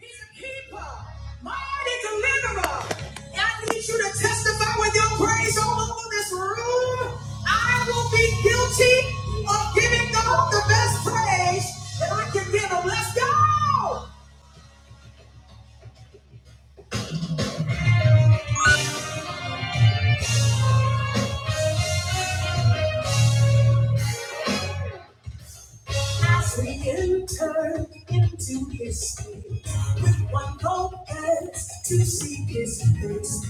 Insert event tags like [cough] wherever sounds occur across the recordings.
He's a keeper, mighty deliverer. I need you to testify with your praise all over this room. I will be guilty of giving God the best praise that I can give him. Let's go! As we enter into history with one purpose to seek his face.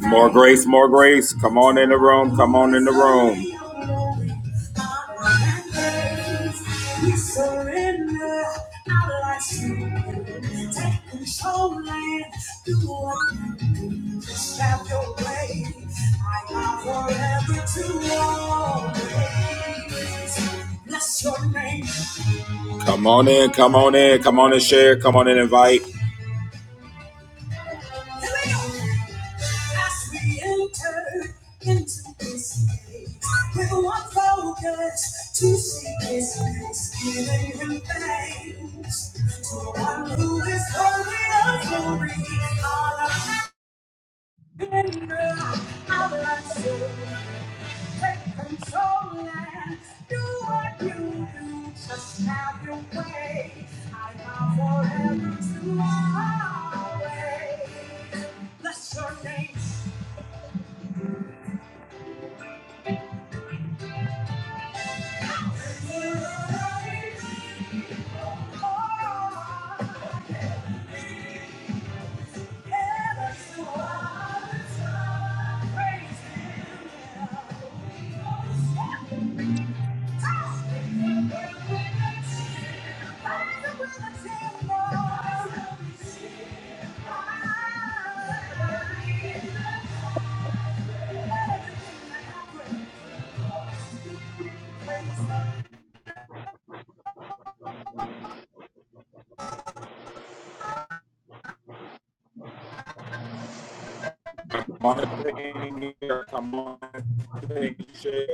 More grace, more grace. Come on in the room. Come on in the room. We surrender our lives to you. Take control and do what you do. Just have your way. I am forever to always bless your name. Come on in, come on in, come on and share, come on and invite. As we enter into this day, with one focus to seek His face, giving Him thanks to one who is holy of glory, honor and love, our soul. Take control and do what you do. Just have your way. I vow forever to always bless your name. You're amazing. Oh. Monitoring here, come on, thing, share,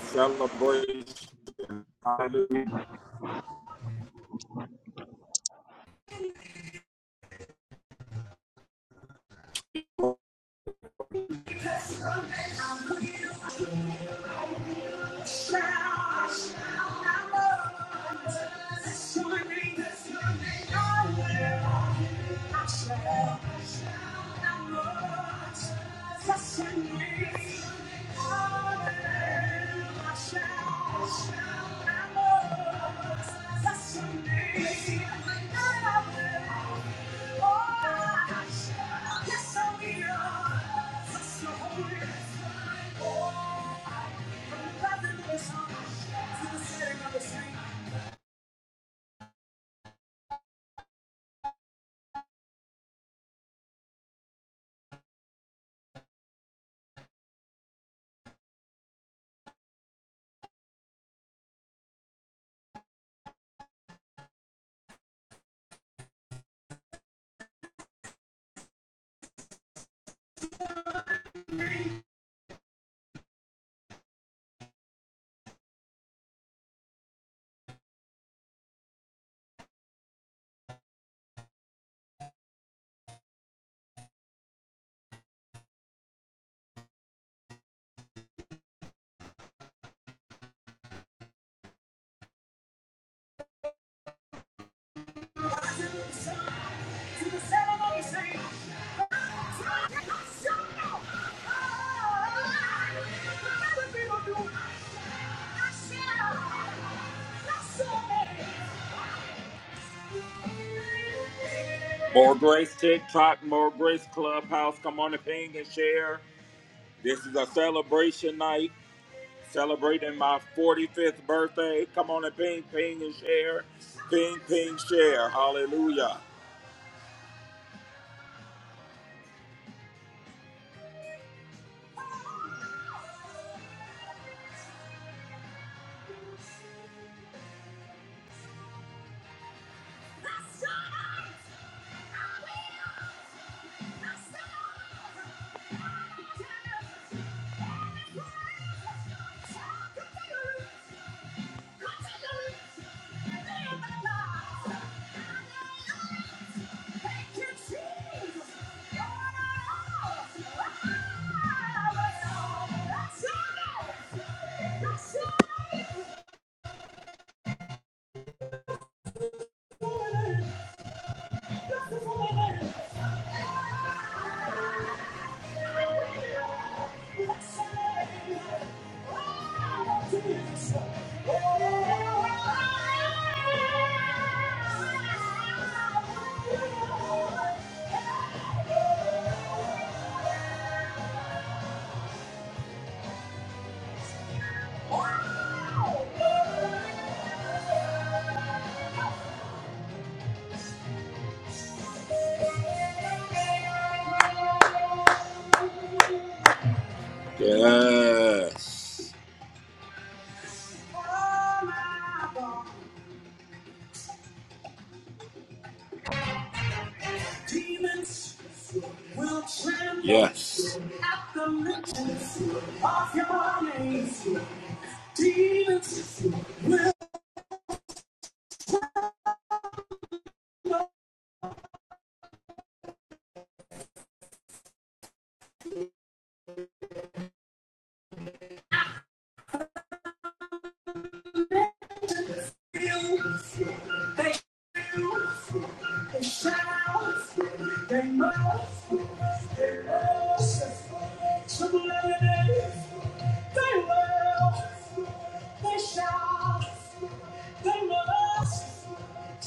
celebration, hallelujah. Yes, I will. That's the holy. More Grace TikTok, More Grace Clubhouse. Come on and ping and share. This is a celebration night. celebrating my 45th birthday. Come on and ping, ping, and share. Ping, ping, share. Hallelujah. Let's go! Thank you. Yes. Yes. They must.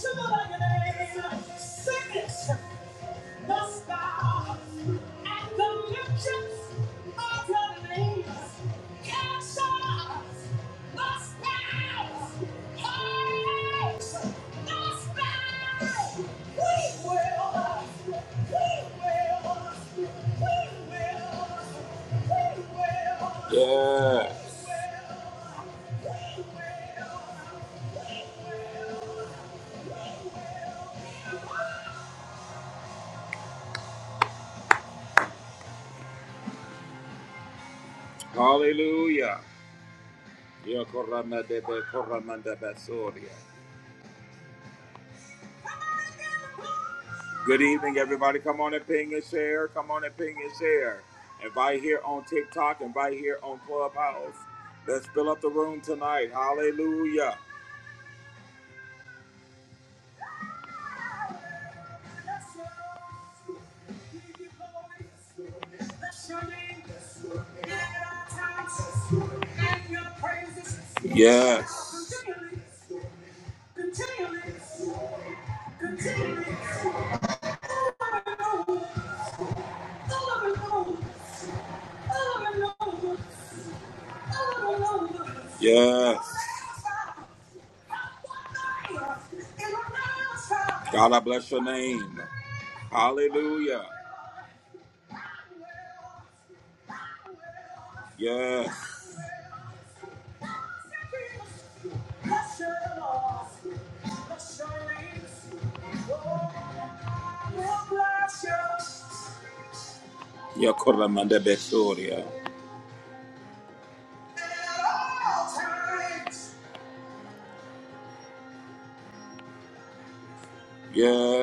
Somebody, sing it. the stars and the liftions of your names. Cast us the stars, heartaches, the stars. We will, we will, we will, we will. Yeah. Hallelujah. Yokoramandebe, koramandabasoria. Good evening, everybody. Come on and ping and share. Come on and ping and share. Invite here on TikTok. Invite here on Clubhouse. Let's fill up the room tonight. Hallelujah. Yes. Yes. God, I bless your name. Hallelujah. Yes. Yakoramanda Besoria. Yes.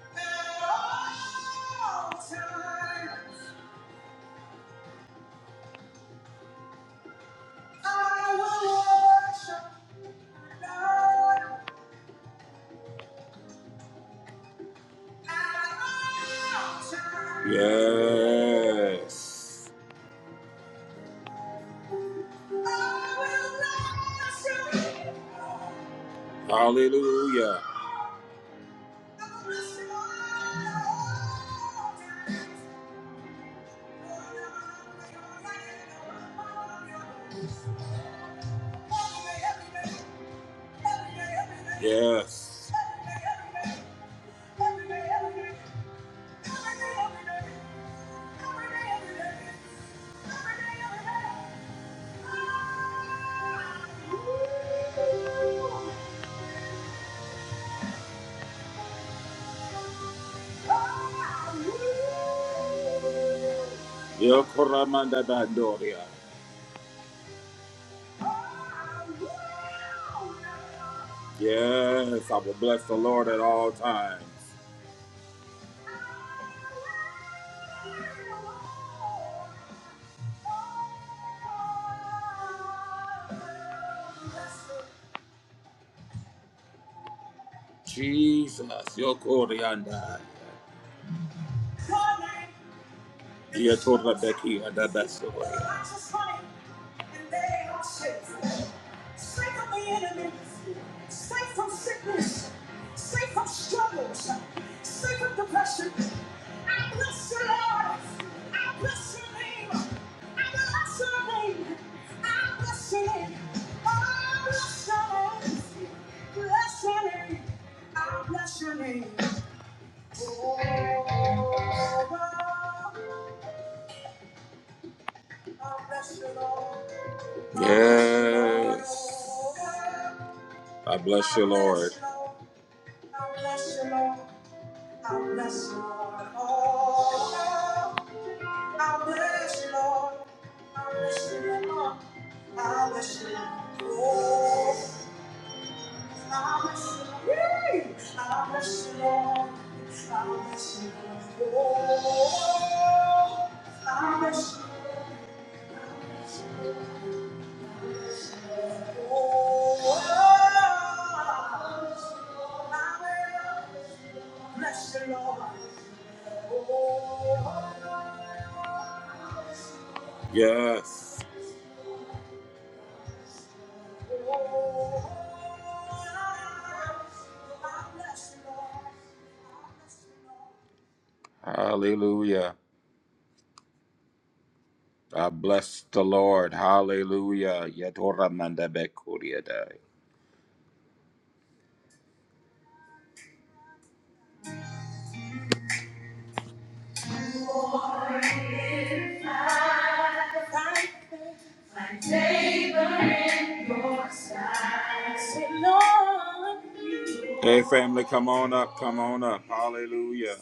Yes. Hallelujah. Yes. Yokoramanda Bandoria. Yes, I will bless the Lord at all times. Jesus, your coriander, Yokorianda. Yatorabeki Adabasoria. Safe from the enemy, safe from sickness, safe from struggles, safe from depression. I bless you, Lord. I bless your name. I bless your name. I bless your name. Oh, bless your name. Bless your name. I bless your name. Oh, I bless you, Lord. Yes. I bless you, Lord. I bless you, Lord. I bless you, Lord. Oh, I bless you, Lord. I bless you, Lord. I bless you, Lord. Oh, I bless you, Lord. I bless you, Lord. I bless you, Lord. Oh, I bless you, Lord. Bless the Lord. Yes. Hallelujah. I bless the Lord. Hallelujah. Yatora mandabekuriadai. Hey, family, come on up, come on up. Hallelujah.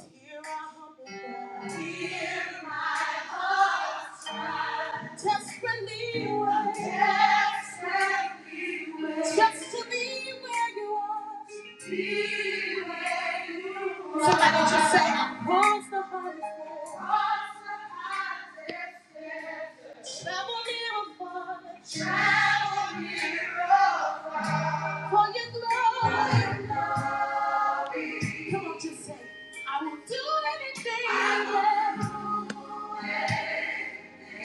Just to be where you are. Somebody just say, "Cross the highest Travel near or far. For your glory. Come on, just say, "I will do anything."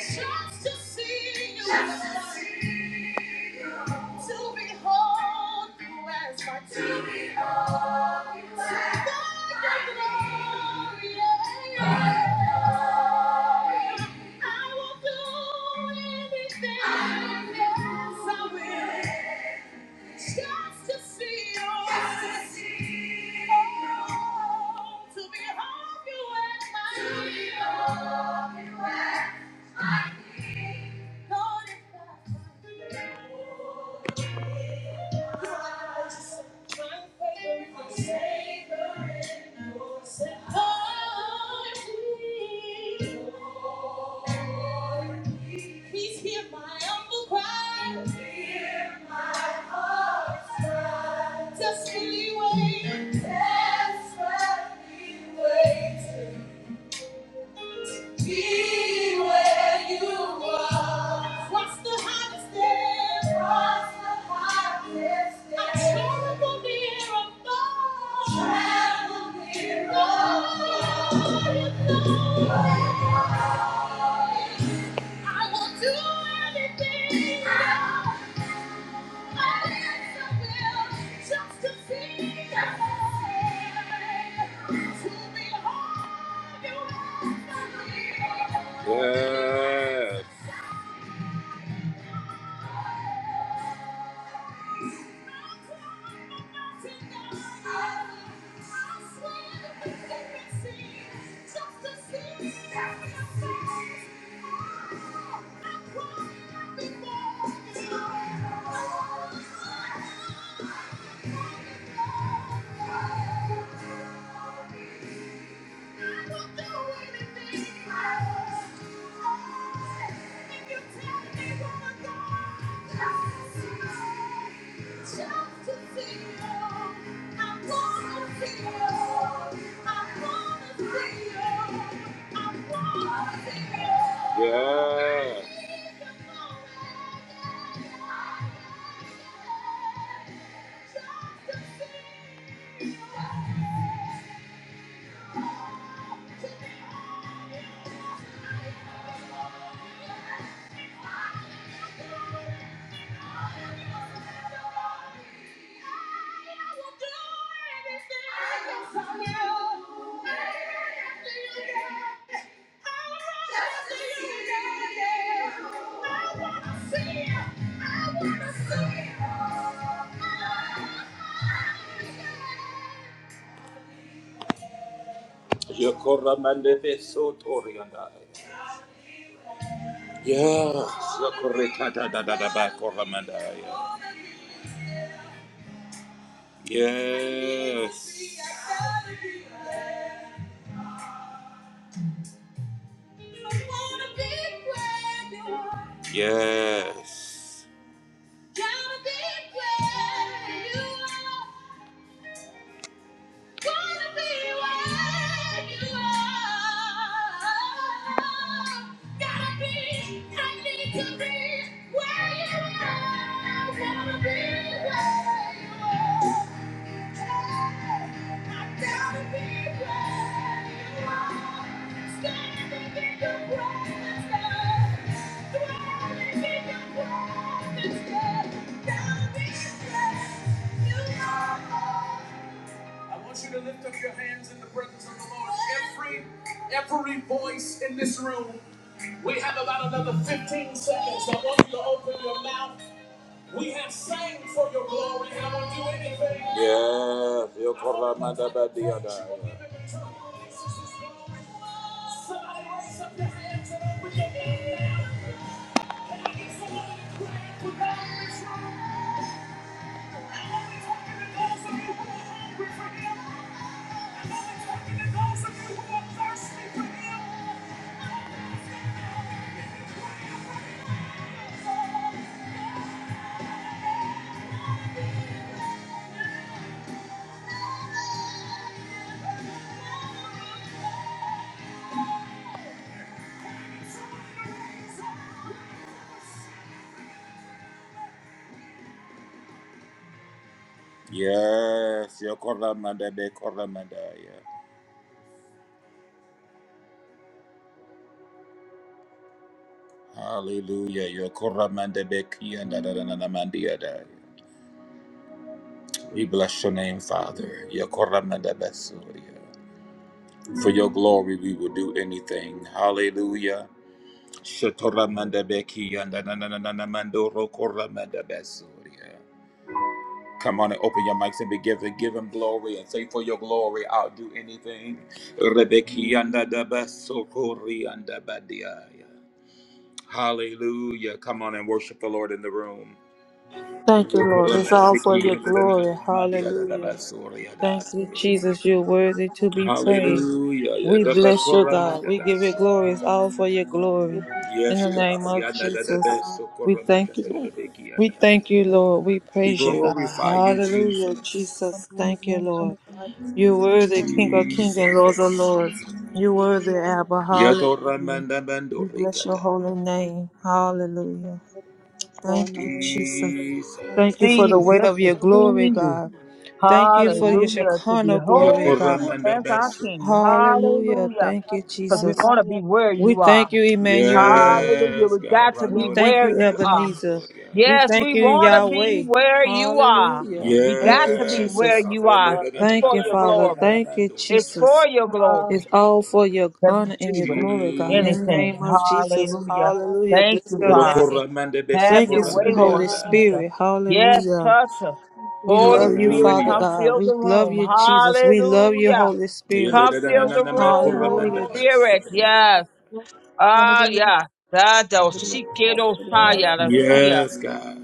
Just to see you, just to see you. To behold you as my king. To behold you as my king. your glory, yeah. I will do anything, I will do yes, I will. Just to see you, just to see you oh, to behold you as my To king. Behold you as my king. Please hear my humble cry. Hear my heart's cry. Desperately wait. Desperately wait. Be where you are. What's the highest there? What's the highest there? I travel near above. Travel near above. I will do anything. I will just to see you. To behold you. Yeah. Thank you. Yeah. Yokora mandebe so torianda. Yes, yokoreta da da da da ba koramandaya. Yes. Yes. Wanna be where you are. Gotta be, I need to be where you are. Wanna be where you are. I gotta be where you are. Standing in your presence, dwelling in your presence. Gotta be where you are. I want you to lift up your hands in the presence of the Lord. Every every voice in this room. We have about another 15 seconds. I want you to open your mouth. We have sang for your glory, and I won't do anything. Yes. yo corra badiada. Somebody raise up your hands and open your mouth now. Can I get somebody to clap for God in this room? Yes, Yokoramanda be Koramandaya. Hallelujah. Yokoramanda be Kianda da da da da mandia da. yeah. We bless your name, Father. Yokoramanda be Surya. For your glory, we will do anything. Hallelujah. Shatoramanda be Kianda da da da da da mandoro Koramanda be Surya. Come on and open your mics and be to give him glory and say, For your glory, I'll do anything. Hallelujah. Come on and worship the Lord in the room. Thank you, Lord. It's all for your glory. Hallelujah. Thank Thank you, Jesus. You're worthy to be praised. Hallelujah. We bless you, God. We give you glory. It's all for your glory. In Yes, the God. name of Jesus, we thank you. We thank you, Lord. We We praise you, God. glorify you, Hallelujah, Jesus. Jesus. Thank you, Lord. You're worthy, King of kings and Lord of Jesus. lords. You're worthy, Abba. Hallelujah. Yadoramandabando We bless your Rikada. holy name. Hallelujah. Thank you, Jesus. Thank you Jesus. for see the you, weight just of to see your glory, you. God. Thank you for your Hallelujah. To Shekinah glory, behold God. you as our King. Yadoramandabasokoria. Hallelujah. Hallelujah. Thank you, Because we Jesus. want to be where We you are. thank you, Emmanuel. Hallelujah. Yes, We God. got to We be thank where you, you are. Ebenezer. Randoramandabasoria. We Yes, thank we you, want to be Yahweh. where you are. Hallelujah. We Thank got you, to be Yes, where Jesus. God. you are. It's Thank for you, your Father. glory. Thank you, It's for Jesus. Rondoranamandiadanamandorabada. your It's glory all for your that we honor and your do glory, God. In Jesus. the anything. name of Jesus. Hallelujah. Hallelujah. Thank Bless you, your Father. name. Rokoramanda Have Thank you, your sweet way, Besukoramanda Lord Holy yanda. Jesus. Spirit. Yes, Hallelujah. touch us. you, We Holy love you, Spirit, Father come Hallelujah. God. fill We the love room. you, Jesus. We love you, Hallelujah. Holy Spirit. Come fill the Father. room, Holy Hallelujah. Spirit. Yadadadanamandabasoria. Yes. Yasa Ah, yeah. Dado shikedo saya la sia. Yes, God.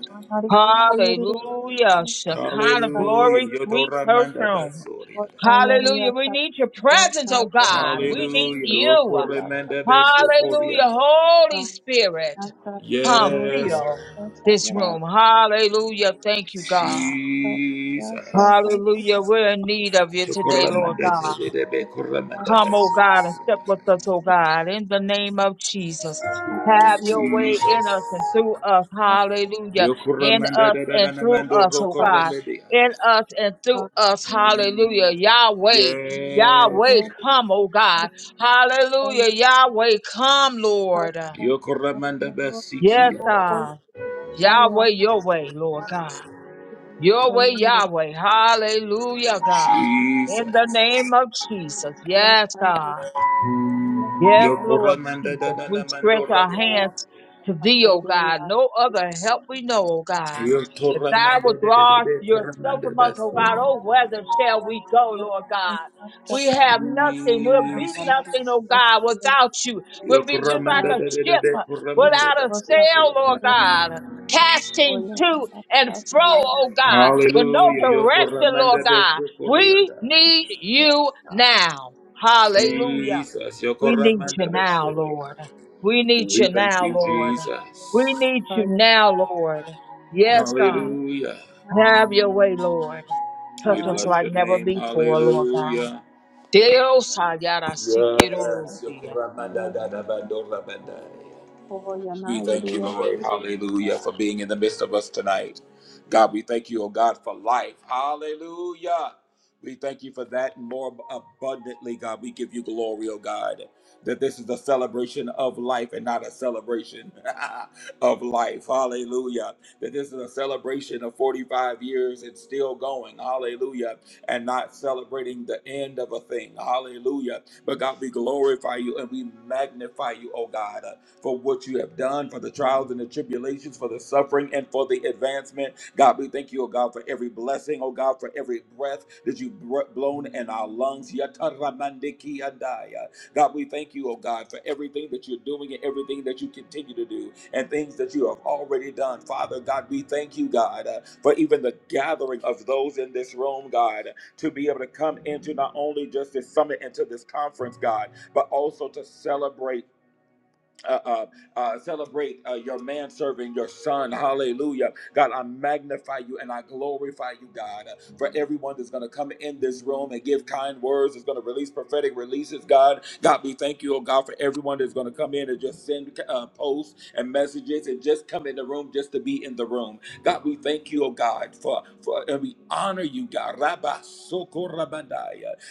Hallelujah. Shekinah glory, Hallelujah. sweet Yodoramanda perfume. Basoria. Hallelujah. We need your presence, oh God. We need Hallelujah. you. Okoramanda Basoria. Hallelujah. Holy Spirit. Come Yes, fill God. this room. Hallelujah. Thank you, God. Jesus. Hallelujah. We're in need of you today, Lord Chokoramanda God. Zedebe Koramanda Come, oh God, and step Basoria. with us, oh God, in the name of Jesus. Have your way Jesus. in us and through us. Hallelujah. In Yokoramanda us and through Dadanamando us, oh God. In Rokoramanda. us and through us. Hallelujah. Yahweh. Yes, Yahweh, God. come, oh God. Hallelujah. Yahweh, come, Lord. Yokoramanda Yes, Basikia. God. Yahweh, your way, Lord God. Your way, Yahweh. Hallelujah, God. In the Jesus. name of Jesus. Yes, God. Yes, Lord Yokoramanda Jesus. We stretch Dadanamando our Rakada. hands to thee, O God. No other help we know, O God. Yo If thou torramanda de de de withdraw de yourself corramanda from us, best. O God, oh, whither shall we go, Lord God? We have nothing. We'll be Jesus. nothing, O God, without you. We'll Yo be just like corramanda a de de de ship de corramanda without a best. sail, Lord God. Casting to and fro, O God, with no Hallelujah. Yo direction, corramanda Lord best God. We corriada. need you now. Hallelujah. Jesus. Yo We need you corramanda best. now, Lord. We need you We Yes. thank now, you, Lord. Jesus. We need you Kaya now, kaya Lord. Yes, God. kaya Hallelujah. na Have your way, Lord. We Touch us hari bless like your never name. before, Lord God. kaya Hallelujah. Dios Yes. Yo ayarasikirusia. kaya corramanda da na da bandora bandai. koya na We yiri thank you, yati Lord. na Hallelujah, for being in the midst of us tonight. God, we thank you, oh God, for life. Hallelujah. We thank you for that and more abundantly, God. We give you glory, oh God, that this is a celebration of life and not a celebration [laughs] of life. Hallelujah. That this is a celebration of 45 years and still going. Hallelujah. And not celebrating the end of a thing. Hallelujah. But God, we glorify you and we magnify you, oh God for what you have done, for the trials and the tribulations, for the suffering and for the advancement. God, we thank you, oh God, for every blessing, oh God, for every breath that you've br- blown in our lungs. Yataramandiki andaya. God, we thank you, oh God, for everything that you're doing and everything that you continue to do and things that you have already done. Father, God, we thank you, God, uh, for even the gathering of those in this room, God, to be able to come into not only just this summit and to this conference, God, but also to celebrate uh, uh, uh, celebrate uh, your manservant, your son. Hallelujah. God, I magnify you and I glorify you, God, uh, for everyone that's going to come in this room and give kind words, is going to release prophetic releases, God. God, we thank you, oh God, for everyone that's going to come in and just send uh, posts and messages and just come in the room just to be in the room. God, we thank you, oh God, for, for and we honor you, God. Rabba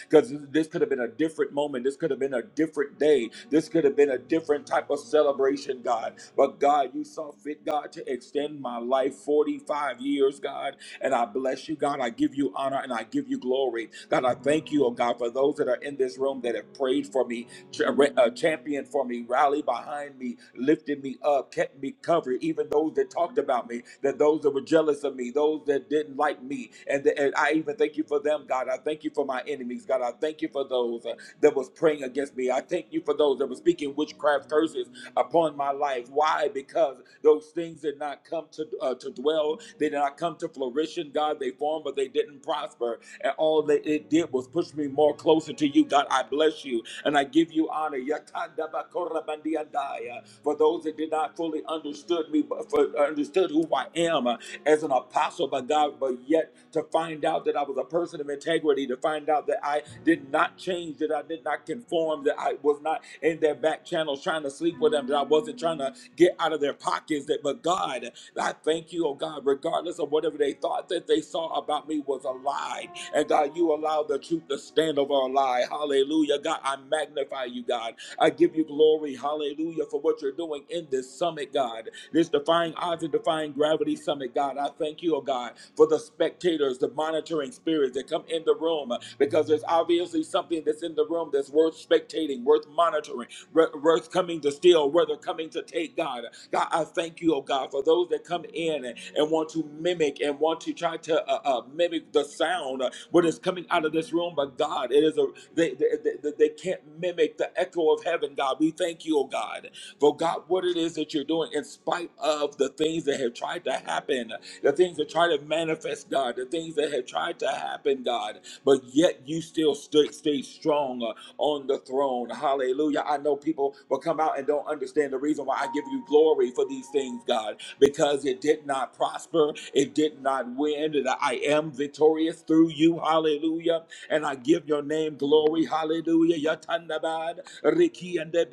because this could have been a different moment. This could have been a different day. This could have been a different type of celebration, God. But God, you saw fit, God, to extend my life 45 years, God. And I bless you, God. I give you honor and I give you glory. God, I thank you, oh God, for those that are in this room that have prayed for me tra- uh, championed for me, rallied behind me, lifted me up, kept me covered. Even those that talked about me, that those that were jealous of me, those that didn't like me, and, the, and I even thank you for them, God. I thank you for my enemies, God. I thank you for those uh, that was praying against me. I thank you for those that were speaking witchcraft curses upon my life. Why? Because those things did not come to uh, to dwell. They did not come to flourishing, God. They formed, but they didn't prosper. And all that it did was push me more closer to you, God. I bless you and I give you honor. Yakanda bakorabandiandaya. For those that did not fully understood me, but for, understood who I am uh, as an apostle by God, but yet to find out that I was a person of integrity, to find out that I did not change, that I did not conform, that I was not in their back channels trying to sleep with them, that I wasn't trying to get out of their pockets. That, but God, I thank you, oh God, regardless of whatever they thought that they saw about me was a lie. And God, you allow the truth to stand over a lie. Hallelujah. God, I magnify you, God. I give you glory. Hallelujah for what you're doing in this summit, God. This defying odds and defying gravity summit, God. I thank you, oh God, for the spectators, the monitoring spirits that come in the room because there's obviously something that's in the room that's worth spectating, worth monitoring, wor- worth coming to steal, worth coming to take, God. God, I thank you, oh God, for those that come in and, and want to mimic and want to try to uh, uh, mimic the sound uh, what is coming out of this room. But God, it is a they, they, they, they can't mimic the echo of heaven. God, we thank you, oh God, for God, what it is that you're doing in spite of the things that have tried to happen, the things that try to manifest, God, the things that have tried to happen, God, but yet you still stood, stayed strong. uh, on the throne. Hallelujah. I know people will come out and don't understand the reason why I give you glory for these things, God, because it did not prosper, it did not win, and I am victorious through you. Hallelujah. And I give your name glory. Hallelujah. Yatandabad, Riki and God,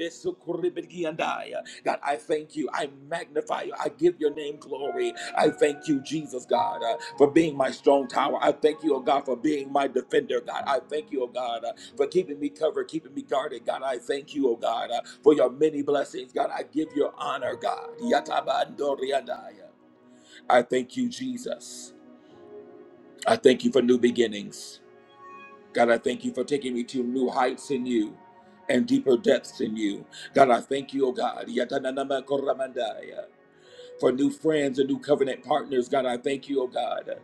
I thank you. I magnify you. I give your name glory. I thank you, Jesus, God, uh, for being my strong tower. I thank you, oh God, for being my defender, God. I thank you, oh God. uh, for keeping me covered, keeping me guarded. God, I thank you, oh God, uh, for your many blessings. God, I give you honor, God. Yatabandoriandaya. I thank you, Jesus. I thank you for new beginnings. God, I thank you for taking me to new heights in you and deeper depths in you. God, I thank you, oh God, Yatananamakoramandaya. for new friends and new covenant partners. God, I thank you, oh God.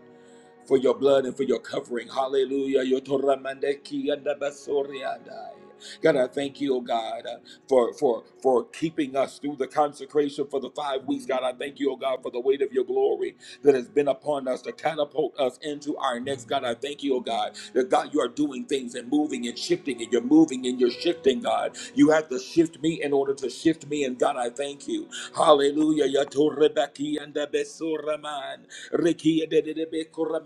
for your blood and for your covering. Hallelujah. Yotoramandeki andabasoriandai. God, I thank you, oh God, uh, for for for keeping us through the consecration for the five weeks. God, I thank you, oh God, for the weight of your glory that has been upon us to catapult us into our next. God, I thank you, oh God, that God, you are doing things and moving and shifting, and you're moving and you're shifting, God. You have to shift me in order to shift me. And God, I thank you. Hallelujah. Yato rebaki and Ricky God,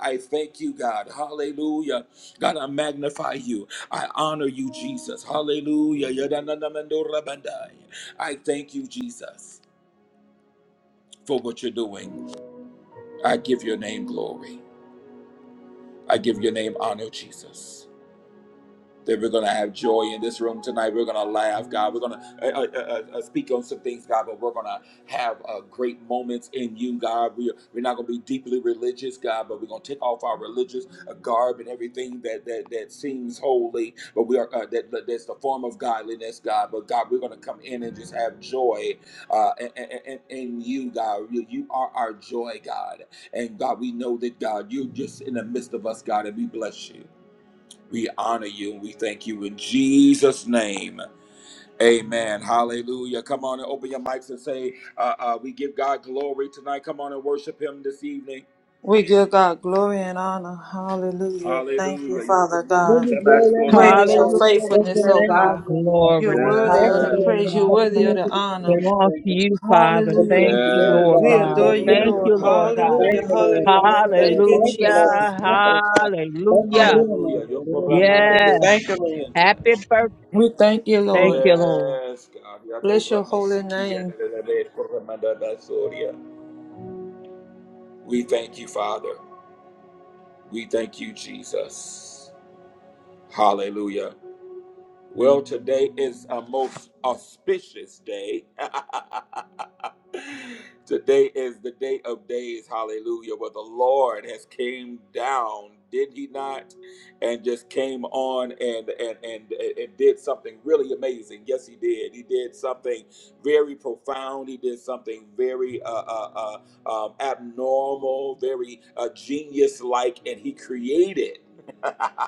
I thank you, God. Hallelujah. God, I magnify you. I honor you, Jesus. Hallelujah. Yadadadamandorabandai. I thank you, Jesus, for what you're doing. I give your name glory. I give your name honor, Jesus. that we're going to have joy in this room tonight. We're going to laugh, God. We're going to uh, uh, uh, uh, speak on some things, God, but we're going to have uh, great moments in you, God. We're, we're not going to be deeply religious, God, but we're going to take off our religious uh, garb and everything that that, that seems holy, but we are uh, that that- that's the form of godliness, God. But God, we're going to come in and just have joy uh, in, in, in you, God. You, you are our joy, God, and God, we know that God, you're just in the midst of us, God, and we bless you. We honor you and we thank you in Jesus' name. Amen. Hallelujah. Come on and open your mics and say, uh, uh, We give God glory tonight. Come on and worship Him this evening. We give God glory and honor. Hallelujah. Thank you, Hallelujah. Father This God. is where that Yes. Great money is your goes. Hallelujah. We That's where faithfulness, give O that needs God to God. money goes. Yes. You're glory. worthy That's of the where Hallelujah. and praise. You're worthy Honor of opportunity the to hear honor. belongs to you, everything. Father. The book Thank Hallelujah. the you, way the word of Yes. Lord We God is God. adore over you, with Thank Hallelujah. Lord. you, now. Lord God. Hallelujah. Thank the Lord. Thank Hallelujah. the Lord. Thank you, Thank the Hallelujah. Lord. Jesus. Thank the Lord. Thanks for Hallelujah. healing us, Hallelujah. Lord. In the name of Yes. Jesus, Thank the Lord. Happy birthday. We thank you, Thank Lord. you, Lord. Yes, Bless your holy name. God. We thank you, Father. We thank you, Jesus. Hallelujah. Well, today is a most auspicious day. [laughs] Today is the day of days, hallelujah, where the Lord has came down, did he not? And just came on and and and, and did something really amazing. Yes, he did. He did something very profound. He did something very uh, uh, uh, um, abnormal, very uh, genius-like, and he created [laughs]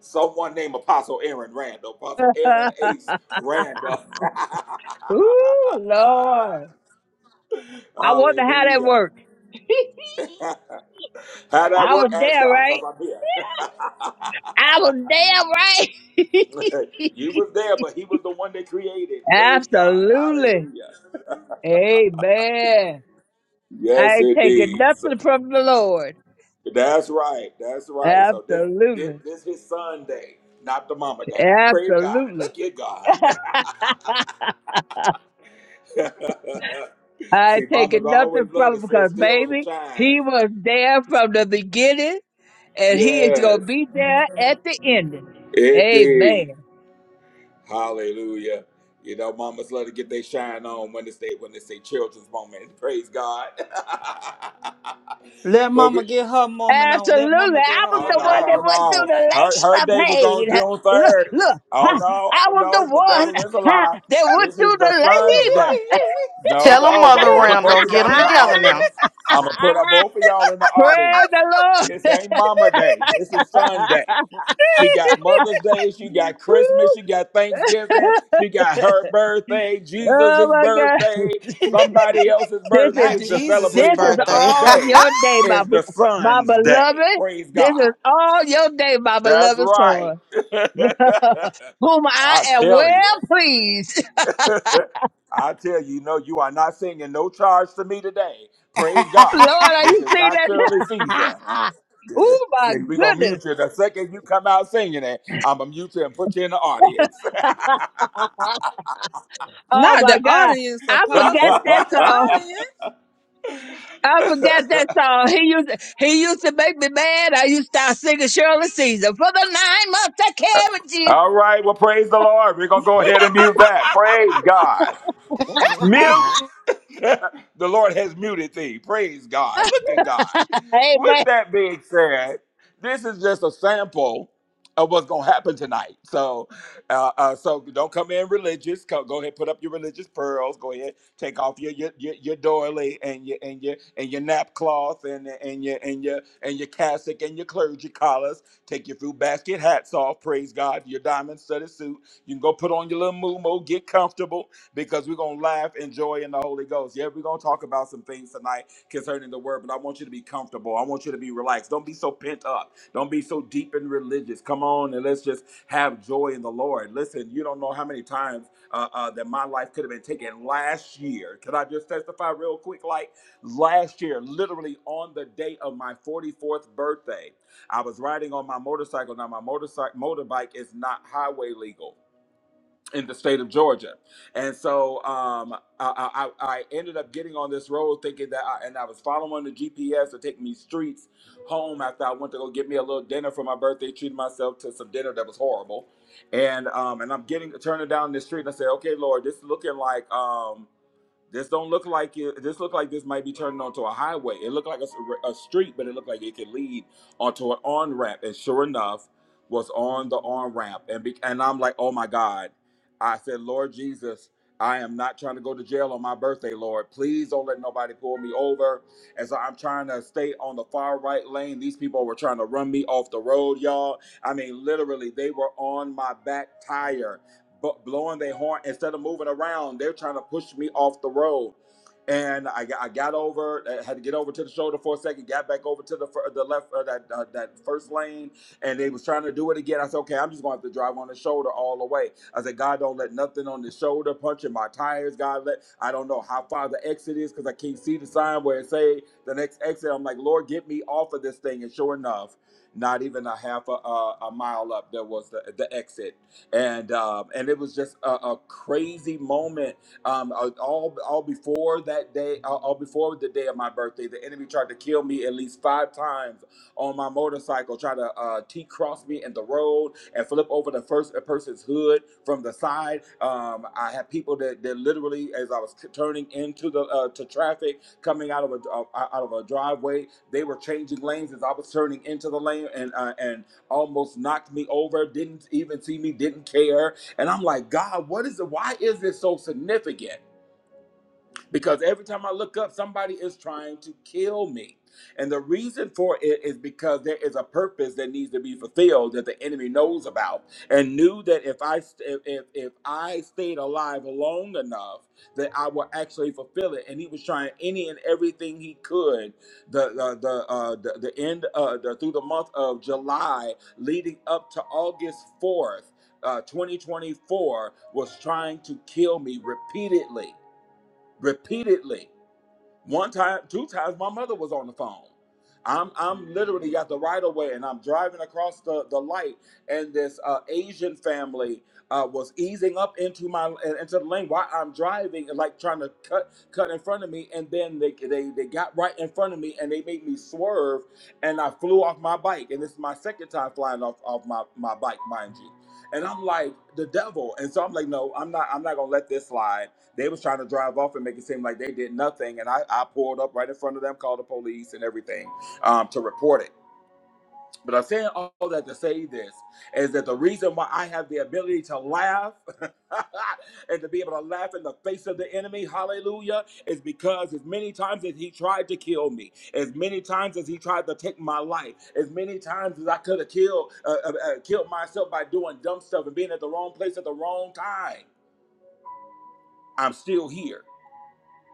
someone named Apostle Aaron Randall, Apostle [laughs] Aaron Ace Randall. Ooh, [laughs] Lord. I wonder how that Hallelujah. worked. [laughs] How that I was work? Ask there, God, because right? I'm here. I was there, right? [laughs] you was there, but he was the one that created. [laughs] Praise God. Absolutely. Hallelujah. Amen. I Yes, ain't taking indeed. So- nothing from the Lord. That's right. That's right. So this this, Absolutely. this is Sunday, not the mama day. Praise God. Absolutely. Look at God. [laughs] I See, ain't mamas taking nothing always love from to him say because, still the baby, child. he was there from the beginning and he is going Yes, to be there at the ending. indeed. Amen. Hallelujah. You know, mamas love to get their shine on when it's they when it's their children's moment. [laughs] Praise God. [laughs] Let but we- mama get her moment on. Absolutely. Let mama get I her was Oh the moment no, one that no, on. went through no. the Her her labor day was pain. on June Look, third. look, Oh huh, no, I oh was the no, the one devil is huh, alive. that went This is through the the son's labor. day. No, Tell them, no, I'm Mother gonna put both Randall, of get y'all them in the together [laughs] audience. now. I'm gonna put up both of y'all in the audience. Praise the Lord. This ain't mama day. This is Sunday. She got Mother's Day, she got Christmas, she got [laughs] Woo. Thanksgiving, she got [laughs] her birthday, oh Jesus' my God. birthday, somebody else's This is, birthday Not to Jesus' celebrate this is mama. But birthday. [laughs] all today your day, my, is bel- the my Son's Day. beloved. Praise This is God. all your day, my That's beloved right. son, [laughs] [laughs] whom I I am tell you. well pleased. [laughs] I tell you, no, you are not singing no charge to me today. Praise God. Lord, are This you is seeing not Shirley Caesar. that? [laughs] oh my We're going to mute goodness. you. The second you come out singing it, I'm going to mute you and put you in the audience. [laughs] Oh Not my the God. audience, I forgot Apostle. that Not the song. [laughs] audience. I forgot that song. He used he used to make me mad. I used to start singing Shirley Caesar for the nine months I carried All right. Well, praise the Lord. We're going to go ahead and mute that. Praise God. you. Mute. [laughs] [laughs] the Lord has muted thee. Praise God. Look at God. Amen. With that being said, this is just a sample of what's going to happen tonight. So, uh, uh, so don't come in religious. Go, go ahead, put up your religious pearls. Go ahead, take off your your, your, your doily and your and your and your napcloth and and your and your and your cassock and your clergy collars. Take your fruit basket hats off. Praise God. Your diamond studded suit. You can go put on your little mumo, get comfortable because we're going to laugh and joy in the Holy Ghost. Yeah, we're going to talk about some things tonight concerning the word, but I want you to be comfortable. I want you to be relaxed. Don't be so pent up. Don't be so deep and religious. Come on and let's just have joy in the Lord. Listen, you don't know how many times uh, uh, that my life could have been taken last year. Can I just testify real quick? Like last year, literally on the day of my 44th birthday, I was riding on my motorcycle. Now, my motorcycle motorbike is not highway legal in the state of Georgia. And so um, I, I, I ended up getting on this road thinking that, I, and I was following the GPS to take me streets home after I went to go get me a little dinner for my birthday, treated myself to some dinner that was horrible. And um, and I'm getting turning down this street and I said, okay, Lord, this is looking like um, this don't look like it. This look like this might be turning onto a highway. It looked like a, s- a street, but it looked like it could lead onto an on ramp. And sure enough, was on the on ramp. And be, and I'm like, oh my God. I said, Lord Jesus, I am not trying to go to jail on my birthday, Lord. Please don't let nobody pull me over. And so I'm trying to stay on the far right lane. These people were trying to run me off the road, y'all. I mean, literally, they were on my back tire blowing their horn instead of moving around. They're trying to push me off the road. And I, I got over, I had to get over to the shoulder for a second, got back over to the the left uh, that uh, that first lane, and they was trying to do it again. I said, okay, I'm just going to have to drive on the shoulder all the way. I said, God, don't let nothing on the shoulder punching my tires. God, let I don't know how far the exit is because I can't see the sign where it say the next exit. I'm like, Lord, get me off of this thing. And sure enough, not even a half a, a, a mile up, there was the, the exit and um, and it was just a, a crazy moment. Um, uh, all all before that day, all all before the day of my birthday, the enemy tried to kill me at least five times on my motorcycle, Try to uh, T cross me in the road and flip over the first person's hood from the side. Um, I had people that, that literally, as I was turning into the uh, to traffic, coming out of a uh, out of a driveway, they were changing lanes as I was turning into the lane, and uh, and almost knocked me over, didn't even see me, didn't care. And I'm like, God, what is it? Why is this so significant? because every time I look up, somebody is trying to kill me. And the reason for it is because there is a purpose that needs to be fulfilled that the enemy knows about and knew that if I st- if if I stayed alive long enough that I would actually fulfill it. And he was trying any and everything he could. The the the uh, the, the end uh, the, through the month of July leading up to August fourth. Uh, 2024 was trying to kill me repeatedly repeatedly. One time, two times, my mother was on the phone. I'm I'm literally at the right of way, and I'm driving across the the light, and this uh, Asian family uh, was easing up into my uh, into the lane while I'm driving, and like trying to cut cut in front of me, and then they they they got right in front of me, and they made me swerve, and I flew off my bike, and this is my second time flying off off my my bike, mind you, and I'm like the devil, and so I'm like, no, I'm not I'm not gonna let this slide. They was trying to drive off and make it seem like they did nothing, and I, I pulled up right in front of them, called the police and everything um, to report it. But I'm saying all that to say this is that the reason why I have the ability to laugh [laughs] and to be able to laugh in the face of the enemy, hallelujah, is because as many times as he tried to kill me, as many times as he tried to take my life, as many times as I could have killed uh, uh, uh, killed myself by doing dumb stuff and being at the wrong place at the wrong time, I'm still here.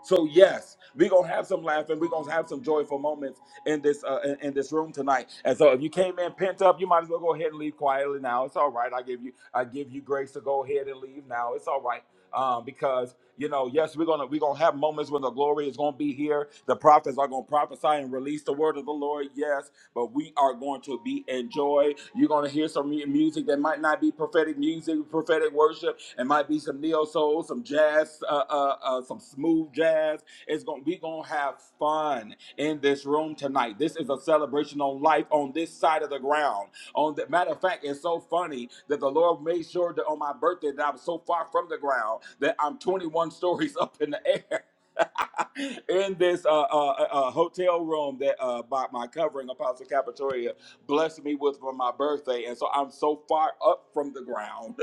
So yes, we're gonna have some laughing. We're gonna have some joyful moments in this uh, in, in this room tonight. And so, if you came in pent up, you might as well go ahead and leave quietly now. It's all right. I give you I give you grace to go ahead and leave now. It's all right um, because you know, yes, we're gonna we're gonna have moments when the glory is gonna be here. The prophets are gonna prophesy and release the word of the Lord, yes, but we are going to be in joy. You're gonna hear some mu- music that might not be prophetic music, prophetic worship. It might be some neo soul, some jazz, uh, uh, uh, some smooth jazz. It's gonna we gonna have fun in this room tonight. This is a celebration on life on this side of the ground. On the matter of fact, it's so funny that the Lord made sure that on my birthday that I was so far from the ground that I'm 21 [laughs] stories up in the air. [laughs] in this uh, uh, uh, uh, hotel room that uh, by my covering, Apostle Capitoria blessed me with for my birthday, and so I'm so far up from the ground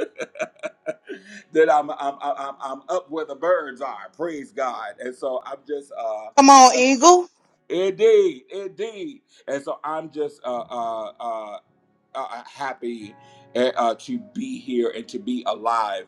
[laughs] that I'm I'm, I'm I'm up where the birds are. Praise God! And so I'm just uh, Come on, I'm, Eagle. indeed, indeed. And so I'm just uh, uh, uh, uh, happy uh, uh, to be here and to be alive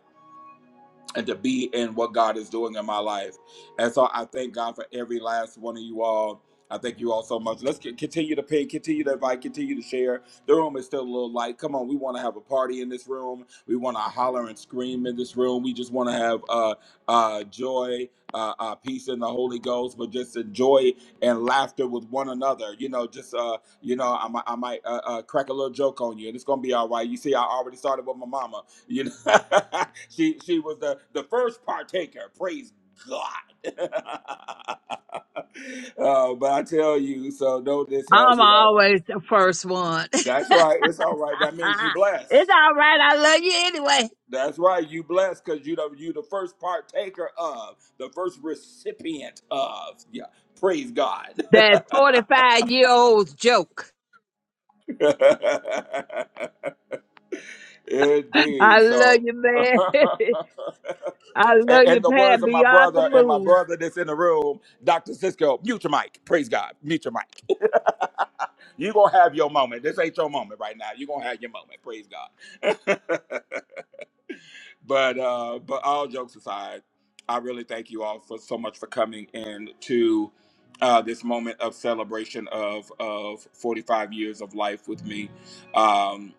and to be in what God is doing in my life. And so I thank God for every last one of you all. I thank you all so much. Let's c- continue to pay, continue to invite, continue to share. The room is still a little light. Come on, we want to have a party in this room. We want to holler and scream in this room. We just want to have uh, uh, joy, uh, uh, peace in the Holy Ghost, but just enjoy and laughter with one another. You know, just uh, you know, I might, I might uh, uh, crack a little joke on you, and it's gonna be all right. You see, I already started with my mama. You know, [laughs] she she was the the first partaker. Praise God. [laughs] uh, but I tell you, so notice, uh, I'm you know, always the first one. [laughs] it's that's right. It's all right. That means you blessed. all right. I love you anyway. That's right. You blessed because you know you the first partaker of the first recipient of. Yeah. Praise God. That 45 year old's joke. [laughs] [laughs] I Indeed. love So. you, man. [laughs] [laughs] I love A- you, In the words Pat, of my beyond the brother and my moon. brother that's in the room, Dr. Cisco, mute your mic. Praise God. Mute your mic. You're going to have your moment. This ain't your moment right now. You're going to have your moment. Praise God. [laughs] but uh, but all jokes aside, I really thank you all for so much for coming in to uh, this moment of celebration of of 45 years of life with me. Um,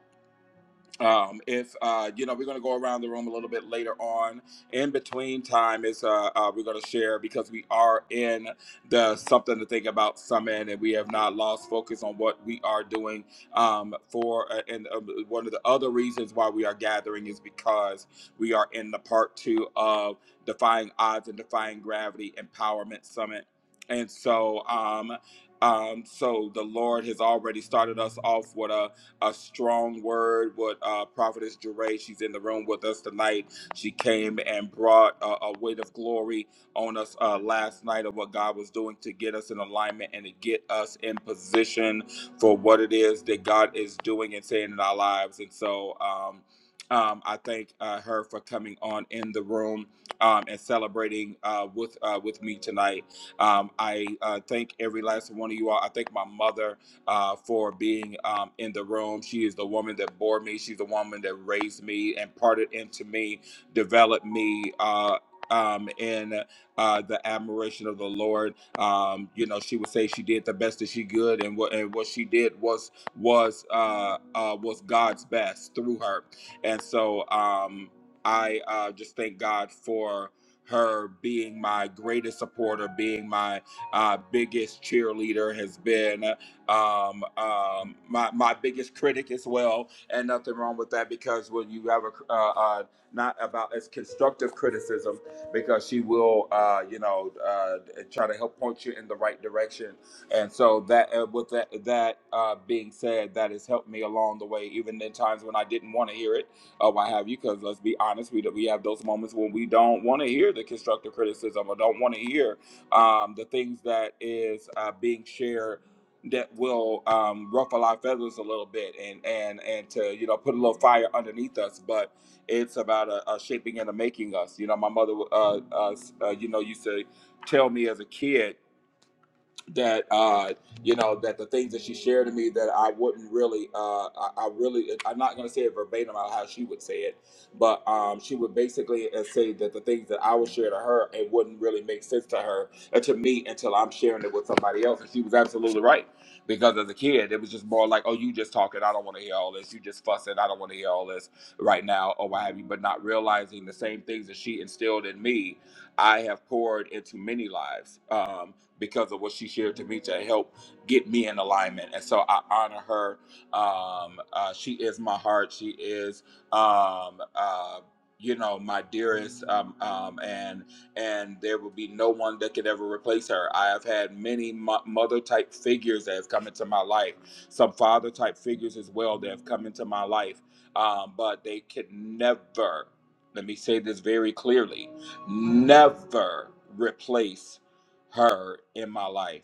um, if uh, you know, we're going to go around the room a little bit later on. In between time is uh, uh, we're going to share because we are in the something to think about summit, and we have not lost focus on what we are doing. Um, for uh, and um, one of the other reasons why we are gathering is because we are in the part two of defying odds and defying gravity empowerment summit, and so um, um, so the Lord has already started us off with a a strong word with uh, Prophetess Jeray. She's in the room with us tonight. She came and brought a, a weight of glory on us uh, last night of what God was doing to get us in alignment and to get us in position for what it is that God is doing and saying in our lives. And so, um, um, I thank uh, her for coming on in the room um, and celebrating uh, with uh, with me tonight. Um, I uh, thank every last one of you all. I thank my mother uh, for being um, in the room. She is the woman that bore me. She's the woman that raised me, imparted into me, developed me. Uh, um, in uh, the admiration of the Lord, um, you know, she would say she did the best that she could, and what and what she did was was uh, uh, was God's best through her, and so um, I uh, just thank God for her being my greatest supporter, being my uh, biggest cheerleader has been um, um, my my biggest critic as well, and nothing wrong with that because when you have a uh, uh, not about as constructive criticism, because she will uh, you know uh, try to help point you in the right direction, and so that uh, with that that uh, being said, that has helped me along the way, even in times when I didn't want to hear it or what have you. Because let's be honest, we we have those moments when we don't want to hear the constructive criticism or don't want to hear um, the things that is uh, being shared that will um, ruffle our feathers a little bit and and and to you know put a little fire underneath us but it's about a, a shaping and a making us you know my mother uh, uh, uh, you know used to tell me as a kid that uh, you know that the things that she shared to me that I wouldn't really uh, I, I really I'm not going to say it verbatim about how she would say it, but um, she would basically uh, say that the things that I would share to her it wouldn't really make sense to her uh, to me until I'm sharing it with somebody else, and she was absolutely right because as a kid it was just more like oh you just talking I don't want to hear all this you just fussing I don't want to hear all this right now or what have you, but not realizing the same things that she instilled in me I have poured into many lives. Um, because of what she shared to me to help get me in alignment. And so I honor her. Um, uh, she is my heart. She is, um, uh, you know, my dearest. Um, um, and and there will be no one that could ever replace her. I have had many mo- mother type figures that have come into my life, some father type figures as well that have come into my life, um, but they could never. Let me say this very clearly: never replace her in my life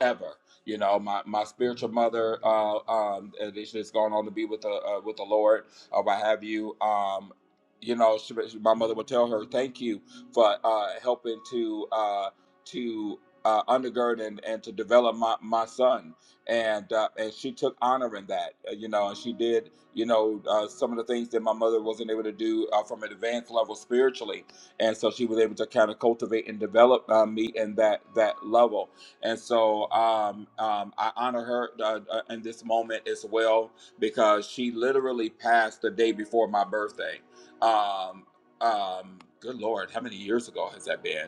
ever. You know, my, my spiritual mother, uh, um, and she has gone on to be with the uh, with the Lord or what have you. Um, you know, she, my mother would tell her, "Thank you for uh, helping to uh, to uh, undergird and, and to develop my, my son." And uh, and she took honor in that. uh, You know, and she did. You know, uh, some of the things that my mother wasn't able to do uh, from an advanced level spiritually, and so she was able to kind of cultivate and develop uh, me in that that level and so um, um, I honor her uh, uh, in this moment as well because she literally passed the day before my birthday. Um, um, good Lord, how many years ago has that been?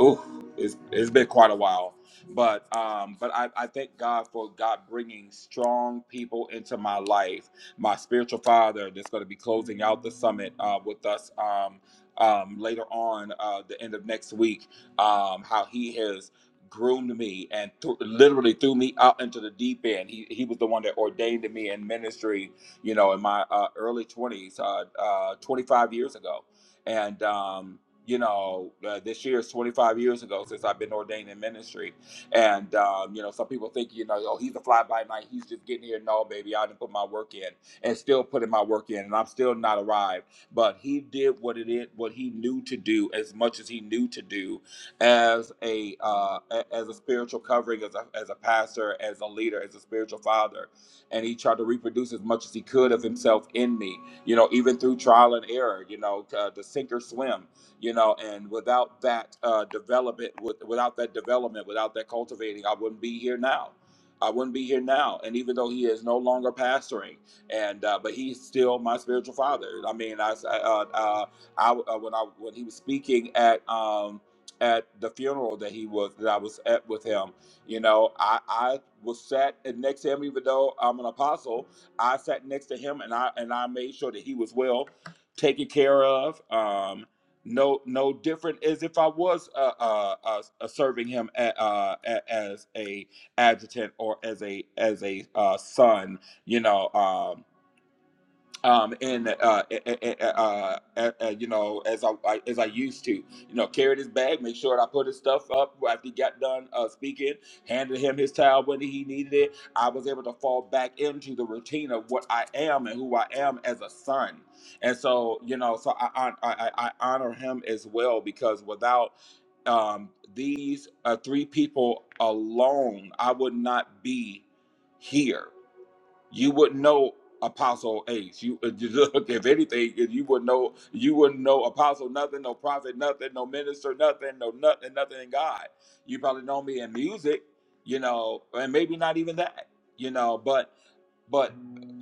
Ooh, it's, it's been quite a while, but um, but I, I thank God for God bringing strong people into my life. My spiritual father that's going to be closing out the summit uh, with us um, um, later on uh, the end of next week. Um, how he has groomed me and th- literally threw me out into the deep end. He he was the one that ordained me in ministry. You know, in my uh, early twenties, uh, uh, twenty five years ago, and. Um, you know, uh, this year is 25 years ago since I've been ordained in ministry. And, um, you know, some people think, you know, oh, he's a fly by night. He's just getting here. No, baby, I didn't put my work in and still putting my work in. And I'm still not arrived. But he did what it is, what he knew to do as much as he knew to do as a uh, a- as a spiritual covering, as a, as a pastor, as a leader, as a spiritual father. And he tried to reproduce as much as he could of himself in me, you know, even through trial and error, you know, uh, to sink or swim you know and without that uh, development with, without that development without that cultivating i wouldn't be here now i wouldn't be here now and even though he is no longer pastoring and uh, but he's still my spiritual father i mean i s- uh, uh, I uh, when i when he was speaking at um at the funeral that he was that i was at with him you know i i was sat next to him even though i'm an apostle i sat next to him and i and i made sure that he was well taken care of. Um, no no different as if I was uh, uh, uh, uh, serving him a, uh, a- as a adjutant or as a as a uh, son. You know, um, um, and uh, eh, eh, eh, eh, uh, eh, eh, you know, as I, I as I used to, you know, carried his bag, make sure that I put his stuff up after he got done uh, speaking, handed him his towel when he needed it. I was able to fall back into the routine of what I am and who I am as a son, and so you know, so I I, I, I honor him as well because without um, these uh, three people alone, I would not be here you wouldn't know Apostle Ace. You [laughs] look if anything, if you would know you wouldn't know Apostle nothing, no prophet nothing, no minister nothing, no nothing, nothing in God. You probably know me in music, you know, and maybe not even that, you know. But but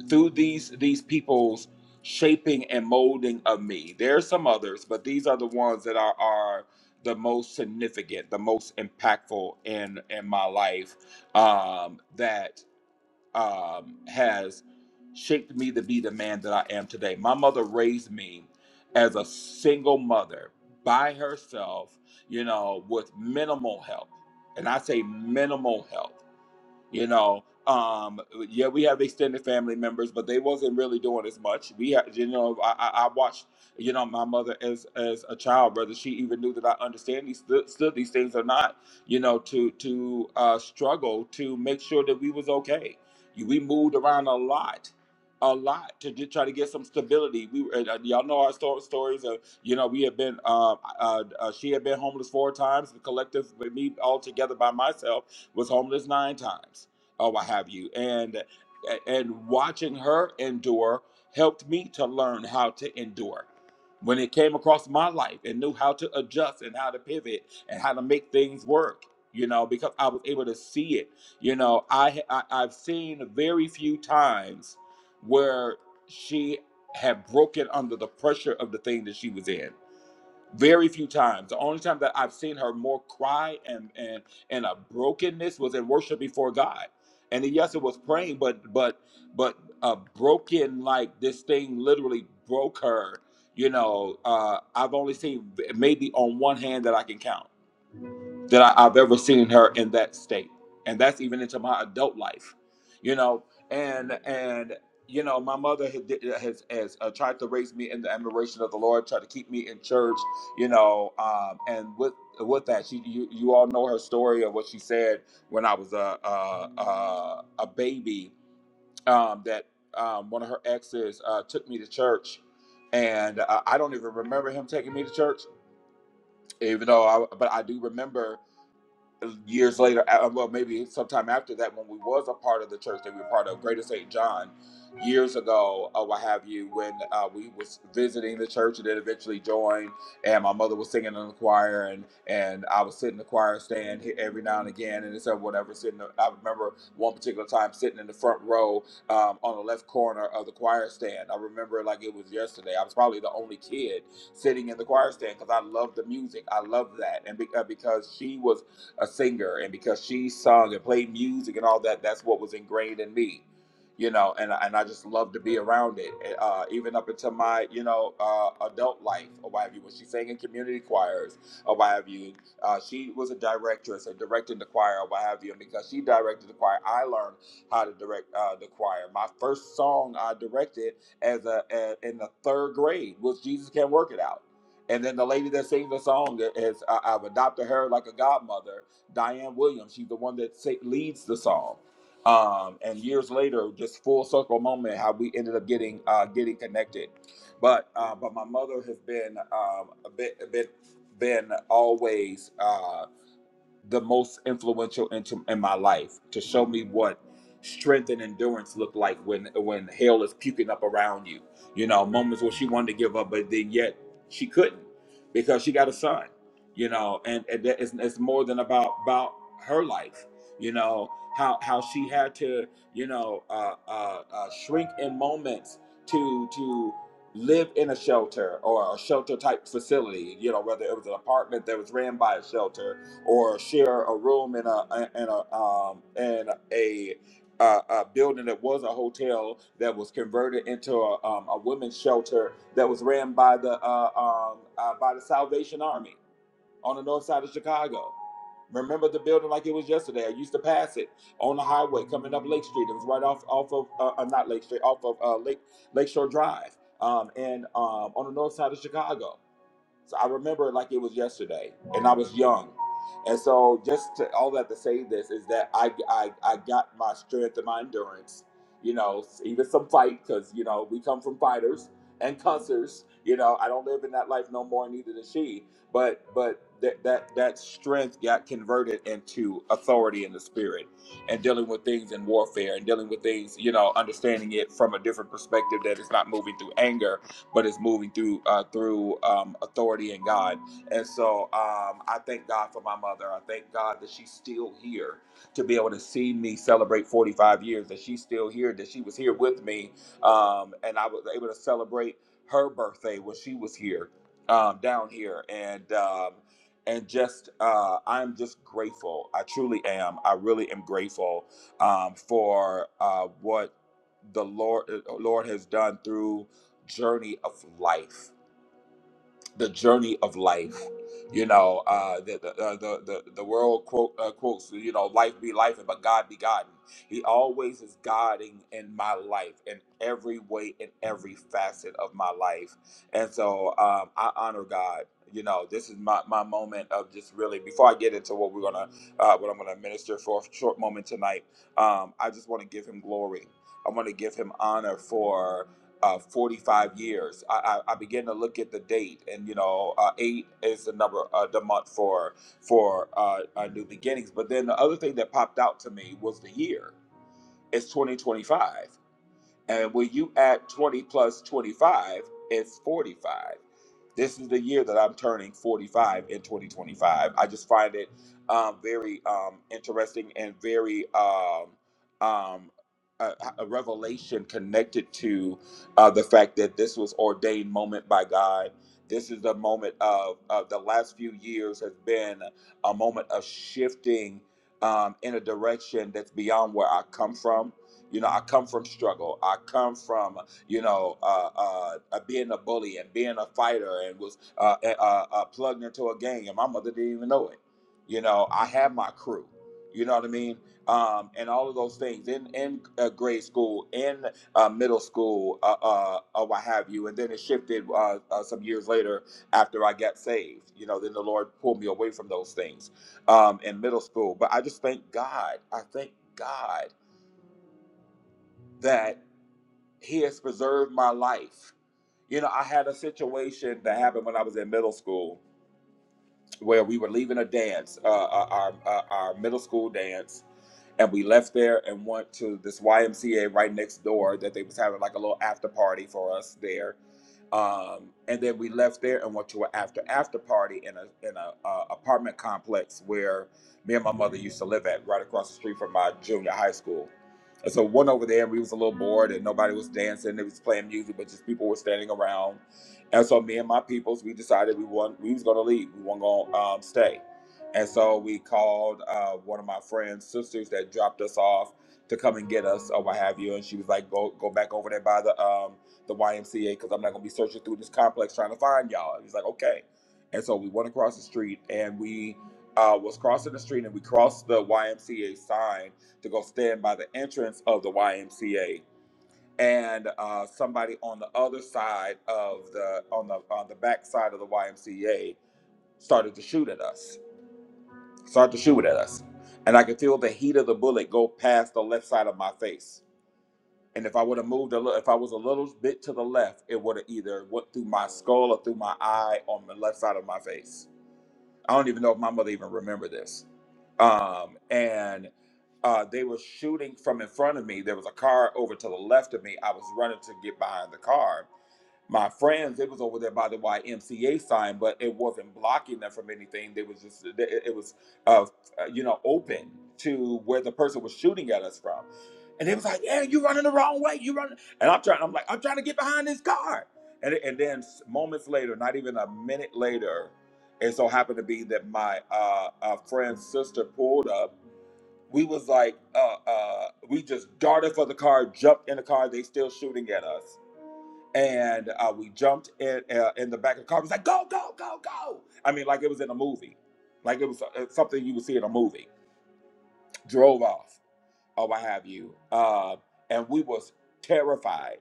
through these these people's shaping and molding of me, there are some others, but these are the ones that are are the most significant, the most impactful in in my life. Um, that um, has shaped me to be the man that I am today. My mother raised me as a single mother by herself, you know, with minimal help. And I say minimal help you know um yeah we have extended family members but they wasn't really doing as much we had you know i i I watched you know my mother as as a child brother she even knew that i understand these stood these things or not you know to to uh struggle to make sure that we was okay we moved around a lot a lot to get, try to get some stability we were, and, uh, y'all know our sto- stories of you know we have been uh, uh uh she had been homeless four times the collective with me all together by myself was homeless nine times or what have you. And and watching her endure helped me to learn how to endure. When it came across my life and knew how to adjust and how to pivot and how to make things work, you know, because I was able to see it. You know, I, I I've seen very few times where she had broken under the pressure of the thing that she was in very few times. The only time that I've seen her more cry and and and a brokenness was in worship before God. And yes, it was praying, but but but uh, broken like this thing literally broke her. You know, uh, I've only seen maybe on one hand that I can count that I, I've ever seen her in that state, and that's even into my adult life, you know. And and you know, my mother had, did- has has uh, tried to raise me in the admiration of the Lord, tried to keep me in church, you know. Um, and with with that, she you, you all know her story of what she said when I was a a, a, a baby. Um, that um, one of her exes uh, took me to church. And uh, I don't even remember him taking me to church, even though I, but I do remember years later, uh, well, maybe sometime after that, when we was a part of the church that we were part of, Greater St. John, years ago, or what have you, when uh, we was visiting the church and then eventually joined, and my mother was singing in the choir, and and I was sitting in the choir stand here every now and again, and it's uh, whatever. Sitting, I remember one particular time sitting in the front row um, on the left corner of the choir stand. I remember it like it was yesterday. I was probably the only kid sitting in the choir stand because I loved the music. I loved that, and be, uh, because she was a singer, and because she sung and played music and all that, that's what was ingrained in me, you know. And and I just love to be around it, eh, uh, even up until my you know uh, adult life or what have you. When she sang in community choirs or what have you, uh, she was a directress and directed the choir or what have you. And because she directed the choir, I learned how to direct uh, the choir. My first song I directed as a, a in the third grade was Jesus Can't Work It Out. And then the lady that sings the song is I- I've adopted her like a godmother Diane Williams. She's the one that sa- leads the song. Um, and years later, just full circle moment, how we ended up getting uh, getting connected. But uh, but my mother has been um, a bit a bit been always. Uh, the most influential into in my life to show me what strength and endurance look like when when hell is puking up around you. You know, moments where she wanted to give up, but then yet she couldn't because she got a son. You know, and, and that is, it's more than about about her life. You know how how she had to you know uh, uh, uh, shrink in moments to to live in a shelter or a shelter type facility. You know whether it was an apartment that was ran by a shelter or share a room in a in a um in a a, a building that was a hotel that was converted into a, um, a women's shelter that was ran by the uh, um, uh, by the Salvation Army on the north side of Chicago. Remember the building like it was yesterday. I used to pass it on the highway coming up Lake Street. It was right off off of uh, uh, not Lake Street, off of uh, Lake Lakeshore Drive, um, and um, on the north side of Chicago. So I remember it like it was yesterday, and I was young. And so, just to, all that to say this is that I, I I got my strength and my endurance, you know, even some fight because you know we come from fighters and cussers. You know, I don't live in that life no more, neither does she. But but that that that strength got converted into authority in the spirit, and dealing with things in warfare, and dealing with things, you know, understanding it from a different perspective that it's not moving through anger, but it's moving through uh, through um, authority in God. And so um, I thank God for my mother. I thank God that she's still here to be able to see me celebrate 45 years. That she's still here. That she was here with me, um, and I was able to celebrate her birthday when she was here um, down here. And um, and just uh, I'm just grateful. I truly am. I really am grateful um, for uh, what the Lord uh, Lord has done through journey of life. The journey of life. You know, uh, the, the, uh, the the the world quote uh, quotes. You know, life be life, but God be God. He always is guiding in my life, in every way, in every facet of my life. And so um, I honor God. You know, this is my, my moment of just really. Before I get into what we're gonna, uh, what I'm gonna minister for a short moment tonight, um, I just want to give Him glory. I want to give Him honor for uh, 45 years. I, I, I began to look at the date, and you know, uh, eight is the number, uh, the month for for uh, uh, new beginnings. But then the other thing that popped out to me was the year. It's 2025. And when you add 20 plus 25, it's 45. This is the year that I'm turning 45 in 2025. I just find it um, very um, interesting and very um, um, a, a revelation connected to uh, the fact that this was ordained moment by God. This is the moment of, of the last few years has been a moment of shifting um, in a direction that's beyond where I come from you know, I come from struggle. I come from, you know, uh, uh, uh, being a bully and being a fighter and was uh, uh, uh, plugged into a gang, and my mother didn't even know it. You know, I have my crew. You know what I mean? Um, and all of those things in in uh, grade school, in uh, middle school, uh, uh, uh, what have you. And then it shifted uh, uh, some years later after I got saved. You know, then the Lord pulled me away from those things um, in middle school. But I just thank God. I thank God that he has preserved my life. You know, I had a situation that happened when I was in middle school where we were leaving a dance, uh, uh, our uh, our middle school dance, and we left there and went to this YMCA right next door that they was having like a little after party for us there, um, and then we left there and went to an after after party in a in a uh, apartment complex where me and my mother used to live at right across the street from my junior high school. And so one over there, we was a little bored and nobody was dancing. They was playing music, but just people were standing around and so me and my peoples, we decided we want we was gonna leave. We weren't gonna um, stay. And so we called uh, one of my friend's sisters that dropped us off to come and get us or what have you. And she was like, "Go go back over there by the um, the YMCA because I'm not gonna be searching through this complex trying to find y'all." And he's like, "Okay." And so we went across the street and we uh, was crossing the street and we crossed the YMCA sign to go stand by the entrance of the YMCA and uh, somebody on the other side of the on the on the back side of the YMCA started to shoot at us. Started to shoot at us, and I could feel the heat of the bullet go past the left side of my face. And if I would have moved a little, if I was a little bit to the left, it would have either went through my skull or through my eye on the left side of my face. I don't even know if my mother even remembered this. Um, and uh, they were shooting from in front of me. There was a car over to the left of me. I was running to get behind the car my friends, it was over there by the YMCA sign, but it wasn't blocking them from anything. They was just it it- was uh, uh, you know open to where the person was shooting at us from, and they was like, "Yeah, you running the wrong way. You running," and I'm trying. I'm like, I'm trying to get behind this car, and and then s- moments later, not even a minute later, it so happened to be that my uh, uh, friend's sister pulled up. We was like, uh, uh, we just darted for the car, jumped in the car. They still shooting at us and uh, we jumped in uh, in the back of the car. It was like, go, go, go, go. I mean, like it was in a movie, like it was uh, something you would see in a movie. Drove off or what have you, uh, and we was terrified,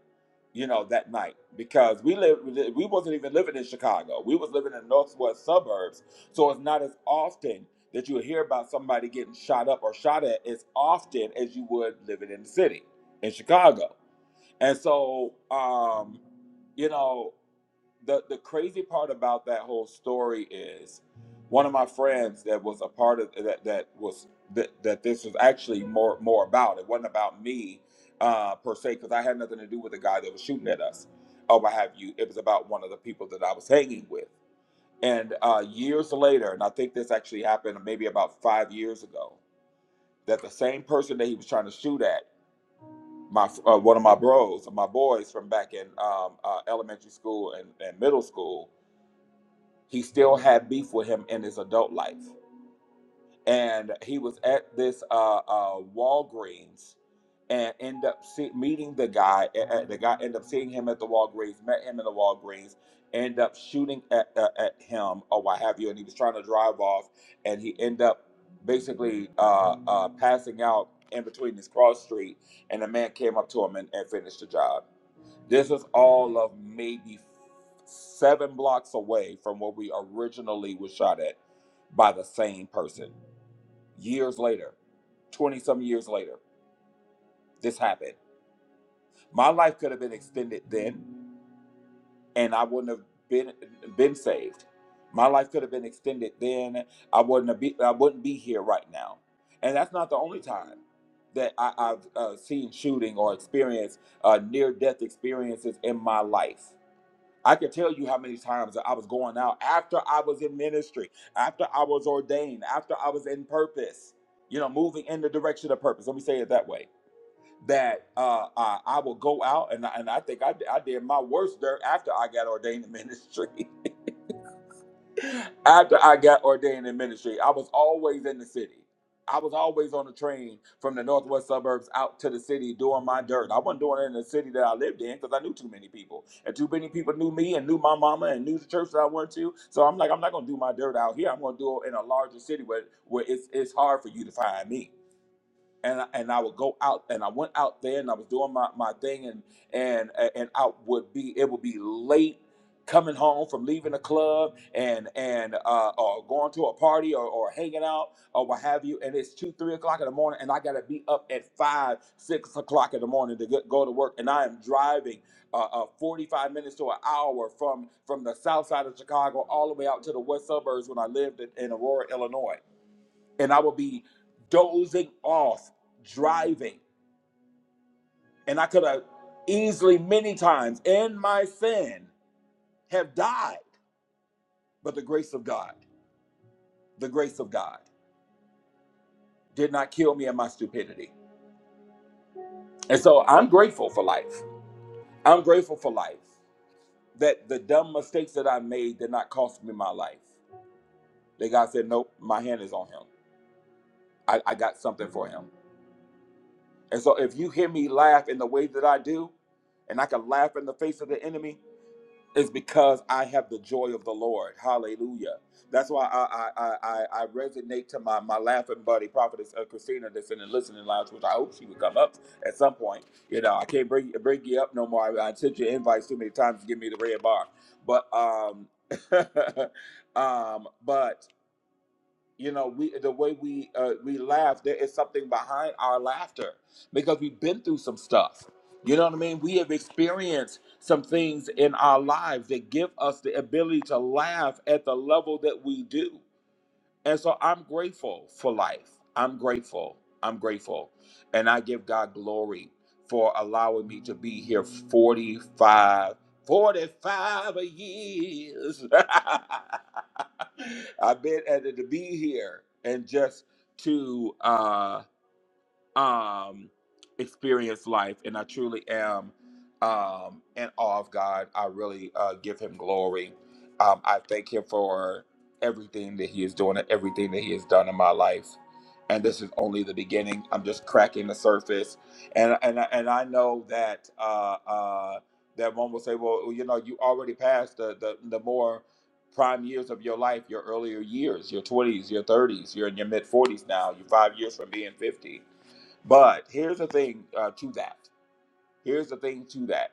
you know, that night because we lived, we li- we wasn't even living in Chicago. We was living in the northwest suburbs, so it's not as often that you hear about somebody getting shot up or shot at as often as you would living in the city in Chicago. And so, um, you know the the crazy part about that whole story is one of my friends that was a part of that that was that, that this was actually more more about it wasn't about me uh per se because i had nothing to do with the guy that was shooting at us or what have you it was about one of the people that i was hanging with and uh years later and i think this actually happened maybe about five years ago that the same person that he was trying to shoot at my uh, one of my bros my boys from back in um, uh, elementary school and, and middle school he still had beef with him in his adult life. And he was at this uh, uh, Walgreens and end up see, meeting the guy. a- a- the guy ended up seeing him at the Walgreens, met him in the Walgreens, end up shooting at, uh, at him or what have you. And he was trying to drive off, and he end up basically uh, uh, passing out in between this cross street. And a man came up to him and, and finished the job. This is all of maybe seven blocks away from where we originally was shot at by the same person. Years later, 20 some years later, this happened. My life could have been extended then and I wouldn't have been been saved. My life could have been extended then. I wouldn't have be I wouldn't be here right now. And that's not the only time that I, I've uh, seen shooting or experienced uh, near death experiences in my life I can tell you how many times I was going out after I was in ministry, after I was ordained, after I was in purpose, you know, moving in the direction of purpose. Let me say it that way that uh, I, I will go out and, I- and I think I, I did my worst dirt after I got ordained in [laughs] ministry. After I got ordained in ministry, I was always in the city. I was always on the train from the northwest suburbs out to the city doing my dirt. I wasn't doing it in the city that I lived in because I knew too many people. And too many people knew me and knew my mama and knew the church that I went to. So I'm like, I'm not going to do my dirt out here. I'm going to do it in a larger city where, where it's, it's hard for you to find me and I- and I would go out and I went out there and I was doing my, my thing and and and I would be it would be late coming home from leaving the club and and uh, or going to a party or, or hanging out or what have you and it's two three o'clock in the morning and I gotta be up at five six o'clock in the morning to go go to work and I am driving uh, uh, 45 minutes to an hour from from the south side of Chicago all the way out to the west suburbs when I lived in, in Aurora Illinois and I would be dozing off, driving. And I could have easily, many times in my sin, have died. But the grace of God, the grace of God did not kill me in my stupidity. And so I'm grateful for life. I'm grateful for life that the dumb mistakes that I made did not cost me my life. That God said, Nope, my hand is on him. I, I got something for him. And so if you hear me laugh in the way that I do, and I can laugh in the face of the enemy. is because I have the joy of the Lord. Hallelujah. That's why I I I, I I resonate to my my laughing buddy prophetess uh, Christina that's in the listening lounge, which I hope she would come up at some point. You know, I can't bring bring you up no more. I, I sent you invites too many times to give me the red bar, but um [laughs] um but you know we the way we uh, we laugh there is something behind our laughter because we've been through some stuff you know what i mean we have experienced some things in our lives that give us the ability to laugh at the level that we do and so I'm grateful for life. I'm grateful. I'm grateful. And I give God glory for allowing me to be here 45, 45 years. [laughs] I've been able to be here and just to uh um experience life and i truly am um in awe of god i really uh give him glory um i thank him for everything that he is doing and everything that he has done in my life and this is only the beginning i'm just cracking the surface and and I- and i know that uh uh that one will say well you know you already passed the the, the more prime years of your life your earlier years your 20s your 30s you're in your mid 40s now you're five years from being 50 but here's the thing uh, to that. Here's the thing to that.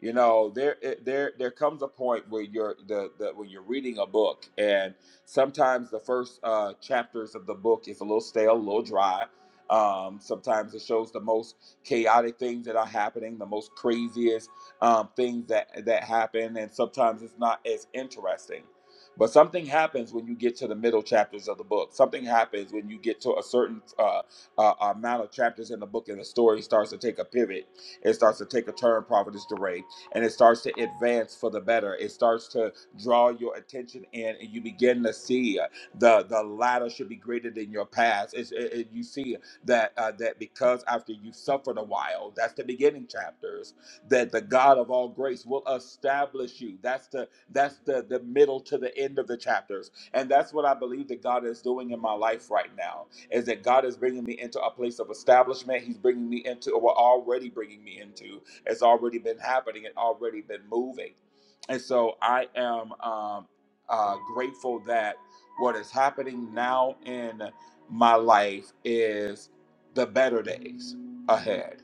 You know, there it- there there comes a point where you're the, the when you're reading a book and sometimes the first uh, chapters of the book is a little stale, a little dry. Um, sometimes it shows the most chaotic things that are happening, the most craziest um, things that that happen, and sometimes it's not as interesting. But something happens when you get to the middle chapters of the book. Something happens when you get to a certain uh, uh, amount of chapters in the book, and the story starts to take a pivot it starts to take a turn, Prophetess Duray, and it starts to advance for the better. It starts to draw your attention in, and you begin to see uh, the the latter should be greater than your past. It's, it, it- you see that uh, that because after you suffered a while, that's the beginning chapters. That the God of all grace will establish you. That's the that's the the middle to the end of the chapters, and that's what I believe that God is doing in my life right now is that God is bringing me into a place of establishment. He's bringing me into, or already bringing me into, it's already been happening and already been moving. And so I am um, uh, grateful that what is happening now in my life is the better days ahead.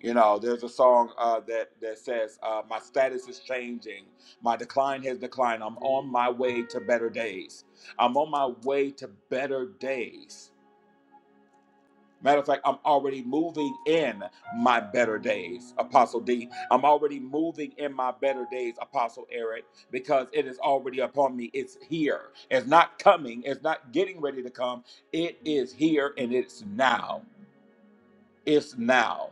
You know, there's a song uh, that that says, uh, "My status is changing. My decline has declined. I'm on my way to better days. I'm on my way to better days." Matter of fact, I'm already moving in my better days, Apostle D. I'm already moving in my better days, Apostle Eric, because it is already upon me. It's here. It's not coming. It's not getting ready to come. It is here and it's now. It's now.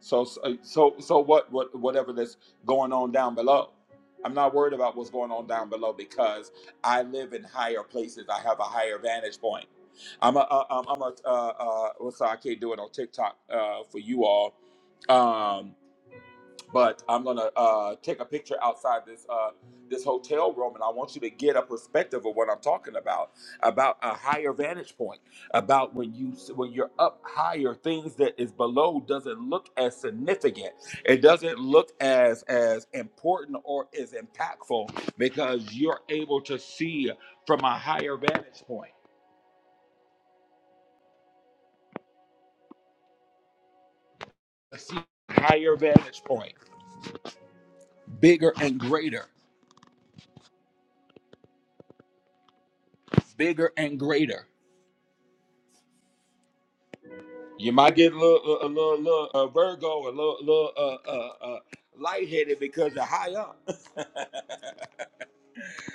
So so so so what what whatever that's going on down below. I'm not worried about what's going on down below because I live in higher places. I have a higher vantage point. I'm a uh, I'm a, I'm a uh, uh, what's I can't do it on TikTok uh, for you all. Um, but I'm gonna uh, take a picture outside this uh, this hotel room, and I want you to get a perspective of what I'm talking about, about a higher vantage point, about when you when you're up higher, things that is below doesn't look as significant, it doesn't look as as important or as impactful because you're able to see from a higher vantage point, see higher vantage point, bigger and greater, bigger and greater. You might get a little, a little, little uh, Virgo, a little, little uh, uh, uh, lightheaded because you're high up, [laughs]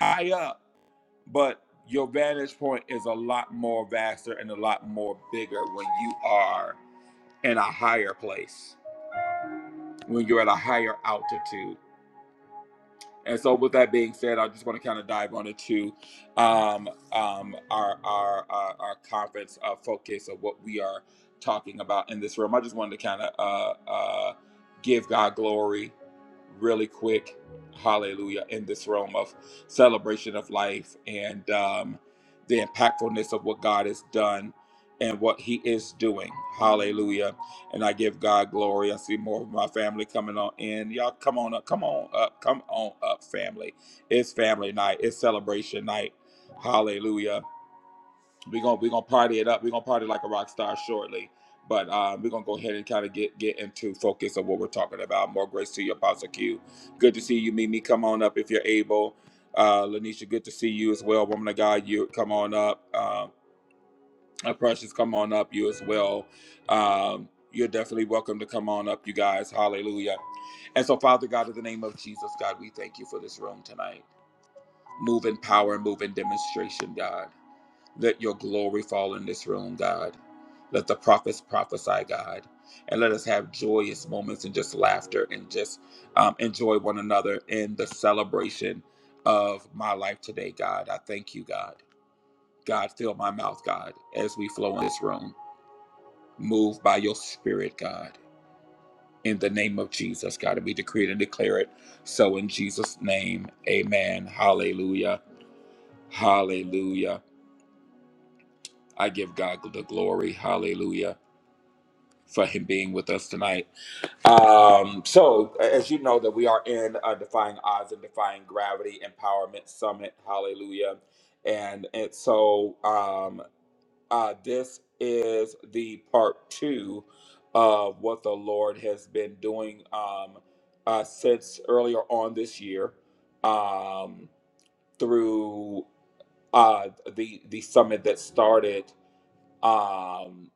high up. But your vantage point is a lot more vaster and a lot more bigger when you are in a higher place, when you're at a higher altitude. And so, with that being said, I just want to kind of dive on into um, um, our, our our our conference uh, focus of what we are talking about in this room. I just wanted to kind of uh, uh, give God glory, really quick, Hallelujah, in this room of celebration of life and um, the impactfulness of what God has done and what He is doing, Hallelujah and I give God glory. I see more of my family coming on in. Y'all come on up, come on up, come on up, family. It's family night. It's celebration night. Hallelujah. We're gonna we're gonna party it up. We're gonna party like a rock star shortly. But uh, we're gonna go ahead and kind of get get into focus of what we're talking about. More grace to you, Apostle Q. Good to see you, Mimi. Come on up if you're able. Uh, Lanisha, good to see you as well. Woman of God, you come on up. Um, uh, Precious, come on up. You as well. Um, you're definitely welcome to come on up, you guys. Hallelujah. And so, Father God, in the name of Jesus, God, we thank you for this room tonight. Move in power, move in demonstration, God. Let your glory fall in this room, God. Let the prophets prophesy, God. And let us have joyous moments and just laughter and just um, enjoy one another in the celebration of my life today, God. I thank you, God. God, fill my mouth, God, as we flow in this room. Move by your spirit, God. In the name of Jesus, God, and we decree it and declare it. So in Jesus' name, amen. Hallelujah. Hallelujah. I give God the glory. Hallelujah. For him being with us tonight. Um, so as you know that we are in uh, Defying Odds and Defying Gravity Empowerment Summit. Hallelujah. And, and so um, Uh, this is the part two of what the Lord has been doing um, uh, since earlier on this year um, through uh, the the summit that started um,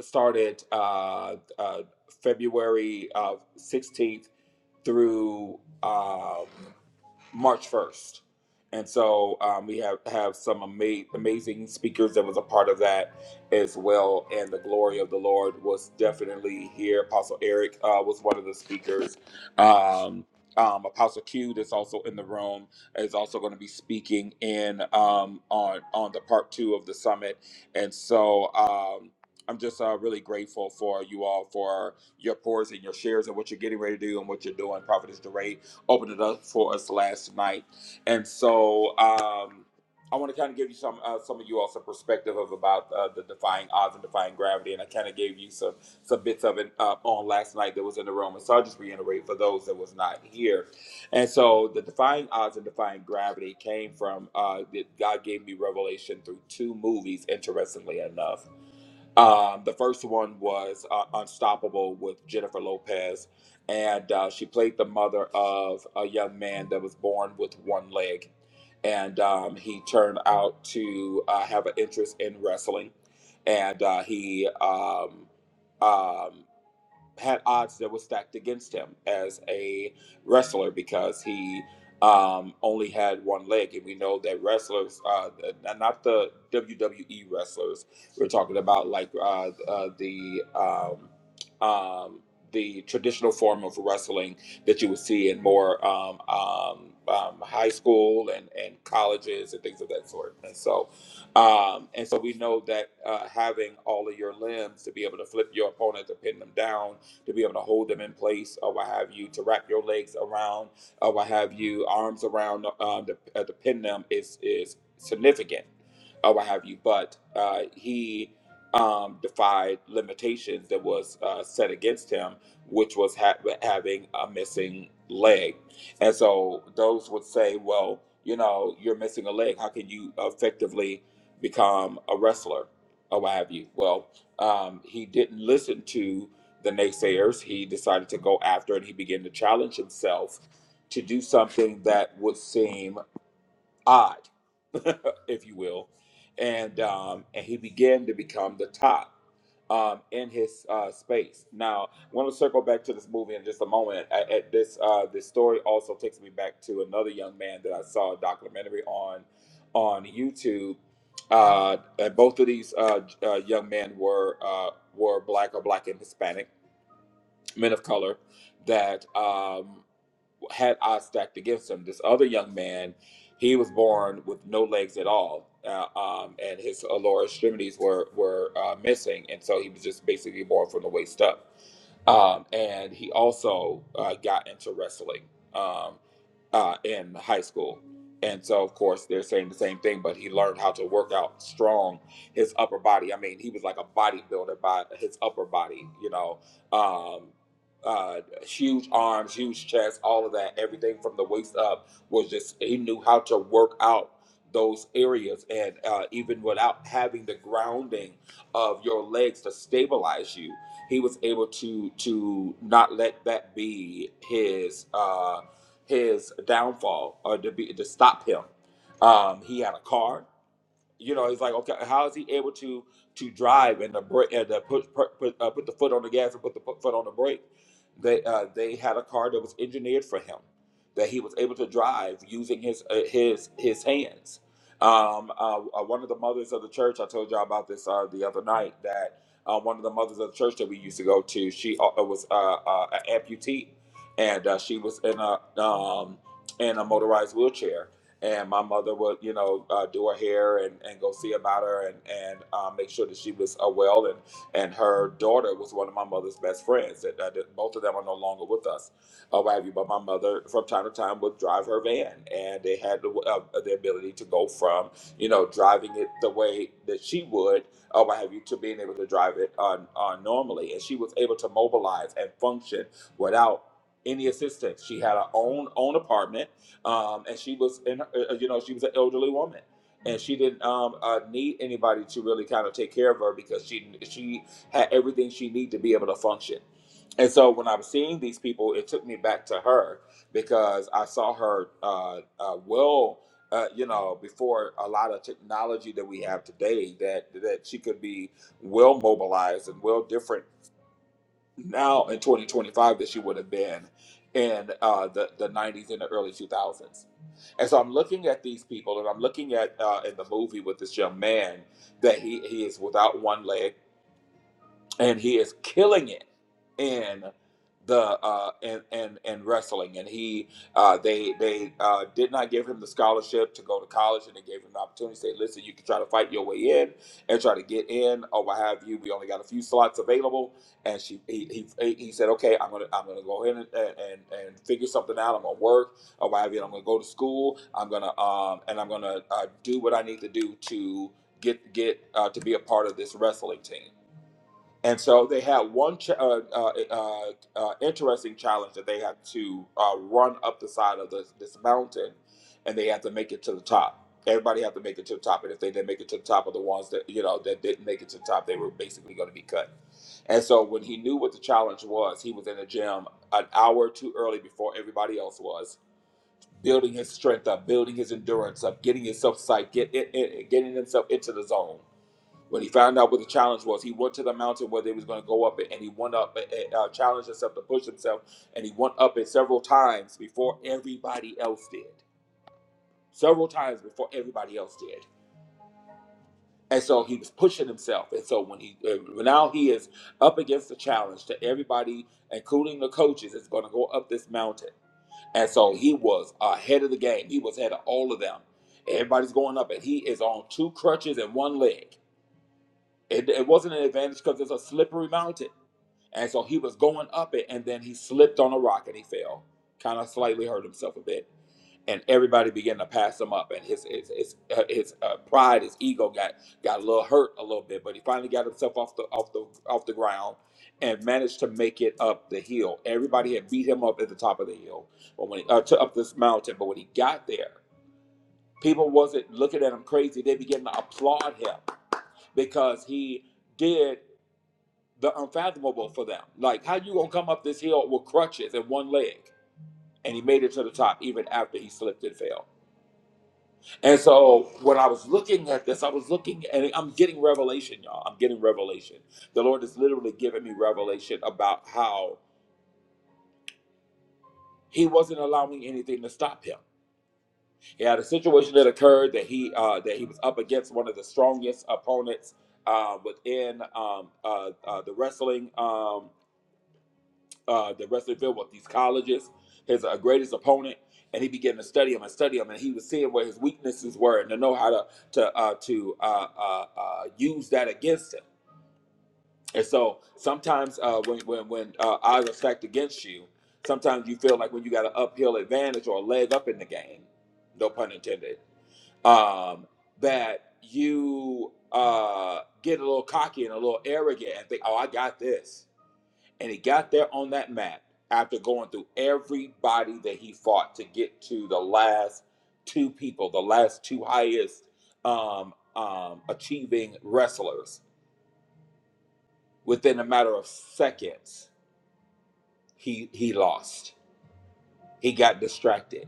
started uh, uh, February uh, 16th through um, March 1st. And so um, we have, have some ama- amazing speakers that was a part of that as well. And the glory of the Lord was definitely here. Apostle Eric uh, was one of the speakers. Um, um, Apostle Q that's also in the room is also going to be speaking in um, on on the part two of the summit. And so um, I'm just uh, really grateful for you all for your pours and your shares and what you're getting ready to do and what you're doing, Prophetess Duray opened it up for us last night. And so um, I want to kind of give you some uh, some of you all some perspective of about uh, the defying odds and defying gravity. And I kind of gave you some some bits of it uh, on last night that was in the room. And so I'll just reiterate for those that was not here. And so the defying odds and defying gravity came from uh, that God gave me revelation through two movies, interestingly enough. Um, the first one was uh, Unstoppable with Jennifer Lopez, and uh, she played the mother of a young man that was born with one leg, and um, he turned out to uh, have an interest in wrestling, and uh, he um, um, had odds that were stacked against him as a wrestler because he um, only had one leg, and we know that wrestlers, uh, uh, not the WWE wrestlers, we're talking about like uh, uh, the um, um, the traditional form of wrestling that you would see in more um, um, um, high school and, and colleges and things of that sort. And so, um, and so we know that uh, having all of your limbs to be able to flip your opponent to pin them down to be able to hold them in place or what have you, to wrap your legs around or what have you, arms around um, to, uh, to pin them is is significant or what have you. But uh, he um, defied limitations that was uh, set against him, which was ha- having a missing leg. And so those would say, well, you know, you're missing a leg. How can you effectively become a wrestler or what have you? Well, um, he didn't listen to the naysayers. He decided to go after it. He began to challenge himself to do something that would seem odd, [laughs] if you will, and um, and he began to become the top um, in his uh, space. Now, I want to circle back to this movie in just a moment. At, at this, uh, this story also takes me back to another young man that I saw a documentary on on YouTube. Uh, and both of these uh, j- uh, young men were uh, were black or black and Hispanic men of color that. Um, had odds stacked against him. This other young man, he was born with no legs at all, uh, um, and his lower extremities were were uh, missing, and so he was just basically born from the waist up. Um, and he also uh, got into wrestling um, uh, in high school. And so, of course, they're saying the same thing, but he learned how to work out strong his upper body. I mean, he was like a bodybuilder by his upper body, you know, um, uh, huge arms, huge chest, all of that, everything from the waist up was just he knew how to work out those areas and uh, even without having the grounding of your legs to stabilize you he was able to to not let that be his uh his downfall or to be to stop him um he had a car you know, it's like okay, how is he able to to drive and the break and to put put, put, uh, put the foot on the gas and put the pu- foot on the brake? They uh, they had a car that was engineered for him that he was able to drive using his uh, his his hands. Um, uh, uh, one of the mothers of the church I told y'all about this uh, the other night that uh, one of the mothers of the church that we used to go to she uh, uh, was uh, uh, an amputee and uh, she was in a um, in a motorized wheelchair and my mother would you know uh, do her hair and, and go see about her and and uh, make sure that she was uh, well and and her daughter was one of my mother's best friends that, that that both of them are no longer with us or what have you but my mother from time to time would drive her van and they had the, uh, the ability to go from you know driving it the way that she would or what have you to being able to drive it on uh, normally and she was able to mobilize and function without any assistance she had her own own apartment um, and she was in her, uh, uh, you know she was an elderly woman and she didn't um, uh, need anybody to really kind of take care of her because she she had everything she needed to be able to function and so when i was seeing these people it took me back to her because i saw her uh, uh, well uh, you know before a lot of technology that we have today that that she could be well mobilized and well different now in 2025 that she would have been in uh, the, the 90s and the early 2000s. And so I'm looking at these people and I'm looking at uh, in the movie with this young man that he, he is without one leg and he is killing it in the uh and and in wrestling and he uh they they uh did not give him the scholarship to go to college and they gave him an opportunity to say listen you can try to fight your way in and try to get in or what have you we only got a few slots available and she he he, he said okay i'm gonna i'm gonna go ahead and, and and figure something out i'm gonna work or what have you i'm gonna go to school i'm gonna um and i'm gonna uh, do what i need to do to get get uh, to be a part of this wrestling team and so they had one ch- uh, uh, uh, uh, interesting challenge that they had to uh, run up the side of this, this mountain, and they had to make it to the top. Everybody had to make it to the top, and if they didn't make it to the top, of the ones that you know that didn't make it to the top, they were basically going to be cut. And so when he knew what the challenge was, he was in the gym an hour too early before everybody else was, building his strength up, building his endurance up, getting himself psyched, get, it, it, getting himself into the zone. When he found out what the challenge was, he went to the mountain where they was going to go up it, and he went up, and uh, challenged himself to push himself, and he went up it several times before everybody else did. Several times before everybody else did. And so he was pushing himself. And so when he uh, now he is up against the challenge to everybody, including the coaches, is going to go up this mountain. And so he was ahead of the game. He was ahead of all of them. Everybody's going up, and he is on two crutches and one leg. It, it wasn't an advantage because it's a slippery mountain. And so he was going up it, and then he slipped on a rock and he fell, kind of slightly hurt himself a bit. And everybody began to pass him up, and his his his, uh, his uh, pride, his ego got got a little hurt a little bit, but he finally got himself off the off the off the ground and managed to make it up the hill. Everybody had beat him up at the top of the hill, but when he, uh, to up this mountain, but when he got there, people wasn't looking at him crazy; they began to applaud him because he did the unfathomable for them. Like, how you gonna come up this hill with crutches and one leg? And he made it to the top even after he slipped and fell. And so when I was looking at this, I was looking and I'm getting revelation, y'all. I'm getting revelation. The Lord is literally giving me revelation about how he wasn't allowing anything to stop him. He had a situation that occurred that he uh, that he was up against one of the strongest opponents uh, within um, uh, uh, the wrestling. Um, uh, the Russellville with these colleges, his uh, greatest opponent, and he began to study him and study him, and he was seeing where his weaknesses were and to know how to to uh, to uh, uh, uh, use that against him. And so sometimes uh, when when when uh, odds are stacked against you, sometimes you feel like when you got an uphill advantage or a leg up in the game, no pun intended, um, that you uh, get a little cocky and a little arrogant and think, oh, I got this and he got there on that mat after going through everybody that he fought to get to the last two people, the last two highest um, um, achieving wrestlers. Within a matter of seconds, he he lost He got distracted.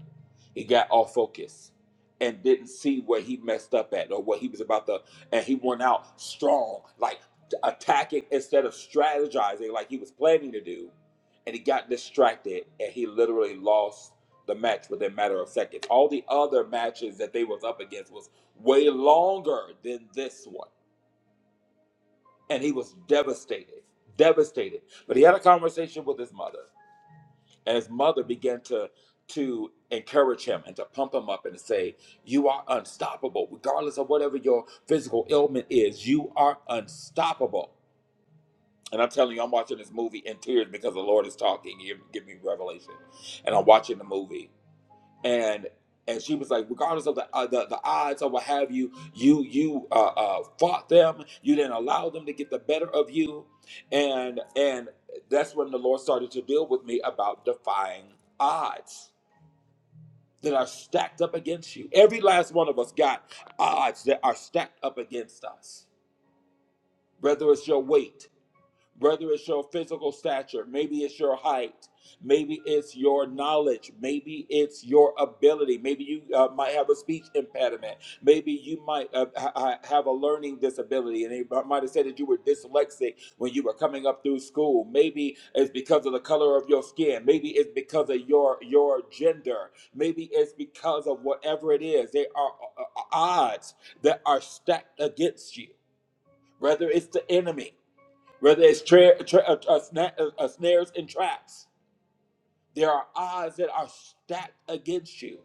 He got off focus and didn't see where he messed up at or what he was about to. And he went out strong, like attacking instead of strategizing like he was planning to do. And he got distracted and he literally lost the match within a matter of seconds. All the other matches that they was up against was way longer than this one. And he was devastated, devastated. But he had a conversation with his mother and his mother began to to encourage him and to pump him up and to say, "You are unstoppable, regardless of whatever your physical ailment is. You are unstoppable." And I'm telling you, I'm watching this movie in tears because the Lord is talking. He give me revelation, and I'm watching the movie and and she was like, regardless of the uh, the, the odds or what have you, you you uh, uh, fought them. You didn't allow them to get the better of you, and and that's when the Lord started to deal with me about defying odds that are stacked up against you. Every last one of us got odds that are stacked up against us. Whether it's your weight, whether it's your physical stature, maybe it's your height, maybe it's your knowledge, maybe it's your ability, maybe you uh, might have a speech impediment, maybe you might uh, ha- have a learning disability, and they might have said that you were dyslexic when you were coming up through school. Maybe it's because of the color of your skin, maybe it's because of your your gender, maybe it's because of whatever it is. There are uh, uh, odds that are stacked against you, whether it's the enemy whether it's tra- tra- uh, uh, sna- uh, uh, snares and traps. There are odds that are stacked against you,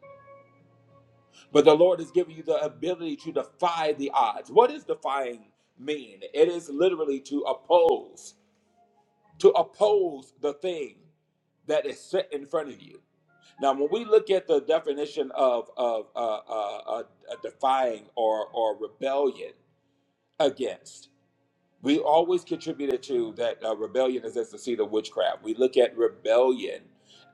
but the Lord has given you the ability to defy the odds. What does defying mean? It is literally to oppose, to oppose the thing that is set in front of you. Now, when we look at the definition of of uh, uh, uh, defying or or rebellion against, we always contributed to that uh, rebellion is as the seed of witchcraft. We look at rebellion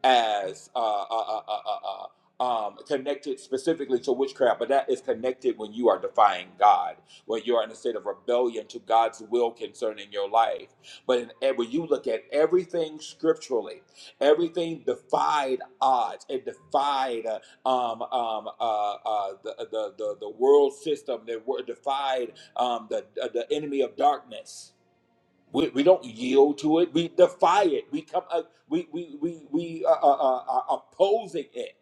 as uh, uh, uh, uh, uh, uh, um, connected specifically to witchcraft, but that is connected when you are defying God, when you are in a state of rebellion to God's will concerning your life. But in, ev- when you look at everything scripturally, everything defied odds, it defied uh, um, um, uh, uh, the, the, the, the world system, it defied um, the, the the enemy of darkness. We, we don't yield to it. We defy it. We come. Uh, we we we we uh, uh, uh, are opposing it.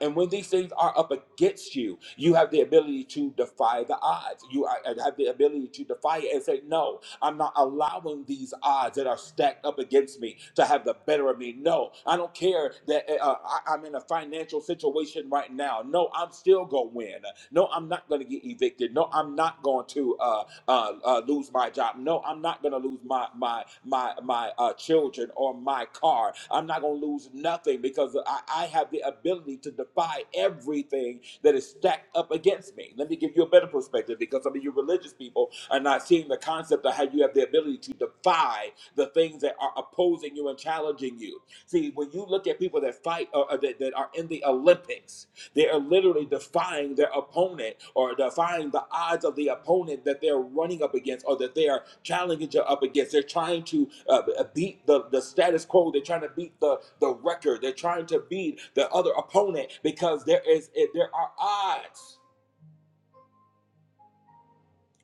And when these things are up against you, you have the ability to defy the odds. You are- have the ability to defy it and say no. I'm not allowing these odds that are stacked up against me to have the better of me. No, I don't care that uh, uh, I, I'm in a financial situation right now. No, I'm still going to win. No, I'm not going to get evicted. No, I'm not going to uh, uh, uh, lose my job. No, I'm not going to lose my my my my uh, children or my car. I'm not going to lose nothing because I, I have the ability to defy everything that is stacked up against me. Let me give you a better perspective because some of you you religious people are not seeing the concept of how you have the ability to defy the things that are opposing you and challenging you. See, when you look at people that fight or, or that, that are in the Olympics, they are literally defying their opponent or defying the odds of the opponent that they're running up against or that they are challenging you up against. They're trying to uh, beat the, the status quo. They're trying to beat the, the record. They're trying to beat the other opponent because there is there are odds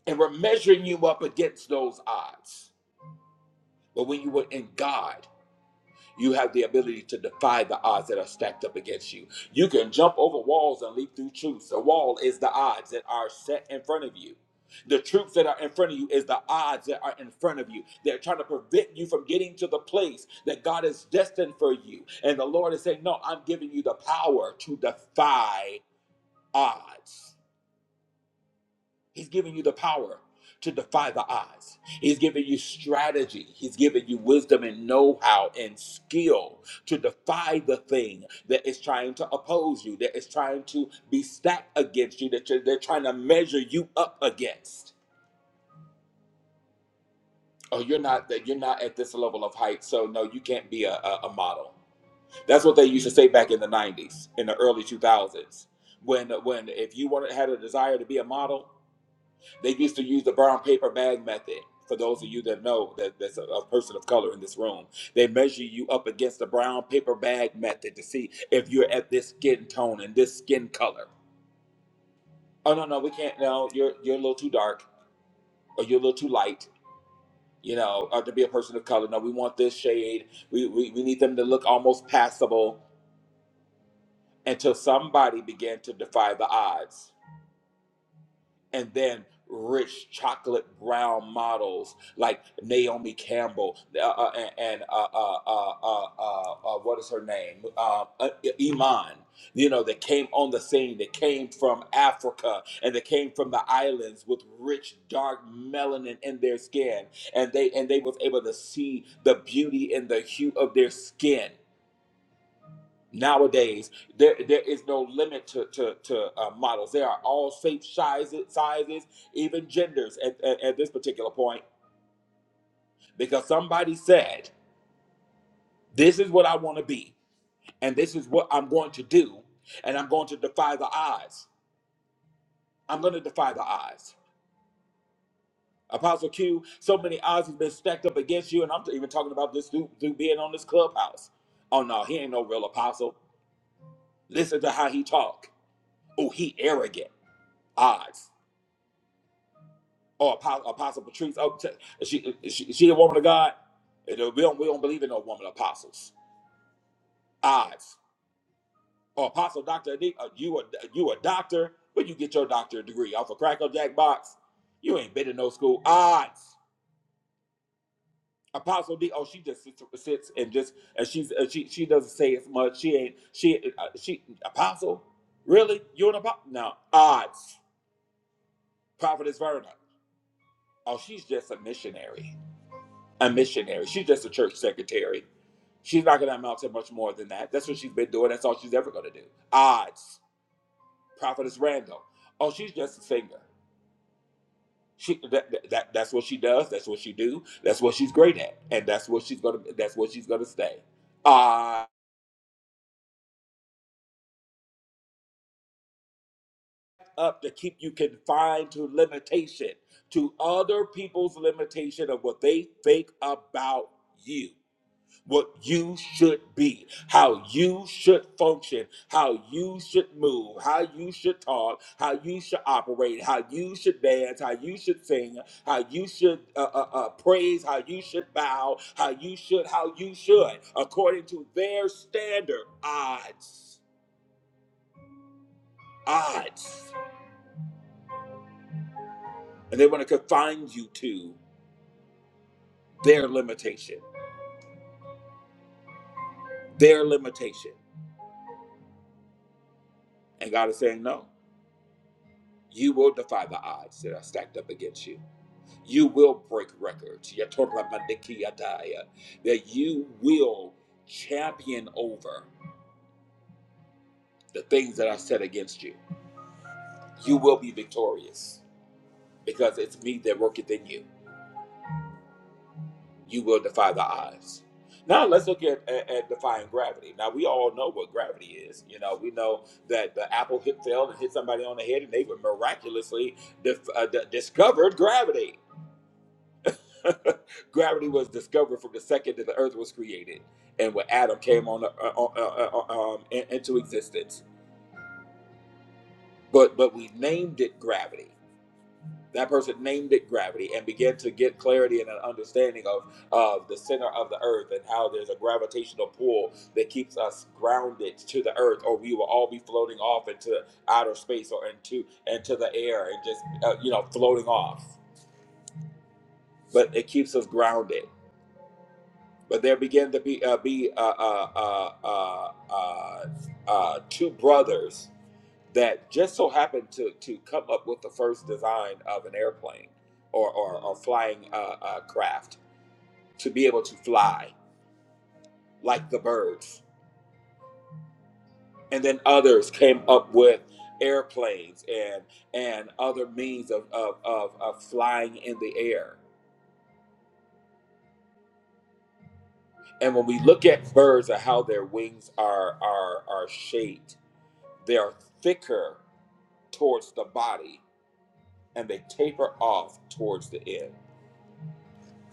and we're measuring you up against those odds. But when you were in God, you have the ability to defy the odds that are stacked up against you. You can jump over walls and leap through troops. The wall is the odds that are set in front of you. The troops that are in front of you is the odds that are in front of you. They're trying to prevent you from getting to the place that God is destined for you. And the Lord is saying, No, I'm giving you the power to defy odds. He's giving you the power to defy the odds. He's giving you strategy. He's giving you wisdom and know how and skill to defy the thing that is trying to oppose you, that is trying to be stacked against you, that you're, they're trying to measure you up against. Oh, you're not that you're not at this level of height, so no, you can't be a, a, a model. That's what they used to say back in the '90s, in the early 2000s, when when if you wanted had a desire to be a model, They used to use the brown paper bag method. For those of you that know that that's a, a person of color in this room, they measure you up against the brown paper bag method to see if you're at this skin tone and this skin color. Oh no, no, we can't. No, you're you're a little too dark or you're a little too light. You know, or to be a person of color. No, we want this shade. We we, we need them to look almost passable until somebody began to defy the odds and then rich chocolate brown models like Naomi Campbell uh, uh, and, and uh, uh, uh, uh, uh, uh, what is her name? Uh, uh, Iman. You know, that came on the scene, that came from Africa and they came from the islands with rich, dark melanin in their skin. And they and they was able to see the beauty in the hue of their skin. Nowadays, there there is no limit to to, to uh, models. There are all shapes, sizes, sizes, even genders at, at, at this particular point, because somebody said, "This is what I want to be, and this is what I'm going to do, and I'm going to defy the odds. I'm going to defy the odds." Apostle Q, so many odds have been stacked up against you, and I'm even talking about this dude, dude being on this clubhouse. Oh no, he ain't no real apostle. Listen to how he talk. Oh, he arrogant. Odds. or Apostle, Apostle Patrice. Oh, t- is she, is she is she a woman of God. And We don't we don't believe in no woman apostles. Odds or Apostle Doctor Adi, uh, You a you a doctor? Where you get your doctorate degree off a cracker jack box? You ain't been in no school. Odds. Apostle D. Oh, she just sits, sits and just and she's uh, she she doesn't say as much. She ain't she uh, she Apostle. Really? You an apostle? No. Odds. Prophetess Verna. Oh, she's just a missionary a missionary. She's just a church secretary. She's not going to amount to much more than that. That's what she's been doing. That's all she's ever going to do. Odds. Prophetess Randall. Oh, she's just a singer. She that, that that's what she does. That's what she do. That's what she's great at, and that's what she's gonna. That's what she's gonna stay. Uh up to keep you confined to limitation, to other people's limitation of what they think about you. what you should be, how you should function, how you should move, how you should talk, how you should operate, how you should dance, how you should sing, how you should uh, uh, uh, praise, how you should bow, how you should, how you should, according to their standard odds, odds, and they want to confine you to their limitation, their limitation, and God is saying no. You will defy the odds that are stacked up against you. You will break records. Yatoramandikiataya. That you will champion over the things that are set against you. You will be victorious because it's me that worketh in you. You will defy the odds. Now let's look at, at, at defying gravity. Now we all know what gravity is. You know, we know that the apple hit fell and hit somebody on the head, and they were miraculously dif- uh, d- discovered gravity. [laughs] Gravity was discovered from the second that the Earth was created, and when Adam came on, uh, uh, uh, uh, uh, um, in- into existence. But but we named it gravity. That person named it gravity and began to get clarity and an understanding of of the center of the Earth and how there's a gravitational pull that keeps us grounded to the Earth, or we will all be floating off into outer space or into into the air and just uh, you know floating off. But it keeps us grounded But there began to be uh, be uh, uh, uh, uh, uh, uh, two brothers that just so happened to to come up with the first design of an airplane or or, or flying uh, uh, craft to be able to fly like the birds, and then others came up with airplanes and and other means of of, of, of flying in the air. And when we look at birds and how their wings are are are shaped, they are thicker towards the body and they taper off towards the end.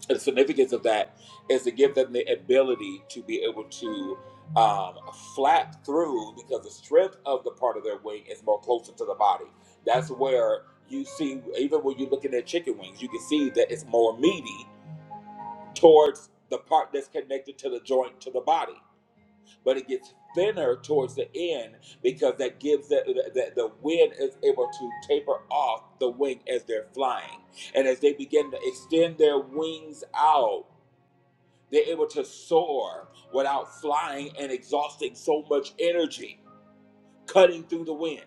And the significance of that is to give them the ability to be able to um, flap through because the strength of the part of their wing is more closer to the body. That's where you see, even when you're looking at chicken wings, you can see that it's more meaty towards the part that's connected to the joint to the body. but it gets thinner towards the end because that gives the, the, the wind is able to taper off the wing as they're flying and as they begin to extend their wings out they're able to soar without flying and exhausting so much energy cutting through the wind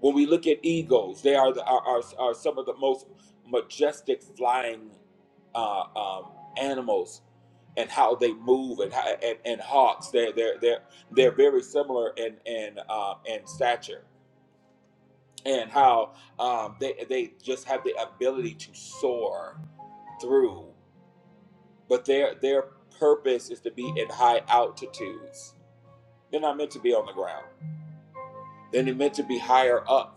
When we look at eagles, they are, the, are, are, are some of the most majestic flying uh, um, animals and how they move and, how, and and hawks they're they're they're they're very similar in in uh, in stature and how um, they they just have the ability to soar through but their their purpose is to be in high altitudes they're not meant to be on the ground they're meant to be higher up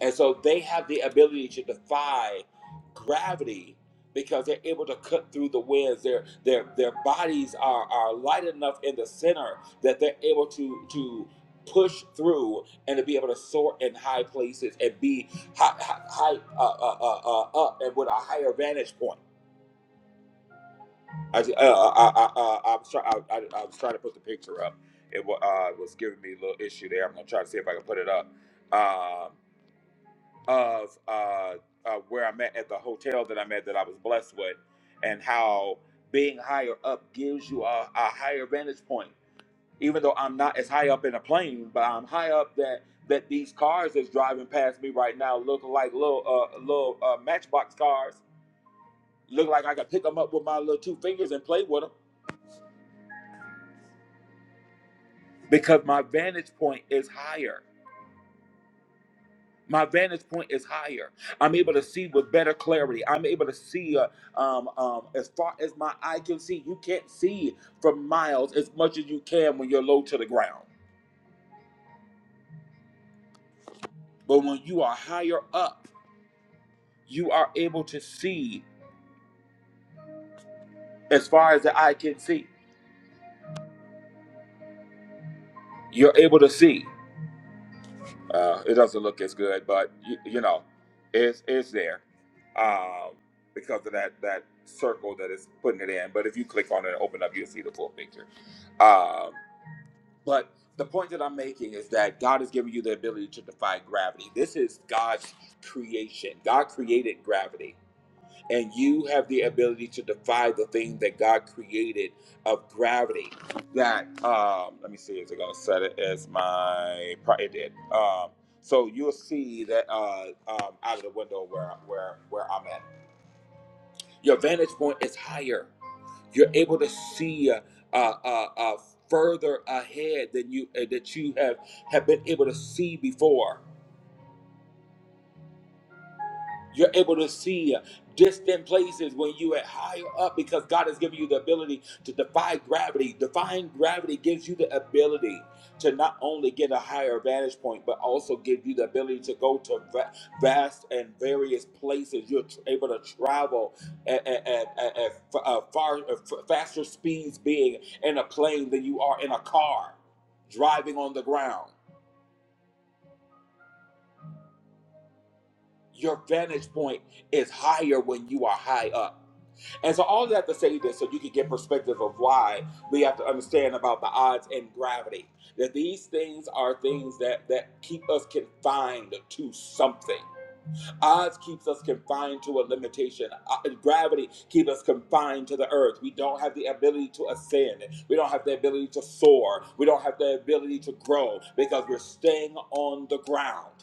And so they have the ability to defy gravity because they're able to cut through the winds. Their their their bodies are, are light enough in the center that they're able to to push through and to be able to soar in high places and be high, high, high uh, uh, uh, uh, up and with a higher vantage point. I, ju- uh, I, I, I, I'm sorry, I, I, I was trying to put the picture up. It wa- uh, was giving me a little issue there. I'm gonna try to see if I can put it up. Um, of uh, uh, where I'm at at the hotel that I'm at that I was blessed with, and how being higher up gives you a, a higher vantage point. Even though I'm not as high up in a plane, but I'm high up that that these cars that's driving past me right now look like little uh, little uh, matchbox cars. Look like I could pick them up with my little two fingers and play with them because my vantage point is higher. My vantage point is higher. I'm able to see with better clarity. I'm able to see uh, um, um, as far as my eye can see. You can't see for miles as much as you can when you're low to the ground. But when you are higher up, you are able to see as far as the eye can see. You're able to see. Uh, it doesn't look as good, but you, you know, it's it's there um, because of that that circle that is putting it in. But if you click on it and open up, you'll see the full picture. Um, But the point that I'm making is that God has given you the ability to defy gravity. This is God's creation. God created gravity, and you have the ability to defy the thing that God created of gravity. That um, let me see, is it gonna set it as my? pro- It did. Um, so you'll see that uh, um, out of the window where where where I'm at. Your vantage point is higher. You're able to see uh, uh, uh, uh, further ahead than you uh, that you have have been able to see before you're able to see distant places when you are higher up because God has given you the ability to defy gravity. Defying gravity gives you the ability to not only get a higher vantage point, but also give you the ability to go to va- vast and various places. You're tr- able to travel at, at, at, at, at f- uh, far uh, f- faster speeds being in a plane than you are in a car driving on the ground. Your vantage point is higher when you are high up. And so all of that to say this so you can get perspective of why we have to understand about the odds and gravity. That these things are things that, that keep us confined to something. Odds keeps us confined to a limitation. Uh, Gravity keeps us confined to the earth. We don't have the ability to ascend. We don't have the ability to soar. We don't have the ability to grow because we're staying on the ground.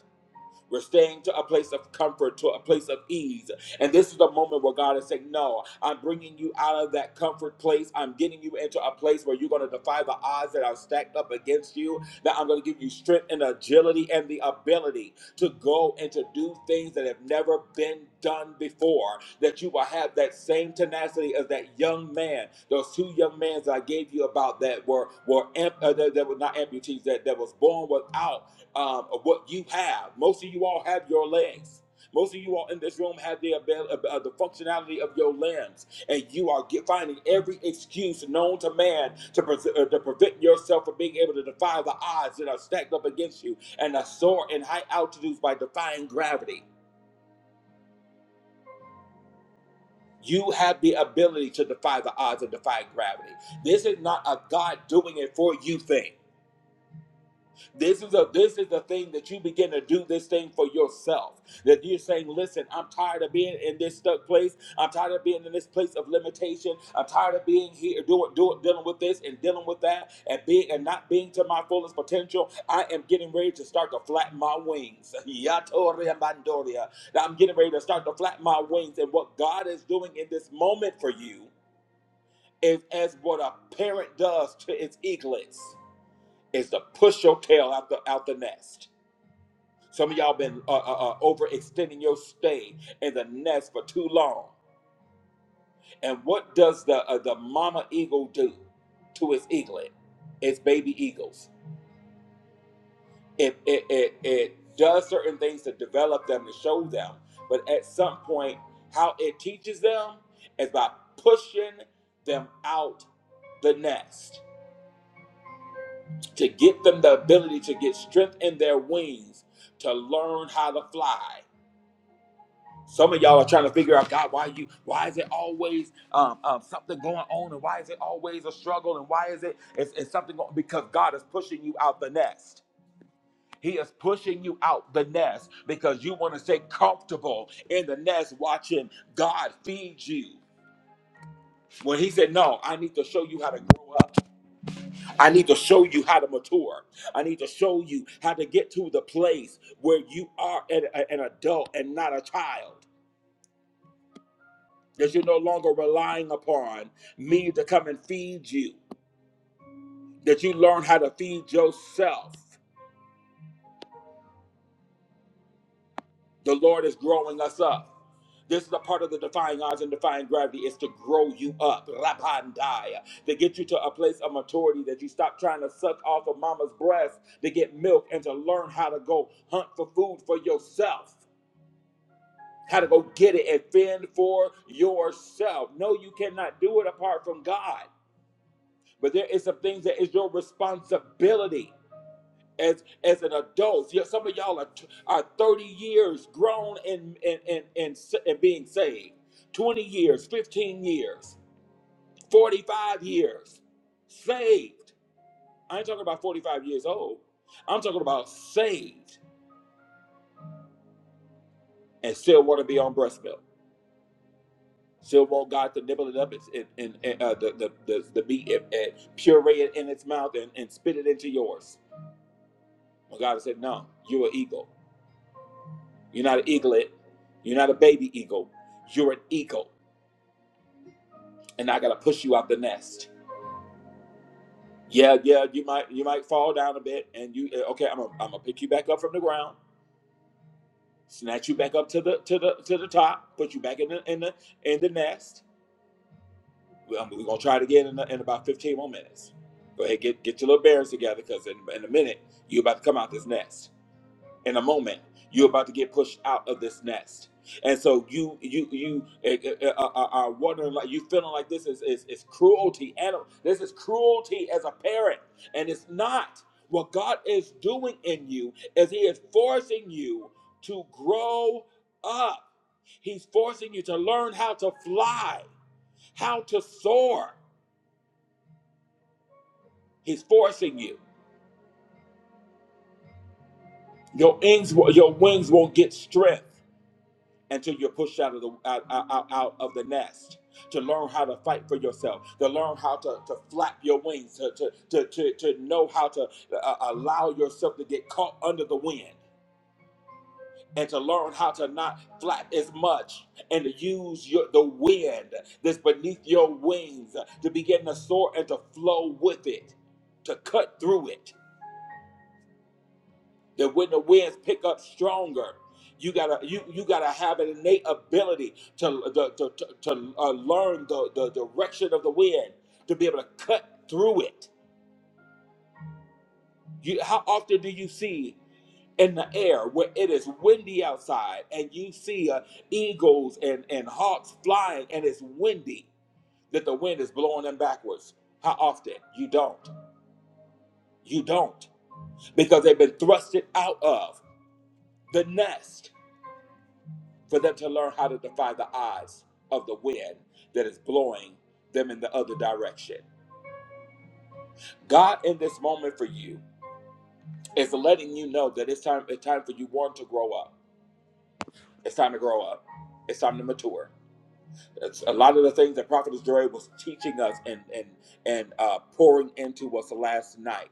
We're staying to a place of comfort, to a place of ease. And this is the moment where God is saying, No, I'm bringing you out of that comfort place. I'm getting you into a place where you're going to defy the odds that are stacked up against you. That I'm going to give you strength and agility and the ability to go and to do things that have never been done before. That you will have that same tenacity as that young man, those two young men that I gave you about that were were amp- uh, that, that were not amputees, that, that was born without um, of what you have. Most of you all have your legs. Most of you all in this room have the abil- uh, uh, the functionality of your limbs, and you are get, finding every excuse known to man to, pres uh, to prevent yourself from being able to defy the odds that are stacked up against you and are soar in high altitudes by defying gravity. You have the ability to defy the odds and defy gravity. This is not a God doing it for you thing. This is a this is the thing that you begin to do this thing for yourself. That you're saying, listen, I'm tired of being in this stuck place. I'm tired of being in this place of limitation. I'm tired of being here doing doing dealing with this and dealing with that and being and not being to my fullest potential. I am getting ready to start to flatten my wings. [laughs] Yatoria mandoria. Now I'm getting ready to start to flatten my wings. And what God is doing in this moment for you is as what a parent does to its eaglets is to push your tail out the out the nest some of y'all been uh, uh, uh, overextending your stay in the nest for too long. And what does the uh, the mama eagle do to its eaglet, its baby eagles? It it, it it does certain things to develop them to show them, but at some point, how it teaches them is by pushing them out the nest to get them the ability to get strength in their wings to learn how to fly Some of y'all are trying to figure out God, why you, why is it always um, um, something going on, and why is it always a struggle, and why is it it's, it's something going? Because God is pushing you out the nest. He is pushing you out the nest because you want to stay comfortable in the nest, watching God feed you. When He said, "No, I need to show you how to grow up. I need to show you how to mature. I need to show you how to get to the place where you are an, an adult and not a child." that you're no longer relying upon me to come and feed you, that you learn how to feed yourself. The Lord is growing us up. This is a part of the defying odds and defying gravity is to grow you up, rapandaya, to get you to a place of maturity that you stop trying to suck off of mama's breast to get milk and to learn how to go hunt for food for yourself, how to go get it and fend for yourself. No, you cannot do it apart from God. but there is some things that is your responsibility as as an adult. Yeah, some of y'all are t- are thirty years grown and and and and, s- and being saved, twenty years, fifteen years, forty five years, saved. I ain't talking about forty five years old. I'm talking about saved and still want to be on breast milk. Still want God to nibble it up and, and, and and, uh, the, the, the, the meat and, and puree it in its mouth and, and spit it into yours. But God said, No, you're an eagle You're not an eaglet. You're not a baby eagle. You're an eagle, and I gotta push you out the nest. Yeah, yeah. You might you might fall down a bit, and you eh, okay? I'm gonna I'm gonna pick you back up from the ground, snatch you back up to the to the to the top, put you back in the in the in the nest. We're we're gonna try it again in, the, in about 15 more minutes. Go ahead, get get your little bearings together, because in, in a minute you're about to come out this nest. in a moment you're about to get pushed out of this nest and so you you you uh, uh, uh, are wondering like you feeling like this is is, is cruelty animal this is cruelty as a parent and it's not what god is doing in you is he is forcing you to grow up he's forcing you to learn how to fly how to soar he's forcing you your wings your wings won't get stripped until you're pushed out of the out, out, out of the nest to learn how to fight for yourself to learn how to, to flap your wings to, to, to, to, to know how to uh, allow yourself to get caught under the wind and to learn how to not flap as much and to use your, the wind that's beneath your wings to begin to soar and to flow with it to cut through it that when the winds pick up stronger you gotta you you gotta have an innate ability to to, to, to, uh, learn the, the direction of the wind to be able to cut through it you how often do you see in the air where it is windy outside and you see uh, eagles and and hawks flying and it's windy that the wind is blowing them backwards how often you don't you don't because they've been thrusted out of the nest for them to learn how to defy the odds of the wind that is blowing them in the other direction. God in this moment for you is letting you know that it's time it's time for you one to grow up. It's time to grow up. It's time to mature. It's a lot of the things that Prophet Dre was teaching us and and and uh, pouring into us last night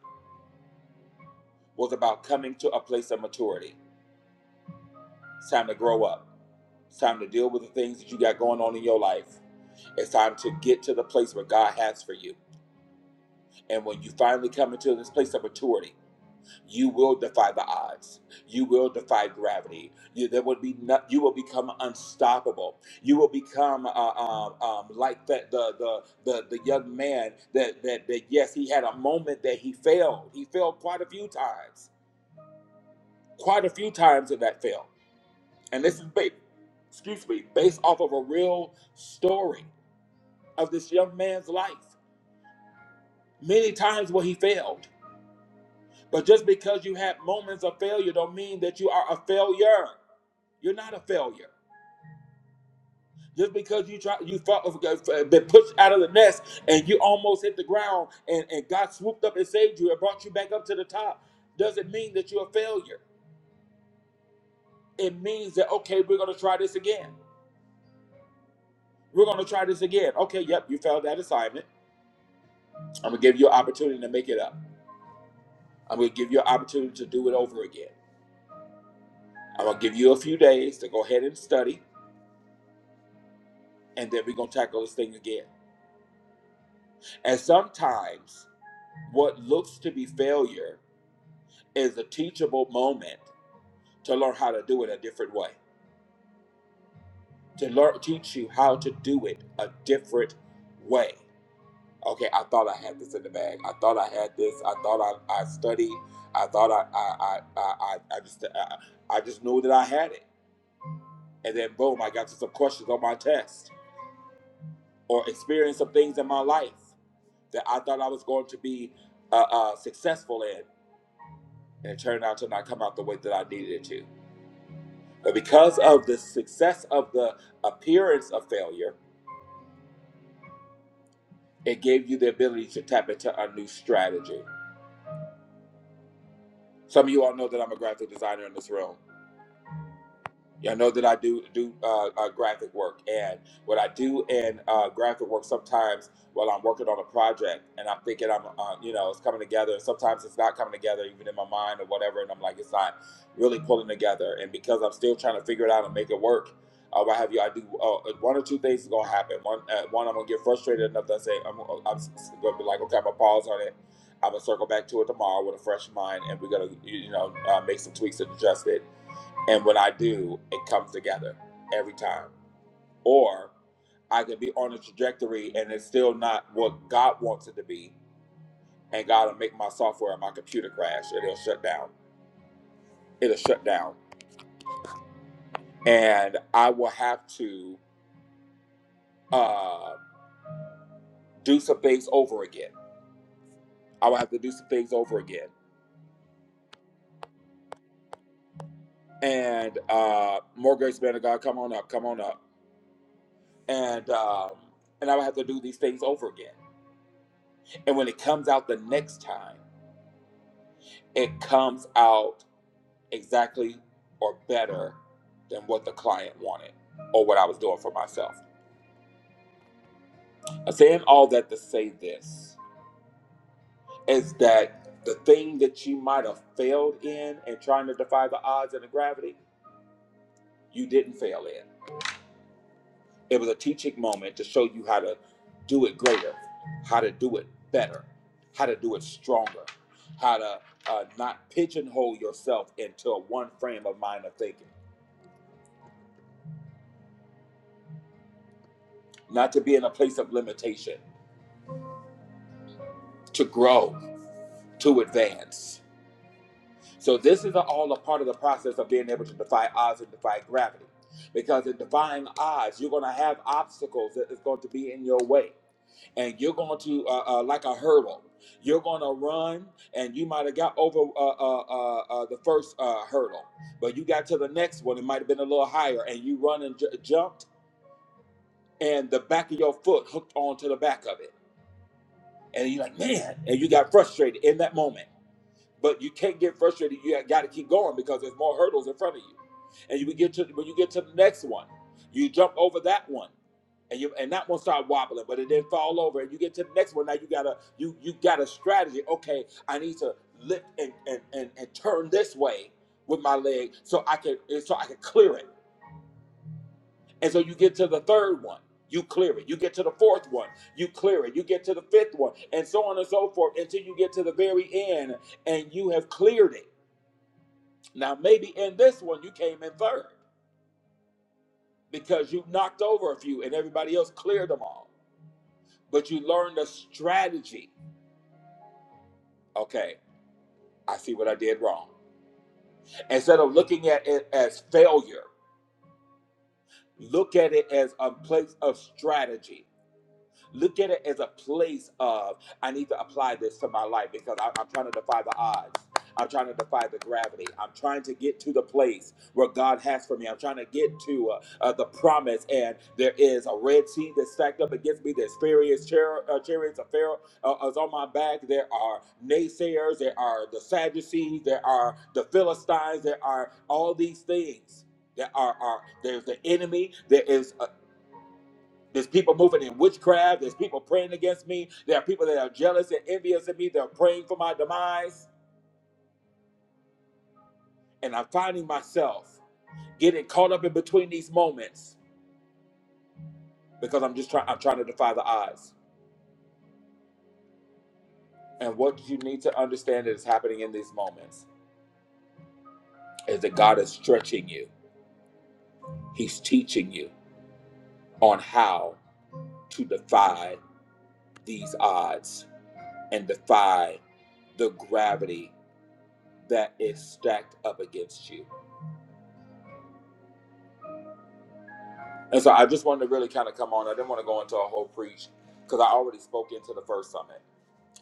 was about coming to a place of maturity. It's time to grow up. It's time to deal with the things that you got going on in your life. It's time to get to the place where God has for you. And when you finally come into this place of maturity, you will defy the odds. You will defy gravity. You, there would be no, you will become unstoppable. You will become uh, um, um, like that the, the the the young man that, that that yes, he had a moment that he failed. He failed quite a few times, quite a few times in that fail. And this is ba- excuse me, based off of a real story of this young man's life. Many times where he failed But just because you had moments of failure don't mean that you are a failure. You're not a failure. Just because you try you fought, been pushed out of the nest and you almost hit the ground and, and God swooped up and saved you and brought you back up to the top doesn't mean that you're a failure. It means that okay, we're gonna try this again. We're gonna try this again. Okay, yep, you failed that assignment. I'm gonna give you an opportunity to make it up. I'm gonna give you an opportunity to do it over again. I'm gonna give you a few days to go ahead and study, and then we're gonna tackle this thing again. And sometimes what looks to be failure is a teachable moment to learn how to do it a different way, to learn, teach you how to do it a different way. Okay, I thought I had this in the bag. I thought I had this. I thought I, I studied. I thought I I, I, I, I just I, I just knew that I had it. And then boom, I got to some questions on my test or experienced some things in my life that I thought I was going to be uh, uh, successful in and it turned out to not come out the way that I needed it to. But because of the success of the appearance of failure, it gave you the ability to tap into a new strategy. Some of you all know that I'm a graphic designer in this room. Y'all know that I do do uh, uh, graphic work, and what I do in uh, graphic work sometimes, while I'm working on a project, and I'm thinking I'm, uh, you know, it's coming together. and Sometimes it's not coming together, even in my mind or whatever, and I'm like, it's not really pulling together. And because I'm still trying to figure it out and make it work, uh, what have you? I do uh, one or two things is gonna happen. One, uh, one I'm gonna get frustrated enough that I say I'm, uh, I'm s- s- gonna be like, okay, I'm gonna pause on it. I'm gonna circle back to it tomorrow with a fresh mind, and we're gonna, you you know, uh, make some tweaks and adjust it and what I do, it comes together every time. Or I could be on a trajectory and it's still not what God wants it to be, and God will make my software and my computer crash. and It'll shut down. It'll shut down, and I will have to uh, do some things over again. I will have to do some things over again. And uh, more grace, man of God, come on up, come on up, and um, and I will have to do these things over again. And when it comes out the next time, it comes out exactly or better than what the client wanted or what I was doing for myself. I'm saying all that to say this is that the thing that you might have failed in and trying to defy the odds and the gravity, you didn't fail in. It was a teaching moment to show you how to do it greater, how to do it better, how to do it stronger, how to uh, not pigeonhole yourself into one frame of mind of thinking, not to be in a place of limitation, to grow, to advance. So this is all a part of the process of being able to defy odds and defy gravity. Because in defying odds, you're going to have obstacles that is going to be in your way, and you're going to uh, uh, like a hurdle. You're going to run, and you might have got over uh, uh, uh, uh, the first uh, hurdle, but you got to the next one. It might have been a little higher, and you run and j- jumped, and the back of your foot hooked onto the back of it, and you're like, man, and you got frustrated in that moment But you can't get frustrated. You got to keep going because there's more hurdles in front of you. And you get to when you get to the next one, you jump over that one, and you and that one start wobbling, but it didn't fall over. And you get to the next one. Now you gotta you you got a strategy. Okay, I need to lift and and and, and turn this way with my leg so I can so I can clear it. And so you get to the third one. You clear it. You get to the fourth one. You clear it. You get to the fifth one, and so on and so forth until you get to the very end and you have cleared it now, maybe in this one you came in third because you knocked over a few and everybody else cleared them all. But you learned a strategy. Okay, I see what I did wrong. Instead of looking at it as failure, look at it as a place of strategy. Look at it as a place of, I need to apply this to my life because I, I'm trying to defy the odds. I'm trying to defy the gravity. I'm trying to get to the place where God has for me. I'm trying to get to uh, uh, the promise. And there is a Red Sea that's stacked up against me. There's furious char- uh, chariots of Pharaoh uh, is on my back. There are naysayers. There are the Sadducees. There are the Philistines. There are all these things. There are, are there's the enemy. There is. There's people moving in witchcraft. There's people praying against me. There are people that are jealous and envious of me. They're praying for my demise. And I'm finding myself getting caught up in between these moments because I'm just trying I'm trying to defy the odds. And what you need to understand that is happening in these moments is that God is stretching you. He's teaching you on how to defy these odds and defy the gravity that is stacked up against you And so I just wanted to really kind of come on. I didn't want to go into a whole preach because I already spoke into the first summit.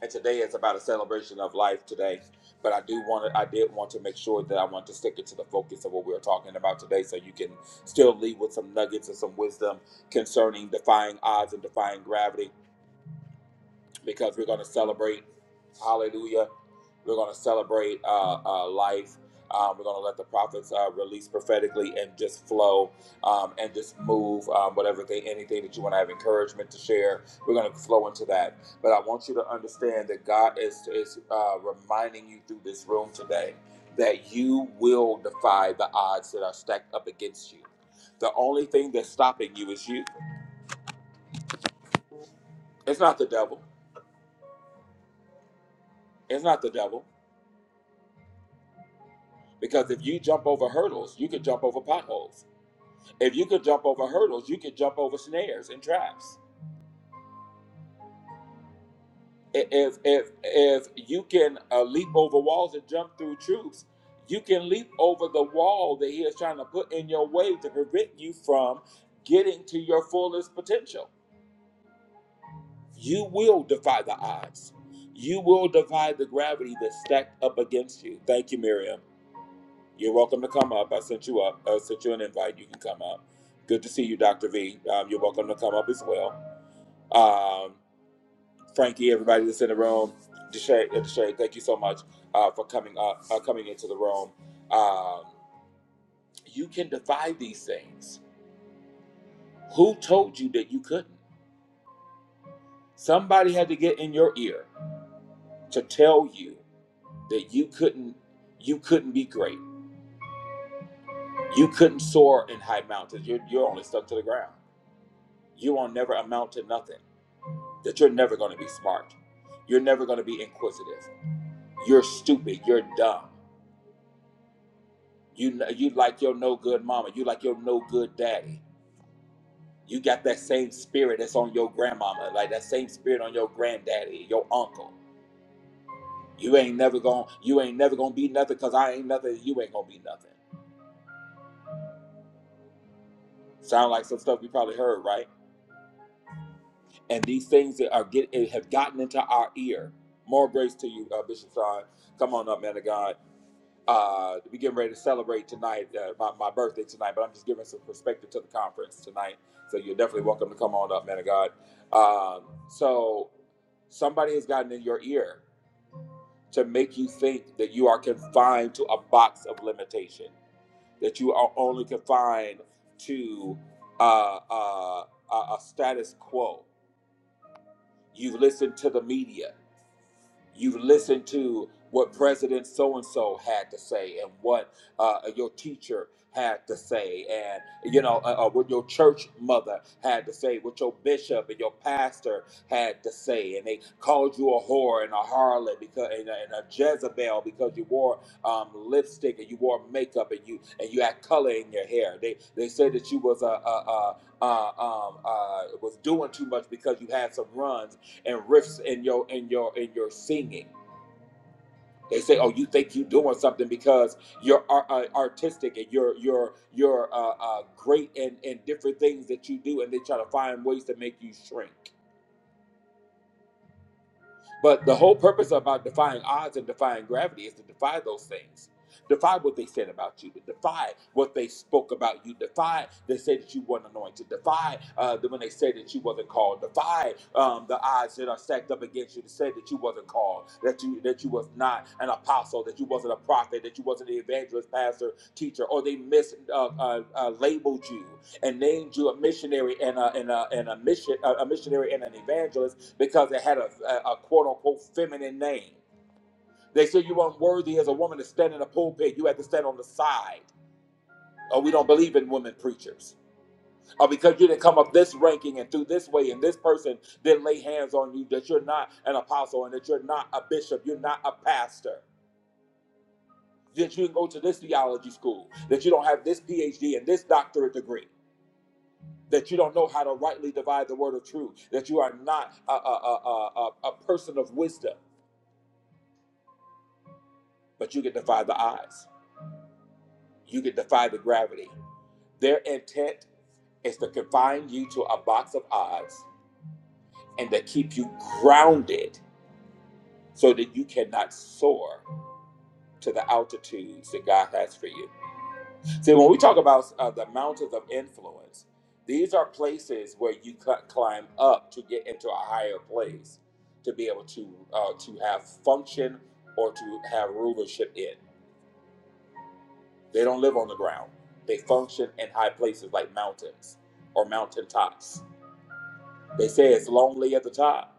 And today it's about a celebration of life today. But I do want to, I did want to make sure that I want to stick it to the focus of what we are talking about today so you can still leave with some nuggets and some wisdom concerning defying odds and defying gravity because we're going to celebrate Hallelujah. We're going to celebrate uh, uh, life. Um, we're going to let the prophets uh, release prophetically and just flow um, and just move um, whatever thing, anything that you want to have encouragement to share. We're going to flow into that. But I want you to understand that God is, is uh, reminding you through this room today that you will defy the odds that are stacked up against you. The only thing that's stopping you is you. It's not the devil. It's not the devil. Because if you jump over hurdles, you can jump over potholes. If you could jump over hurdles, you could jump over snares and traps. I- If if if you can uh, leap over walls and jump through troops, you can leap over the wall that he is trying to put in your way to prevent you from getting to your fullest potential. You will defy the odds. You will defy the gravity that's stacked up against you. Thank you, Miriam. You're welcome to come up. I sent you up. I sent you an invite. You can come up. Good to see you, Dr. V. Um, you're welcome to come up as well. Um, Frankie, everybody that's in the room, Deshay, uh, Deshay thank you so much uh, for coming up, uh, coming into the room. Um, you can defy these things. Who told you that you couldn't? Somebody had to get in your ear to tell you that you couldn't. You couldn't be great. You couldn't soar in high mountains. You're, you're only stuck to the ground. You will never amount to nothing. That you're never going to be smart. You're never going to be inquisitive. You're stupid. You're dumb. You you like your no good mama. You like your no good daddy. You got that same spirit that's on your grandmama, like that same spirit on your granddaddy, your uncle. You ain't never gonna you ain't never gonna be nothing because I ain't nothing. You ain't gonna be nothing. Sound like some stuff you probably heard, right? And these things that are get have gotten into our ear. More grace to you, uh, Bishop Sean. Come on up, man of God. uh we getting ready to celebrate tonight uh, my, my birthday tonight but i'm just giving some perspective to the conference tonight so you're definitely welcome to come on up man of god um so somebody has gotten in your ear to make you think that you are confined to a box of limitation that you are only confined to uh, uh, a a status quo you've listened to the media you have listened to what President so and so had to say and what uh, your teacher had to say, and you know, uh, uh, what your church mother had to say, what your bishop and your pastor had to say, and they called you a whore and a harlot because and a, and a Jezebel because you wore um, lipstick and you wore makeup and you and you had color in your hair. They they said that you was a, a, a uh, um, uh, was doing too much because you had some runs and rifts in your in your in your singing. They say, "Oh, you think you're doing something because you're ar- uh, artistic and you're you're you're uh, uh, great and and different things that you do," and they try to find ways to make you shrink. But the whole purpose about defying odds and defying gravity is to defy those things. Defy what they said about you. Defy what they spoke about you. Defy they said that you weren't anointed. Defy uh, the- when they said that you wasn't called. Defy um, the odds that are stacked up against you to say that you wasn't called, that you that you was not an apostle, that you wasn't a prophet, that you wasn't an evangelist, pastor, teacher, or they mis uh, uh, uh, labeled you and named you a missionary and a and a, and a mission a missionary and an evangelist because it had a, a, a quote unquote feminine name. They said you weren't worthy as a woman to stand in a pulpit. You had to stand on the side. Or we don't believe in women preachers. Or because you didn't come up this ranking and through this way, and this person didn't lay hands on you, that you're not an apostle and that you're not a bishop, you're not a pastor. That you didn't go to this theology school, that you don't have this PhD and this doctorate degree that you don't know how to rightly divide the word of truth, that you are not a, a, a, a, a person of wisdom, but you can defy the odds. You can defy the gravity. Their intent is to confine you to a box of odds and to keep you grounded so that you cannot soar to the altitudes that God has for you. So when we talk about uh, the mountains of influence, these are places where you cl- climb up to get into a higher place to be able to uh, to have function or to have rulership in. They don't live on the ground. They function in high places like mountains or mountain tops. They say it's lonely at the top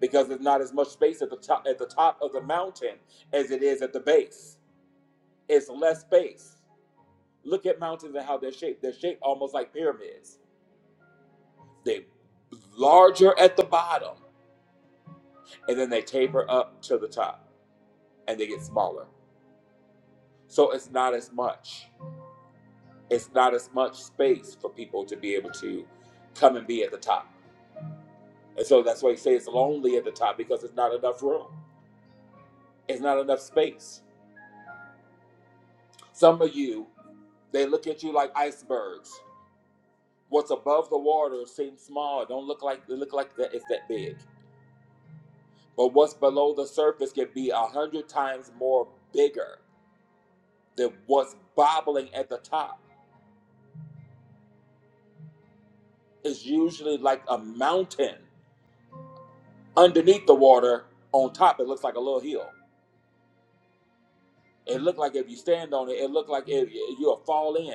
because there's not as much space at the top at the top of the mountain as it is at the base. It's less space. Look at mountains and how they're shaped. They're shaped almost like pyramids They larger at the bottom, and then they taper up to the top, and they get smaller. So it's not as much. It's not as much space for people to be able to come and be at the top. And so that's why you say it's lonely at the top because it's not enough room. It's not enough space. Some of you, they look at you like icebergs. What's above the water seems small. It don't look like it look like that it's that big. But what's below the surface can be a hundred times more bigger that what's bobbling at the top is usually like a mountain underneath the water. On top, it looks like a little hill. It looked like if you stand on it, it looked like it, you'll fall in.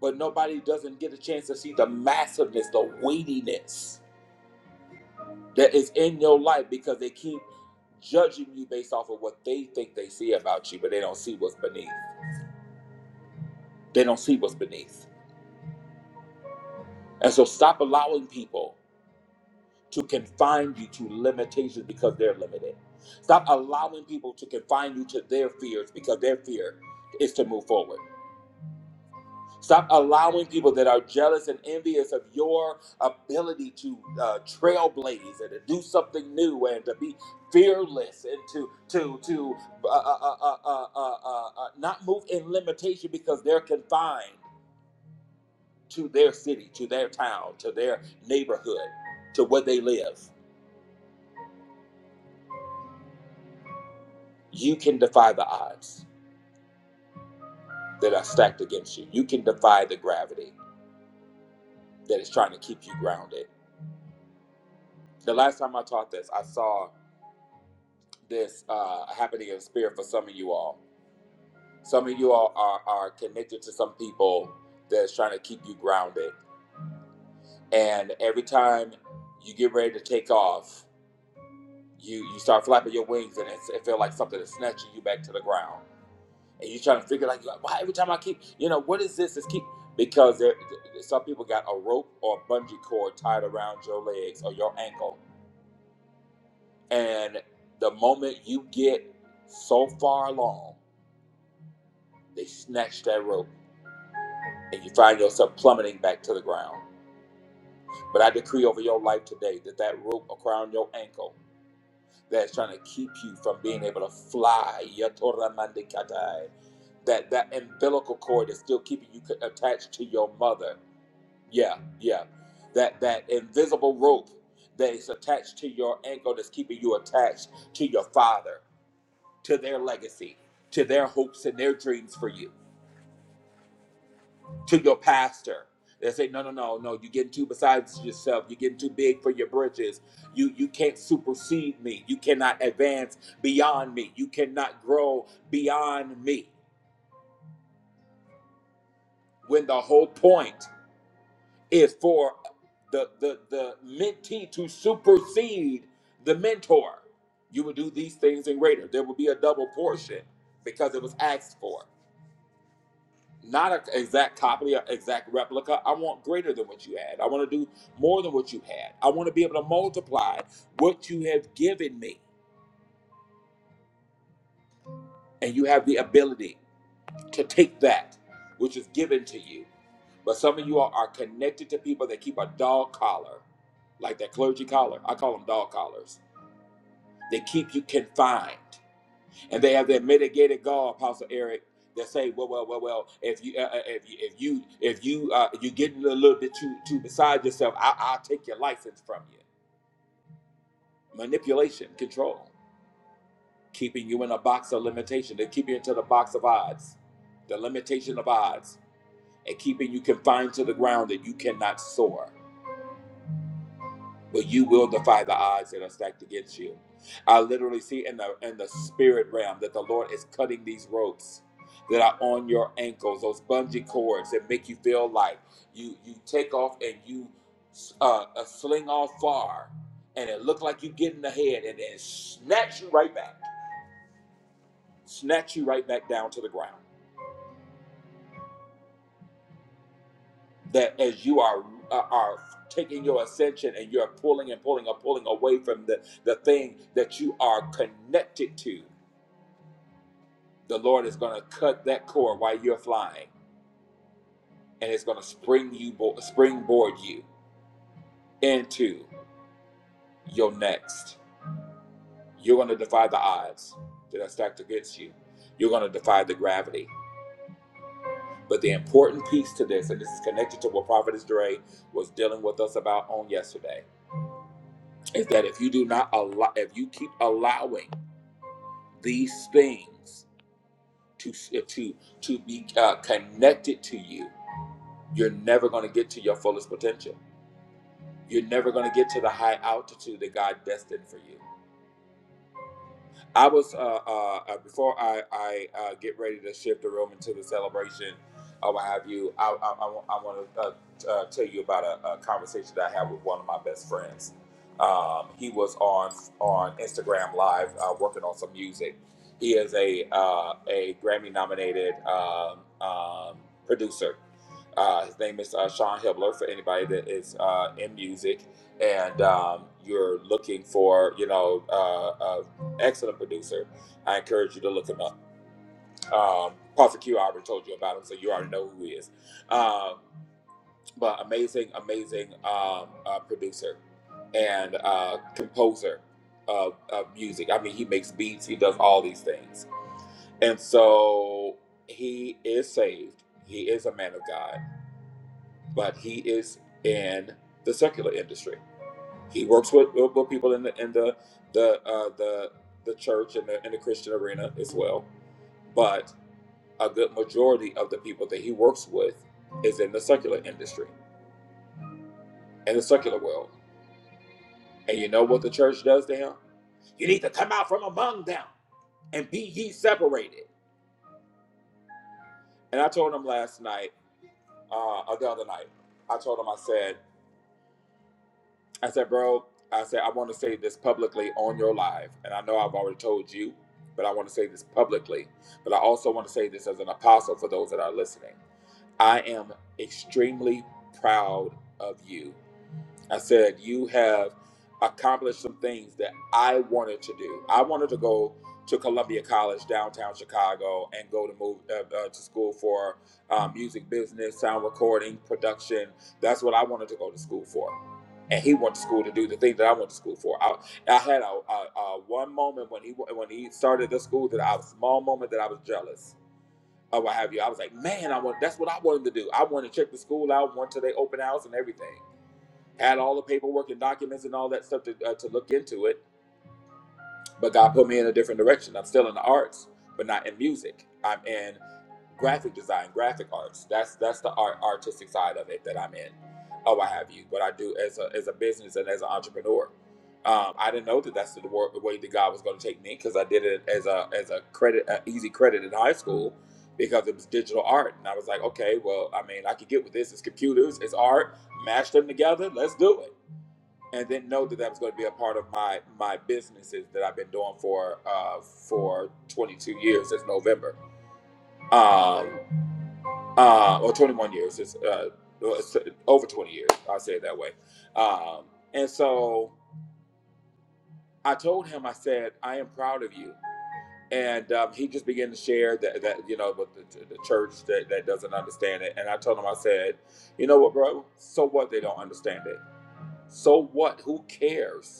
But nobody doesn't get a chance to see the massiveness, the weightiness that is in your life because they keep judging you based off of what they think they see about you, but they don't see what's beneath. They don't see what's beneath. And so stop allowing people to confine you to limitations because they're limited. Stop allowing people to confine you to their fears because their fear is to move forward. Stop allowing people that are jealous and envious of your ability to uh, trailblaze and to do something new and to be fearless and to to to uh, uh, uh, uh, uh, uh, uh, uh, not move in limitation because they're confined to their city, to their town, to their neighborhood, to where they live. You can defy the odds that are stacked against you. You can defy the gravity that is trying to keep you grounded. The last time I taught this, I saw this uh, happening in spirit for some of you all. Some of you all are, are connected to some people that's trying to keep you grounded. And every time you get ready to take off, you, you start flapping your wings and it's, it feels like something is snatching you back to the ground and you're trying to figure like why every time I keep you know what is this Just keep because there some people got a rope or a bungee cord tied around your legs or your ankle and the moment you get so far along they snatch that rope and you find yourself plummeting back to the ground but I decree over your life today that that rope around your ankle that's trying to keep you from being able to fly yatoramandikatai, that that umbilical cord is still keeping you attached to your mother Yeah, yeah. That that invisible rope that is attached to your ankle that's keeping you attached to your father, to their legacy, to their hopes and their dreams for you, to your pastor. They say, no, no, no, no, you're getting too besides yourself. You're getting too big for your britches. You you can't supersede me. You cannot advance beyond me. You cannot grow beyond me. When the whole point is for the, the, the mentee to supersede the mentor. You will do these things in greater. There will be a double portion because it was asked for. Not an exact copy or exact replica. I want greater than what you had. I want to do more than what you had. I want to be able to multiply what you have given me. And you have the ability. to take that which is given to you. But some of you all are connected to people that keep a dog collar, like that clergy collar. I call them dog collars. They keep you confined, and they have that mitigated goal, Apostle Eric. That say, well, well, well, well. If you, uh, uh, if you, if you, if you, uh, you getting a little bit too, too beside yourself, I, I'll take your license from you. Manipulation, control, keeping you in a box of limitation. They keep you into the box of odds, the limitation of odds and keeping you confined to the ground that you cannot soar. But you will defy the odds that are stacked against you. I literally see in the in the spirit realm that the Lord is cutting these ropes that are on your ankles, those bungee cords that make you feel like you you take off and you uh, uh, sling off far, and it look like you get in the head, and then snatch you right back, snatch you right back down to the ground. that as you are are are taking your ascension and you're pulling and pulling and pulling away from the the thing that you are connected to the lord is going to cut that cord while you're flying and it's going to spring you bo- springboard you into your next you're going to defy the odds that are stacked against you you're going to defy the gravity but the important piece to this and this is connected to what prophetess Dre was dealing with us about on yesterday is that if you do not allow if you keep allowing these things to to to be uh, connected to you, you're never going to get to your fullest potential. You're never going to get to the high altitude that God destined for you. I was uh, uh, uh, before I I uh, get ready to shift the room into the celebration or what have you. I I, I want to uh, t- uh, tell you about a, a conversation that I had with one of my best friends. Um, he was on on Instagram Live uh, working on some music. He is a uh, a Grammy nominated um, um, producer. Uh, his name is uh, Sean Hibbler. For anybody that is uh, in music and um, you're looking for, you know, uh, uh, excellent producer. I encourage you to look him up. Um, Prophet Q, I already told you about him, so you already know who he is. Um, but amazing, amazing um, uh, producer and uh, composer of, of music. I mean, he makes beats, he does all these things. And so he is saved. He is a man of God, but he is in the secular industry. He works with, with people in the in the the uh, the the church and the, and the Christian arena as well but a good majority of the people that he works with is in the secular industry in the secular world and you know what the church does to him you need to come out from among them and be ye separated and i told him last night uh or the other night i told him i said i said bro i said i want to say this publicly on your live and i know i've already told you but i want to say this publicly but i also want to say this as an apostle for those that are listening i am extremely proud of you I said, You have accomplished some things that I wanted to do. I wanted to go to Columbia College, downtown Chicago, and go to move uh, uh, to school for um, music business, sound recording, production. That's what I wanted to go to school for. And he went to school to do the thing that I went to school for. I, I had a, a, a one moment when he when he started the school that I was small moment that I was jealous or what have you. I was like, man, I want that's what I wanted to do. I wanted to check the school out, went to their open house and everything had all the paperwork and documents and all that stuff to, uh, to look into it but god put me in a different direction i'm still in the arts but not in music i'm in graphic design graphic arts that's that's the art, artistic side of it that i'm in oh what have you what i do as a, as a business and as an entrepreneur um, i didn't know that that's the wor- way that god was going to take me because i did it as a as a credit a easy credit in high school because it was digital art and i was like okay well i mean i could get with this it's computers it's art mash them together let's do it and didn't know that that was going to be a part of my my businesses that I've been doing for uh, for 22 years this November, um, uh, or 21 years. It's, uh, well, it's uh, over 20 years. I'll say it that way. Um, and so I told him, I said, I am proud of you. And um, he just began to share that, that you know, with the, the church that, that doesn't understand it. And I told him, I said, you know what, bro? So what? They don't understand it. So what? Who cares?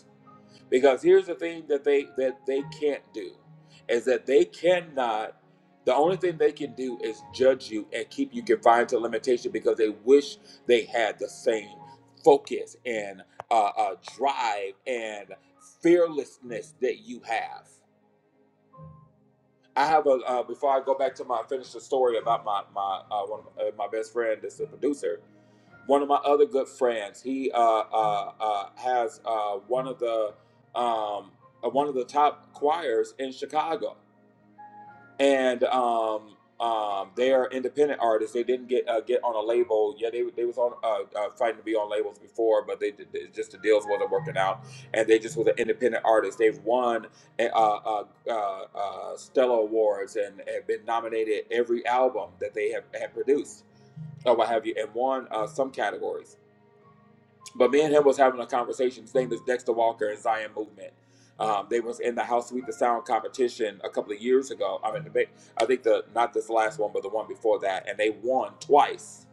Because here's the thing that they that they can't do is that they cannot the only thing they can do is judge you and keep you confined to limitation because they wish they had the same focus and uh, uh, drive and fearlessness that you have. I have a uh, before I go back to my finish the story about my my uh, one of, uh, my best friend that's a producer one of my other good friends. He uh, uh, uh, has uh, one of the um, uh, one of the top choirs in Chicago, and um, um, they are independent artists. They didn't get uh, get on a label. Yeah, they they was on uh, uh, fighting to be on labels before, but they did- it just the deals wasn't working out, and they just was an independent artist. They've won uh, uh, uh, uh, Stella Awards and have been nominated every album that they have, have produced. Oh, what have you, and won uh, some categories but me and him was having a conversation. His name is Dexter Walker and Zion Movement. Um, they was in the House Suite the Sound competition a couple of years ago. I mean, they- I think the not this last one, but the one before that, and they won twice.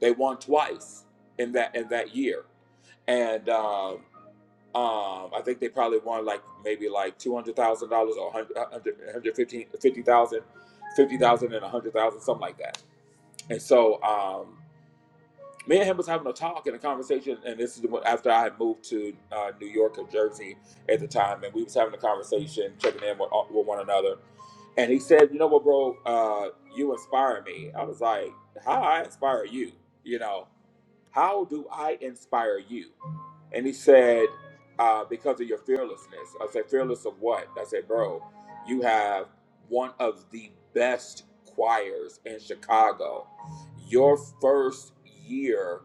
They won twice in that in that year, and um, um, I think they probably won like maybe like two hundred thousand dollars or 100, and a hundred thousand, something like that. And so. Um, me and him was having a talk and a conversation, and this is what- after I had moved to uh, New York or Jersey at the time, and we was having a conversation, checking in with, uh, with one another, and he said, "You know what, bro? Uh, you inspire me." I was like, "How I inspire you?" You know, how do I inspire you? And he said, uh, because of your fearlessness. I said, fearless of what? I said, bro, you have one of the best choirs in Chicago. Your first year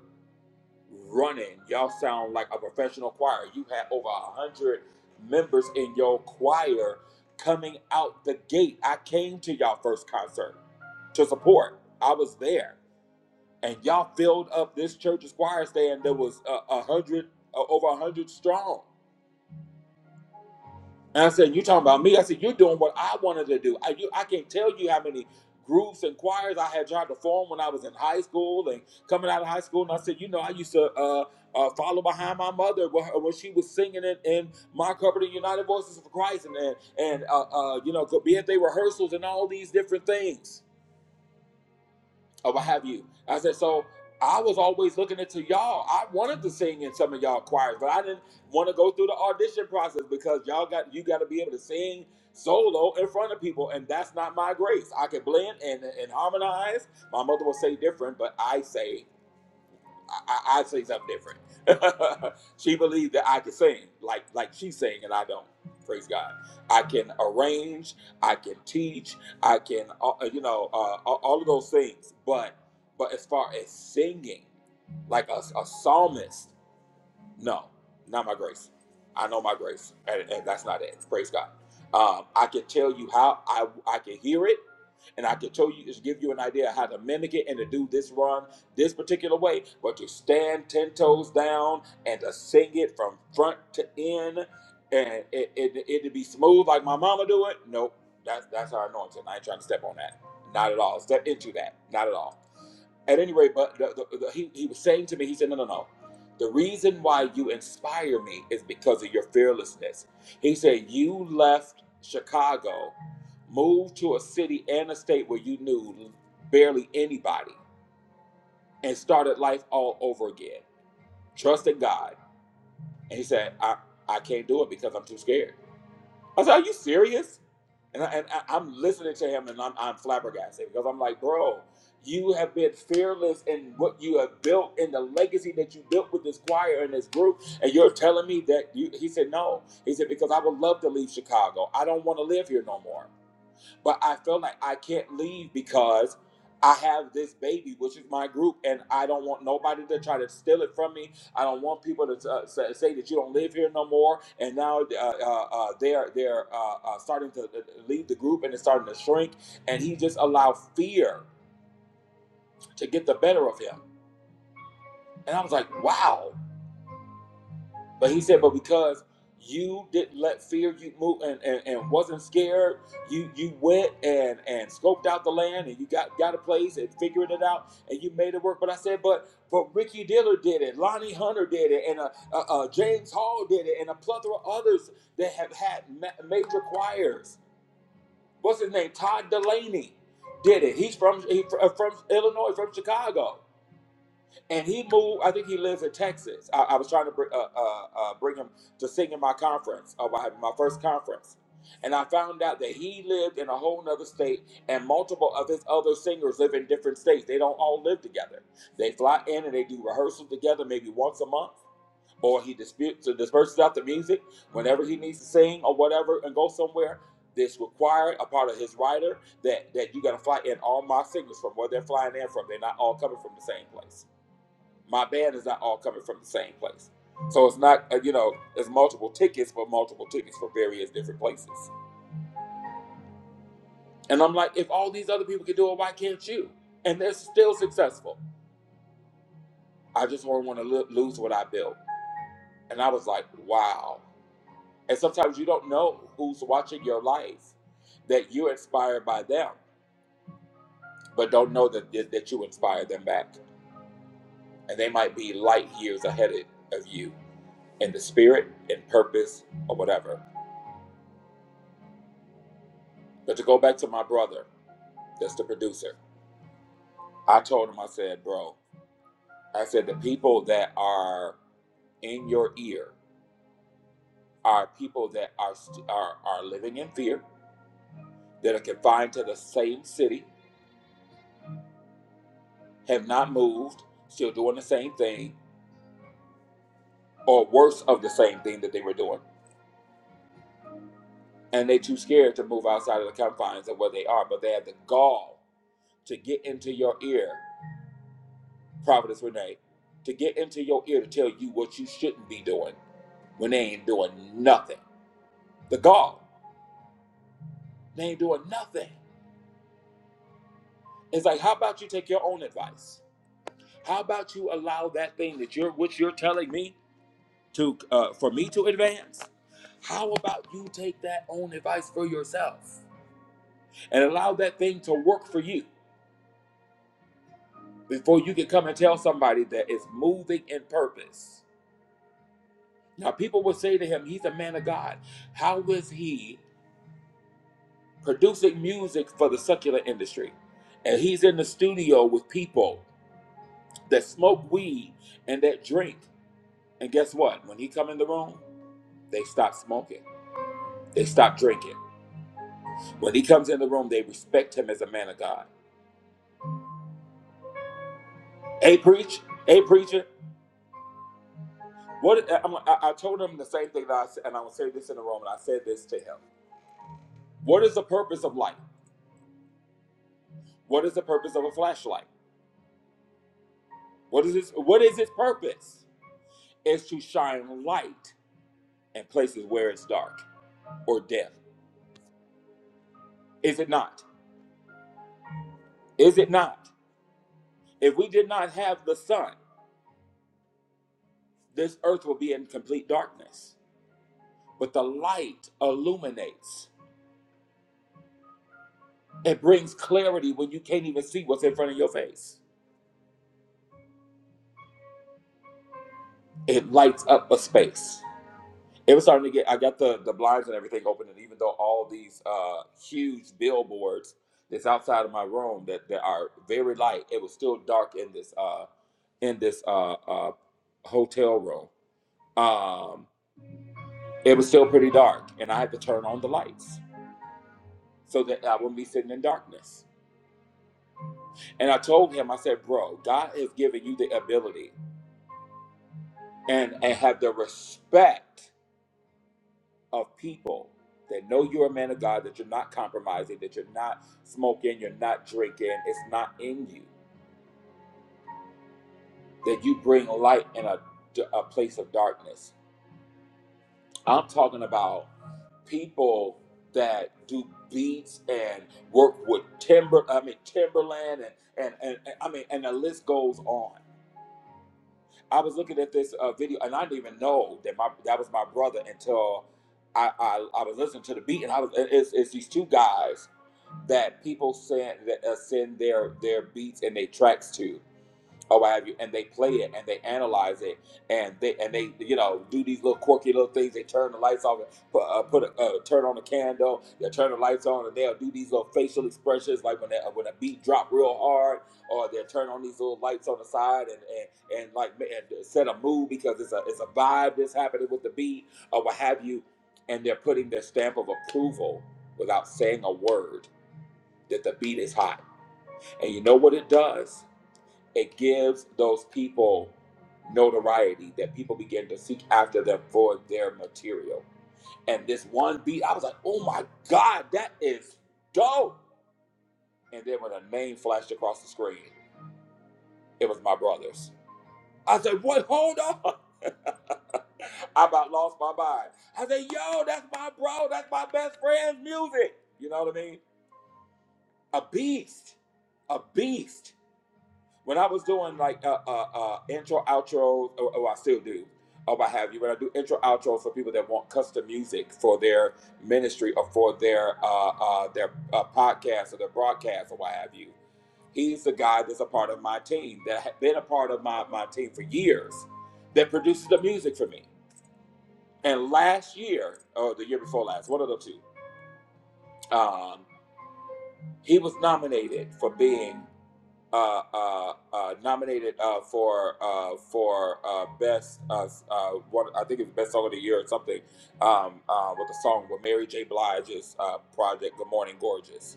running, y'all sound like a professional choir. You had over a hundred members in your choir coming out the gate. I came to y'all first concert to support. I was there and y'all filled up this church's choir stand that was uh, a hundred uh, over a hundred strong. And I said, "You talking about me?" I said, "You're doing what I wanted to do. I you, I can't tell you how many groups and choirs I had tried to form when I was in high school and coming out of high school." And I said, "You know, I used to uh, uh, follow behind my mother when, when she was singing it in my company, United Voices of Christ, and and, and uh, uh, you know, be at they rehearsals and all these different things." or what have you. I said, so I was always looking into y'all. I wanted to sing in some of y'all choirs, but I didn't want to go through the audition process because y'all got you got to be able to sing solo in front of people, and that's not my grace. I can blend and, and harmonize. My mother will say different, but I say. I, I say something different. [laughs] she believed that I could sing, like like she's saying, and I don't. Praise God. I can arrange. I can teach. I can, uh, uh, you know, uh, all of those things. But but as far as singing, like a, a psalmist. No, not my grace. I know my grace, and, and that's not it. Praise God. Um, I can tell you how I I can hear it, and I can tell you just give you an idea of how to mimic it and to do this run this particular way. But to stand ten toes down and to sing it from front to end, and it it it to be smooth like my mama do it. Nope, that's that's our anointing. I ain't trying to step on that. Not at all. Step into that. Not at all. At any rate, but the, the, the, he, he was saying to me, he said, No, no, no. The reason why you inspire me is because of your fearlessness. He said, You left Chicago, moved to a city and a state where you knew barely anybody, and started life all over again, trusting God. And he said, I, I can't do it because I'm too scared. I said, Are you serious? And, I, and I, I'm listening to him and I'm, I'm flabbergasted because I'm like, bro, you have been fearless in what you have built in the legacy that you built with this choir and this group. And you're telling me that you, he said, no. He said, because I would love to leave Chicago. I don't want to live here no more but I felt like I can't leave because I have this baby, which is my group, and I don't want nobody to try to steal it from me. I don't want people to uh, sa- say that you don't live here no more. And now uh, uh, uh, they're they're uh, uh, starting to uh, leave the group and it's starting to shrink. And he just allowed fear to get the better of him. And I was like, wow. But he said, but because you didn't let fear you move and, and, and wasn't scared, you you went and and scoped out the land and you got got a place and figured it out and you made it work. But I said, but but Ricky Diller did it, Lonnie Hunter did it, and uh, uh, uh, James Hall did it, and a plethora of others that have had ma- major choirs. What's his name? Todd Delaney did it. He's from he, uh, from Illinois, from Chicago and he moved. I think he lives in Texas. I, I was trying to br- uh, uh, uh, bring him to sing in my conference, uh, my, my first conference, and I found out that he lived in a whole nother state, and multiple of his other singers live in different states. They don't all live together. They fly in and they do rehearsals together, maybe once a month, or he disputes disperses out the music whenever he needs to sing or whatever, and go somewhere. This required a part of his writer that that you got to fly in all my singers from where they're flying in from. They're not all coming from the same place my band is not all coming from the same place. So it's not, uh, you know, it's multiple tickets for multiple tickets for various different places. And I'm like, if all these other people can do it, why can't you? And they're still successful. I just don't want to lo- lose what I built. And I was like, wow. And sometimes you don't know who's watching your life, that you're inspired by them, but don't know that, that that you inspire them back. And they might be light years ahead of you in the spirit, in purpose, or whatever. But to go back to my brother, That's the producer. I told him, I said, bro, I said, the people that are in your ear are people that are, st- are, are living in fear, that are confined to the same city, have not moved, still doing the same thing, or worse of the same thing that they were doing. And they too scared to move outside of the confines of where they are, but they have the gall to get into your ear, Providence Renee, to get into your ear to tell you what you shouldn't be doing when they ain't doing nothing. The gall. They ain't doing nothing. It's like, how about you take your own advice? How about you allow that thing that you're, which you're telling me to, uh, for me to advance? How about you take that own advice for yourself and allow that thing to work for you before you can come and tell somebody that it's moving in purpose? Now, people will say to him, he's a man of God. How is he producing music for the secular industry? And he's in the studio with people that smoke weed and that drink And guess what? When he come in the room, they stop smoking. They stop drinking. When he comes in the room, they respect him as a man of God. Hey, preach. Hey, preacher. What uh, I'm, I, I told him the same thing that I said, and I will say this in the room, and I said this to him. What is the purpose of light? What is the purpose of a flashlight? What is its What is its purpose? Is to shine light in places where it's dark or death. Is it not? Is it not? If we did not have the sun, this earth will be in complete darkness But the light illuminates. It brings clarity when you can't even see what's in front of your face. It lights up a space. It was starting to get. I got the the blinds and everything open, and even though all these uh, huge billboards that's outside of my room that that are very light, it was still dark in this uh in this uh, uh hotel room. Um, it was still pretty dark, and I had to turn on the lights so that I wouldn't be sitting in darkness And I told him, I said, bro, God has given you the ability and, and have the respect of people that know you're a man of God, that you're not compromising, that you're not smoking, you're not drinking, it's not in you, that you bring light in a, a place of darkness. I'm talking about people that do beats and work with timber, I mean, Timberland, and, and, and, and I mean, and the list goes on I was looking at this uh, video, and I didn't even know that my that was my brother until I I, I was listening to the beat, and I was it- it's, it's these two guys that people send that uh, send their their beats and their tracks to, or what have you, and they play it and they analyze it and they and they you know do these little quirky little things. They turn the lights off, and put, uh, put a, uh, turn on the candle, they turn the lights on, and they'll do these little facial expressions like when they, when a beat drop real hard, or they'll turn on these little lights on the side and and, and like and set a mood because it's a it's a vibe that's happening with the beat or what have you, and they're putting their stamp of approval without saying a word that the beat is hot. And you know what it does? it gives those people notoriety that people begin to seek after them for their material. And this one beat, I was like, oh my God, that is dope. And then when a name flashed across the screen, it was my brother's. I said, what? Hold on. [laughs] I about lost my mind. I said, yo, that's my bro. That's my best friend's music. You know what I mean? A beast. A beast. when I was doing like uh, uh, uh, intro outros, oh, oh, I still do, oh, I have you. When I do intro outros for people that want custom music for their ministry or for their uh, uh, their uh, podcast or their broadcast or what have you, he's the guy that's a part of my team that had been a part of my my team for years that produces the music for me. And last year, or the year before last, one of the two, um, he was nominated for being. uh, uh, uh, nominated uh, for uh, for uh, best uh, uh, one, I think it's best song of the year or something um, uh, with a song with Mary J. Blige's uh, project "Good Morning Gorgeous."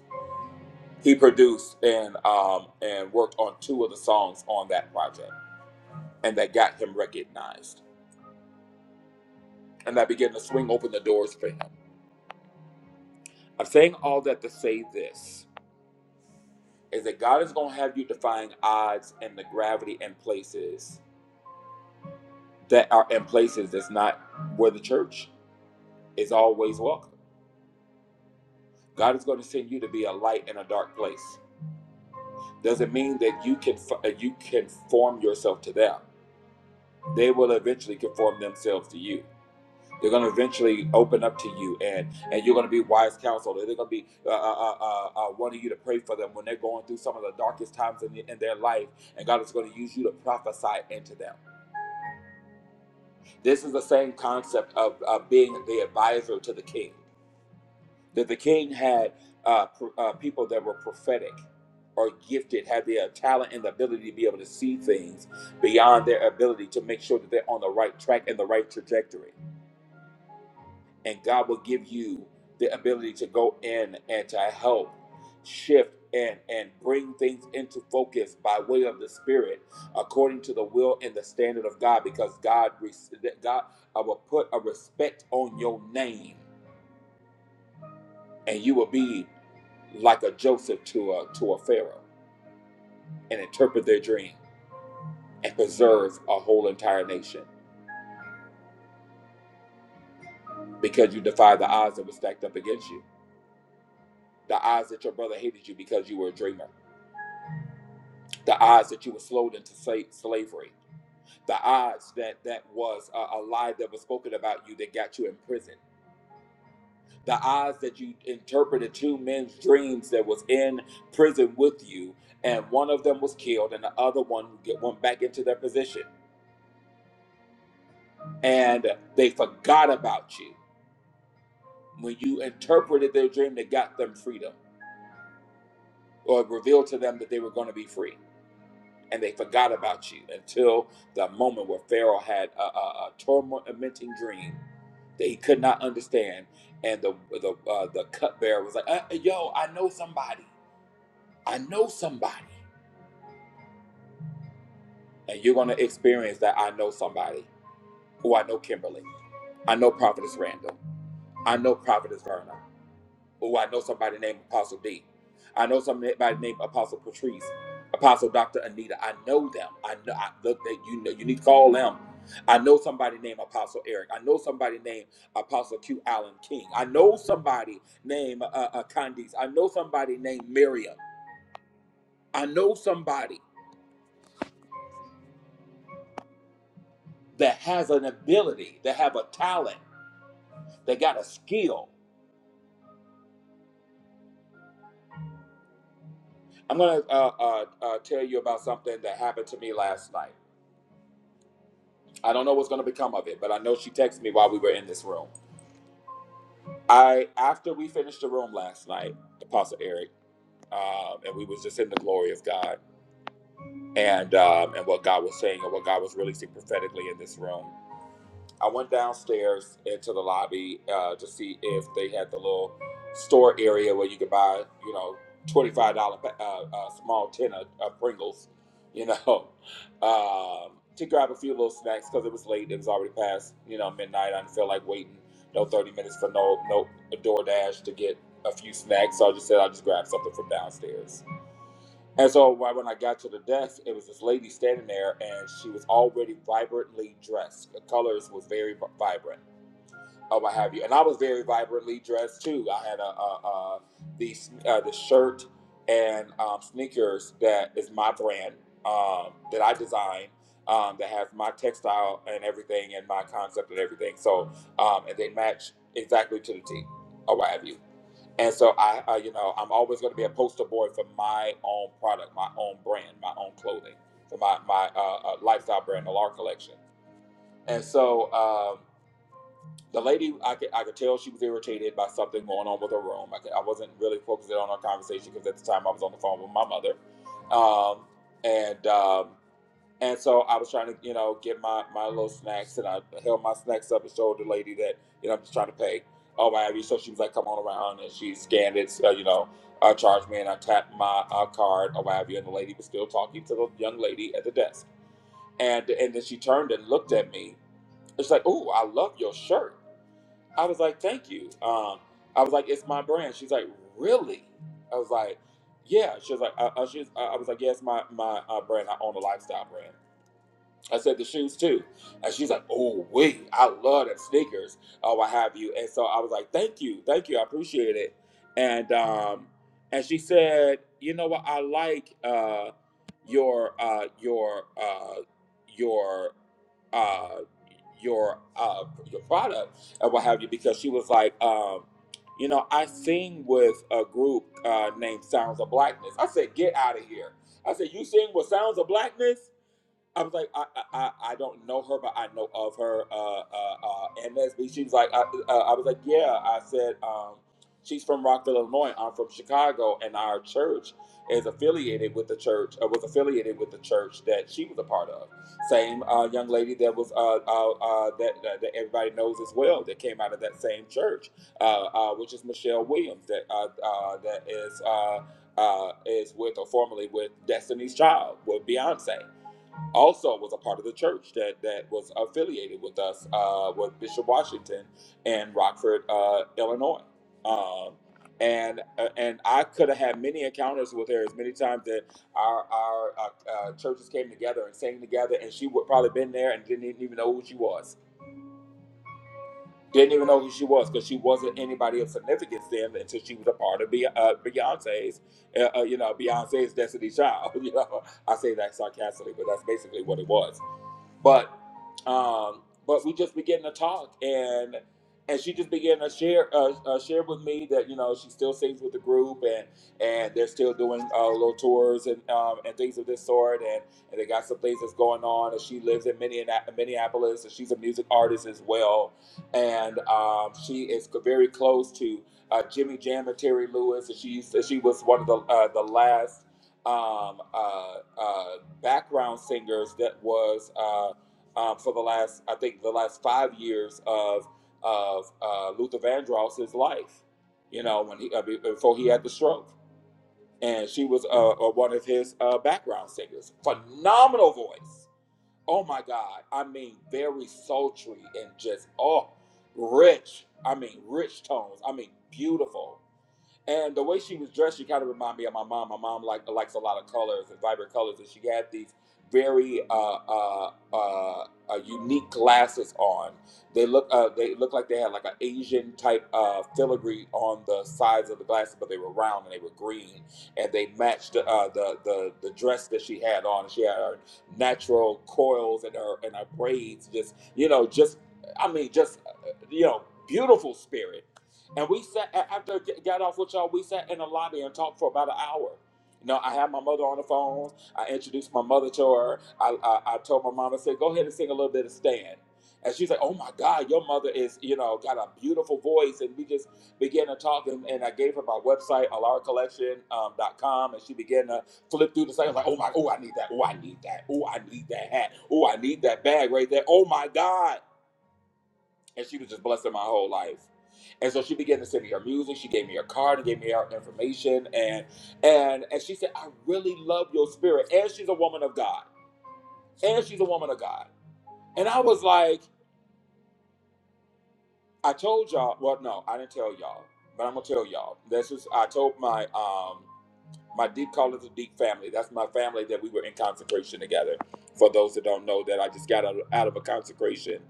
He produced and um, and worked on two of the songs on that project, and that got him recognized, and that began to swing open the doors for him. I'm saying all that to say this is that God is going to have you defying odds and the gravity and places that are in places that's not where the church is always welcome. God is going to send you to be a light in a dark place. Doesn't mean that you can uh, you can form yourself to them. They will eventually conform themselves to you. They're going to eventually open up to you, and and you're going to be wise counsel. They're going to be uh, uh, uh, uh, uh, wanting you to pray for them when they're going through some of the darkest times in, the, in their life, and God is going to use you to prophesy into them. This is the same concept of, of being the advisor to the king. that the king had uh, pro- uh, people that were prophetic or gifted, had the uh, talent and the ability to be able to see things beyond their ability to make sure that they're on the right track and the right trajectory. And God will give you the ability to go in and to help shift and and bring things into focus by way of the spirit according to the will and the standard of God because God res- that God I will put a respect on your name and you will be like a Joseph to a to a Pharaoh and interpret their dream and preserve a whole entire nation because you defy the odds that were stacked up against you. The odds that your brother hated you because you were a dreamer. The odds that you were sold into sla- slavery. The odds that that was a, a lie that was spoken about you that got you in prison. The odds that you interpreted two men's dreams that was in prison with you, and one of them was killed, and the other one get- went back into their position and they forgot about you when you interpreted their dream that got them freedom or revealed to them that they were going to be free and they forgot about you until the moment where pharaoh had a, a, a tormenting dream that he could not understand and the the, uh, the cupbearer was like uh, yo i know somebody i know somebody and you're going to experience that i know somebody who i know kimberly i know prophetess randall i know prophetess verna Oh, I know somebody named Apostle D. I know somebody named Apostle Patrice, Apostle Dr. Anita. I know them. I know I, look that you know you need to call them. I know somebody named Apostle Eric. I know somebody named Apostle Q Allen King. I know somebody named uh, uh, Candice. I know somebody named Miriam. I know somebody that has an ability, that have a talent, that got a skill. I'm gonna uh, uh, uh, tell you about something that happened to me last night. I don't know what's going to become of it, but I know she texted me while we were in this room. I after we finished the room last night, Apostle Eric, um, and we was just in the glory of God and um, and what God was saying and what God was releasing prophetically in this room. I went downstairs into the lobby uh, to see if they had the little store area where you could buy, you know, twenty-five dollar uh, uh, small tin of, of Pringles, you know, [laughs] um, to grab a few little snacks because it was late. It was already past, you know, midnight. I didn't feel like waiting no thirty minutes for no no DoorDash to get a few snacks. So I just said I'll just grab something from downstairs and so right when I got to the desk, it was this lady standing there, and she was already vibrantly dressed. The colors was very vi- vibrant, or what have you. And I was very vibrantly dressed too. I had a, a, a the uh, the shirt and um, sneakers that is my brand um, that I designed. Um, that has my textile and everything, and my concept and everything. So, um, and they match exactly to the T, or what have you. And so I, uh, you know, I'm always going to be a poster boy for my own product, my own brand, my own clothing, for my my uh, uh, lifestyle brand, the LAR collection. And so um, the lady, I could I could tell she was irritated by something going on with her room. I, could, I wasn't really focusing on our conversation because at the time I was on the phone with my mother, um, and. Um, and so I was trying to, you know, get my, my little snacks, and I held my snacks up and showed the lady that, you know, I'm just trying to pay. Oh, my Abby. So she was like, come on around. And she scanned it, uh, you know, uh, charged me, and I tapped my uh, card, oh, my Abby. And the lady was still talking to the young lady at the desk. And, and then she turned and looked at me. She's like, oh, I love your shirt. I was like, thank you. Um, I was like, it's my brand. She's like, really? I was like, yeah. She was like, uh, uh, she's, uh, I was like, yes, my, my uh, brand. I own a lifestyle brand. I said the shoes too. And she's like, oh, wait, I love that sneakers or what have you. And so I was like, thank you, thank you, I appreciate it. And um, and she said, you know what, I like uh, your uh, your uh, your uh, your uh, your product and what have you because she was like, um, you know, I sing with a group uh, named Sounds of Blackness. I said, get out of here. I said, you sing with Sounds of Blackness? I was like, I, I, I don't know her, but I know of her. Uh, uh, uh, MSB. She was like, I, uh, I was like, yeah. I said, um, she's from Rockville, Illinois. I'm from Chicago, and our church is affiliated with the church. Uh, was affiliated with the church that she was a part of. Same uh, young lady that was uh, uh, uh, that, that that everybody knows as well that came out of that same church, uh, uh, which is Michelle Williams. That uh, uh, that is. Uh, uh, is with or formerly with Destiny's Child, with Beyonce also was a part of the church that that was affiliated with us uh, with Bishop Washington in Rockford, uh, Illinois. Um, and uh, and I could have had many encounters with her as many times that our our uh, uh, churches came together and sang together, and she would probably been there and didn't even know who she was. Didn't even know who she was because she wasn't anybody of significance then until she was a part of Be- uh, Beyonce's, uh, uh, you know, Beyonce's Destiny Child. [laughs] You know, I say that sarcastically, but that's basically what it was but um, but we just began to talk and and she just began to share uh, uh, share with me that you know she still sings with the group and and they're still doing uh, little tours and um, and things of this sort and, and they got some things that's going on and she lives in Minneana- Minneapolis and she's a music artist as well and um, she is very close to uh, Jimmy Jam and Terry Lewis and she used to- she was one of the uh, the last um, uh, uh, background singers that was. Uh, um, for the last, I think, the last five years of of uh, Luther Vandross's life. You know, when he uh, before he had the stroke, and she was uh, uh, one of his uh, background singers. Phenomenal voice. Oh my God! I mean, very sultry and just oh, rich. I mean, rich tones. I mean, beautiful. And the way she was dressed, she kind of reminded me of my mom. My mom like likes a lot of colors and vibrant colors, and she had these very uh, uh, uh, uh, unique glasses on. They look uh, they look like they had like an Asian type uh, filigree on the sides of the glasses, but they were round and they were green, and they matched uh, the the the dress that she had on. She had her natural coils and her and her braids, just you know, just I mean, just uh, you know, beautiful spirit and we sat a- after I g- got off with y'all. We sat in the lobby and talked for about an hour. You know, I had my mother on the phone. I introduced my mother to her. I, I, I told my mom, I said, "Go ahead and sing a little bit of Stan." And she's like, "Oh my God, your mother is you know got a beautiful voice." And we just began to talk. And, and I gave her my website, alaracollection.com, dot com, dot com, and she began to flip through the site. I was like, "Oh my, oh I need that. Oh I need that. Oh I need that hat. Oh I need that bag right there. Oh my God." and she was just blessing my whole life. And so she began to send me her music. She gave me her card, and gave me her information, and and and she said, "I really love your spirit." And she's a woman of God. And she's a woman of God. And I was like, I told y'all. Well, no, I didn't tell y'all, but I'm gonna tell y'all. This is I told my um My deep call is a deep family. That's my family that we were in consecration together. For those that don't know, that I just got out of, out of a consecration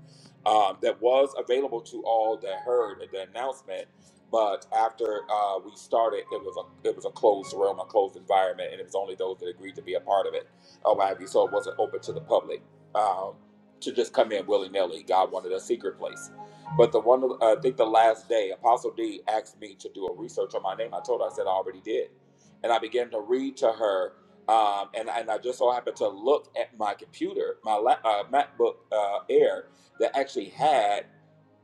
um, that was available to all that heard the announcement. But after uh, we started, it was a it was a closed realm, a closed environment, and it was only those that agreed to be a part of it. Oh, what have you? So it wasn't open to the public um, to just come in willy nilly. God wanted a secret place. But the one, uh, I think the last day, Apostle D asked me to do a research on my name. I told her, I said I already did and I began to read to her. Um, and, and I just so happened to look at my computer, my la- uh, MacBook uh, Air, that actually had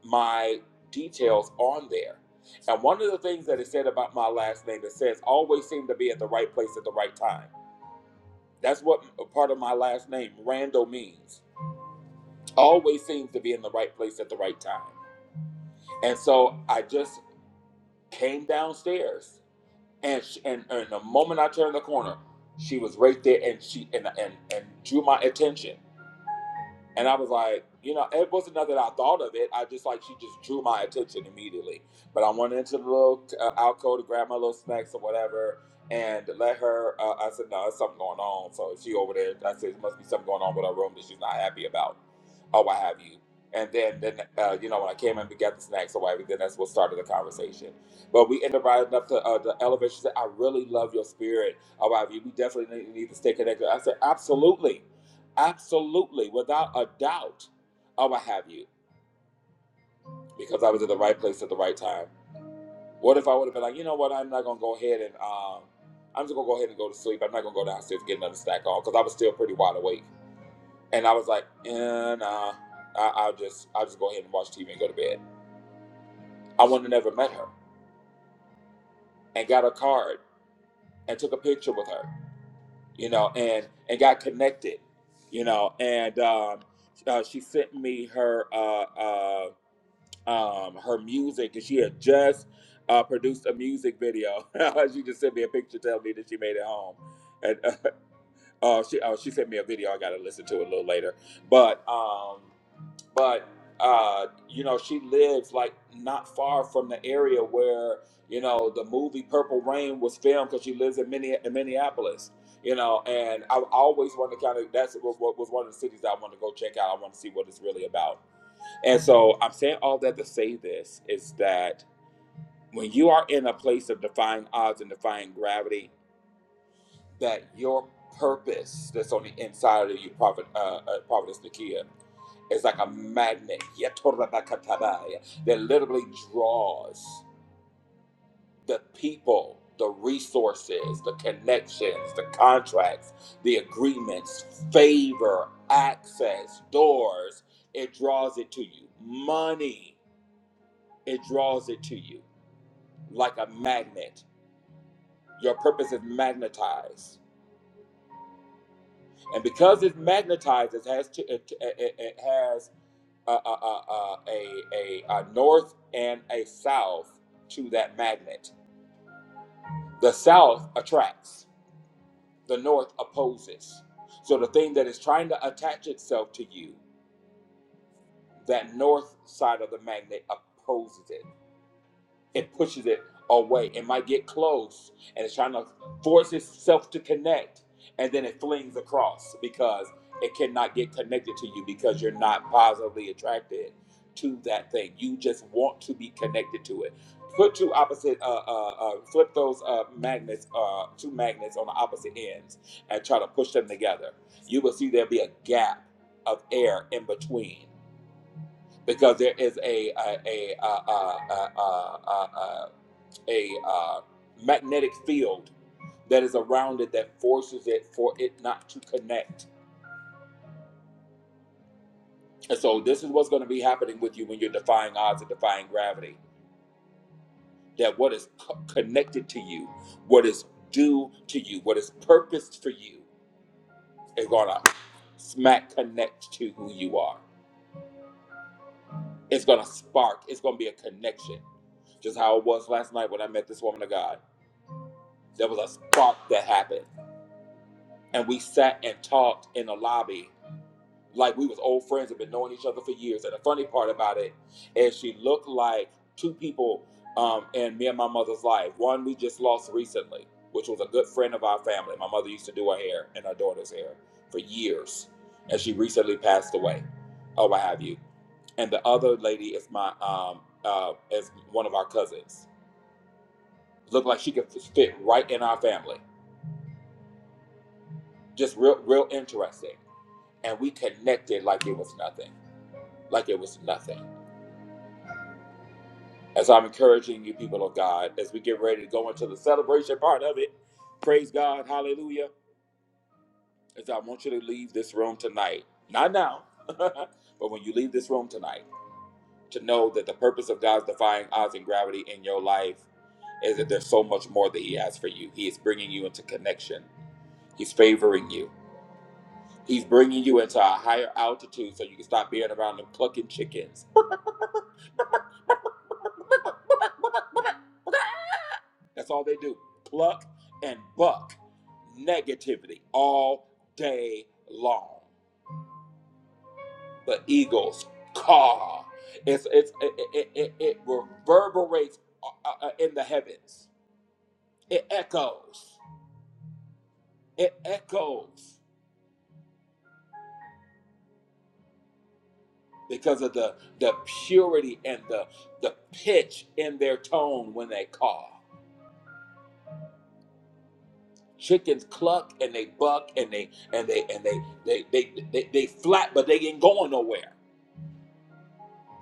my details on there. And one of the things that it said about my last name, it says always seem to be at the right place at the right time. That's what part of my last name, Randall, means. Always seems to be in the right place at the right time. And so I just came downstairs and she, and, and the moment I turned the corner, she was right there, and she and and and drew my attention. And I was like, you know, it wasn't nothing I thought of it. I just like she just drew my attention immediately. But I went into the little uh, alcove to grab my little snacks or whatever, and let her. Uh, I said, no, there's something going on. So she over there. I said, there must be something going on with her room that she's not happy about, or what have you. And then, then uh, you know, when I came in, we got the snacks or whatever. Then that's what started the conversation. But we ended up riding up to uh, the elevator. She said, I really love your spirit. Or what have you. We definitely need need to stay connected. I said, absolutely. Absolutely, without a doubt, I would have you because I was at the right place at the right time. What if I would have been like, you know what, I'm not gonna go ahead and um, I'm just gonna go ahead and go to sleep. I'm not gonna go downstairs and get another snack on because I was still pretty wide awake. And I was like, eh, nah, I, I'll just I'll just go ahead and watch TV and go to bed. I would have never met her and got a card and took a picture with her, you know, and and got connected, you know, and um, uh, she sent me her uh, uh, um, her music, and she had just uh, produced a music video. [laughs] she just sent me a picture telling me that she made it home, and uh, [laughs] uh, she oh, she sent me a video. I got to listen to it a little later, but um, but uh, you know, she lives like not far from the area where you know the movie Purple Rain was filmed because she lives in Minne- in Minneapolis. You know, and I I always wanted to kind of that's what, what was one of the cities that I want to go check out. I want to see what it's really about and so I'm saying all that to say this is that when you are in a place of defying odds and defying gravity, that your purpose that's on the inside of you, Prophet, uh, uh, Providence Nakia, is like a magnet yatorabakatabaya, that literally draws the people, the resources, the connections, the contracts, the agreements, favor, access, doors. It draws it to you. Money, it draws it to you like a magnet. Your purpose is magnetized, and because it's magnetized, it has to, it, it, it has a, a, a, a, a, a north and a south to that magnet. The south attracts, the north opposes. So the thing that is trying to attach itself to you, that north side of the magnet opposes it. it pushes it away. It might get close and it's trying to force itself to connect and then it flings across because it cannot get connected to you because you're not positively attracted to that thing. You just want to be connected to it. Put two opposite, uh, uh, uh, flip those uh, magnets, uh, two magnets on the opposite ends and try to push them together. You will see there'll be a gap of air in between because there is a a a, a, a, a, a, a uh, magnetic field that is around it that forces it for it not to connect. And so this is what's going to be happening with you when you're defying odds and defying gravity. That what is co- connected to you, what is due to you, what is purposed for you, is going to smack connect to who you are. It's going to spark. It's going to be a connection, just how it was last night when I met this woman of God. There was a spark that happened, and we sat and talked in the lobby like we was old friends have been knowing each other for years. And the funny part about it is she looked like two people um, in me and my mother's life. One we just lost recently, which was a good friend of our family. My mother used to do her hair and her daughter's hair for years, and she recently passed away, or what have you. And the other lady is my um, uh, is one of our cousins. Looked like she could fit right in our family. Just real, real interesting. And we connected like it was nothing. Like it was nothing As I'm encouraging you, people of God, as we get ready to go into the celebration part of it, praise God, hallelujah. As I want you to leave this room tonight, not now, [laughs] but when you leave this room tonight, to know that the purpose of God's defying odds and gravity in your life is that there's so much more that He has for you. He is bringing you into connection, He's favoring you, He's bringing you into a higher altitude so you can stop being around them clucking chickens [laughs] That's all they do. Pluck and buck negativity all day long. The eagles caw. It's, it's, it, it, it, it reverberates uh, uh, in the heavens. It echoes. It echoes because of the, the purity and the, the pitch in their tone when they caw. Chickens cluck and they buck and they and they and they they they, they, they they flap, but they ain't going nowhere.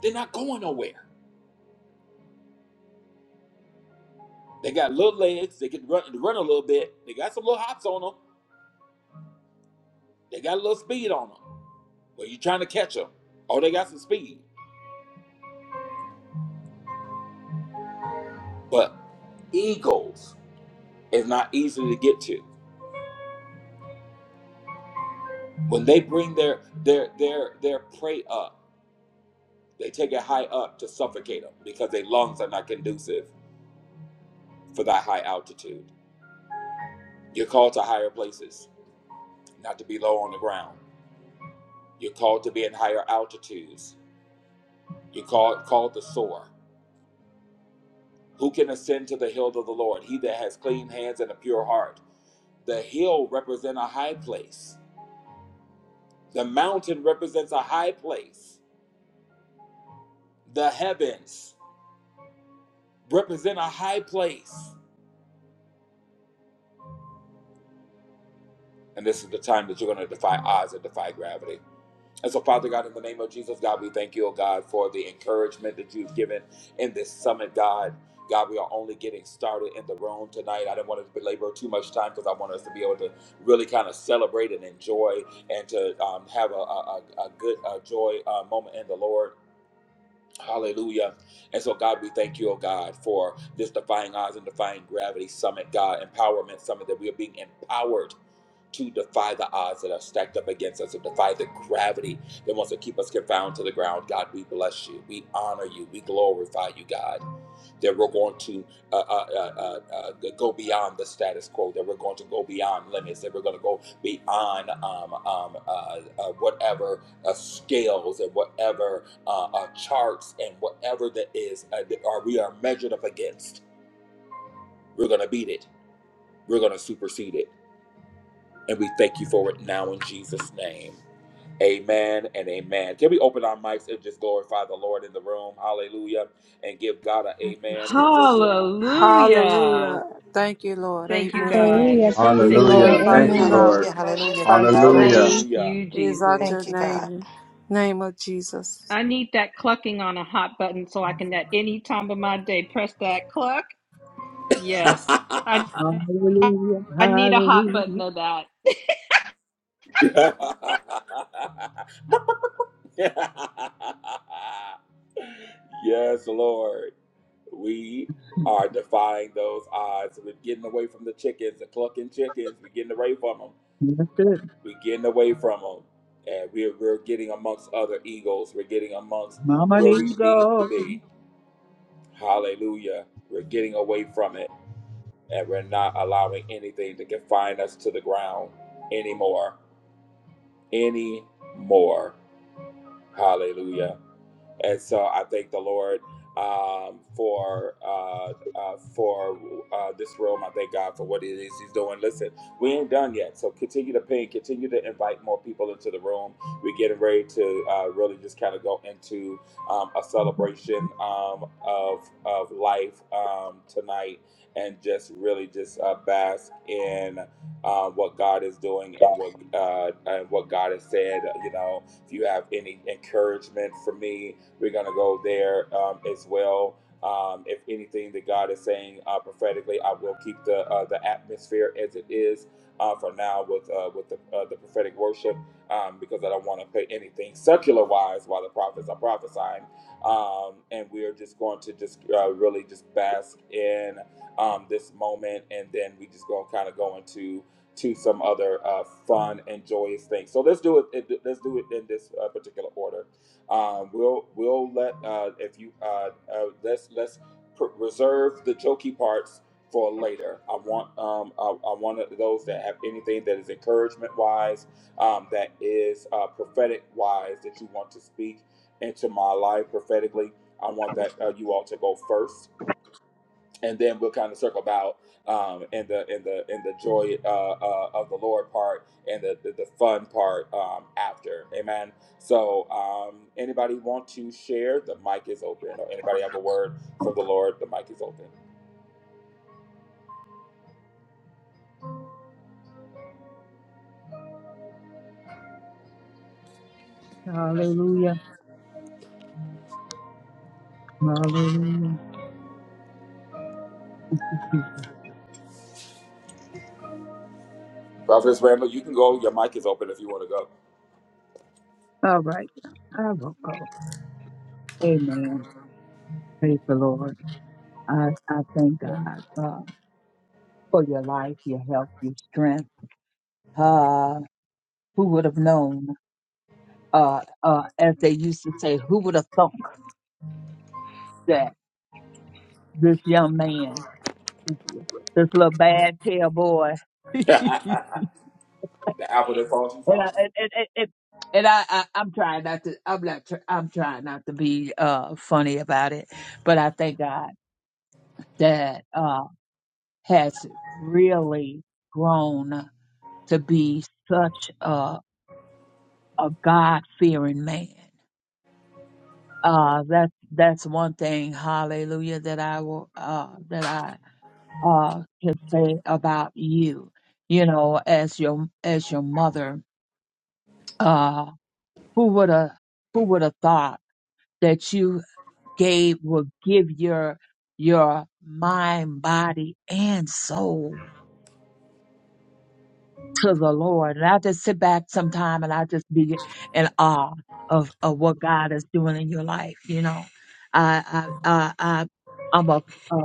They're not going nowhere They got little legs. They can run, run a little bit. They got some little hops on them. They got a little speed on them. But you're trying to catch them. Oh, they got some speed. But eagles is not easy to get to. When they bring their their their their prey up, they take it high up to suffocate them because their lungs are not conducive for that high altitude. You're called to higher places, not to be low on the ground. You're called to be in higher altitudes. You're called called to soar. Who can ascend to the hill of the Lord? He that has clean hands and a pure heart. The hill represents a high place. The mountain represents a high place. The heavens represent a high place. And this is the time that you're going to defy odds and defy gravity. And so, Father God, in the name of Jesus, God, we thank you, oh God, for the encouragement that you've given in this summit, God. God, we are only getting started in the room tonight. I didn't want to belabor too much time because I want us to be able to really kind of celebrate and enjoy and to um, have a, a, a a good uh joy uh, moment in the Lord. Hallelujah. And so, God, we thank you, oh God, for this Defying Odds and Defying Gravity Summit, God, Empowerment Summit, that we are being empowered to defy the odds that are stacked up against us, to defy the gravity that wants to keep us confounded to the ground. God, we bless you. We honor you. We glorify you, God, that we're going to uh, uh, uh, uh, uh, go beyond the status quo, that we're going to go beyond limits, that we're going to go beyond um, um, uh, uh, whatever uh, scales and whatever uh, uh, charts and whatever that is uh, that are, we are measured up against. We're going to beat it. We're going to supersede it. And we thank you for it now in Jesus' name. Amen and amen. Can we open our mics and just glorify the Lord in the room? Hallelujah. And give God an amen in this room. Hallelujah. Hallelujah. Thank you, Lord. Thank you, Amen. God. Hallelujah. Thank We you, Thank you, Lord. Hallelujah. glorify Thank you, you, Amen. Jesus. God. Lord. Hallelujah, We hallelujah. magnify Thank your you, Hallelujah. name. Lord. Thank Hallelujah. you, We exalt Jesus. your Thank you, God. name. Name of Jesus. I need that clucking on a hot button so I can at any time of my day press that cluck. [laughs] Yes. I I, Hallelujah, I need a hot button hallelujah. of that. yes, Lord. We are defying those odds. We're getting away from the chickens, the clucking chickens. We're getting away from them. Yes, it. We're getting away from them. And we're, we're getting amongst other eagles. We're getting amongst Mama, where there we you need to go. be. Hallelujah. We're getting away from it and we're not allowing anything to confine us to the ground anymore. Anymore. Hallelujah and so I thank the Lord um, for uh, uh, for uh, this room. I thank God for what it is He's doing. Listen, we ain't done yet, so continue to ping, continue to invite more people into the room. We're getting ready to uh, really just kind of go into um, a celebration um, of of life um, tonight, and just really just uh, bask in. Uh, what God is doing and what uh, and what God has said, you know, if you have any encouragement for me, we're going to go there um, as well. Um, if anything that God is saying uh, prophetically, I will keep the uh, the atmosphere as it is uh, for now with uh, with the, uh, the prophetic worship um, because I don't want to put anything secular wise while the prophets are prophesying, um, and we are just going to just uh, really just bask in um, this moment, and then we just going to kind of go into to some other uh, fun and joyous things. So let's do it. Let's do it in this uh, particular order. Uh, we'll we'll let uh, if you uh, uh, let's let's pr- reserve the jokey parts for later. I want um I, I want those that have anything that is encouragement wise, um, that is uh, prophetic wise that you want to speak into my life prophetically. I want that uh, you all to go first and then we'll kind of circle about um, in the in the in the joy uh, uh, of the Lord part and the the, the fun part um, after. Amen. So, um, anybody want to share? The mic is open. Or anybody have a word from the Lord? The mic is open. Hallelujah, hallelujah. Jesus. Prophetess Randall, you can go. Your mic is open if you want to go. All right, I will go. Amen. Praise the Lord. I, I thank God uh, for your life, your health, your strength. Uh, who would have known, uh, uh, as they used to say, who would have thunk that this young man, this little bad tail boy [laughs] [laughs] the apple that falls from And far. I, and, and, and, and and I, I, I'm trying not to. I'm not. Tr- I'm trying not to be uh, funny about it, but I thank God that uh, has really grown to be such a, a God fearing man. Uh, that's that's one thing, Hallelujah, that I will uh, that I uh, can say about you. You know, as your as your mother, uh, who would have who would have thought that you gave will give your your mind, body, and soul to the Lord. And I just sit back sometime and I just be in awe of, of what God is doing in your life. You know, I I I, I I'm a, a,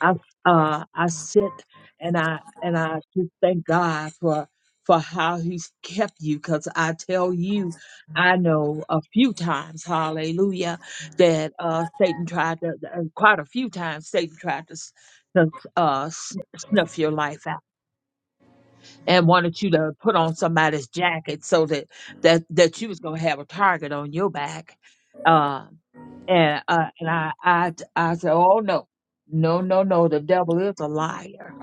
I uh I sit and I and I just thank God for for how he's kept you because I tell you I know a few times hallelujah that uh Satan tried to uh, quite a few times Satan tried to, s- to uh sn- snuff your life out and wanted you to put on somebody's jacket so that that that you was gonna have a target on your back. Um, and uh, and I I t- I said, oh no, no no no, the devil is a liar.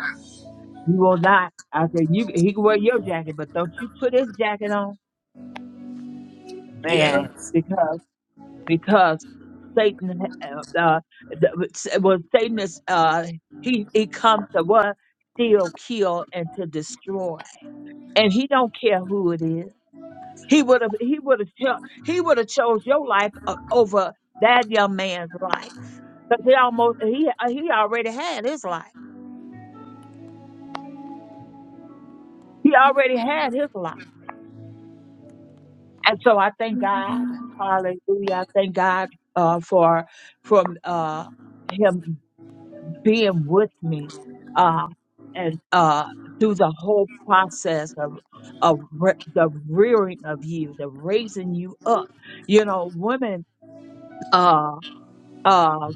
You will not. I said you he can wear your jacket, but don't you put his jacket on, man, because because Satan uh, uh the- well Satan is uh he he comes to what steal, kill, and to destroy, and he don't care who it is. He would have he would have cho- he would have chose your life uh, over that young man's life because he almost he uh, he already had his life. He already had his life, and so I thank God, Hallelujah! I thank God uh, for from uh, him being with me uh, and uh, through the whole process of of re- the rearing of you, the raising you up. You know, women. Uh, uh,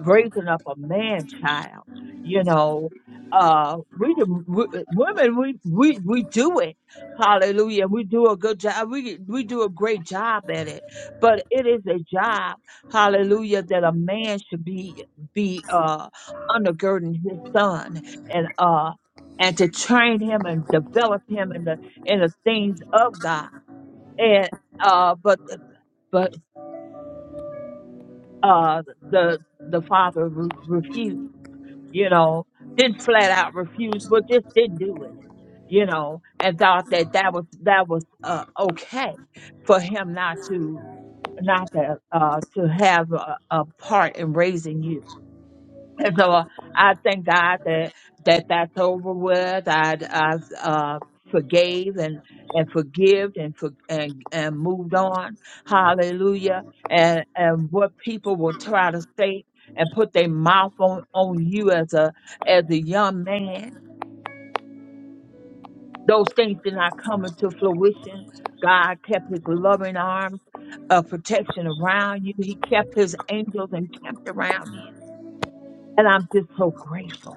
raising up a man child. You know, uh, we, do- we women, we, we, we do it. Hallelujah. We do a good job. We, we do a great job at it, but it is a job. Hallelujah. That a man should be, be, uh, undergirding his son and, uh, and to train him and develop him in the, in the things of God. And, uh, but, but, uh, the, the father re- refused you know, didn't flat out refuse, but just didn't do it, you know, and thought that that was that was uh, okay for him not to not to uh, to have a, a part in raising you and so uh, I thank God that that that's over with. I I uh, forgave and and forgived and for, and and moved on. Hallelujah. And and what people will try to say and put their mouth on on you as a as a young man, those things did not come into fruition. God kept His loving arms of protection around you. He kept His angels and kept around you, and I'm just so grateful.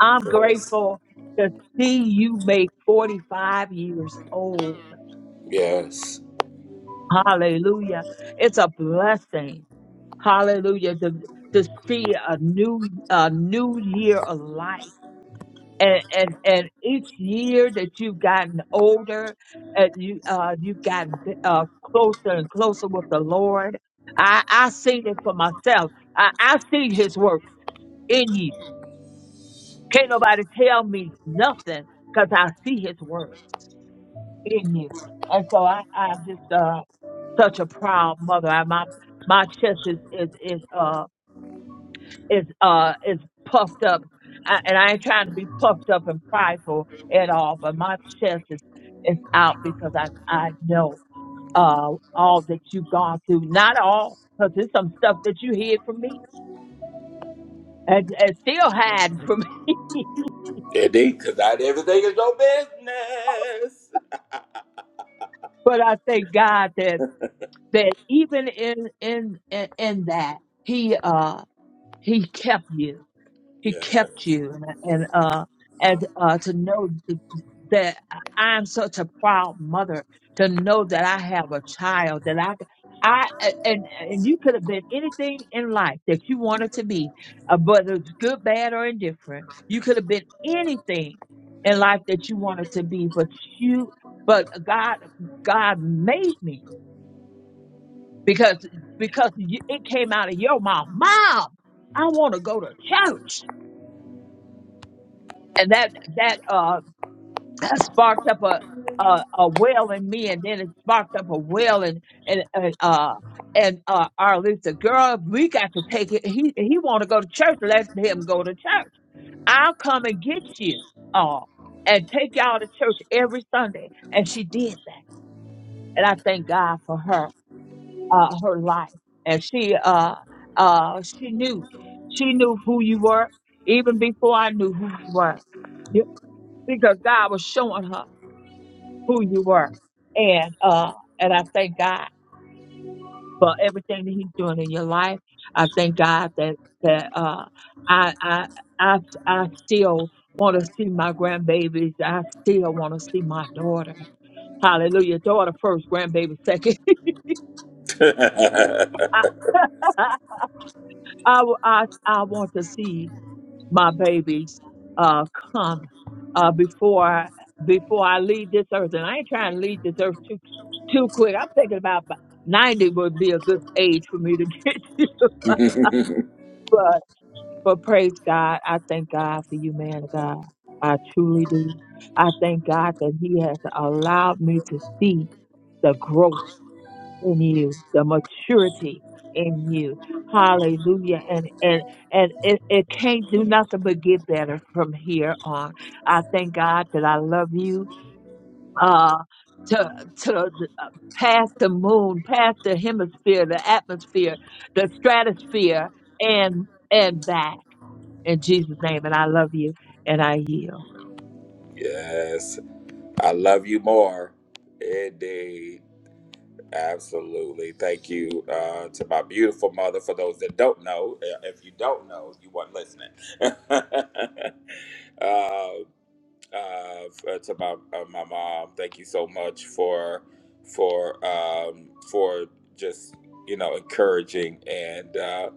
I'm Yes. grateful to see you make 45 years old. Yes. Hallelujah. It's a blessing. Hallelujah. To, to see a new, a new year of life. And, and, and each year that you've gotten older and you, uh, you've gotten, uh, closer and closer with the Lord. I, I seen it for myself. I, I see his work in you. Can't nobody tell me nothing because I see his work. in you. And so I, I'm just uh, such a proud mother. I, my my chest is is is uh is uh is puffed up, I, and I ain't trying to be puffed up and prideful at all. But my chest is is out because I I know uh all that you've gone through. Not all, because there's some stuff that you hid from me and, and still hiding from me. [laughs] Indeed, because not everything is But I thank God that that even in in in, in that He uh He kept you He your kept you, and and uh, and uh, to know th- that I'm such a proud mother. To know that I have a child that I, c- I a- and and you could have been anything in life that you wanted to be, uh, whether it's good, bad, or indifferent. You could have been anything in life that you wanted to be, but you, but God, God made me because because you, it came out of your mouth, Mom. I want to go to church. and that that uh [clears throat] sparked up a a, a well in me, and then it sparked up a well in and and uh and uh our Lisa, girl, we got to take it. He he want to go to church. Let him go to church. I'll come and get you all and take y'all to church every Sunday. And she did that, and I thank God for her uh her life. And she uh uh she knew she knew who you were even before I knew who you were because God was showing her who you were. And uh and I thank God for everything that He's doing in your life. I thank God that that uh I I I I still want to see my grandbabies. I still want to see my daughter. Hallelujah. Daughter first, grandbaby second. business. [laughs] I, [laughs] I, I, I want to see my babies uh, come uh, before I, before I leave this earth. And I ain't trying to leave this earth too too quick. I'm thinking about b- 90 would be a good age for me to [laughs] get this. Yeah. [laughs] But, but praise God. I thank God for you, man of God. I truly do. I thank God that He has allowed me to see the growth in you, the maturity in you. Hallelujah. And and and it, it can't do nothing but get better from here on. I thank God that I love you. Uh to to the- uh, past the moon, past the hemisphere, the atmosphere, the stratosphere, and and back in Jesus' name. And I love you and I yield. [laughs] yes. I love you more. Indeed. Absolutely. Thank you uh, to my beautiful mother. For those that don't know, uh, if you don't know, you weren't listening. [laughs] um, uh, to my uh, my mom. Thank you so much for for um, for just you know encouraging and uh,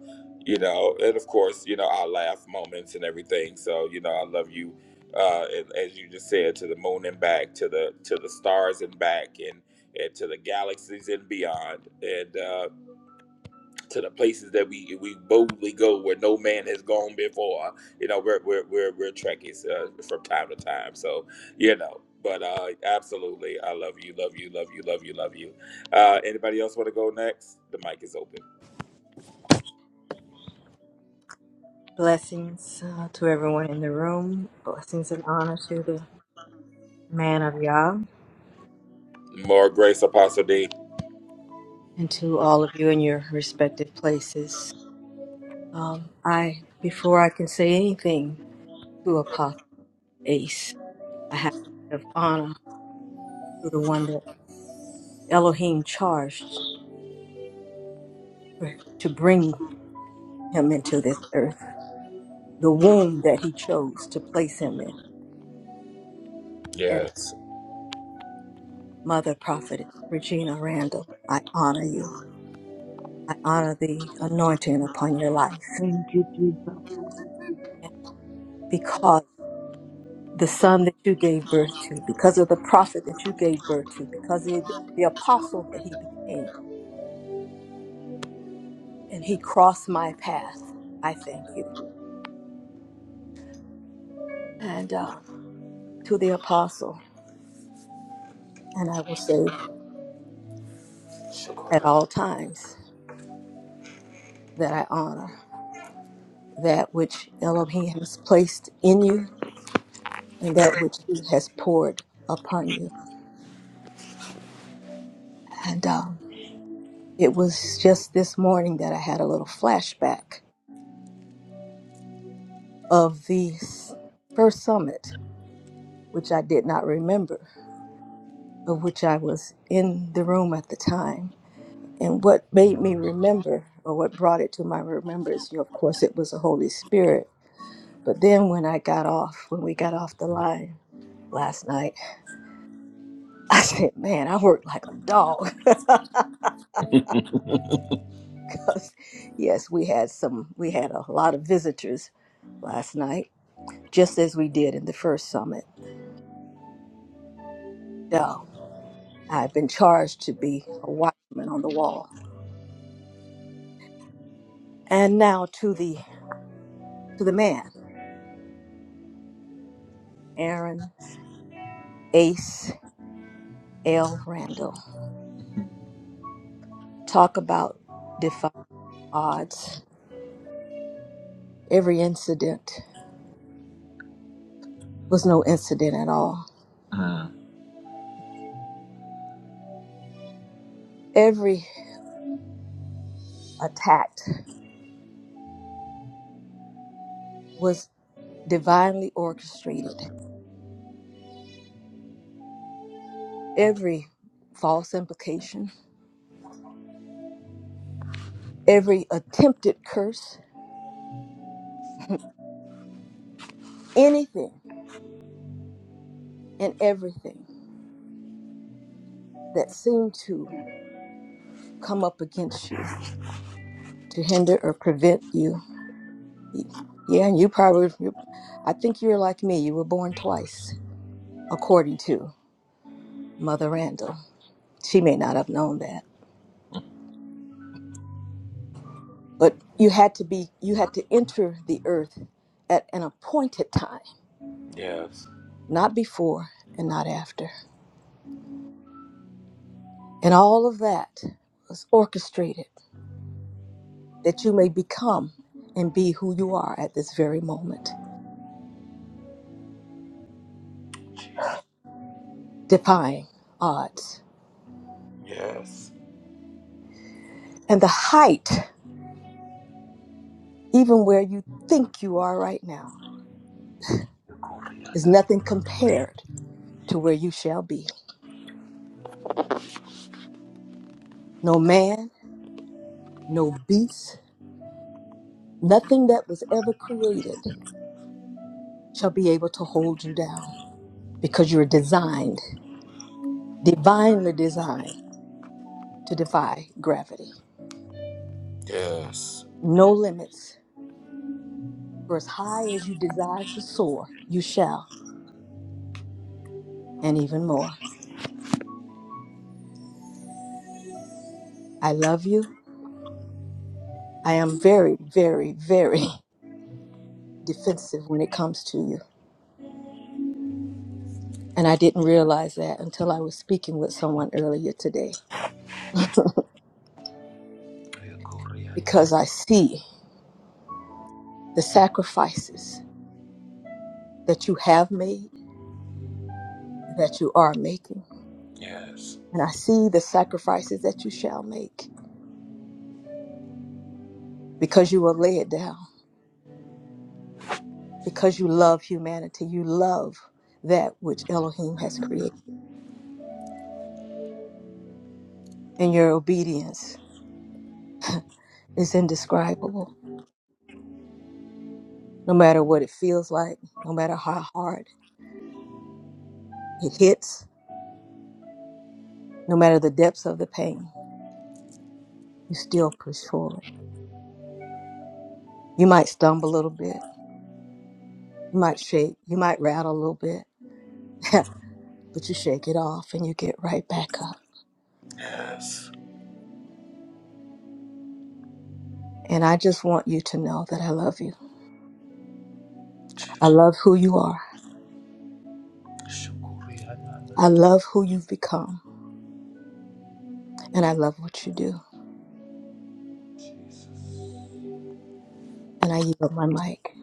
you know and of course you know our laugh moments and everything. So you know I love you. Uh, and as you just said, to the moon and back, to the to the stars and back, and and to the galaxies and beyond. And uh, to the places that we we boldly go where no man has gone before. You know, we're we're we're, we're trekkies uh, from time to time. So you know, but uh, absolutely, I love you, love you, love you, love you, love you. Uh, anybody else want to go next? The mic is open. Blessings uh, to everyone in the room. Blessings and honor to the man of Yah More grace, Apostle D. and to all of you in your respective places. Um, I, before I can say anything to Apostle Ace, I have to give honor to the one that Elohim charged for- to bring him into this earth, the womb that he chose to place him in. And Yes, Mother Prophetess Regina Randall, I honor you. I honor the anointing upon your life Thank you, Jesus. because the son that you gave birth to, because of the prophet that you gave birth to, because of the apostle that he became, and he crossed my path. I thank you. And um, to the apostle, and I will say at all times that I honor that which Elohim has placed in you and that which he has poured upon you. And um, it was just this morning that I had a little flashback of the s- first summit which I did not remember, of which I was in the room at the time. And what made me remember, or what brought it to my remembrance, you know, of course, it was the Holy Spirit. But then when I got off, when we got off the line last night, [laughs] I said, man, I worked like a dog. [laughs] Because, yes, we had some, we had a lot of visitors last night, just as we did in the first summit. So I've been charged to be a watchman on the wall. And now to the to the man. Aaron Ace L. Randall. Talk about defy odds. Every incident was no incident at all. Mm. Every attack was divinely orchestrated. Every false implication, every attempted curse, [laughs] anything and everything that seemed to come up against you to hinder or prevent you. Yeah, and you probably, you, I think you're like me, you were born twice, according to. Mother Randall. She may not have known that. But you had to be you had to enter the earth at an appointed time, yes, not before and not after. And all of that was orchestrated that you may become and be who you are at this very moment, defying odds. yes, And the height, even where you think you are right now, is nothing compared to where you shall be. No man, no beast, nothing that was ever created shall be able to hold you down because you're designed, divinely designed to defy gravity. yes, No limits. For as high as you desire to soar, you shall, and even more. I love you. I am very, very, very [laughs] defensive when it comes to you. And I didn't realize that until I was speaking with someone earlier today [laughs] because I see the sacrifices that you have made, that you are making yes, And I see the sacrifices that you shall make because you will lay it down, because you love humanity. You love that which Elohim has created. And your obedience is indescribable, no matter what it feels like, no matter how hard it hits, no matter the depths of the pain, you still push forward. You might stumble a little bit, you might shake, you might rattle a little bit, [laughs] but you shake it off and you get right back up. And I just want you to know that I love you. I love who you are. I love who you've become, and I love what you do. yes. And I yield my mic.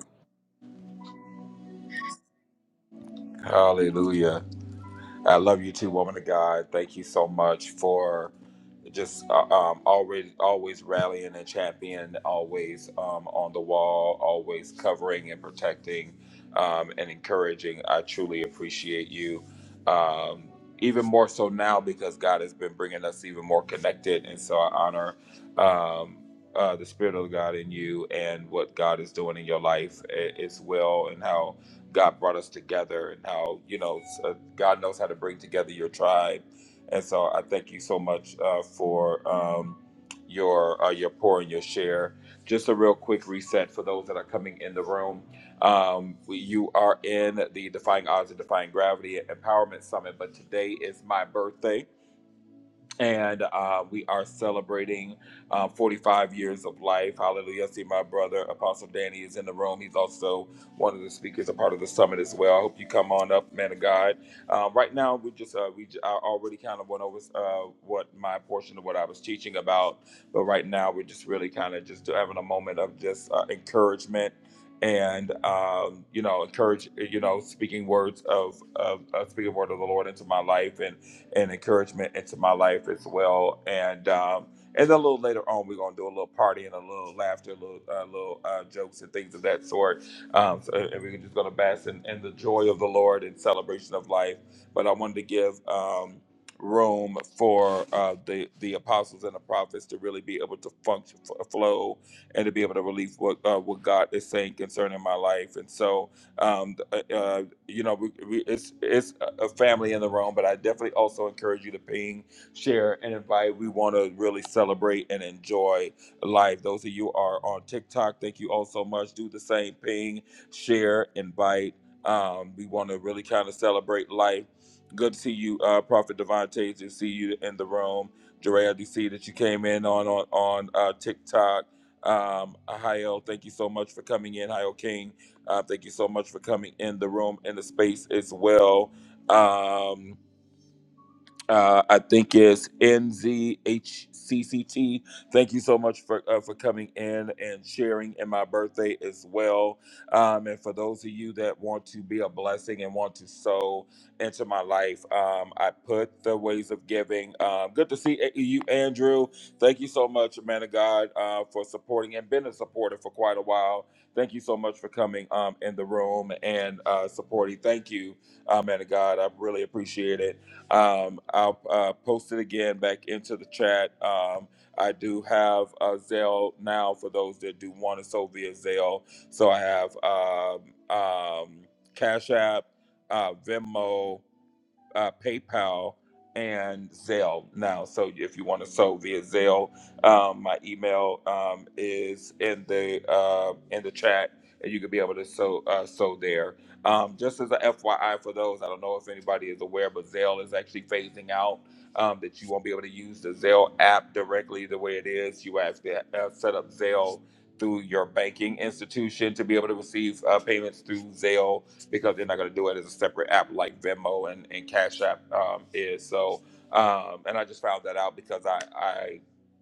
Hallelujah. I love you too, woman of God. Thank you so much for just uh, um, always always rallying and championing, always um, on the wall, always covering and protecting um, and encouraging. I truly appreciate you. Um, even more so now because God has been bringing us even more connected, and so I honor um, uh, the Spirit of God in you and what God is doing in your life. as well and how God brought us together and how, you know, s- uh, God knows how to bring together your tribe. And so I thank you so much uh, for um, your uh, your pour and your share. Just a real quick reset for those that are coming in the room. Um, we- you are in the Defying Odds and Defying Gravity Empowerment Summit, but today is my birthday and uh, we are celebrating uh, 45 years of life. Hallelujah. I see my brother, Apostle Danny, is in the room. He's also one of the speakers, a part of the summit as well. I hope you come on up, man of God. Uh, right now, we just, uh, we j- I already kind of went over uh, what my portion of what I was teaching about, but right now, we're just really kind of just having a moment of just uh, encouragement. And um, you know, encourage you know, speaking words of, of, of speaking word of the Lord into my life, and and encouragement into my life as well. And um, and then a little later on, we're gonna do a little party and a little laughter, a little uh, little uh, jokes and things of that sort. Um, so, and we're just gonna bask in, in the joy of the Lord and celebration of life. But I wanted to give. Um, room for uh, the the apostles and the prophets to really be able to function f- flow and to be able to release what uh, what God is saying concerning my life and so um, uh, uh, you know we, we, it's, it's a family in the room, but I definitely also encourage you to ping, share, and invite. We want to really celebrate and enjoy life. Those of you who are on TikTok, thank you all so much. Do the same ping, share, invite. Um, we want to really kind of celebrate life. Good to see you, uh, Prophet Devontae, to see you in the room. Jeray, I do see that you came in on on, on uh, TikTok. Um, Hayo, thank you so much for coming in. Hayo King, uh, thank you so much for coming in the room, in the space as well. Um, uh, I think it's NZHCCT. Thank you so much for uh, for coming in and sharing in my birthday as well. Um, and for those of you that want to be a blessing and want to sow into my life, um, I put the ways of giving. Um, good to see a- you, Andrew. Thank you so much, man of God, uh, for supporting and been a supporter for quite a while. Thank you so much for coming um, in the room and uh, supporting. Thank you, uh, man of God. I really appreciate it. Um, I'll uh, post it again back into the chat. Um, I do have uh, Zelle now for those that do want to so via Zelle. So I have um, um, Cash App, uh, Venmo uh, PayPal and Zelle now. So if you want to sew via Zelle, um, my email um, is in the uh, in the chat, and you could be able to sew uh, sew there. Um, just as a FYI for those, I don't know if anybody is aware, but Zelle is actually phasing out um, that you won't be able to use the Zelle app directly the way it is. You have to uh, set up Zelle through your banking institution to be able to receive uh, payments through Zelle because they're not going to do it as a separate app like Venmo and, and Cash App um, is. So, um, and I just found that out because I, I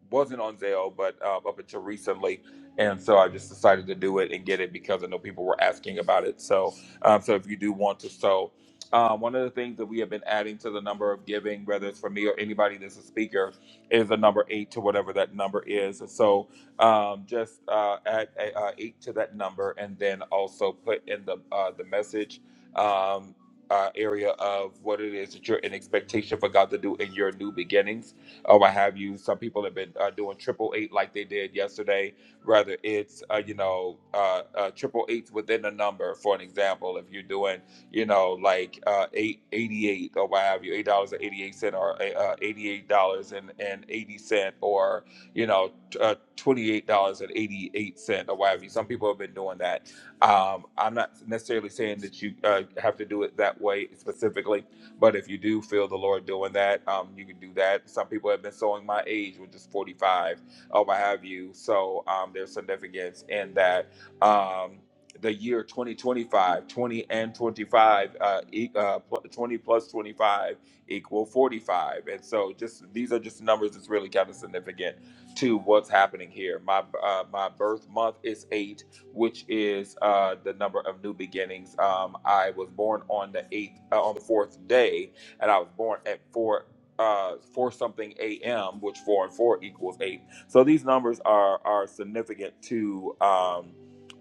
wasn't on Zelle, but uh, up until recently. And so I just decided to do it and get it because I know people were asking about it. So, um, so if you do want to sow, um, one of the things that we have been adding to the number of giving, whether it's for me or anybody that's a speaker, is the number eight to whatever that number is. And so um, just uh, add a, uh, eight to that number, and then also put in the uh, the message um, uh, area of what it is that you're in expectation for God to do in your new beginnings, or what have you. Some people have been uh, doing triple eight like they did yesterday. Rather, it's uh, you know uh, uh, triple eights within a number. For an example, if you're doing you know like uh, eight eighty eight or what have you, eight dollars and eighty eight cent, or uh, eighty eight dollars and and eighty cent, or you know uh, twenty-eight dollars and eighty-eight cent or whatever. Some people have been doing that. Um, I'm not necessarily saying that you uh, have to do it that way specifically, but if you do feel the Lord doing that, um, you can do that. Some people have been sowing my age, which is forty-five or what have you. So um, there's significance in that. Um, the year 2025, 20 and 25 uh, e- uh pl- 20 plus 25 equal 45 and so just these are just numbers that's really kind of significant to what's happening here. My uh, my birth month is eight, which is uh, the number of new beginnings. Um, I was born on the eighth uh, on the fourth day, and I was born at four. Uh, four something a.m., which four and four equals eight. So these numbers are are significant to um,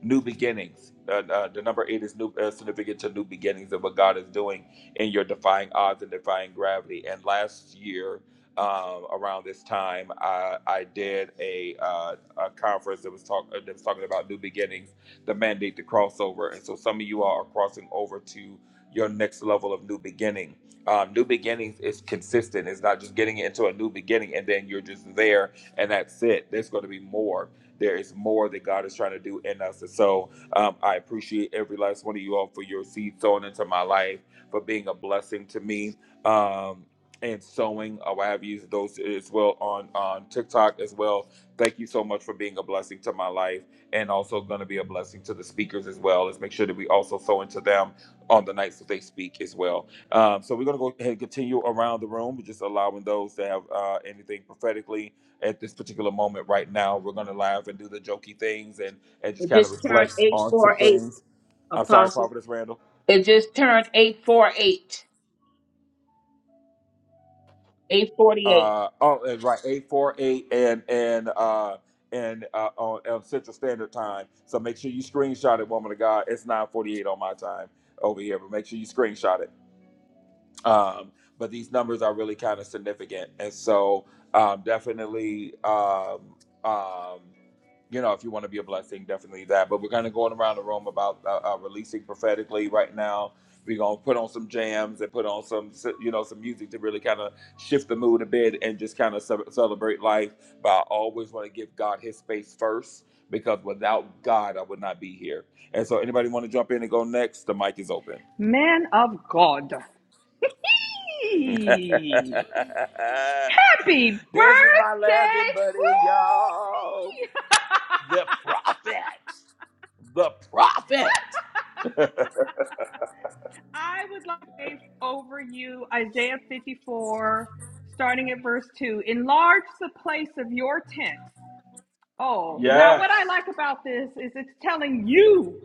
new beginnings. Uh, uh, the number eight is new, uh, significant to new beginnings of what God is doing in your defying odds and defying gravity. And last year, um, around this time. I, I did a, uh, a conference that was talk uh, that was talking about new beginnings, the mandate to crossover, and so some of you all are crossing over to your next level of new beginning. Um, new beginnings is consistent. It's not just getting into a new beginning and then you're just there and that's it. There's going to be more. There is more that God is trying to do in us. And so um, I appreciate every last one of you all for your seed sown into my life, for being a blessing to me. Um, and sewing. Uh, I have used those as well on on TikTok as well. Thank you so much for being a blessing to my life, and also going to be a blessing to the speakers as well. Let's make sure that we also sow into them on the nights that they speak as well. Um, so we're going to go ahead and continue around the room, We're just allowing those that have uh, anything prophetically at this particular moment right now. We're going to laugh and do the jokey things and and just It kind of just turned reflect on some 848, things. I'm sorry, Apostle. Prophetess Randall. It just turned 848, 848. uh oh and right 848 and and uh and uh on, on central standard time so make sure you screenshot it woman of god it's 948 on my time over here but make sure you screenshot it um but these numbers are really kind of significant and so um definitely um um you know, if you want to be a blessing, definitely that. But we're going to go around the room about uh, uh, releasing prophetically right now. We're going to put on some jams and put on some, you know, some music to really kind of shift the mood a bit and just kind of ce- celebrate life. But I always want to give God his space first because without God, I would not be here. And so, anybody want to jump in and go next? The mic is open. Man of God. [laughs] [laughs] this Hey! Happy birthday! is my laughing Woo! buddy, It's y'all. me! The [laughs] prophet. The prophet. [laughs] I would like to pray over you Isaiah 54, starting at verse 2. Enlarge the place of your tent. Oh, now Yes. what I like about this is it's telling you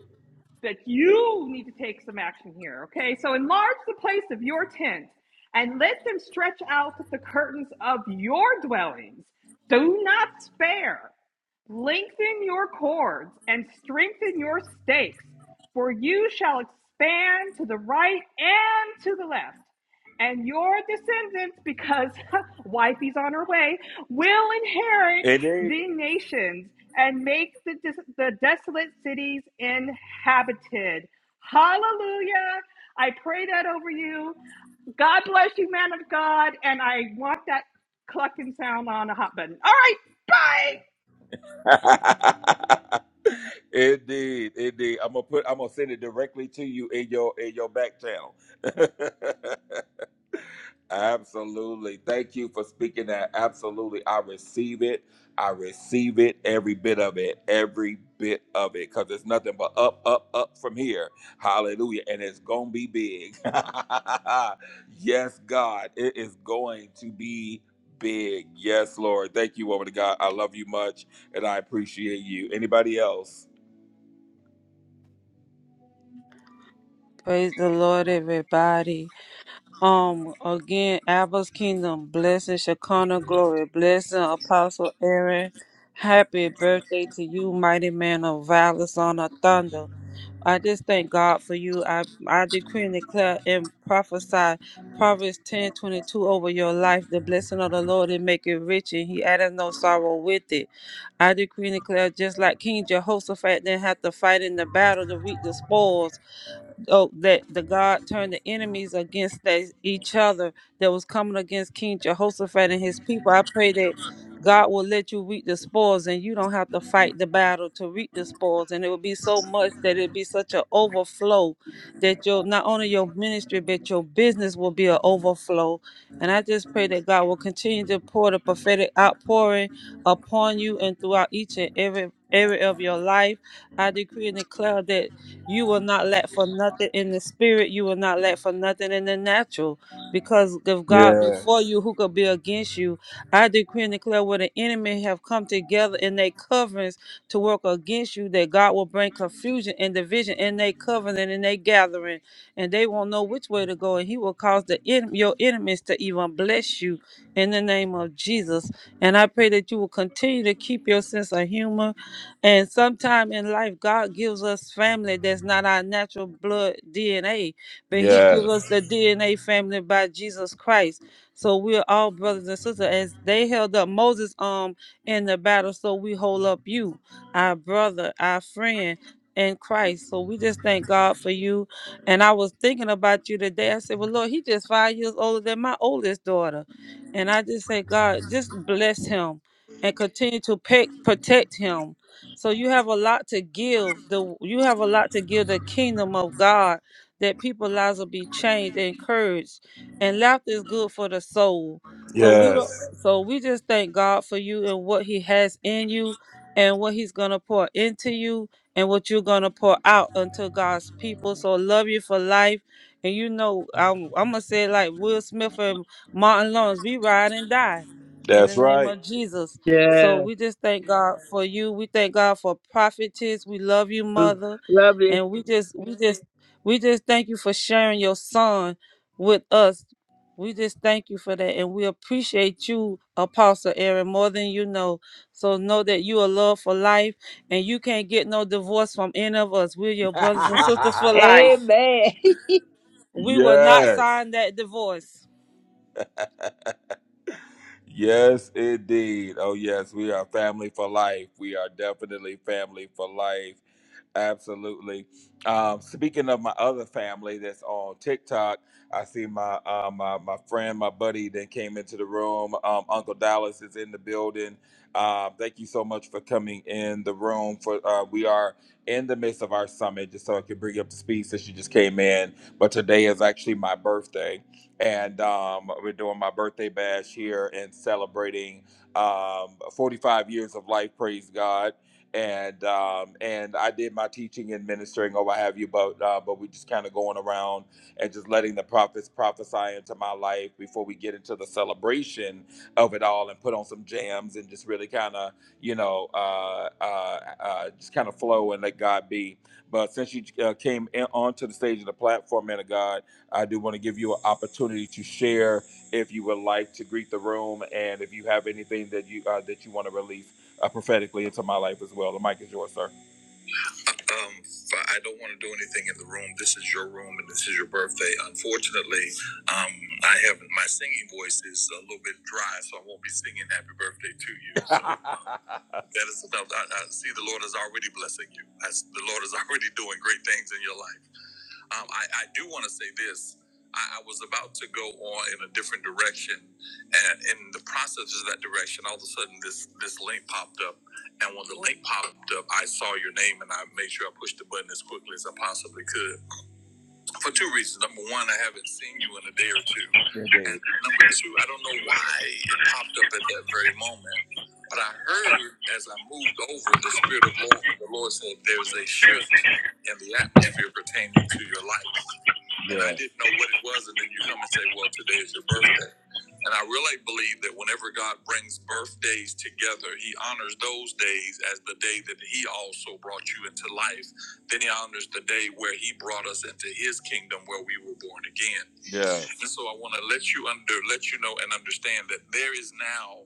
that you need to take some action here. Okay. So enlarge the place of your tent and let them stretch out the curtains of your dwellings. Do not spare. Lengthen your cords and strengthen your stakes, for you shall expand to the right and to the left. And your descendants, because [laughs] wifey's on her way, will inherit Indeed. the nations and make the, the desolate cities inhabited. Hallelujah. I pray that over you. God bless you, man of God. And I want that clucking sound on a hot button. All right. Bye. [laughs] indeed, indeed. I'm gonna put I'm gonna send it directly to you in your in your back channel. [laughs] Absolutely. Thank you for speaking that. Absolutely. I receive it. I receive it, every bit of it, every bit of it, because it's nothing but up, up, up from here. Hallelujah. And it's going to be big. [laughs] yes, God. It is going to be big. Yes, Lord. Thank you, woman of God. I love you much and I appreciate you. Anybody else? Praise the Lord, everybody. Um, again, Abba's Kingdom, blessing Shekinah glory, blessing Apostle Aaron. Happy birthday to you, mighty man of valor, son of thunder. I just thank God for you. I, I decree and declare and prophesy Proverbs ten twenty two over your life. The blessing of the Lord and make it rich, and he added no sorrow with it. I decree and declare, just like King Jehoshaphat didn't have to fight in the battle to reap the spoils, oh that the god turned the enemies against they, each other that was coming against king jehoshaphat and his people i pray that god will let you reap the spoils and you don't have to fight the battle to reap the spoils and it will be so much that it be such an overflow that your not only your ministry but your business will be an overflow and i just pray that god will continue to pour the prophetic outpouring upon you and throughout each and every area of your life i decree and declare that you will not lack for nothing in the spirit. You will not lack for nothing in the natural. Because if God be for you, who could be against you? I decree and declare where the enemy have come together in their coverings to work against you, that God will bring confusion and division in their covenant and their gathering, and they won't know which way to go. And He will cause the en- your enemies to even bless you in the name of Jesus. And I pray that you will continue to keep your sense of humor and sometime in life, God gives us family that's not our natural blood DNA, but He gives us Yes. the DNA family by Jesus Christ. So we're all brothers and sisters. As they held up Moses um in the battle, so we hold up you, our brother, our friend in Christ. So we just thank God for you. And I was thinking about you today. I said, Well, Lord, he just five years older than my oldest daughter. And I just say, God, just bless him and continue to pe- protect him so you have a lot to give. The you have a lot to give the kingdom of God that people's lives will be changed and encouraged. And laughter is good for the soul. So we don't, Yes. so we just thank God for you and what He has in you and what He's gonna pour into you and what you're gonna pour out unto God's people. So I love you for life. And you know, I'm, I'm gonna say it like Will Smith and Martin Lawrence, we ride and die in the That's name right. of Jesus. So Yes, we just thank God for you. We thank God for prophetess. We love you, mother. Love you. And we just we just we just thank you for sharing your son with us. We just thank you for that. And we appreciate you, Apostle Aaron, more than you know. So know that you are loved for life and you can't get no divorce from any of us. We're your brothers and sisters for [laughs] life. Amen. [laughs] We will not yes. sign that divorce. Yes, indeed. Oh, yes, we are family for life. We are definitely family for life. Absolutely. Um, speaking of my other family that's on TikTok, I see my uh, my my friend, my buddy that came into the room. Um, Uncle Dallas is in the building. Uh, thank you so much for coming in the room. For uh, we are in the midst of our summit, just so I could bring you up to speed since you just came in. But today is actually my birthday and um, we're doing my birthday bash here and celebrating um, 45 years of life. Praise God. And um, and I did my teaching and ministering or what have you, but uh, but we just kind of going around and just letting the prophets prophesy into my life before we get into the celebration of it all and put on some jams and just really kind of you know uh, uh, uh, just kind of flow and let God be. But since you uh, came in, onto the stage of the platform, man of God. I do want to give you an opportunity to share if you would like to greet the room and if you have anything that you uh, that you want to release uh, prophetically into my life as well. The mic is yours, sir. Um, f- I don't want to do anything in the room. This is your room and this is your birthday. Unfortunately, um, I have my singing voice is a little bit dry, so I won't be singing happy birthday to you. So, um, [laughs] that is enough. I, I see the Lord is already blessing you. I s the Lord is [laughs] already doing great things in your life. Um, I, I do want to say this. I, I was about to go on in a different direction, and in the process of that direction, all of a sudden this this link popped up, and when the link popped up, I saw your name, and I made sure I pushed the button as quickly as I possibly could for two reasons. Number one, I haven't seen you in a day or two, Good day. and number two, I don't know why it popped up at that very moment. But I heard as I moved over, the spirit of Lord, the Lord said, "There's a shift in the atmosphere pertaining to your life." Yeah. and I Yeah. didn't know what it was. And then you come and say, Well, today is your birthday. And I really believe that whenever God brings birthdays together, He honors those days as the day that He also brought you into life then he honors the day where he brought us into his kingdom where we were born again. Yeah. And so I want to let you under let you know and understand that there is now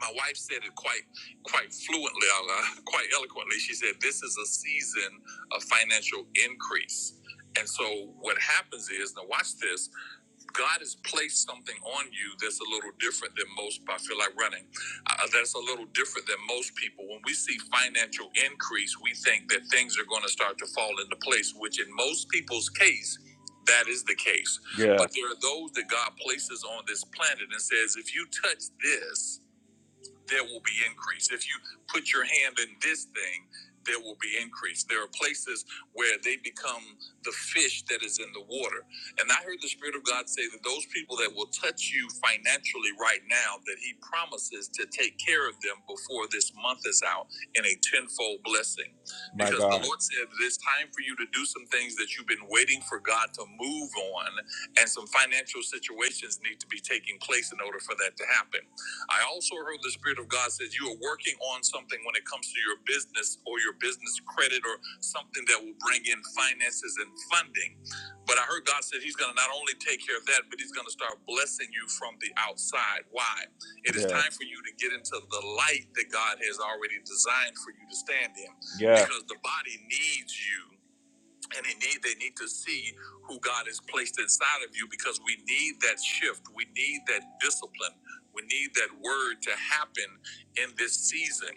my wife said it quite quite fluently, uh, uh, quite eloquently. She said this is a season of financial increase. And so what happens is now watch this God has placed something on you that's a little different than most. I feel like running. Uh, that's a little different than most people. When we see financial increase, we think that things are going to start to fall into place, which in most people's case, that is the case. Yeah. But there are those that God places on this planet and says, if you touch this, there will be increase. If you put your hand in this thing, there will be increase. There are places where they become the fish that is in the water. And I heard the Spirit of God say that those people that will touch you financially right now, that He promises to take care of them before this month is out in a tenfold blessing. My because God. the Lord said that it's time for you to do some things that you've been waiting for God to move on, and some financial situations need to be taking place in order for that to happen. I also heard the Spirit of God says you are working on something when it comes to your business or your business credit or something that will bring in finances and funding. But I heard God said He's going to not only take care of that, but He's going to start blessing you from the outside. Why? It is Yes. time for you to get into the light that God has already designed for you to stand in Yes. because the body needs you and they need they need to see who God has placed inside of you because we need that shift. We need that discipline. We need that word to happen in this season.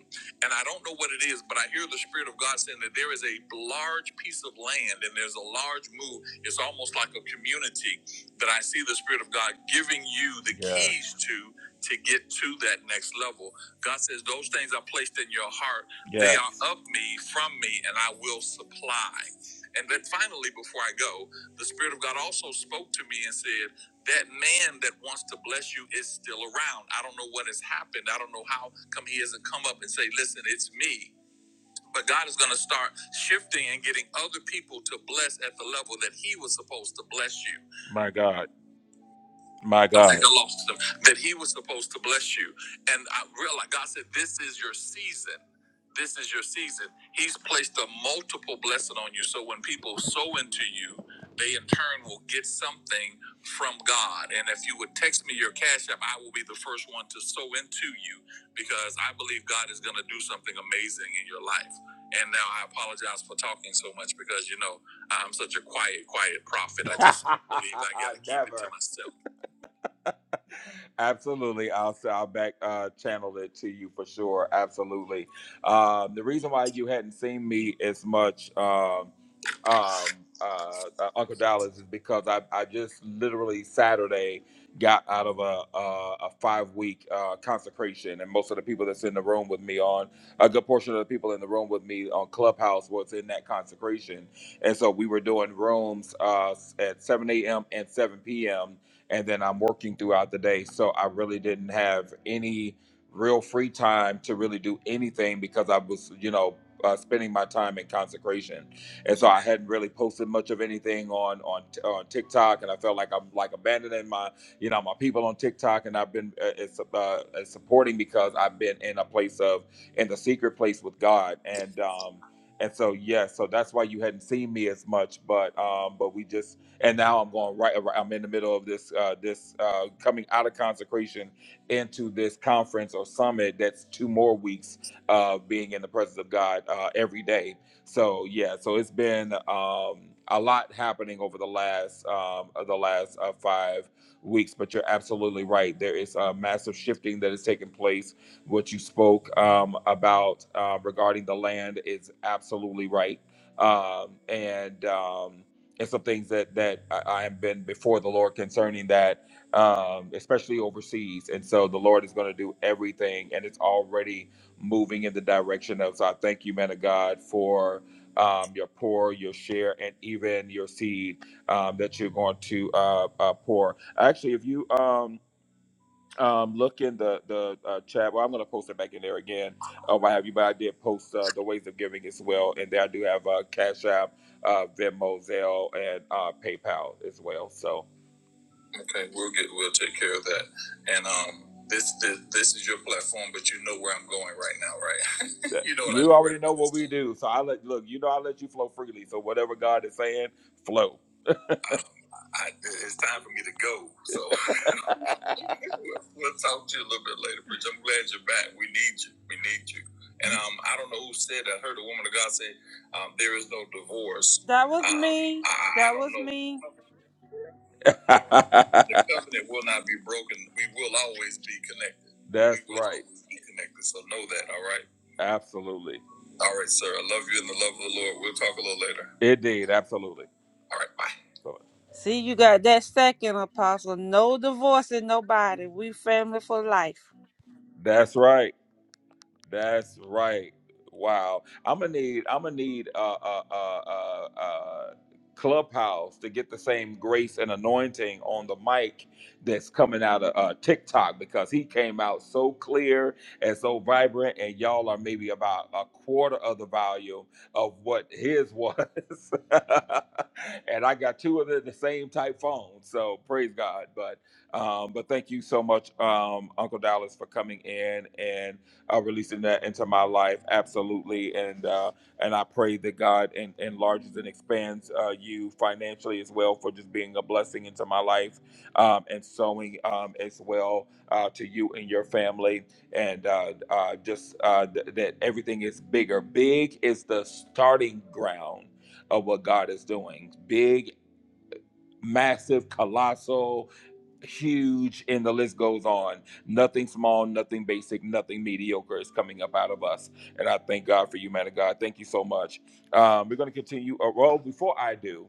And I don't know what it is, but I hear the Spirit of God saying that there is a large piece of land and there's a large move. It's almost like a community that I see the Spirit of God giving you the Yeah. keys to to get to that next level. God says, Those things I placed in your heart, they Yes. are of me, from me, and I will supply. And then finally, before I go, the Spirit of God also spoke to me and said, That man that wants to bless you is still around. I don't know what has happened. I don't know how come he hasn't come up and say, Listen, it's me. But God is going to start shifting and getting other people to bless at the level that He was supposed to bless you. My God. My I God. I think I lost them. That he was supposed to bless you. And I realized God said, This is your season. This is your season. He's placed a multiple blessing on you. So when people sow into you, they in turn will get something from God. And if you would text me your cash app, I will be the first one to sow into you because I believe God is going to do something amazing in your life. And now I apologize for talking so much because, you know, I'm such a quiet, quiet prophet. I just [laughs] believe I got to keep never. it to myself. Absolutely. I'll, i I'll back uh, channel it to you for sure. Absolutely. Um, the reason why you hadn't seen me as much, um, um, uh, uh, Uncle Dallas, is because I, I just literally Saturday got out of a, a, a five week uh, consecration. And most of the people that's in the room with me on, a good portion of the people in the room with me on Clubhouse was in that consecration. And so we were doing rooms uh, at 7 a.m. and 7 p.m and then I'm working throughout the day. So I really didn't have any real free time to really do anything because I was, you know, uh, spending my time in consecration. And so I hadn't really posted much of anything on, on on TikTok, and I felt like I'm like abandoning my, you know, my people on TikTok. And I've been uh, it's, uh, it's supporting because I've been in a place of in the secret place with God, and um, and so yes, so that's why you hadn't seen me as much. But um, but we just and now I'm going right. I'm in the middle of this uh, this uh, coming out of consecration into this conference or summit. That's two more weeks of being in the presence of God uh, every day. So yeah, so it's been um, a lot happening over the last um, of the last uh, five weeks. But you're absolutely right. There is a massive shifting that is taking place. What you spoke um, about uh, regarding the land is absolutely right. Um, and um, and some things that that I, I have been before the Lord concerning that, um, especially overseas. And so the Lord is going to do everything, and it's already moving in the direction of. So I thank you, man of God, for um, your pour, your share, and even your seed um, that you're going to uh, uh, pour. Actually, if you um, um, look in the the uh, chat. Well, I'm going to post it back in there again. Um, I have you, but I did post uh, the ways of giving as well, and there I do have uh, Cash App, uh, Venmo, Zelle, and uh, PayPal as well. So okay, we'll get we'll take care of that. And um, this this, this is your platform, but you know where I'm going right now, right? [laughs] you know, what you I- already know what we do. So I let look. You know, I let you flow freely. So whatever God is saying, flow. I, it's time for me to go. So [laughs] We'll talk to you a little bit later, Bridge. I'm glad you're back. We need you. We need you. And um, I don't know who said that. I heard a woman of God say, um, there is no divorce. That was Um, me. I, I That don't was know. me. [laughs] The covenant will not be broken. We will always be connected. That's We will right. always Be connected. So know that, all right? Absolutely. All right, sir. I love you in the love of the Lord. We'll talk a little later. Indeed. Absolutely. All right. Bye. See, you got that second apostle. No divorcing nobody. We family for life. That's right. That's right. Wow. I'm gonna need. I'm gonna need uh, uh, uh, uh, uh, Clubhouse to get the same grace and anointing on the mic that's coming out of uh, TikTok because he came out so clear and so vibrant, and y'all are maybe about a quarter of the volume of what his was. [laughs] and I got two of the, the same type phone, so praise God. But um, but thank you so much, um, Uncle Dallas, for coming in and uh, releasing that into my life absolutely and uh, and i pray that god en- enlarges and expands uh, you financially as well for just being a blessing into my life um, and sowing um, as well uh, to you and your family and uh, uh, just uh, th- that everything is bigger big is the starting ground of what god is doing big massive colossal huge, and the list goes on. Nothing small, nothing basic, nothing mediocre is coming up out of us. And I thank God for you, man of God. Thank you so much. Um, we're going to continue. Uh, well, before I do,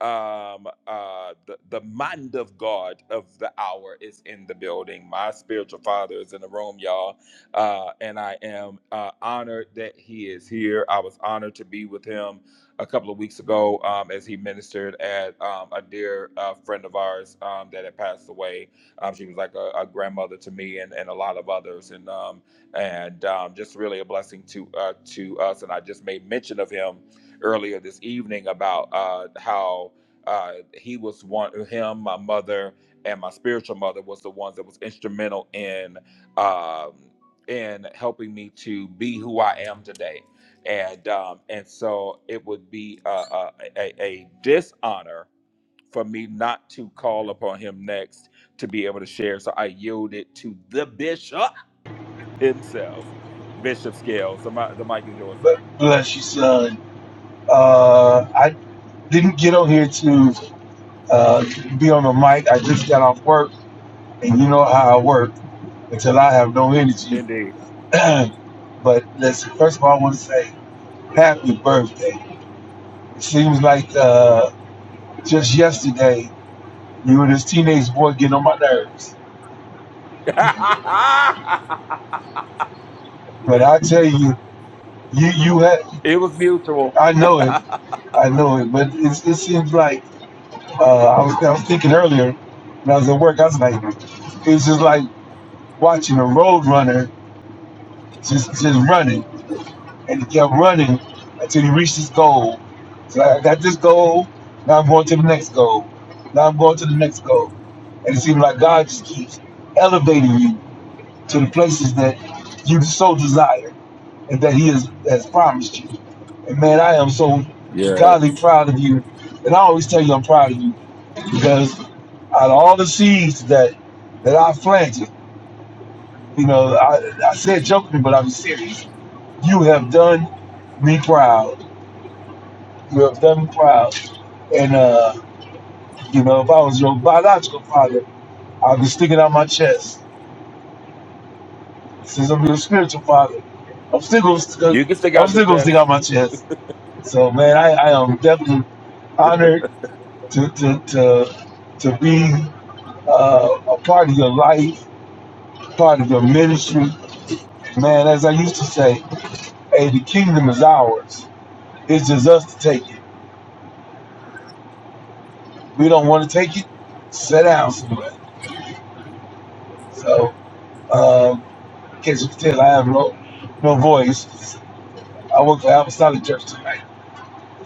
um, uh, the, the mind of God of the hour is in the building. My spiritual father is in the room, y'all. Uh, and I am uh, honored that he is here. I was honored to be with him a couple of weeks ago um, as he ministered at um, a dear uh, friend of ours um, that had passed away. Um, she was like a, a grandmother to me and, and a lot of others, and um, and um, just really a blessing to uh, to us. And I just made mention of him earlier this evening about uh, how uh, he was one, him, my mother, and my spiritual mother was the ones that was instrumental in. Um, in helping me to be who I am today and um, and so it would be a, a, a, a dishonor for me not to call upon him next to be able to share. So I yielded to the bishop himself, Bishop Scales. The, mi- the mic is yours, sir. But bless you, son. Uh, I didn't get on here to uh, be on the mic. I just got off work, and you know how I work until I have no energy. Indeed. [clears throat] but listen, first of all, I want to say happy birthday. It seems like uh, just yesterday you and this teenage boy getting on my nerves. [laughs] But I tell you, you you had it was mutual. I know it, I know it. But it, it seems like uh, I was I was thinking earlier when I was at work. I was like, it's just like. watching a road runner just just running, and he kept running until he reached his goal. So I got this goal. Now I'm going to the next goal. Now I'm going to the next goal, and it seems like God just keeps elevating you to the places that you so desire and that He has, has promised you. And man, I am so godly proud of you, and I always tell you I'm proud of you because out of all the seeds that that I planted, you know, I, I said jokingly, but I'm serious You have done me proud. You have done me proud. And, uh, you know, if I was your biological father, I'd be sticking out my chest. Since I'm your spiritual father, I'm still going to You can stick I'm out the still gonna stick out test. my chest. So, man, I, I am definitely honored to, to, to, to be uh, a part of your life, part of your ministry. Man, as I used to say, hey, the kingdom is ours. It's just us to take it. We don't want to take it. Sit down somewhere. So Um, in case you can tell, I have no no voice. I work for Apostolic Church tonight.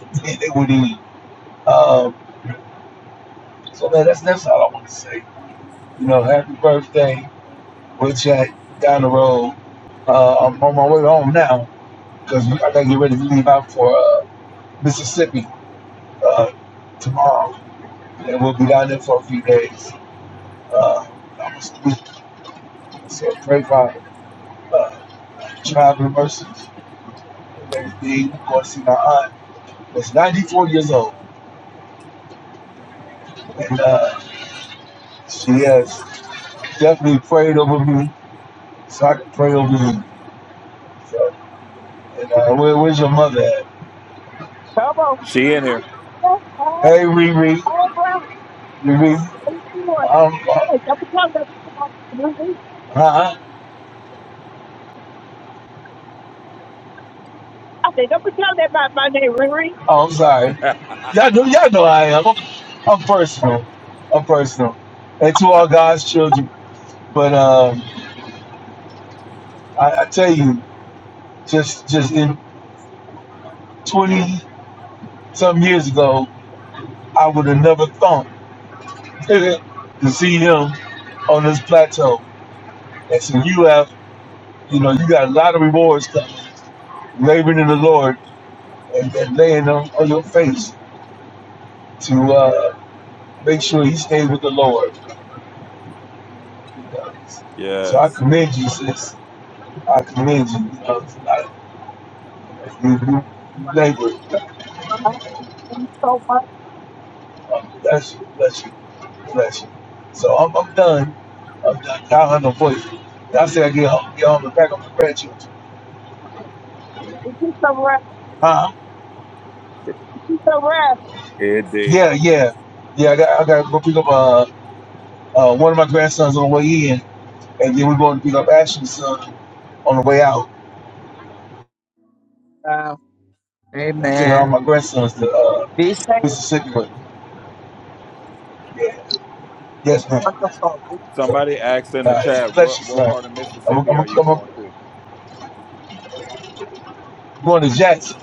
[laughs] it would eat. Um, so man, that's that's all I want to say. You know, happy birthday. We'll chat down the road. Uh, I'm on my way home now because I gotta get ready to leave out for uh, Mississippi uh, tomorrow, and we'll be down there for a few days. Uh, I'm a student, so pray for uh, traveling mercies and everything. Going to see my aunt. That's 94 years old, and uh, She has definitely prayed over me, so I can pray over you. So, and, uh, where, where's your mother at? Come on. She in I here. just Hey, Riri, Riri, um, uh, Hey, don't pretend that huh? said, don't pretend that my, my name Riri. Oh, I'm sorry. Y'all know, y'all know I am. I'm, I'm personal. I'm personal. And to all [laughs] God's children, but um, I, I tell you, just just in 20 some years ago, I would have never thought [laughs] to see him on this plateau. And so you have, you know, you got a lot of rewards coming. laboring in the Lord and, and laying on, on your face to uh, make sure he stays with the Lord. So I yes, commend you, sis. I commend you. Uh, I, you, you labor. Uh, Thank so much. Uh, bless you, bless you, bless you. So I'm, I'm done. I'm done. Y'all have no voice. Y'all say I get home, get home and pack up my grandchildren. Thank so right. Huh? Thank so right. indeed. Yeah, yeah. Yeah, I got, I got to go pick up uh, uh, one of my grandsons on the way in, and then we're going to pick up Ashley's son on the way out. Wow. I'm Amen. all my grandsons to uh, Be safe. Thank Mississippi with me. Yeah. Yes, ma'am. you so So, Somebody asked in the uh, it's a chat, pleasure, what what sir. part of I'm, I'm, Mississippi are you I'm, going I'm to? going to Jackson.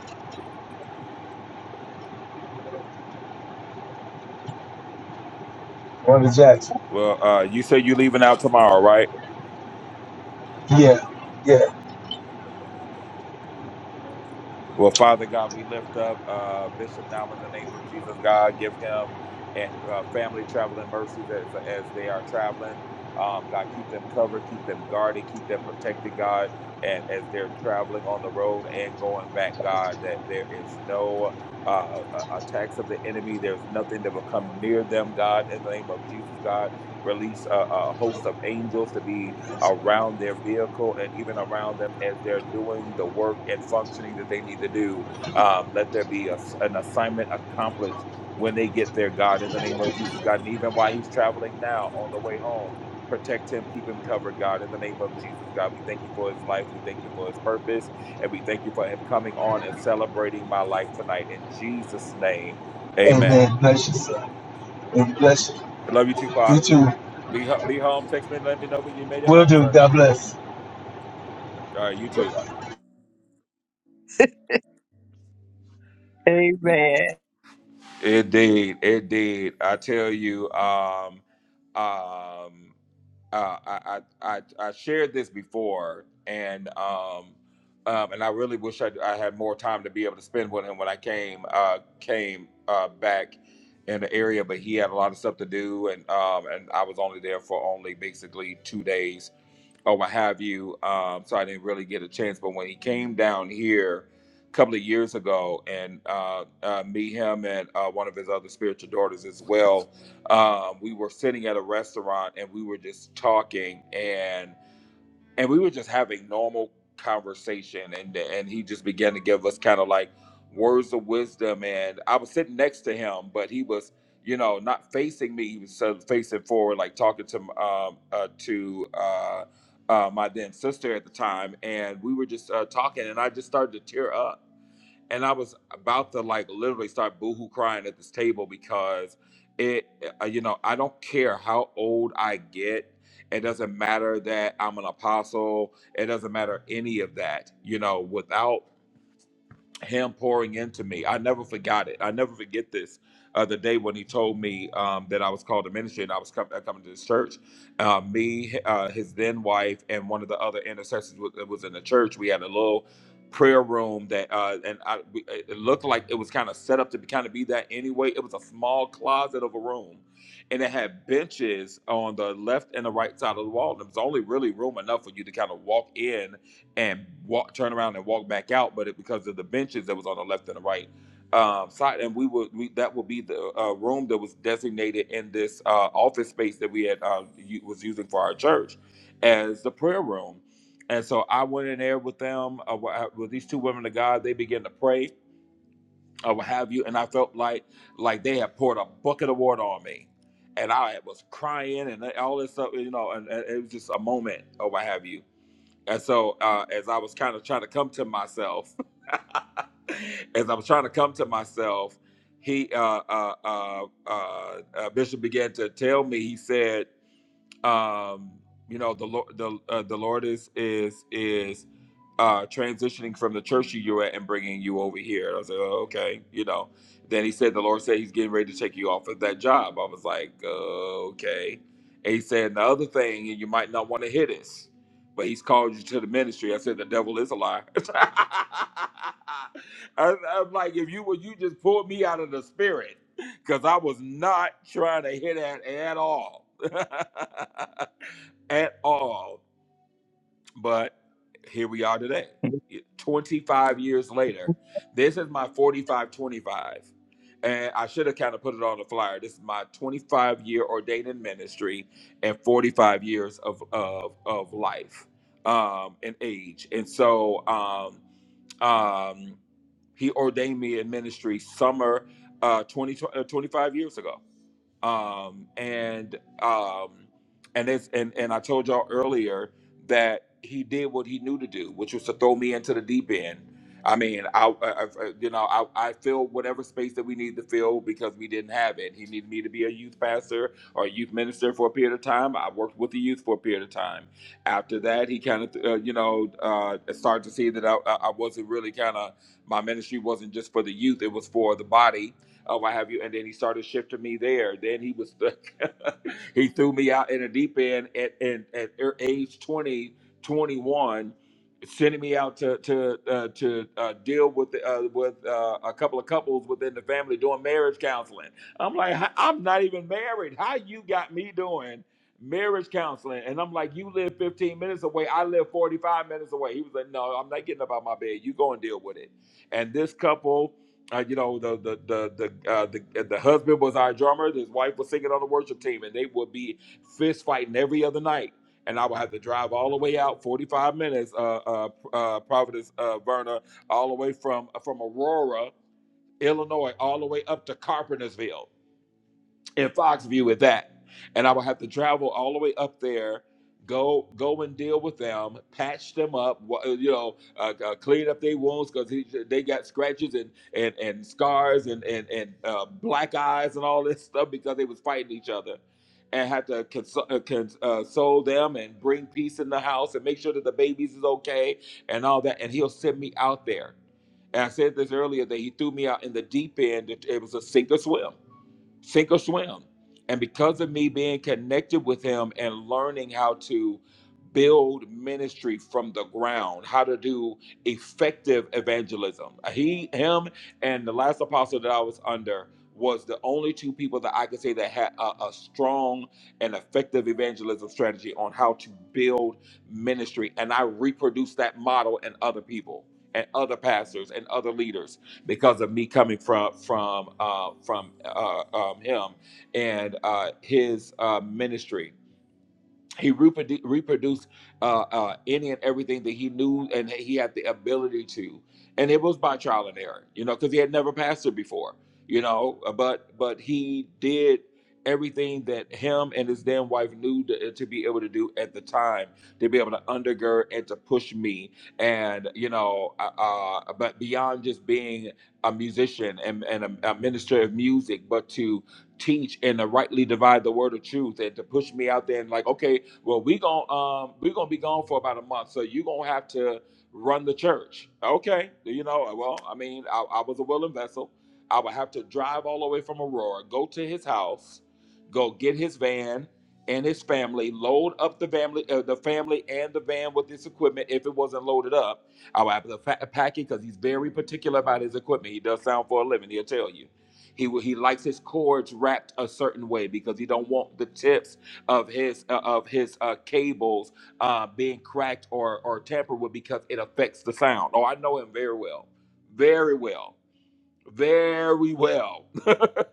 Going to Jackson. Well, uh, you say you leaving out tomorrow, right? Yeah. Yeah. Well, Father God, we lift up uh, Bishop now in the name of Jesus. God, give him and uh, family traveling mercies as, as they are traveling. Um, God, keep them covered, keep them guarded, keep them protected, God. And as they're traveling on the road and going back, God, that there is no uh, uh, attacks of the enemy. There's nothing that will come near them, God. In the name of Jesus, God, release a, a host of angels to be around their vehicle and even around them as they're doing the work and functioning that they need to do. Um, let there be a, an assignment accomplished when they get there, God, in the name of Jesus, God. And even while he's traveling now on the way home, protect him, keep him covered, God, in the name of Jesus, God. We thank you for his life. We thank you for his purpose. And we thank you for him coming on and celebrating my life tonight. In Jesus' name, amen. Amen. Bless you, sir. And bless you. I love you too, You Pop. too. Be, ho- be home. Text me and let me know when you made it Will home, do. sir. God bless. All right, you too. Amen. It did. It did. I tell you, um, um, uh, I, I, I, I shared this before, and um, um, and I really wish I, I had more time to be able to spend with him when I came uh, came uh, back in the area, but he had a lot of stuff to do, and um, and I was only there for only basically two days or what have you. Um, so I didn't really get a chance. But when he came down here a couple of years ago, and uh, uh, me, him, and uh, one of his other spiritual daughters as well, um, we were sitting at a restaurant and we were just talking. and and we were just having normal conversation and and he just began to give us kind of like words of wisdom and i was sitting next to him but he was you know not facing me he was sort of facing forward like talking to um uh, to uh, uh my then sister at the time and we were just uh, talking and i just started to tear up and I was about to like literally start boohoo crying at this table because it, uh, you know, I don't care how old I get. It doesn't matter that I'm an apostle. It doesn't matter any of that. You know, without him pouring into me. I never forgot it. I never forget this. Uh, the day when he told me um, that I was called to ministry and I was com- uh, coming to this church, uh, me, uh, his then wife, and one of the other intercessors wa- that was in the church. We had a little prayer room that, uh, and I, we, uh, it looked like it was kind of set up to be, kind of be that anyway. It was a small closet of a room, and it had benches on the left and the right side of the wall. there was only really room enough for you to kind of walk in and walk, turn around and walk back out. But it, because of the benches that was on the left and the right um, side, and we would we, that would be the uh, room that was designated in this uh, office space that we had uh, u- was using for our church as the prayer room. And so I went in there with them, uh, wi- with these two women of God. They began to pray, uh, what have you, and I felt like like they had poured a bucket of water on me. And I was crying and all this stuff, you know, and, and it was just a moment or what have you and so, uh, as I was kind of trying to come to myself, [laughs] as I was trying to come to myself, he uh, uh, uh, uh, uh, Bishop began to tell me. He said, um, "You know, the Lord, the uh, the Lord is is is." uh, transitioning from the church you were at and bringing you over here. And I was like, oh, okay, you know. Then he said, the Lord said he's getting ready to take you off of that job. I was like, uh, okay. And he said, and the other thing, and you might not want to hear this, but he's called you to the ministry. I said, the devil is a liar. [laughs] I'm, I'm like, if you would, you just pulled me out of the spirit because I was not trying to hear that at all. [laughs] at all. But here we are today, 25 years later. This is my 45 25. And I should have kind of put it on the flyer. This is my 25 year ordaining ministry and 45 years of, of, of life um, and age. And so um, um, he ordained me in ministry summer uh, 20, uh, 25 years ago um, and um, and it's and and I told y'all earlier that he did what he knew to do, which was to throw me into the deep end. I mean, I, I I- you know I, I filled whatever space that we needed to fill because we didn't have it. He needed me to be a youth pastor or a youth minister for a period of time. I worked with the youth for a period of time. After that, he kind of uh, you know uh, started to see that I, I I wasn't really kind of my ministry wasn't just for the youth; it was for the body or what have you. And then he started shifting me there. Then he was, [laughs] he threw me out in the deep end at, at, at er, age 20 21, sending me out to to uh, to uh, deal with uh, with uh, a couple of couples within the family doing marriage counseling. I'm like, "How- I'm not even married. How you got me doing marriage counseling? And I'm like, you live 15 minutes away. I live 45 minutes away. He was like, no, I'm not getting up out my bed. You go and deal with it. And this couple uh, you know the the the the, uh, the uh, the husband was our drummer. His wife was singing on the worship team, and they would be fist fighting every other night. And I would have to drive all the way out, forty five minutes, uh, uh, uh, Providence, uh, Verna, all the way from from Aurora, Illinois, all the way up to Carpentersville in Foxview with that. And I would have to travel all the way up there, go go and deal with them, patch them up, wa- uh, you know, uh, uh, clean up their wounds because they got scratches and and and scars and and and uh, black eyes and all this [laughs] stuff because they was fighting each other. And have to console, uh, cons- uh, console them and bring peace in the house and make sure that the babies is okay and all that. And he'll send me out there. And I said this earlier that he threw me out in the deep end. It it was a sink or swim sink or swim. And because of me being connected with him and learning how to build ministry from the ground, how to do effective evangelism, he, him, and the last apostle that I was under was the only two people that I could say that had a, a strong and effective evangelism strategy on how to build ministry. And I reproduced that model in other people and other pastors and other leaders because of me coming from from uh, from uh, um, him and uh, his uh, ministry he reprodu- reproduced uh, uh, any and everything that he knew and he had the ability to and it was by trial and error you know because he had never pastored before you know uh, but but he did everything that him and his then wife knew to, uh, to be able to do at the time to be able to undergird and to push me and you know uh, uh, but beyond just being a musician and, and a, a minister of music but to teach and to rightly divide the word of truth and to push me out there and like okay well, we gonna um, we gonna be gone for about a month, so you gonna have to run the church. Okay, you know. Well, I mean, I, I was a willing vessel. I would have to drive all the way from Aurora, go to his house, go get his van and his family, load up the family, uh, the family and the van with his equipment if it wasn't loaded up. I would have to fa- pack it because he's very particular about his equipment. He does sound for a living. He'll tell you. He, will- he likes his cords wrapped a certain way because he don't want the tips of his uh, of his uh, cables uh, being cracked or or tampered with because it affects the sound. Oh, I know him very well, very well very well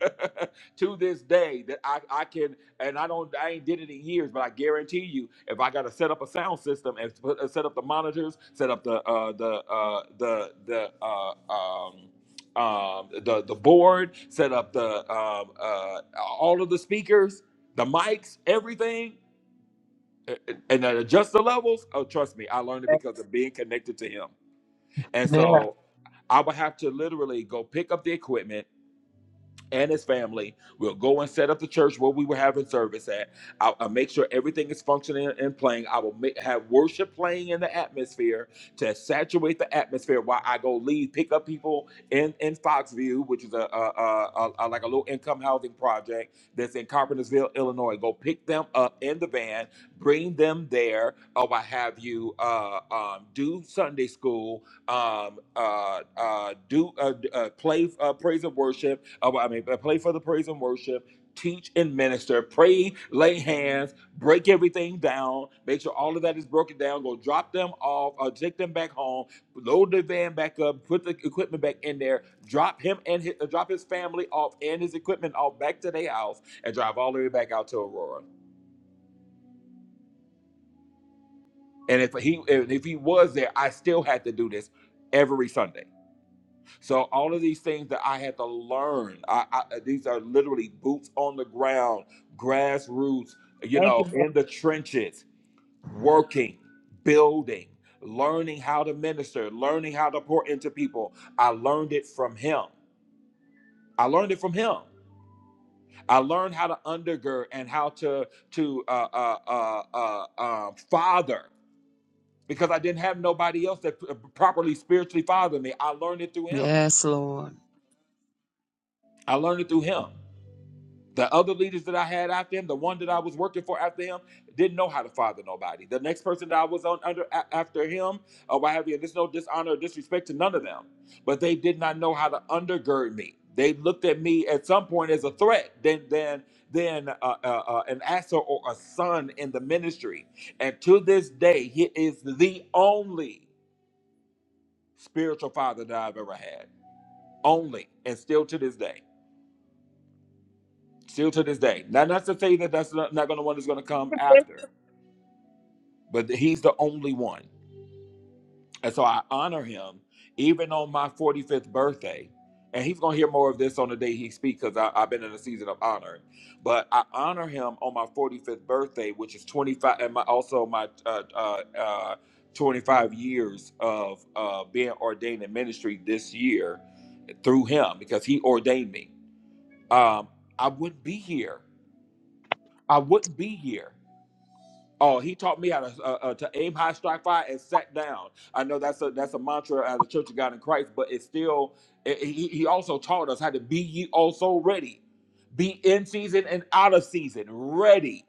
[laughs] to this day that I, I can and I don't I ain't did it in years, but I guarantee you if I got to set up a sound system and put, uh, set up the monitors, set up the uh, the uh, the the uh, um, um, the the board, set up the um, uh, all of the speakers, the mics, everything, uh, uh, and then adjust the levels. Oh, trust me, I learned it because of being connected to him, and Yeah. so I would have to literally go pick up the equipment and his family. We'll go and set up the church where we were having service at. I'll, I'll make sure everything is functioning and playing. I will make, have worship playing in the atmosphere to saturate the atmosphere while I go lead, pick up people in, in Foxview, which is a, a, a, a- a- like a low income housing project that's in Carpentersville, Illinois. Go pick them up in the van, bring them there, or I have you uh, um, do Sunday school, um, uh, uh, do uh, d- uh, play uh, praise and worship Oh, I mean, play for the praise and worship, teach and minister, pray, lay hands, break everything down, make sure all of that is broken down, go drop them off, uh, take them back home, load the van back up, put the equipment back in there, drop him and his, uh, drop his family off and his equipment off back to their house, and drive all the way back out to Aurora. And if he and if he was there, I still had to do this every Sunday. So all of these things that I had to learn, I, I, uh, these are literally boots on the ground, grassroots, you Thank know, you. Lord. in the trenches, working, building, learning how to minister, learning how to pour into people. I learned it from him. I learned it from him. I learned how to undergird and how to to uh, uh, uh, uh, uh, father because I didn't have nobody else that p- uh, properly spiritually fathered me. I learned it through him. Yes, Lord. I learned it through him. The other leaders that I had after him, the one that I was working for after him, didn't know how to father nobody. The next person that I was on under a- after him, or what have you, there's no dishonor or disrespect to none of them, but they did not know how to undergird me. They looked at me at some point as a threat, then then then uh, uh, uh, an asset or a son in the ministry. And to this day, he is the only spiritual father that I've ever had, only, and still to this day. still to this day. Now, not to say that that's not, not going to one that's going to come after, but he's the only one, and so I honor him even on my 45th birthday. And he's going to hear more of this on the day he speaks because I've been in a season of honoring. But I honor him on my 45th birthday, which is 25, and my, also my uh, uh, uh, 25 years of uh, being ordained in ministry this year through him because he ordained me. Um, I wouldn't be here. I wouldn't be here Oh, he taught me how to uh, uh, to aim high, strike fire, and sat down. I know that's a that's a mantra out of the Church of God in Christ, but it's still. It, he he also taught us how to be ye also ready, be in season and out of season, ready.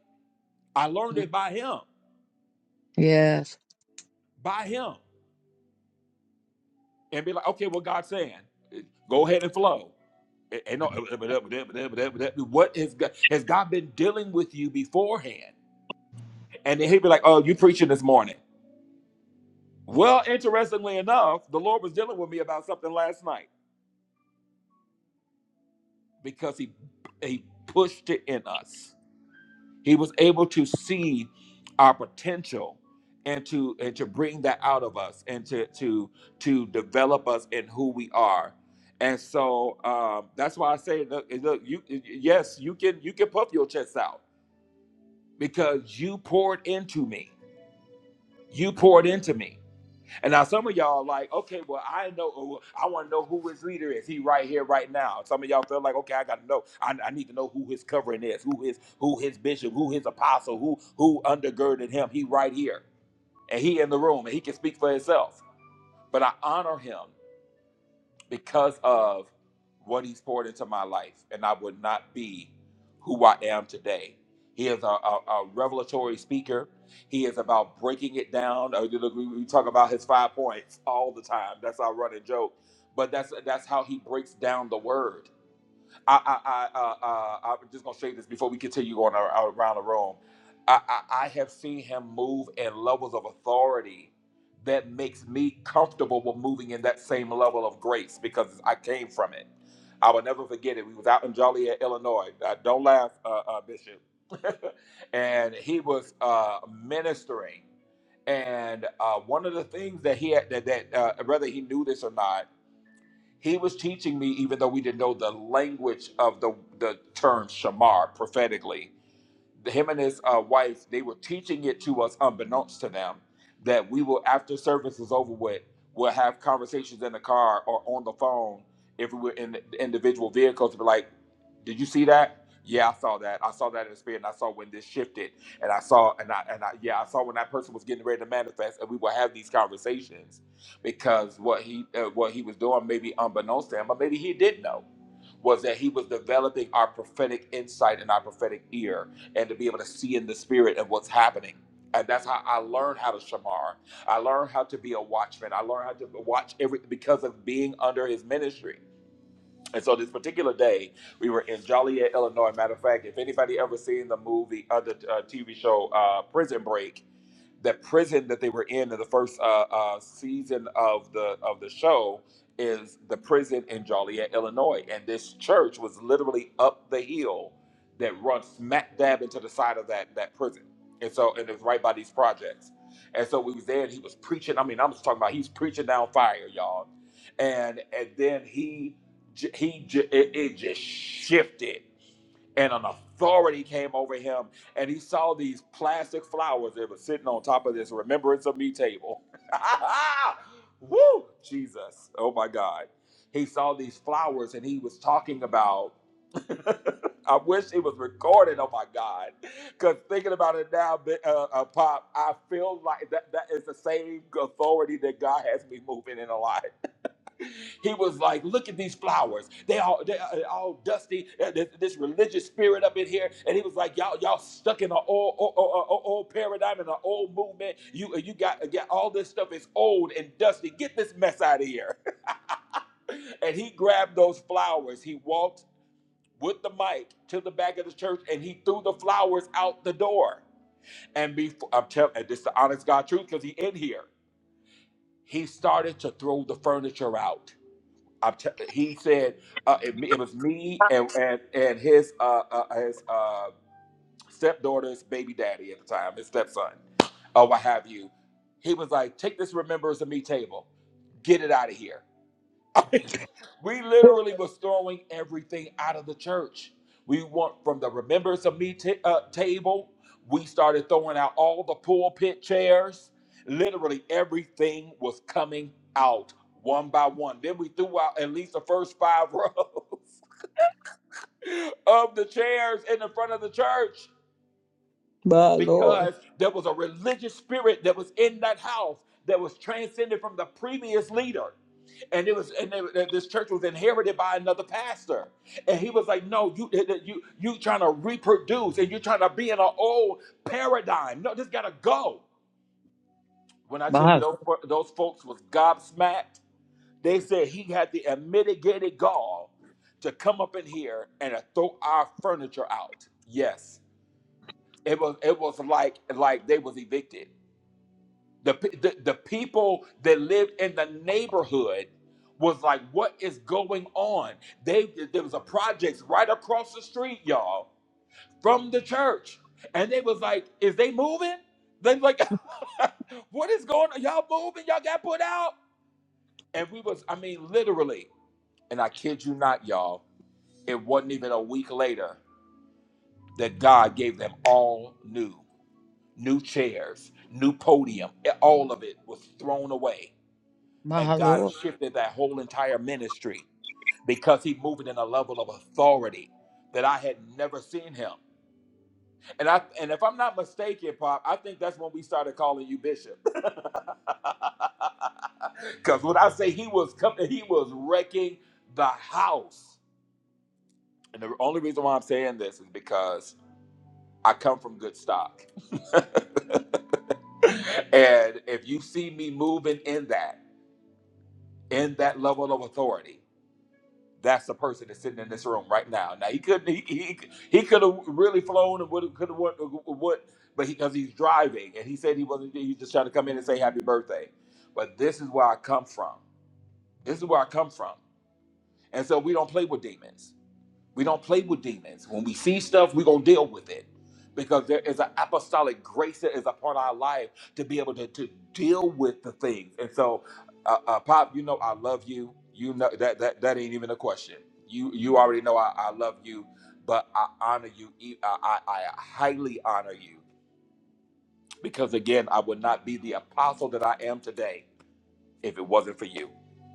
I learned it by him, Yes. by him, and be like, okay, what God's saying, eh, go ahead and flow. And and no, what has God, has God been dealing with you beforehand? And then he'd be like, oh, you preaching this morning. Well, interestingly enough, the Lord was dealing with me about something last night because he he pushed it in us. He was able to see our potential and to and to bring that out of us and to to to develop us in who we are. And so um, that's why I say, look, eh, look, you yes, you can you can puff your chest out because you poured into me. You poured into me. And now some of y'all are like, okay, well, I know, oh, I want to know who his leader is. He right here, right now. Some of y'all feel like, okay, I got to know. I, I need to know who his covering is, who his, who his bishop, who his apostle, who, who undergirded him. He right here, and he in the room, and he can speak for himself. But I honor him because of what he's poured into my life, and I would not be who I am today. He is a, a, a revelatory speaker. He is about breaking it down. Uh, you look, We we talk about his five points all the time. That's our running joke, but that's that's how he breaks down the word. I, I, I, uh, uh, I'm just gonna say this before we continue going ar- ar- around the room. I, I, I have seen him move in levels of authority that makes me comfortable with moving in that same level of grace because I came from it. I will never forget it. We was out in Joliet, Illinois. Uh, don't laugh, uh, uh, Bishop. [laughs] and he was uh, ministering, and uh, one of the things that he had that, that uh, whether he knew this or not he was teaching me, even though we didn't know the language of the, the term shamar prophetically, him and his uh, wife, they were teaching it to us unbeknownst to them that we will, after service is over with, we'll have conversations in the car or on the phone if we were in the individual vehicles to be like, did you see that? Yeah, I saw that. I saw that in the spirit, and I saw when this shifted, and I saw, and I, and I, yeah, I saw when that person was getting ready to manifest, and we will have these conversations because what he, uh, what he was doing, maybe unbeknownst to him, but maybe he did know was that he was developing our prophetic insight and our prophetic ear and to be able to see in the spirit of what's happening. And that's how I learned how to shamar. I learned how to be a watchman. I learned how to watch every because of being under his ministry. And so this particular day, we were in Joliet, Illinois. Matter of fact, if anybody ever seen the movie, uh, the uh, TV show uh, Prison Break, that prison that they were in in the first uh, uh, season of the of the show is the prison in Joliet, Illinois, and this church was literally up the hill that runs smack dab into the side of that that prison, and so and it's right by these projects, and so we was there and he was preaching. I mean, I'm just talking about he's preaching down fire, y'all, and and then he j- he j- it, it just shifted and an authority came over him and he saw these plastic flowers that were sitting on top of this remembrance of me table [laughs] Woo! jesus oh my god he saw these flowers and he was talking about [laughs] i wish it was recorded oh my god because thinking about it now uh, uh, pop i feel like that, that is the same authority that god has me moving in a lot he was like, "Look at these flowers. They all they are all dusty. Uh, This, this religious spirit up in here." And he was like, "Y'all y'all stuck in an old, old, old, old old paradigm and an old movement. You uh, you got uh, got all this stuff is old and dusty. Get this mess out of here." [laughs] and he grabbed those flowers. He walked with the mic to the back of the church and he threw the flowers out the door. And before I'm telling, this is the honest God truth because he in here. He started to throw the furniture out. I'm t- he said uh, it, it was me and and, and his uh, uh, his uh, stepdaughter's baby daddy at the time, his stepson, or what have you. He was like, "Take this remembrance of me table, get it out of here." We literally was throwing everything out of the church. We went from the remembrance of me ta- uh, table. We started throwing out all the pulpit chairs. Literally everything was coming out one by one. Then we threw out at least the first five [laughs] rows. of the chairs in the front of the church My Lord. because there was a religious spirit that was in that house that was transcended from the previous leader. And it was, and they- this church was inherited by another pastor, and he was like, "No, you, you, you trying to reproduce, and you're trying to be in an old paradigm. No, this gotta go." When I tell My, you those fo- those folks was gobsmacked, they said he had the unmitigated gall to come up in here and to throw our furniture out. Yes, It was it was like like they was evicted. The pe- the, the people that lived in the neighborhood was like, what is going on? They there was a project right across the street, y'all, from the church, and they was like, is they moving? They was like, [laughs] what is going on? Y'all moving? Y'all got put out? And we was, I mean, literally, and I kid you not, y'all, it wasn't even a week later that God gave them all new. new chairs, new podium, e- all of it was thrown away. my And God Lord. shifted that whole entire ministry because he moved in a level of authority that I had never seen him. And I and if I'm not mistaken, Pop, I think that's when we started calling you Bishop. [laughs] Because when I say he was coming, he was wrecking the house. And the only reason why I'm saying this is because I come from good stock. [laughs] and if you see me moving in that. in that level of authority. That's the person that's sitting in this room right now. Now he couldn't. He he, he could have really flown and would could have what would, but because he's driving and he said he wasn't. He just trying to come in and say happy birthday. But this is where I come from. This is where I come from. And so we don't play with demons. We don't play with demons. When we see stuff, we're going to deal with it because there is an apostolic grace that is upon our life to be able to, to deal with the things. And so, uh, uh, Pop, you know I love you. You know that that, that ain't even a question. You you already know I, I love you, but I honor you. e- I, I I highly honor you because again, I would not be the apostle that I am today if it wasn't for you.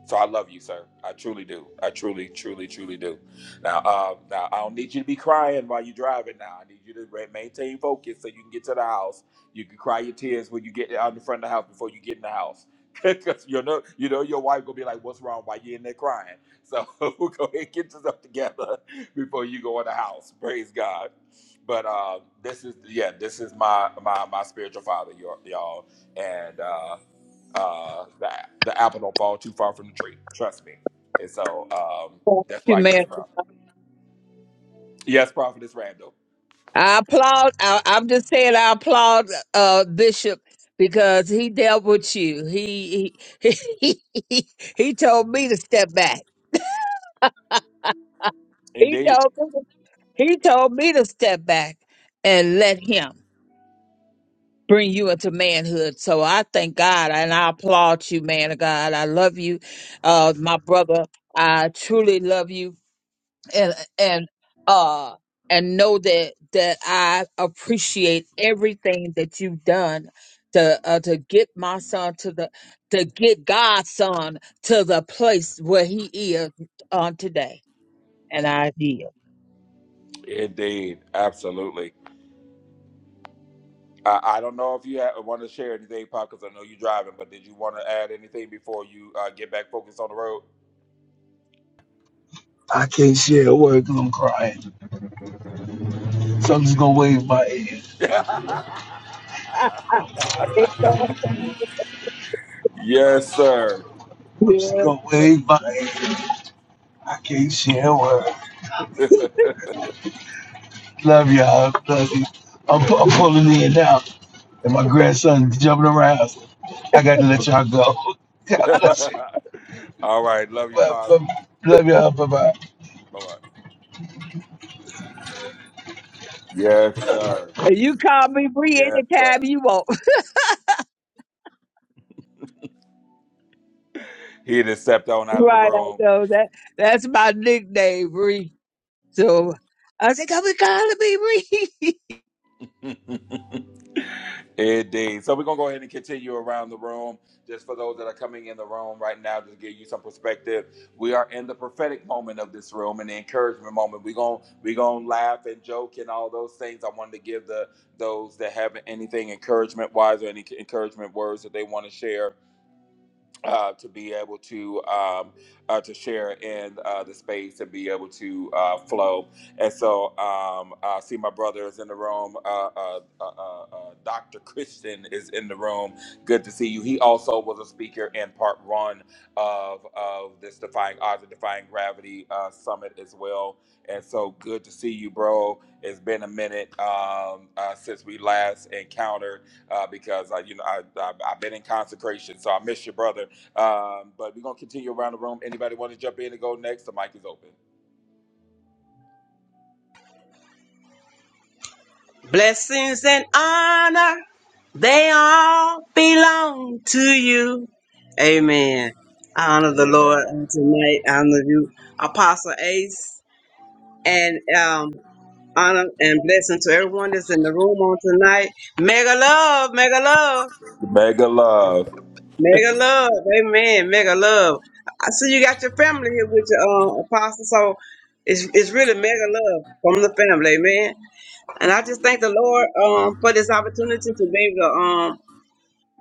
So I love you, sir. I truly do. I truly, truly, truly do. Now, uh, now I don't need you to be crying while you're driving. Now I need you to re- maintain focus so you can get to the house. You can cry your tears when you get out in front of the house before you get in the house, [laughs] because you know you know your wife gonna be like, "What's wrong? Why you in there crying?" So [laughs] go ahead, and get yourself together [laughs] before you go in the house. Praise God. But uh, this is yeah, this is my my my spiritual father, y'all, y'all. and. Uh, uh, the the apple don't fall too far from the tree. Trust me. And so um, that's You where I get man. it from. Yes, Prophetess Randall. I applaud. I, I'm just saying, I applaud uh, Bishop because he dealt with you. He he, [laughs] he he he told me to step back. He Indeed, told me. He told me to step back and let him bring you into manhood. So I thank God and I applaud you, man of God. I love you, uh, my brother. I truly love you and and uh and know that that I appreciate everything that you've done to uh, to get my son to the to get God's son to the place where he is on today. And I did. indeed, absolutely. I, I don't know if you ha- want to share anything, Pop, because I know you're driving. But did you want to add anything before you uh, get back focused on the road? I can't share a word 'cause I'm crying. So I'm just going to wave my hand. [laughs] [laughs] yes, sir. I'm just Yes. going to wave my hand. I can't share a word. Love y'all. Love you. I'm, pu- I'm pulling in now. And my grandson's jumping around. I got to let y'all go. [laughs] [laughs] God bless you. All right, love you, Well, Pop. well, love y'all. Bye bye. Bye bye. Yes, sir. And You call me Bree Yes, anytime sir. you want. [laughs] He just stepped on out of the Right, I room. know that. That's my nickname, Bree. So I said, "Come and call me Bree." [laughs] [laughs] Indeed. So we're gonna go ahead and continue around the room. Just for those that are coming in the room right now, just to give you some perspective. We are in the prophetic moment of this room and the encouragement moment. We're gonna we gonna laugh and joke and all those things. I wanted to give the those that have anything encouragement wise or any encouragement words that they want to share uh, to be able to um, uh, to share in uh, the space and be able to uh, flow. And so um, I see my brother is in the room. Uh, uh, uh, uh, uh, Dr. Christian is in the room. Good to see you. He also was a speaker in part one of, of this Defying Odds and Defying Gravity uh, Summit as well. And so good to see you, bro. It's been a minute um, uh, since we last encountered uh, because I, you know I, I, I've been in consecration, so I miss your brother um, but we're gonna continue around the room. Anybody want to jump in and go next? The mic is open. Blessings and honor, they all belong to you. Amen. I honor the Lord on tonight. I honor you, Apostle Ace and um. honor and blessing to everyone that's in the room on tonight. Mega love, mega love, Mega love. mega love. Amen. Mega love. I see you got your family here with your uh, apostle, so it's it's really mega love from the family, amen. And I just thank the Lord um for this opportunity to be able to um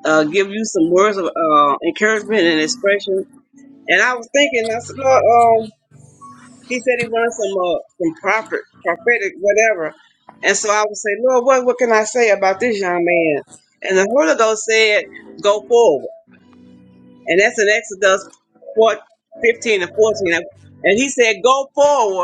uh, give you some words of uh, encouragement and expression. And I was thinking, I said, Lord, um, He said he wanted some uh, some prophet, prophetic, whatever. And so I would say, Lord, what what can I say about this young man? And the Holy Ghost said, Go forward. And that's in Exodus 4, 15 and 14. And he said, Go forward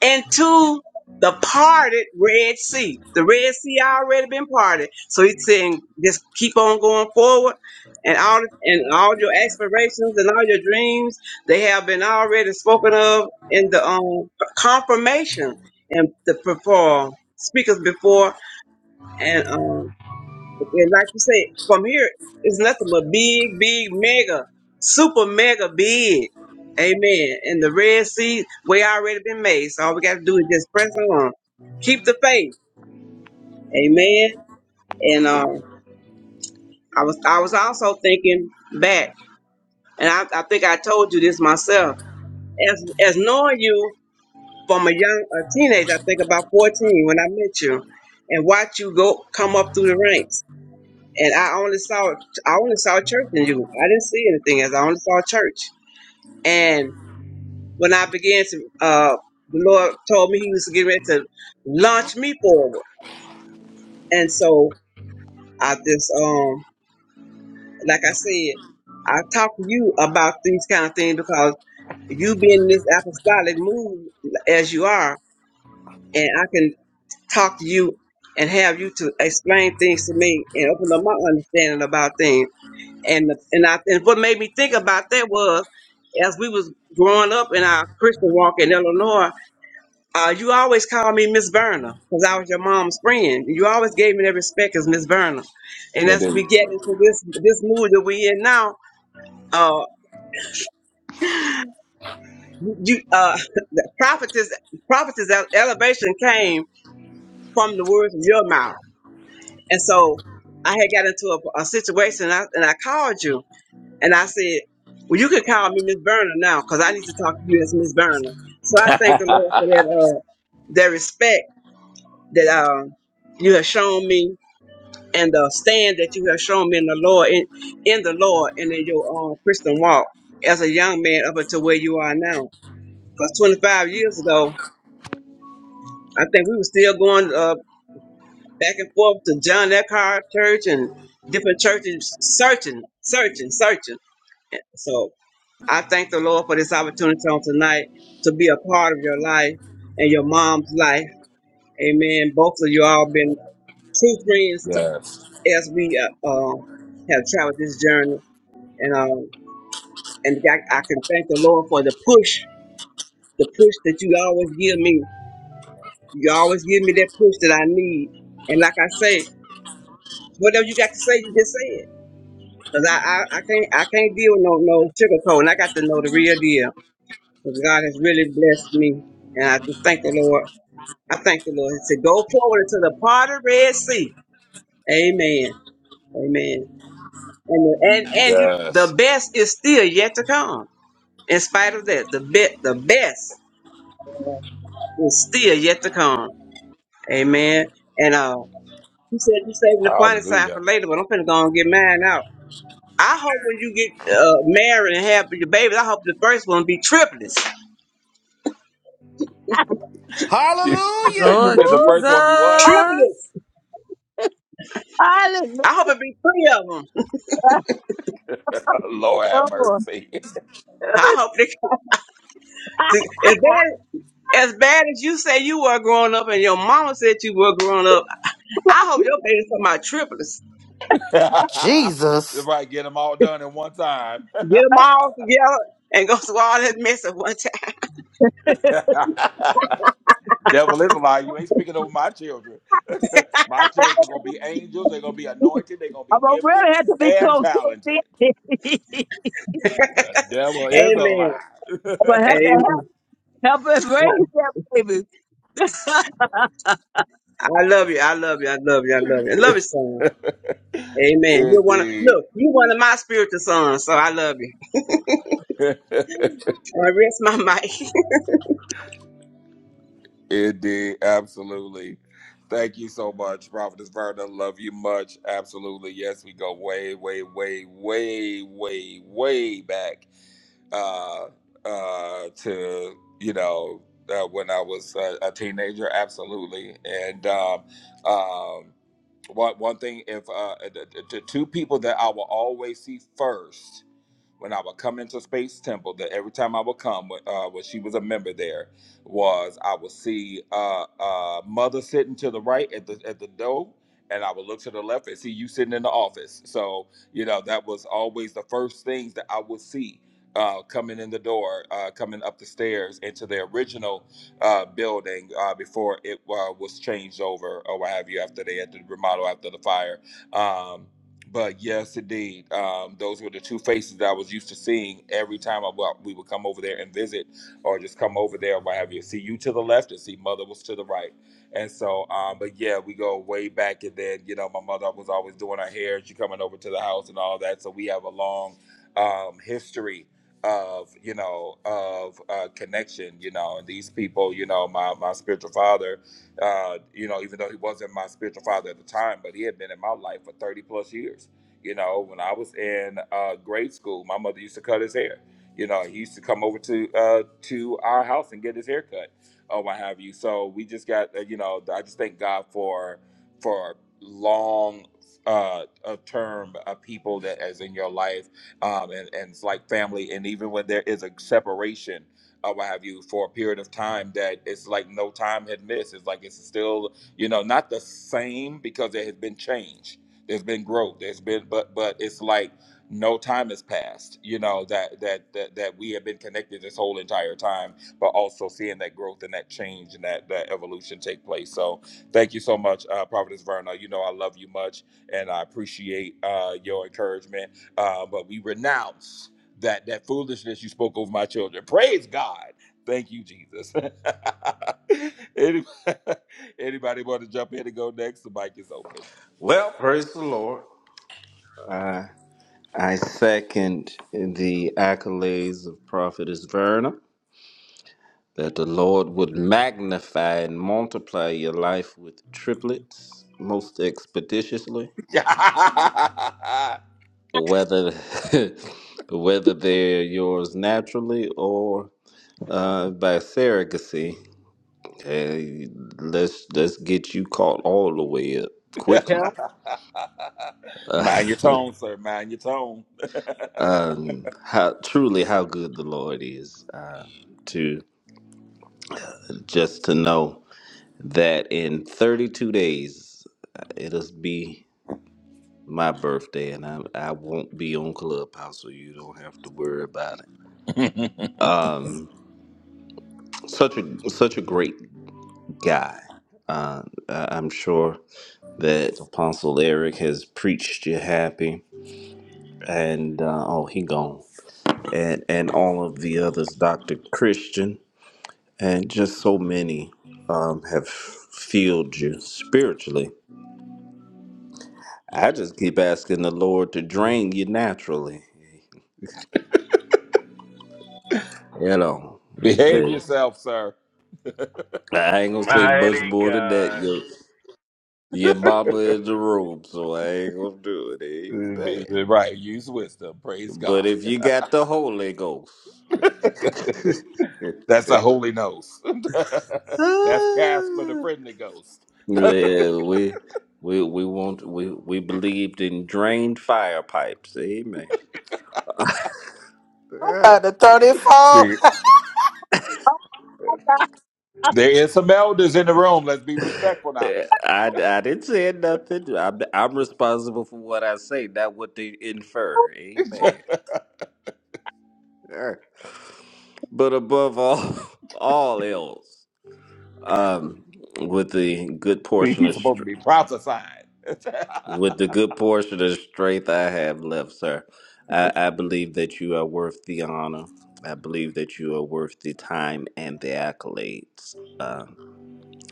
into the parted Red Sea. The Red Sea already been parted. So he's saying just keep on going forward and all and all your aspirations and all your dreams, they have been already spoken of in the um confirmation and the before speakers before and um and like you said, from here, it's nothing but big, big, mega, super mega big. Amen. And the Red Sea, we already been made. So all we got to do is just press on. Keep the faith. Amen. And uh, I was I was also thinking back, and I, I think I told you this myself. As as knowing you from a young a teenager, I think about 14 when I met you, and watch you go come up through the ranks. and I only saw I only saw church in you. I didn't see anything else. I only saw church. And when I began to, uh, the Lord told me He was getting ready to launch me forward. And so I just, um, like I said, I talk to you about these kind of things because you being in this apostolic move as you are, and I can talk to you and have you to explain things to me and open up my understanding about things. and the- and I and what made me think about that was as we was growing up in our Christian walk in Illinois, uh, you always called me Miss Verna because I was your mom's friend. You always gave me that respect as Miss Verna, and as we get into this this mood that we in now, uh, you uh, prophetess prophetess ele- elevation came from the words of your mouth, and so I had got into a, a situation and I, and I called you And I said, Well, you can call me Miss Burner now because I need to talk to you as Miss Burner. So I thank the Lord for that, uh, that respect that uh, you have shown me and the stand that you have shown me in the Lord, in, in the Lord and in your um, Christian walk as a young man up until where you are now. Because 25 years ago, I think we were still going uh, back and forth to John Eckhart Church and different churches, searching, searching, searching. So. I thank the Lord for this opportunity on tonight to be a part of your life and your mom's life. Amen. Both of you all been true friends to, Yes. as we uh, uh, have traveled this journey, and um, and I, I can thank the Lord for the push, the push that you always give me. You always give me that push that I need. And like I say, whatever you got to say, you just say it. Cause I, I, I can't I can't deal with no no sugarcoat, and I got to know the real deal. 'Cause God has really blessed me and I just thank the Lord I thank the Lord. He said, "Go forward to the part of Red Sea." Amen. Amen. And and and you, Yes. the best is still yet to come. In spite of that, the best the best is still yet to come. Amen. And uh, you said you saving the funny side Hallelujah. for [laughs] later, but I'm finna go and get mine out. I hope when you get uh, married and have your babies, I hope the first one be triplets. You, Hallelujah. Woo, Lord said the first one be what? Jesus. Triplets. I'm smiling, I hope it be three of them. [laughs] Lord Miss have Norma. mercy. [laughs] I hope they. [laughs] Is that? As bad as you say you were growing up and your mama said you were growing up, I hope your baby's talking about triplets. If Jesus. I get them all done in one time. Get them all together and go [laughs] through all that mess at one time. [laughs] Devil is a lie. You ain't speaking over my children. [laughs] my children are gonna be angels. They're gonna be anointed. They're gonna I'm be gonna gifted really have to be and close to talented. it. [laughs] The devil [laughs] is a Amen. lie. [laughs] I'm gonna have to help, Amen. help and raise that baby. I, I love you. I love you. I love you. I love you. I love you, [laughs] son. Amen. You're one of, Indeed. look, you're one of my spiritual sons, so I love you. [laughs] [laughs] I rest my mic. Indeed. Absolutely. Thank you so much, Prophetess Verna. Love you much. Absolutely. Yes, we go way, way, way, way, way, way back uh, uh, to, you know, uh, when I was uh, a teenager. Absolutely. And um, um, one, one thing, if uh, the, the the two people that I will always see first when I would come into Space Temple, that every time I would come, uh, when she was a member there, was I would see uh, uh, mother sitting to the right at the at the door, and I would look to the left and see you sitting in the office. So you know that was always the first things that I would see. Uh, coming in the door, uh, coming up the stairs into the original uh, building uh, before it uh, was changed over or what have you after they had to remodel after the fire. Um, but yes, indeed, um, those were the two faces that I was used to seeing every time I well, we would come over there and visit, or just come over there, or what have you. See you to the left, and see mother was to the right, and so. Um, but yeah, we go way back, and then you know my mother was always doing her hair. She coming over to the house and all that, so we have a long um, history of you know of uh, connection. You know, and these people, you know, my my spiritual father. Uh, you know, even though he wasn't my spiritual father at the time, but he had been in my life for 30 plus years. You know, when I was in uh, grade school, my mother used to cut his hair. You know, he used to come over to uh, to our house and get his hair cut or what have you. So we just got, uh, you know, I just thank God for for long uh, a term of people that is in your life um, and, and it's like family. And even when there is a separation, or what have you for a period of time that it's like no time had missed. It's like it's still, you know, not the same because there has been change. There's been growth. There's been but but it's like no time has passed, you know, that that that, that we have been connected this whole entire time, but also seeing that growth and that change and that, that evolution take place. So thank you so much, uh Providence Verna. You know I love you much and I appreciate uh your encouragement. Uh but we renounce that that foolishness you spoke over my children. Praise God. Thank you, Jesus. [laughs] Any- [laughs] Anybody want to jump in and go next? The mic is open. Well, praise the Lord. I I second the accolades of Prophetess Verna that the Lord would magnify and multiply your life with triplets most expeditiously, [laughs] whether [laughs] whether they're yours naturally or uh, by surrogacy. Hey, let's let's get you caught all the way up [laughs] quickly. help. Mind [laughs] your tone, sir. Mind your tone. um, how truly how good the Lord is um, to just to know that in 32 days uh, it'll be my birthday and I, I won't be on Clubhouse so you don't have to worry about it. [laughs] Um, such a such a great guy. Uh, I- I'm sure that Apostle Eric has preached you happy and uh, oh he gone and and all of the others, Doctor Christian and just so many um, have filled you spiritually. I just keep asking the Lord to drain you naturally. You know, Behave the, yourself, sir. [laughs] I ain't gonna say much Mighty more than that. God. Your, your mama in the room, so I ain't gonna do it. Amen. Right. Use wisdom. Praise But God. if you got the Holy Ghost, [laughs] That's a yeah, holy nose. [laughs] That's Casper the friendly ghost. we we we want we we believed in drained fire pipes. Amen. I'm Yeah. about to throw this [laughs] phone. See, there is some elders in the room. Let's be respectful now. Eh, I, I didn't say nothing. I'm, I'm responsible for what I say, not what they infer. Amen. [laughs] Yeah. But above all, [laughs] all else, um, with the good See, portion of he's supposed str- to be prophesying. [laughs] with the good portion of strength I have left, sir, I, I believe that you are worth the honor. I believe that you are worth the time and the accolades. Um,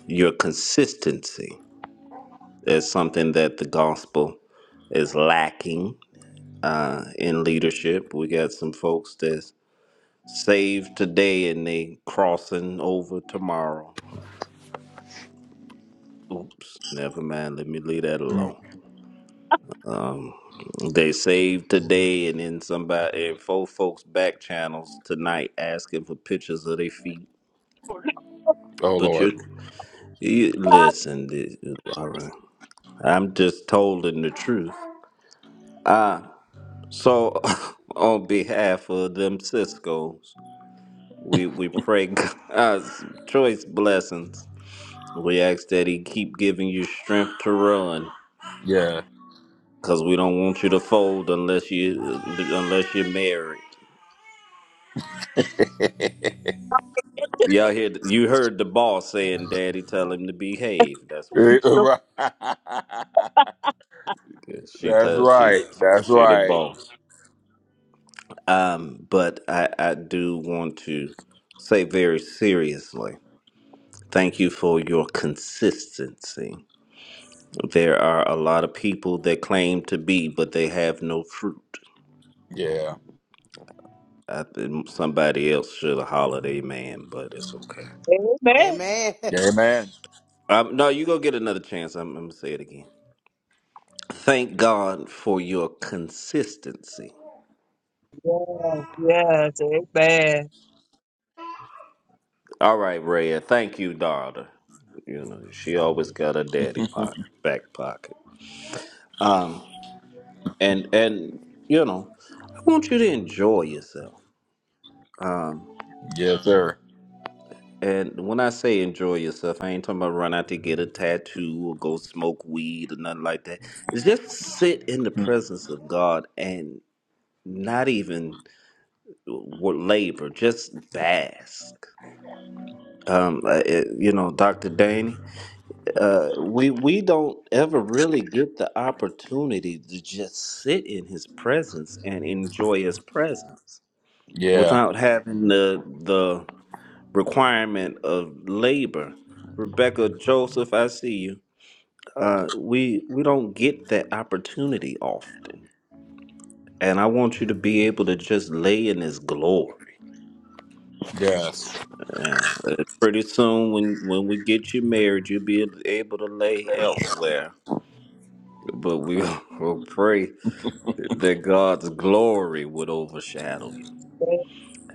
your consistency. Is something that the gospel is lacking uh, in leadership. We got some folks that's saved today and they crossing over tomorrow. Oops, never mind. Let me leave that Mm. alone. Um, they saved today and then somebody and four folks back channels tonight asking for pictures of their feet. Oh But Lord. you, you listen. th- All right, I'm just telling the truth. So, [laughs] on behalf of them Cisco's. We we pray [laughs] God's choice blessings. We ask that He keep giving you strength to run, cause we don't want you to fold unless you unless you're married. Y'all hear? You heard the boss saying, "Daddy, tell him to behave." That's what Eh, she right. [laughs] said. She That's tells she right. That's she the right. boss. Um, but I I do want to say very seriously, thank you for your consistency There are a lot of people that claim to be, but they have no fruit. Yeah. I think somebody else should have hollered amen, but it's okay. [laughs] Amen. Amen. Amen. Um, no, you go get another chance. I'm, I'm going to say it again. Thank God for your consistency. Yeah, yes, amen. All right, Rhea. Thank you, daughter. You know, she always got her [laughs] daddy pocket, back pocket. Um, and, and you know, I want you to enjoy yourself. Um. Yes, sir. And when I say enjoy yourself, I ain't talking about run out to get a tattoo or go smoke weed or nothing like that. It's just sit in the presence of God and not even w- labor, just bask. Um, uh, it- you know, Dr. Danny, uh, we we don't ever really get the opportunity to just sit in His presence and enjoy His presence Yeah. without having the the requirement of labor. Rebecca Joseph, I see you. Uh, we we don't get that opportunity often, and I want you to be able to just lay in His glory. Yes. Yeah, uh, pretty soon when when we get you married, you'll be able to lay elsewhere. But we [laughs] will pray that God's glory would overshadow you.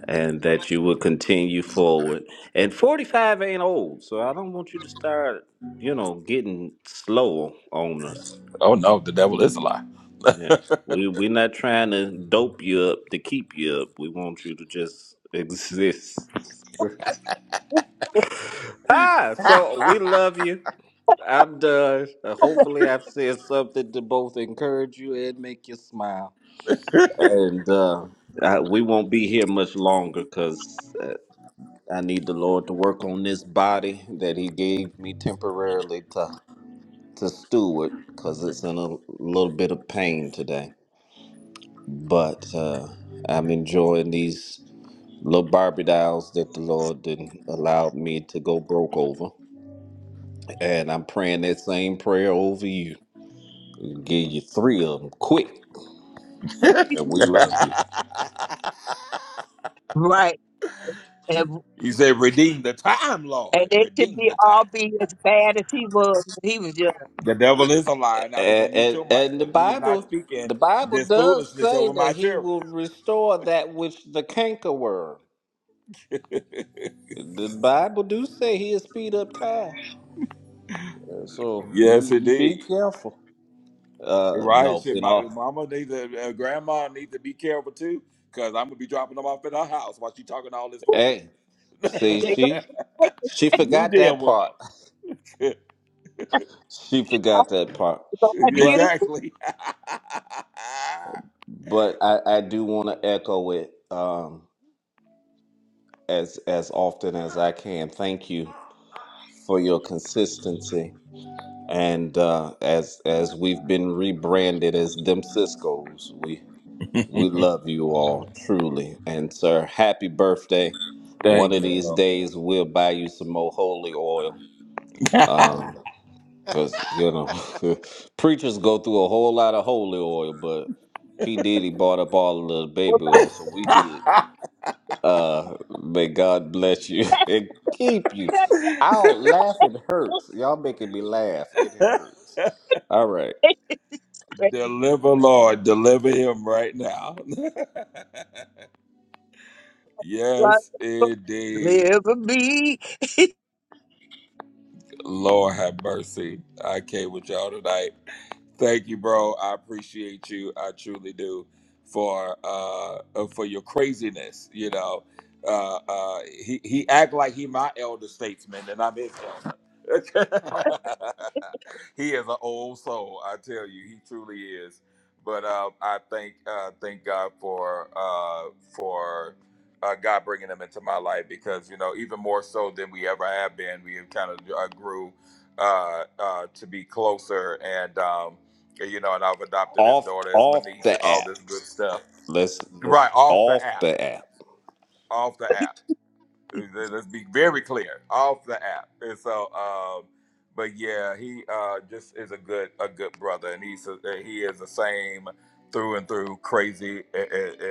and that you would continue forward. And 45 ain't old, so I don't want you to start, you know, getting slow on us. Oh no, the devil is a lie. Yeah. [laughs] We we're not trying to dope you up to keep you up. We want you to just exist. [laughs] ah, so we love you. I'm done. Uh, hopefully I've said something to both encourage you and make you smile. And uh, I, we won't be here much longer because I need the Lord to work on this body that He gave me temporarily to to steward, because it's in a little bit of pain today. But uh, I'm enjoying these little Barbie dolls that the Lord didn't allow me to go broke over, and I'm praying that same prayer over you. Give you three of them quick, and we love you. [laughs] Right. And, He said, "Redeem the time, Lord. and they should Redeem be the time." all be as bad as he was when he was young. The devil is a lie. Now we're And gonna mute and, your mic and the because you was not Bible. speaking The Bible this does foolishness say over that my he children. will restore that which the canker cankerworm The Bible do say he'll speed up time. Uh, [laughs] So Yes, you, you be indeed. careful. You're Uh right. no, Shit, in my all mama needs to, uh, grandma needs to be careful too, because I'm gonna be dropping them off at her house while she talking all this hey. foolishness. See They [laughs] don't she take she you forgot deal that with part. them. [laughs] she us forgot that part. [laughs] don't have to get us But exactly. but I, I do wanna echo it um as as often as I can. Thank you for your consistency. And uh as as we've been rebranded as them Cisco's, we [laughs] We love you all truly. And, sir, happy birthday. One Thank of you, these bro. days, we'll buy you some more holy oil. [laughs] Because, you know, [laughs] preachers go through a whole lot of holy oil, but P. Diddy bought up all of the school. baby oil, so we good. Uh, may God bless you [laughs] and keep you. I'll laugh, it hurts. Y'all making me laugh. It hurts. All right. [laughs] deliver, Lord, deliver him right now. [laughs] Right. yes, indeed. Live with me. Lord have mercy. I came with y'all tonight. Thank you, bro. I appreciate you. I truly do for uh uh, for your craziness. You know, uh, uh, he he act like he my elder statesman and I'm his elder. [laughs] he is an old soul. I tell you, he truly is. But uh, I thank uh, thank God for uh, for uh, God bringing him into my life because you know even more so than we ever have been. We have kind of uh, grew uh, uh, to be closer and. Um, you know, and I've adopted his Off daughter as my off niece and the all app. this good stuff. Let's Right, let's off off the app, the app. off the app. Let- us be very clear off the app. And so, um, but yeah, he uh, just is a good a good brother, and he's a, he is the same through and through, crazy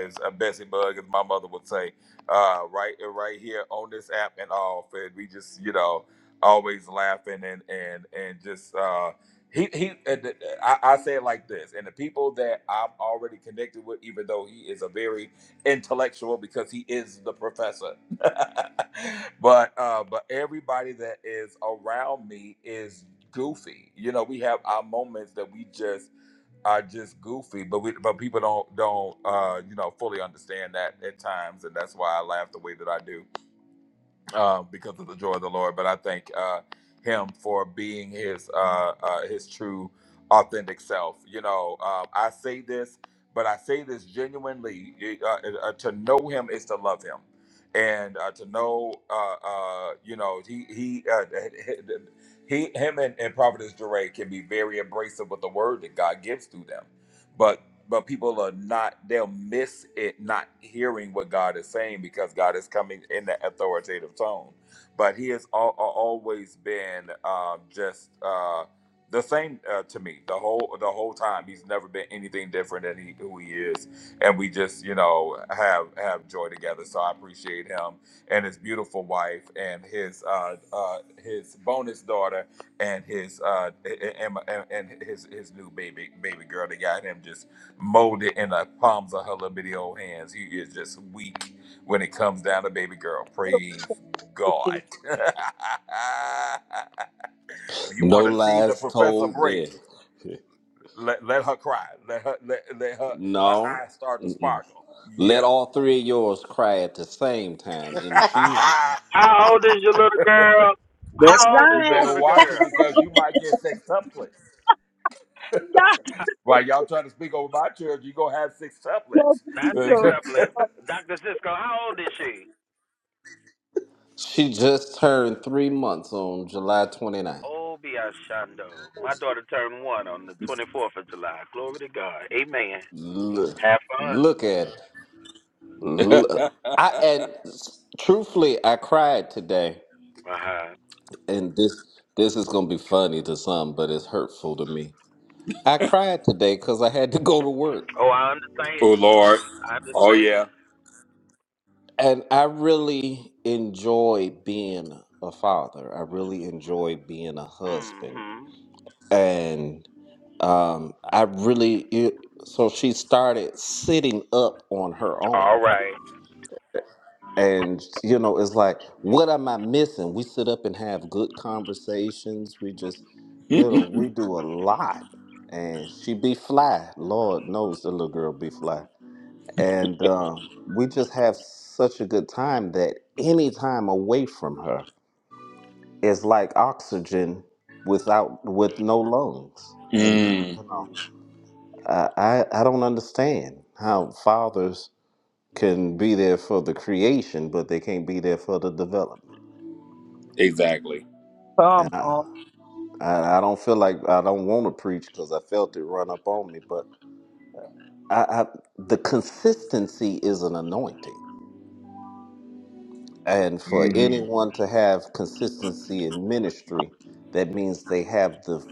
as a Bessie Bug, as my mother would say, uh, right right here on this app and off. And we just you know always laughing and and and just. Uh, he he and I, I say it like this and the people that i am already connected with even though he is a very intellectual because he is the professor [laughs] but uh, but everybody that is around me is goofy. You know, we have our moments that we just are just goofy, but we but people don't don't uh, you know fully understand that at times, and that's why I laugh the way that I do uh, because of the joy of the Lord. But I thank uh, him for being his uh, uh, his true, authentic self. You know, um, I say this, but I say this genuinely. It, Uh, it- uh, to know him is to love him, and uh, to know, uh, uh, you know, he he. Uh, he, him, and, and Providence Duray can be very abrasive with the word that God gives to them, but but people are not they'll miss it not hearing what god is saying because god is coming in that authoritative tone but he has al- al- always been um, just uh, the same uh, to me the whole the whole time he's never been anything different than he, who he is and we just you know have have joy together so i appreciate him and his beautiful wife and his uh, uh, his bonus daughter and his uh, and, and, and his his new baby baby girl They got him just molded in the palms of her little bitty old hands. He is just weak when it comes down to baby girl. Praise God. [laughs] if you No want to see the lies professor told break, there. [laughs] let, let her cry. Let her let, let her her No. eyes start to Mm-mm. sparkle. Let Yeah. all three of yours cry at the same time in [laughs] Jesus. name. How old is your little girl? [laughs] That's How old you is the right. better little watch girl? it because you might get sextuplets. tuplets. Not While y'all trying to speak over my church, you gonna have sextuplets. That's [laughs] six just doublet. Dr. Cisco, how old is she? She just turned three months on July 29th. Oh, be My daughter turned one on the 24th of July. Glory to God. Amen. Look, Have fun. look at it. Look. I and s- truthfully, I cried today, Uh-huh. and this this is gonna be funny to some, but it's hurtful to me. I cried today because I had to go to work. Oh, I understand. oh Lord. I Oh understand. yeah. And I really enjoy being a father. I really enjoy being a husband. Mm-hmm. And um, I really, it, so she started sitting up on her own. All right. And, you know, it's like, what am I missing? We sit up and have good conversations. We just, you know, we do a lot. And she be fly. Lord knows the little girl be fly and um, we just have such a good time that any time away from her is like oxygen without with no lungs and you know I, I i don't understand how fathers can be there for the creation but they can't be there for the development and Come i on. i, I don't feel like i don't want to preach because i felt it run up on me but I, I the consistency is an anointing And for anyone to have consistency in ministry, that means they have the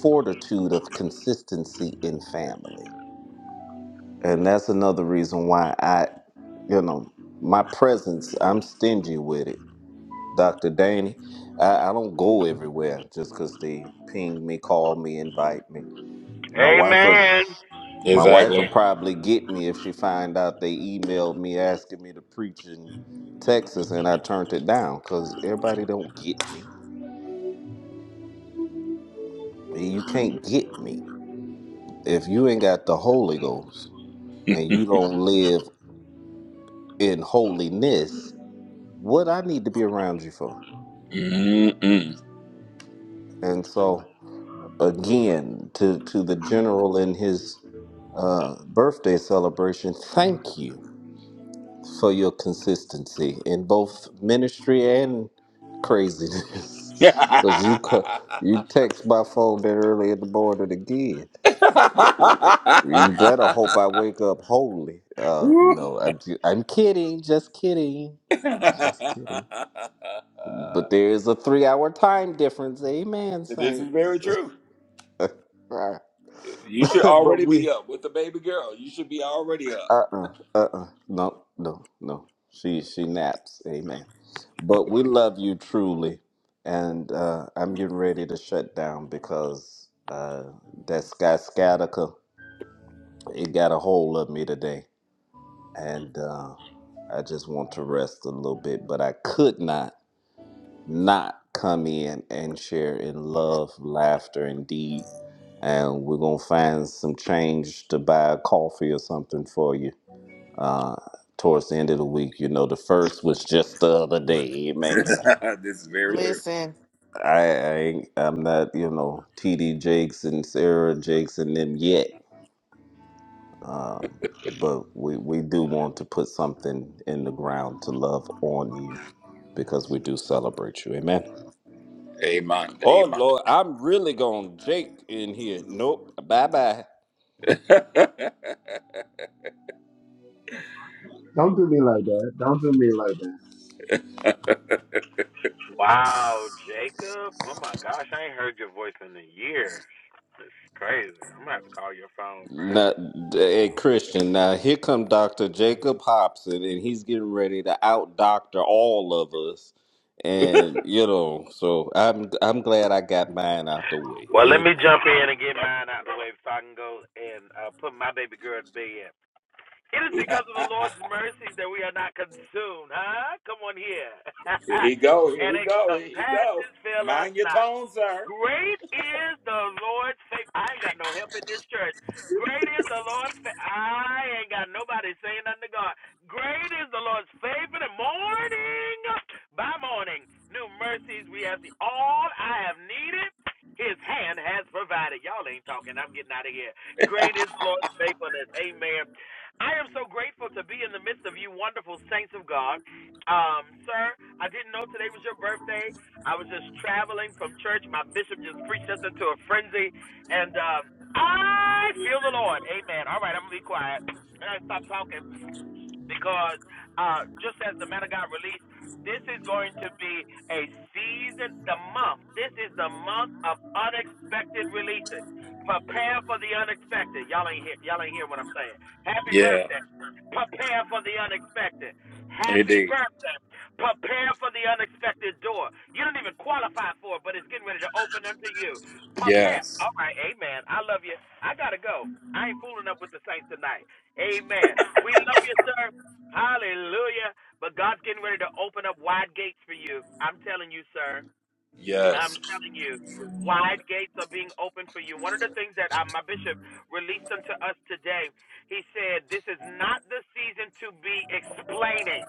fortitude of consistency in family. And that's another reason why I, you know, my presence, I'm stingy with it. Dr. Danny, I, I don't go everywhere just because they ping me, call me, invite me. My wife, will- Amen. my wife will Exactly. probably get me if she find out they emailed me asking me to preach in Texas and I turned it down because everybody don't get me. You can't get me if you ain't got the Holy Ghost and you don't live in holiness. What I need to be around you for? Mm-mm. And so again, to to the general in his uh, birthday celebration, thank you for your consistency in both ministry and craziness. [laughs] Because you, co- [laughs] you text my phone that early in the morning again. You better hope I wake up holy. Uh, no, I'm, ju- I'm kidding. Just kidding. Just kidding. But there is a three hour time difference. Amen, this is very saints. true. [laughs] Right. You should [laughs] but already we be up with the baby girl. You should be already up. Uh-uh. Uh-uh. No, no, no. She she naps. Amen. But we love you truly. And uh I'm getting ready to shut down because uh that Sky Scatica, it got a hold of me today. And uh I just want to rest a little bit, but I could not not come in and share in love, laughter, indeed. And we're gonna find some change to buy a coffee or something for you uh, towards the end of the week. You know, the first was just the other day, [laughs] man. this is very true. Listen. I, I ain't- I'm not you know TD Jakes and Sarah Jakes and them yet, um, but we we do want to put something in the ground to love on you because we do celebrate you. Amen. Amen. Oh Lord, I'm really gonna Jake in here. Nope. Bye bye. Don't do me like that. Don't do me like that. Wow, Jacob. Oh, my gosh. I ain't heard your voice in a year. It's crazy. I'm going to have to call your phone, bro. Now, hey Christian, now here come Dr. Jacob Hobson, and he's getting ready to out doctor all of us. And you know, so I'm I'm glad I got mine out the way. Well, let me Amen. jump in and get mine out of the way so I can go and uh, put my baby girl to bed. It is because of the Lord's mercies that we are not consumed, huh? Come on here. [laughs] and his So, compassion fill us mind your not. tone, sir. Great is the Lord's faith. I ain't got no help in this church. Great is the Lord's faith. I ain't got nobody saying nothing to God. Great is the Lord's faith in The morning by morning, new mercies we have seen. All I have needed, His hand has provided. Y'all ain't talking. I'm getting out of here. Great is the Lord's faithfulness. Amen. I am so grateful to be in the midst of you, wonderful saints of God. Um, sir, I didn't know today was your birthday. I was just traveling from church. My bishop just preached us into a frenzy, and uh, I feel the Lord. Amen. All right, I'm gonna be quiet. And I stop talking because uh, just as the man of God released, this is going to be a season, the month. This is the month of unexpected releases. Prepare for the unexpected. Y'all ain't hear, y'all ain't hear what I'm saying. Happy birthday. Prepare for the unexpected. Happy Indeed. birthday. Prepare for the unexpected door. You don't even qualify for it, but it's getting ready to open unto you. Prepare. Yes. All right, amen. I love you. I got to go. I ain't fooling up with the saints tonight. Amen. We love you, sir. Hallelujah. But God's getting ready to open up wide gates for you. I'm telling you, sir. I'm Yes. telling you. Wide gates are being opened for you. One of the things that uh, my bishop released unto us today, he said, This is not the season to be explaining.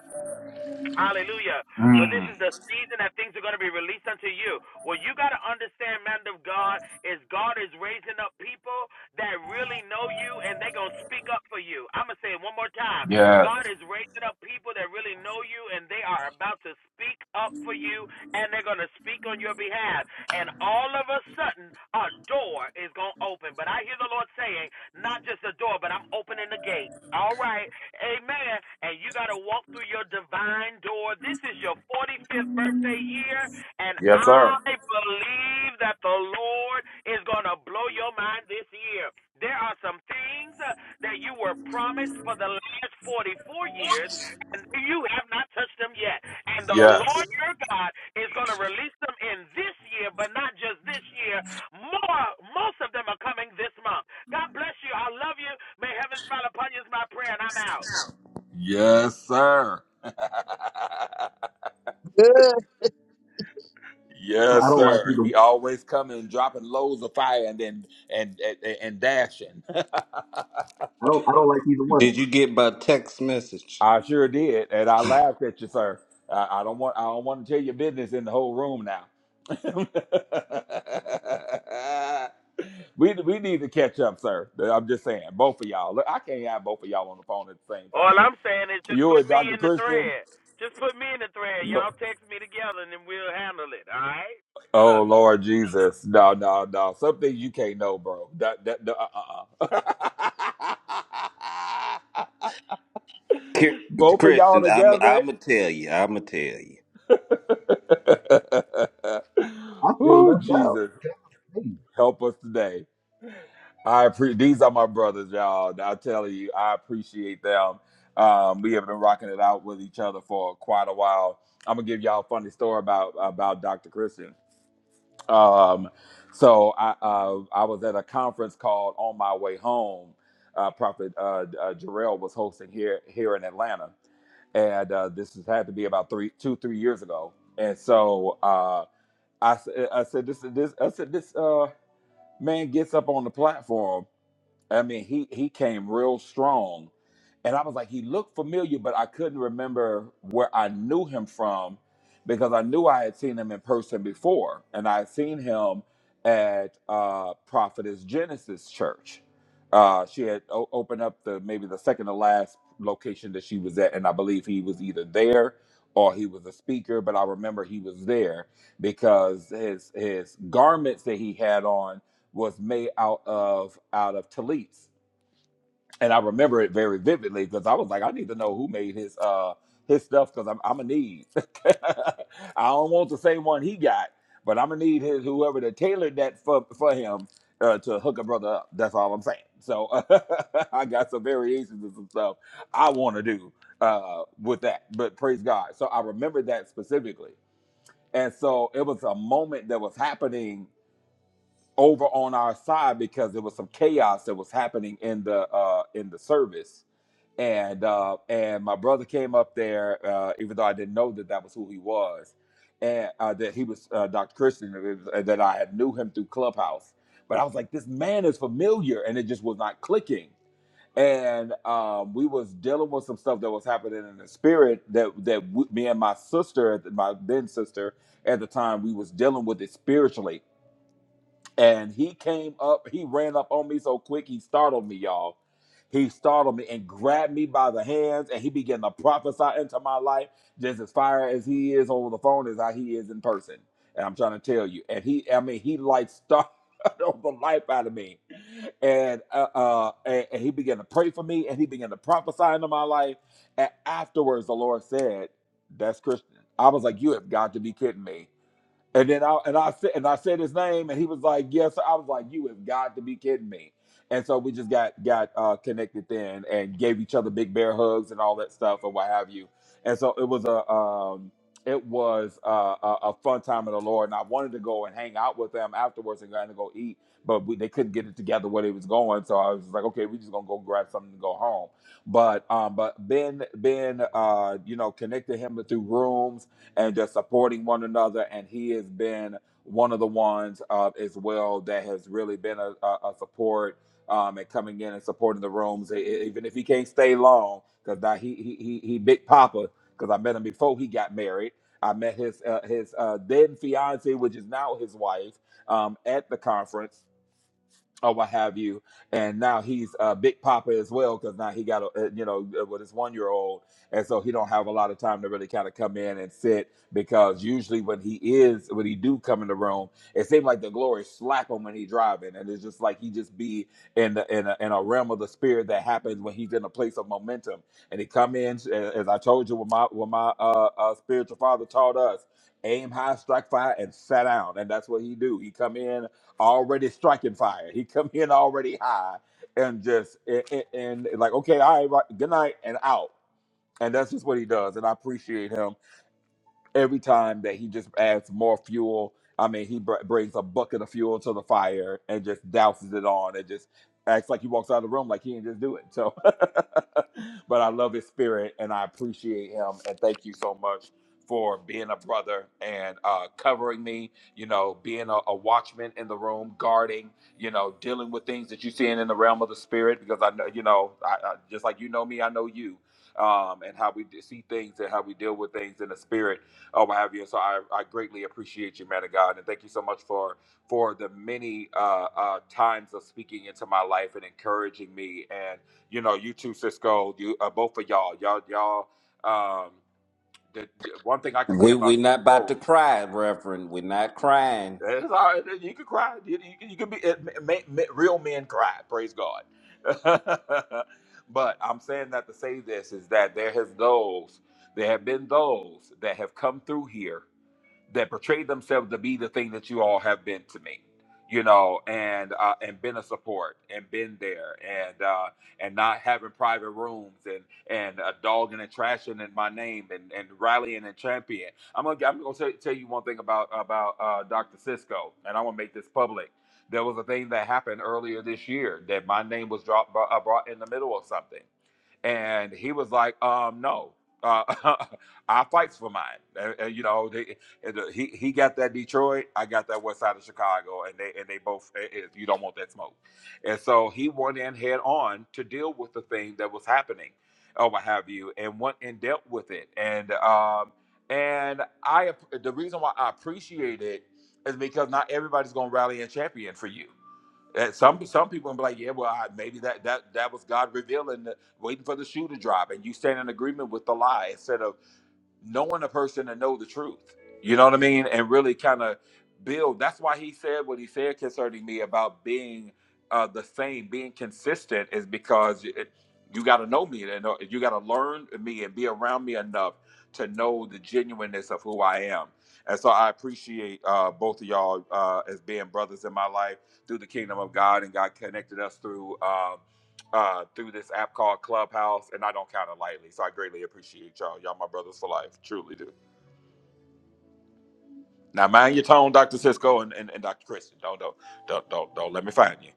Hallelujah. But this is the season that things are going to be released unto you. What you got to understand, man of God, is God is raising up people that really know you and they're going to speak up for you. I'm going to say it one more time. God is raising up people that really know you and they are about to speak up for you and they're going to speak on your behalf. And all of a sudden, a door is going to open. But I hear the Lord saying, not just a door, but I'm opening the gate. All right. Amen. And you got to walk through your divine door. This is your 45th birthday year, and Yes, I sir. believe that the Lord is going to blow your mind this year. There are some things uh, that you were promised for the last 44 years, and you have not touched them yet. And the Lord Yes. your God is going to release them in this year, but not just this year. More, most of them are coming this month. God bless you. I love you. May heaven smile upon you is my prayer, and I'm out. Yes, sir. [laughs] Good. So I yes, don't like sir. either. He always coming dropping loads of fire and then and and, and dashing. I don't. I don't like either one of Did you them. get my text message, I sure did, and I laughed at you, sir. I, I don't want I don't want to tell your business in the whole room now. [laughs] we we need to catch up, sir. I'm just saying, both of y'all. Look, I can't have both of y'all on the phone at the same All time. I'm saying is just You put and me Dr. in the Christian. thread. Just put me in the thread. Lo- Y'all text me together, and then we'll handle it. All right? Oh Love Lord Jesus, no, no, no. Some things you can't know, bro. That, that, that- uh-uh. [laughs] Ki- both of y'all Christian? I'm together. I'm gonna tell you. I'm gonna tell you. [laughs] I feel oh left out. Jesus. Hey, Help us today. I appreciate these are my brothers, y'all. I tell you, I appreciate them. Um, we have been rocking it out with each other for quite a while. I'm gonna give y'all a funny story about about Dr. Christian. Um, so I uh, I was at a conference called On My Way Home. Uh, Prophet uh, uh, Jarrell was hosting here here in Atlanta, and uh, this has had to be about three, two, three years ago. And so uh, I, s- I said, this, this, I said, this. Uh, man gets up on the platform. I mean, he he came real strong, and I was like, he looked familiar, but I couldn't remember where I knew him from because I knew I had seen him in person before, and I had seen him at uh, Prophetess Genesis Church. Uh, she had o- opened up the maybe the second to last location that she was at, and I believe he was either there or he was a speaker. But I remember he was there because his his garments that he had on was made out of out of tallits, and I remember it very vividly because I was like, I need to know who made his uh his stuff because I'm I'm gonna need. [laughs] I don't want the same one he got, but I'm gonna need his whoever that tailored that for for him uh, to hook a brother up. That's all I'm saying. So [laughs] I got some variations of some stuff I want to do uh with that, but praise God. So I remember that specifically, and so it was a moment that was happening over on our side because there was some chaos that was happening in the uh in the service and uh and my brother came up there uh even though i didn't know that that was who he was and uh that he was uh dr christian that it was- uh, that i had knew him through clubhouse but i was like this man is familiar and it just was not clicking and um we was dealing with some stuff that was happening in the spirit that that w- me and my sister my then sister at the time we was dealing with it spiritually and he came up, he ran up on me so quick, he startled me, y'all. He startled me and grabbed me by the hands, and he began to prophesy into my life just as fire as he is over the phone as how he is in person. And I'm trying to tell you, and he, I mean, he like startled [laughs] the life out of me, and uh, uh and, and he began to pray for me, and he began to prophesy into my life. And afterwards, the Lord said, "That's Christian." I was like, "You have got to be kidding me." And then I and I said and I said his name, and he was like, "Yes." Sir. I was like, "You have got to be kidding me!" And so we just got got uh, connected then, and gave each other big bear hugs and all that stuff and what have you. And so it was a um, it was a, a, a fun time in the Lord, and I wanted to go and hang out with them afterwards and going to go eat, but we, they couldn't get it together where they was going. So I was like, "Okay, we just gonna go grab something to go home." But um, but Ben Ben uh, you know connected him through rooms and just supporting one another. And he has been one of the ones uh, as well that has really been a, a, support um, and coming in and supporting the rooms, e- e- even if he can't stay long, because he, he he he big papa. Because I met him before he got married. I met his uh, his uh, then fiance, which is now his wife, um, at the conference or what have you. And now he's a big papa as well because now he got a, uh, you know uh, with his one year old, and so he don't have a lot of time to really kind of come in and sit because usually when he is when he do come in the room, it seems like the glory slap him when he driving, and it's just like he just be in the, in a, in a realm of the spirit that happens when he's in a place of momentum, and he come in uh, as I told you when my when my uh, uh, spiritual father taught us. Aim high, strike fire, and sat down, and that's what he do. He come in already striking fire. He come in already high and just and, and and like okay, all right, right, good night and out. And that's just what he does. And I appreciate him every time that he just adds more fuel. I mean, he br- brings a bucket of fuel to the fire and just douses it on and just acts like he walks out of the room like he didn't just do it. So, [laughs] but I love his spirit and I appreciate him. And thank you so much for being a brother and uh, covering me, you know, being a, a watchman in the room, guarding, you know, dealing with things that you're seeing in the realm of the spirit. Because I know, you know, I, I, just like you know me, I know you um, and how we see things and how we deal with things in the spirit or what have you. And so I, I greatly appreciate you, man of God, and thank you so much for for the many uh, uh, times of speaking into my life and encouraging me. And you know, you too, Cisco, you uh, both of y'all, y'all, y'all. Um, the, the one thing I can say We we about you not about to both. cry, Reverend. We're not crying. It's all right. You can cry. You, you, can- you can be it, ma- ma- real men cry. Praise God. [laughs] but I'm saying that to say this is that there has those, there have been those that have come through here that portrayed themselves to be the thing that you all have been to me you know and uh, and been a support and been there and uh, and not having private rooms and and uh, dogging and trashing in my name and, and rallying and champion i'm gonna i'm gonna tell, tell you one thing about about uh, dr cisco and i want to make this public there was a thing that happened earlier this year that my name was dropped uh, brought in the middle of something and he was like um no uh, [laughs] I fights for mine. And, and, you know, and, uh, he he got that Detroit. I got that West Side of Chicago, and they and they both. eh, eh, You don't want that smoke, and so he went in head on to deal with the thing that was happening, or what have you, and went and dealt with it. And um and I the reason why I appreciate it is because not everybody's gonna rally and champion for you. And some some people gonna be like, yeah, well, I, maybe that that that was God revealing, the, waiting for the shoe to drop, and you stand in agreement with the lie instead of knowing a person to know the truth. You know what I mean? And really kind of build. That's why he said what he said concerning me about being uh, the same, being consistent, is because it, you got to know me and know- you got to learn me and be around me enough to know the genuineness of who I am. And so I appreciate uh, both of y'all uh, as being brothers in my life through the kingdom of God, and God connected us through. um, uh, through this app called Clubhouse, and I don't count it lightly. So I greatly appreciate y'all. Y'all my brothers for life, truly do. Now mind your tone, Dr. Cisco and, and, and Dr. Christian. Don't don't don't don't don't let me find you.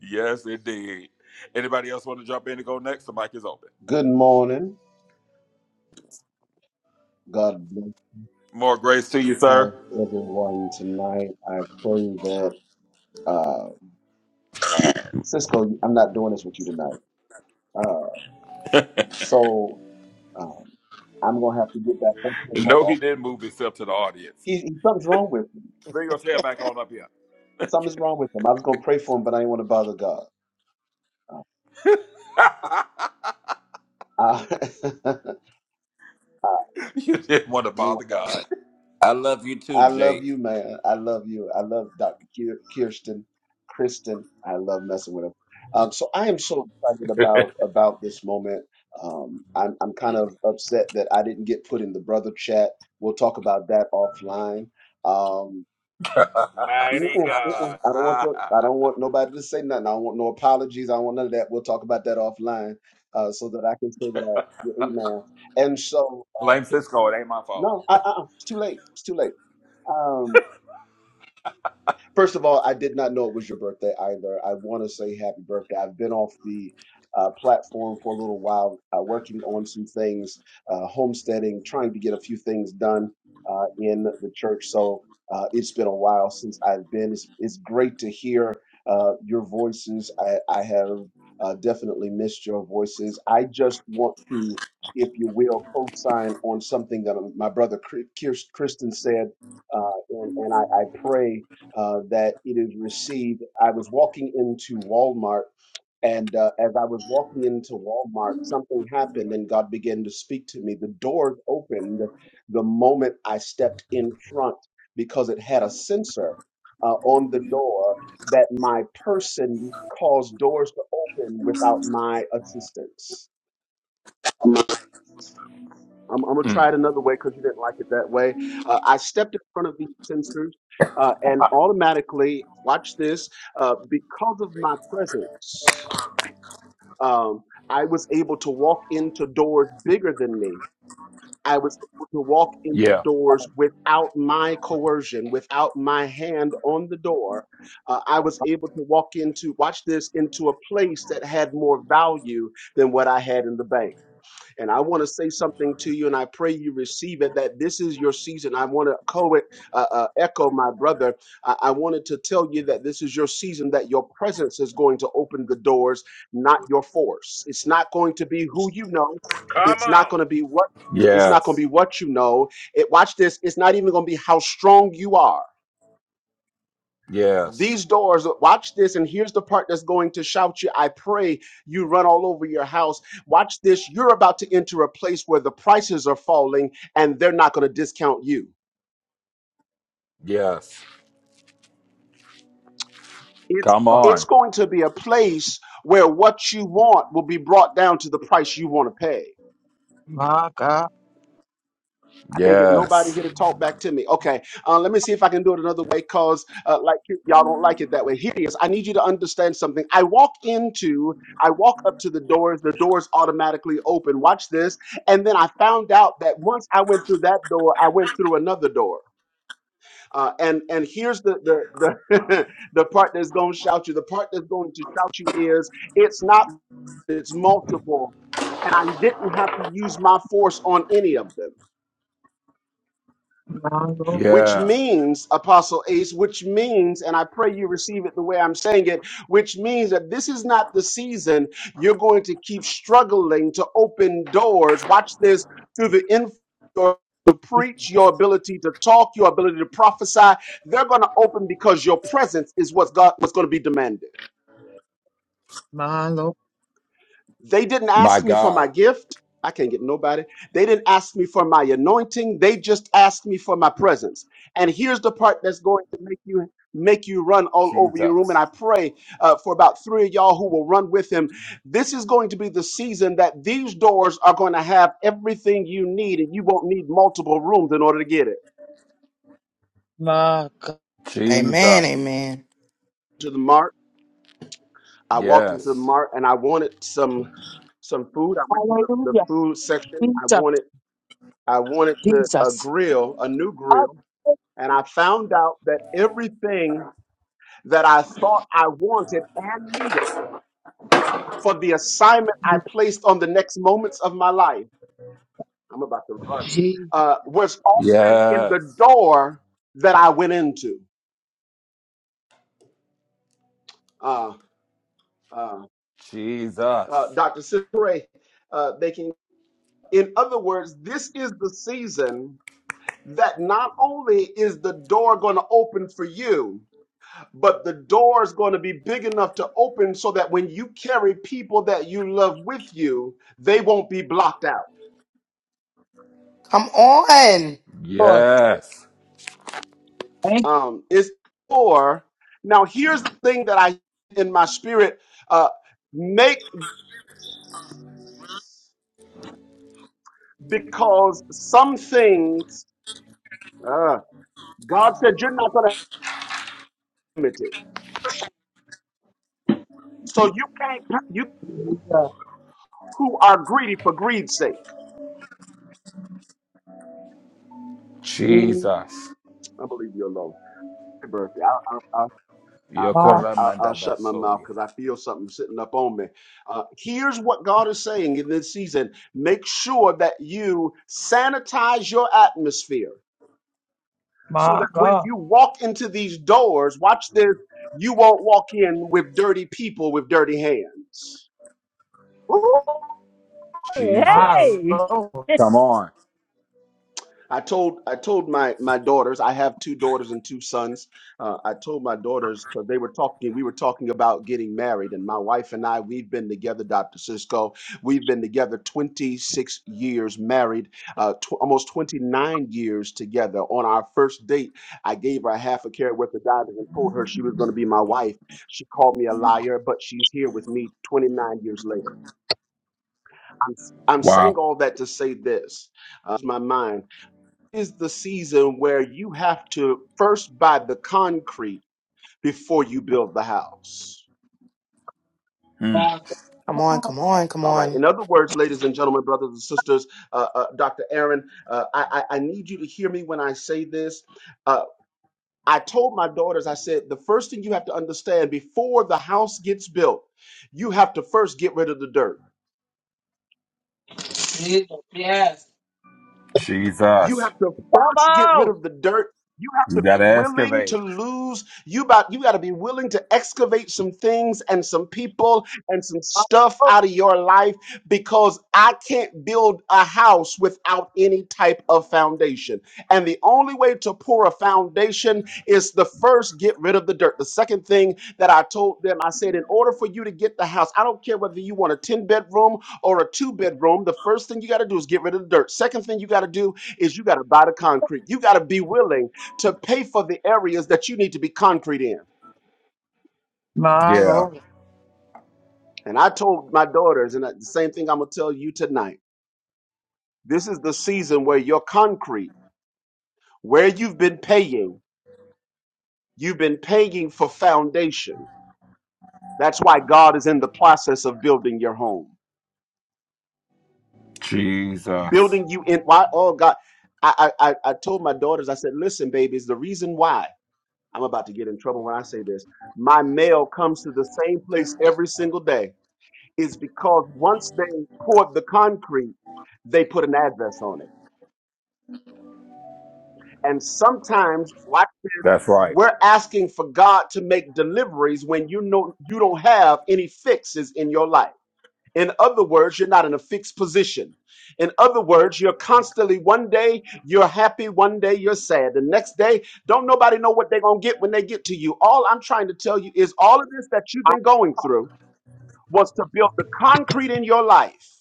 Yes, indeed. Anybody else want to jump in and go next? The mic is open. Good morning. God bless More grace to you, sir. how everyone tonight. I pray that uh Cisco, I'm not doing this with you tonight. Uh so um I'm gonna have to get back up to him more No, he often. didn't move himself to the audience. He, he something's wrong with him. Bring your tail back on up here. Something's wrong with him. I was gonna pray for him, but I didn't want to bother God. Uh, I, [laughs] I [laughs] you didn't want to didn't bother want to bother God. God. I love you too, I love Jake. you, man. I love you. I love Dr. Kier- Kirsten, Kristen. I love messing with him. Um, so I am so excited [laughs] about about this moment. Um, I'm I'm kind of upset that I didn't get put in the brother chat. We'll talk about that offline. Um, you. mm-mm, Mighty God. mm-mm. I don't want your, I don't want nobody to say nothing. I don't want no apologies. I don't want none of that. We'll talk about that offline uh, so that I can say that I, yeah, amen. And so Blame Cisco. It ain't my fault. no, I, I, it's too late. It's too late. Um, First of all, I did not know it was your birthday either. I want to say happy birthday. I've been off the uh, platform for a little while, uh, working on some things, uh, homesteading, trying to get a few things done uh, in the church. So uh, it's been a while since I've been. It's, it's great to hear uh, your voices. I, I have uh, definitely missed your voices. I just want to, if you will, co sign on something that my brother Chris- Kirsten said. Uh, and, and I, I pray uh, that it is received. I was walking into Walmart, and uh, as I was walking into Walmart, something happened, and God began to speak to me. The doors opened the moment I stepped in front because it had a sensor uh, on the door that my person caused doors to open without my assistance. I'm, I'm gonna try it another way because you didn't like it that way. Uh, I stepped in front of these sensors, uh, and automatically, watch this, uh, because of my presence, um, I was able to walk into doors bigger than me. I was able to walk into Yeah. doors without my coercion, without my hand on the door. Uh, I was able to walk into, watch this, into a place that had more value than what I had in the bank. And I want to say something to you, and I pray you receive it that this is your season. I want to co- uh, uh, echo my brother. I-, I wanted to tell you that this is your season, that your presence is going to open the doors, not your force. It's not going to be who you know, Come it's not on. going to be what. It's Yeah. not going to be what you know. It, watch this. It's not even going to be how strong you are. Yes. These doors, watch this, and here's the part that's going to shout you. I pray you run all over your house. Watch this. You're about to enter a place where the prices are falling and they're not going to discount you. Yes. It's Come God. it's on. going to be a place where what you want will be brought down to the price you want to pay. I can't get nobody Yes. here to talk back to me. Okay, uh, let me see if I can do it another way because, uh, like, you- y'all don't like it that way. Here it is. I need you to understand something. I walk into, I walk up to the doors, the doors automatically open. Watch this. And then I found out that once I went through that door, I went through another door. Uh, and and here's the the the, [laughs] the part that's going to shout you. The part that's going to shout you is it's not it's multiple, and I didn't have to use my force on any of them. My Lord. which Yeah. means, Apostle Ace, which means, and I pray you receive it the way I'm saying it, which means that this is not the season you're going to keep struggling to open doors. Watch this through the influence. To preach, your ability to talk, your ability to prophesy, they're going to open because your presence is what's, God, what's going to be demanded. My Lord. They didn't My ask me for God. my gift. I can't get nobody. They didn't ask me for my anointing. They just asked me for my presence. And here's the part that's going to make you make you run all over your room. And Jesus. I pray uh, for about three of y'all who will run with him. This is going to be the season that these doors are going to have everything you need, and you won't need multiple rooms in order to get it. My God. Amen, Jesus. amen. To the mart, I walked into the Yes. mart and I wanted some some food. I went to the, the Hallelujah. food section. I Jesus. wanted I wanted to a Jesus. grill, a new I grill, thank and I found out that everything that I thought I wanted and needed for the assignment I you, placed on the next moments of my life, I'm about to run, Jesus. uh, was already in Yes. the door that I went into. Uh, uh, uh, Jesus. Dr. Cipre, uh, they can, in other words, this is the season that not only is the door going to open for you, but the door is going to be big enough to open so that when you carry people that you love with you, they won't be blocked out. Come on. Lord, Yes. thank you. Um, it's or now here's the thing that I in my spirit uh, make because some things uh, God said you're not going to limit it, so you can't you God. who are greedy for greed's sake. We Jesus. I believe you alone. Happy birthday. I'll I'll. I, I, God. I- I'll Yokoramanda shut my mouth basoria. because I feel something sitting up on me. Uh, here's what God is saying in this season make sure that you sanitize your atmosphere so My that when God. you walk into these doors, watch this, you won't walk in with dirty people with dirty hands. Woo. My Jesus. Lord. Come on. I told I told my my daughters. I have two daughters and two sons. Uh, I told my daughters because they were talking. We were talking about getting married, and my wife and I we've been together, Doctor Cisco. We've been together 26 years, married, uh, tw- almost 29 years together. On our first date, I gave her half a carrot worth of dollars and told her she was going to be my wife. She called me a liar, but she's here with me 29 years later. I'm I'm saying Wow. all that to say this. Uh, my mind is the season where you have to first buy the concrete before you build the house. Mm. My Come on, God. come on, come All right. on. In other words, ladies and gentlemen, brothers and sisters, uh, uh, Dr. Aaron, uh, I, I I need you to hear me when I say this. Uh, I told my daughters, I said, the first thing you have to understand before the house gets built, you have to first get rid of the dirt. Jesus. Yes. You Jesus. have to Come first get rid out. of the dirt. You have You to be gotta willing to excavate. lose. You about you got to be willing to excavate some things and some people and some My stuff Lord. out of your life because I can't build a house without any type of foundation. And the only way to pour a foundation is the first get rid of the dirt. The second thing that I told them, I said, in order for you to get the house, I don't care whether you want a 10 bedroom or a two bedroom, the first thing you got to do is get rid of the dirt. Second thing you got to do is you got to buy the concrete. You got to be willing to pay for the areas that you need to be concrete in. My Yeah. Lord. And I told my daughters, and the same thing I'm going to tell you tonight. This is the season where your concrete, where you've been paying, you've been paying for foundation. That's why God is in the process of building your home, Jesus. building you in. Why? Oh, God. I, I, I I told my daughters, I said, listen, babies, the reason why I'm about to get in trouble when I say this, my mail comes to the same place every single day is because once they poured the concrete, they put an address on it. And sometimes why That's right. we're asking for God to make deliveries when you know you don't have any fixes in your life. In other words, you're not in a fixed position. In other words, you're constantly one day you're happy, one day you're sad. The next day, don't nobody know what they're going to get when they get to you. All I'm trying to tell you is all of this that you've been going through was to build the concrete in your life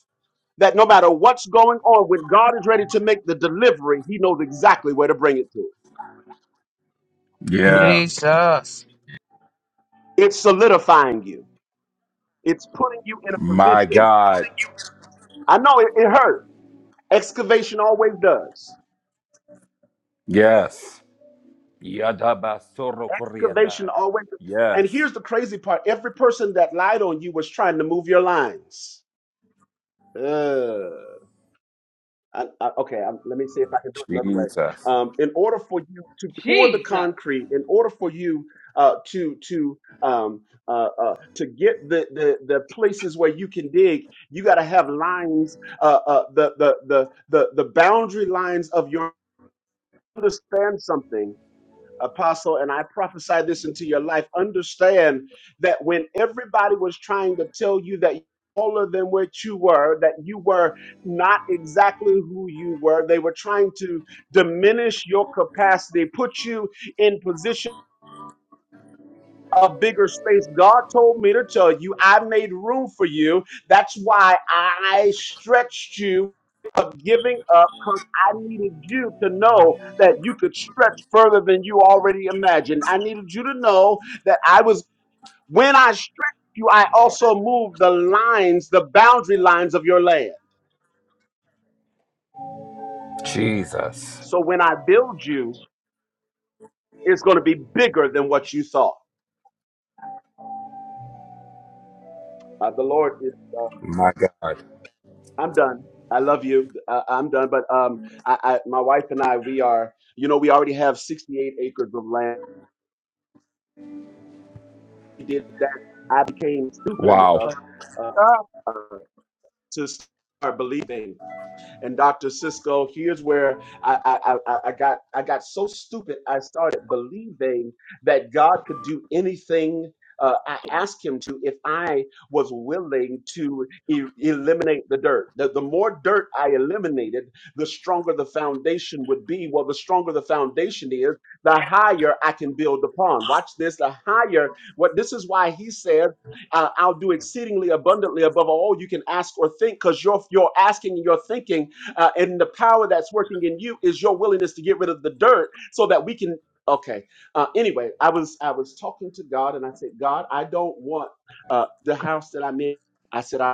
that no matter what's going on, when God is ready to make the delivery, He knows exactly where to bring it to. Yeah. Jesus. It's solidifying you, it's putting you in a My position. God. I know it, it hurt. Excavation always does. Yes. Yadabasoro Koreanda. Excavation always does. And Yes. here's the crazy part every person that lied on you was trying to move your lines. Ugh. I, I, okay, i let me see if I can do it another way. Jesus. Um, in order for you to pour the Jesus. concrete, in order for you uh, to to um, uh, uh, to get the, the the places where you can dig, you got to have lines, uh, uh, the, the the the the boundary lines of your understand something apostle, and I prophesy this into your life. Understand that when everybody was trying to tell you that taller than what you were, that you were not exactly who you were, they were trying to diminish your capacity, put you in position a bigger space. God told me to tell you, I made room for you. That's why I stretched you of giving up because I needed you to know that you could stretch further than you already imagined. I needed you to know that I was, when I stretched you, I also moved the lines, the boundary lines of your land. Jesus. So when I build you, it's going to be bigger than what you thought. Uh, the Lord is. uh, My God. I'm done. I love you. Uh, I'm done. But um, I, I, my wife and I, we are, you know, we already have 68 acres of land. We did that. I became stupid Wow. enough uh, God, to start believing. and Dr. Cisco. Here's where I, I, I, I got I got so stupid. I started believing that God could do anything. Uh, I asked him to if I was willing to e- eliminate the dirt. The, the more dirt I eliminated, the stronger the foundation would be. Well, the stronger the foundation is, the higher I can build upon. Watch this. The higher what this is why he said, uh, "I'll do exceedingly abundantly above all you can ask or think," because your your asking and your thinking uh, and the power that's working in you is your willingness to get rid of the dirt so that we can. Okay. Uh, anyway, I was I was talking to God and I said, God, I don't want uh, the house that I'm in. I said, I.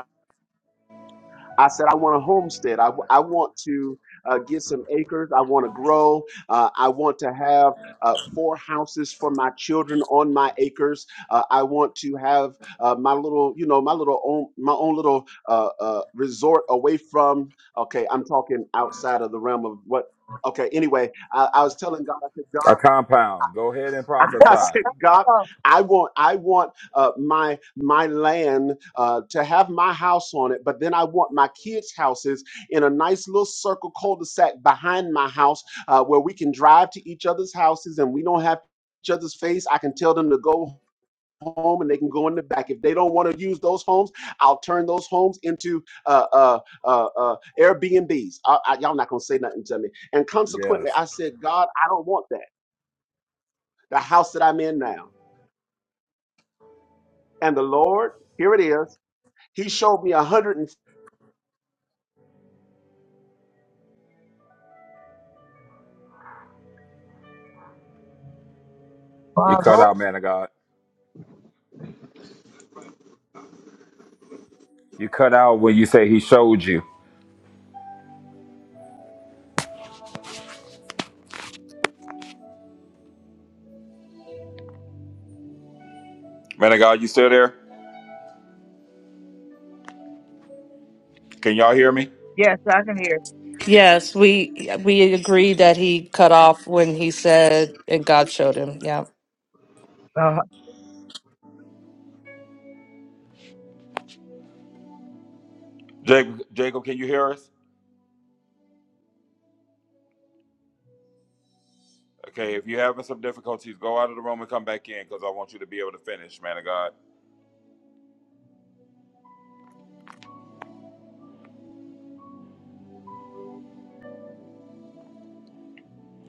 I said, I want a homestead. I I want to uh, get some acres. I want to grow. Uh, I want to have uh, four houses for my children on my acres. Uh, I want to have uh, my little, you know, my little own, my own little uh, uh, resort away from. Okay, I'm talking outside of the realm of what. Okay, anyway, I, I was telling God, I said, God. A compound. Go ahead and [laughs] I prophesy. said, God, God, I want, I want uh, my my land uh, to have my house on it, but then I want my kids' houses in a nice little circle cul-de-sac behind my house, uh, where we can drive to each other's houses and we don't have each other's face. I can tell them to go home and they can go in the back. If they don't want to use those homes, I'll turn those homes into uh, uh, uh, uh, Airbnbs. I, I, y'all not gonna say nothing to me. And consequently, Yes. I said, God, I don't want that. The house that I'm in now. And the Lord, here it is. He showed me a hundred and You my cut Lord. out, man of God. You cut out when you say he showed you. Man of God, you still there? Can y'all hear me? Yes, I can hear. Yes, we we agree that he cut off when he said and God showed him. Yeah. Uh, Jacob, Jacob, can you hear us? Okay, if you're having some difficulties, go out of the room and come back in because I want you to be able to finish, man of God.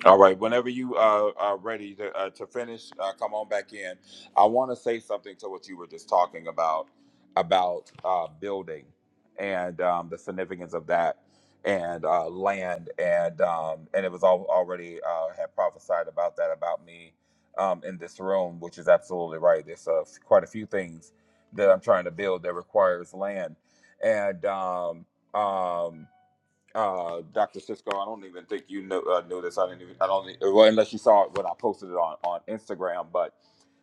All right. Whenever you uh, are ready to, uh, to finish, uh, come on back in. I want to say something to what you were just talking about about uh, building and um, the significance of that and uh, land and um, and it was all already uh, had prophesied about that about me um, in this room, which is absolutely right. There's uh, quite a few things that I'm trying to build that requires land and um, um, uh, Dr. Cisco, I don't even think you know uh, knew this. I didn't even. I don't. e- Well, unless you saw it when I posted it on on Instagram. But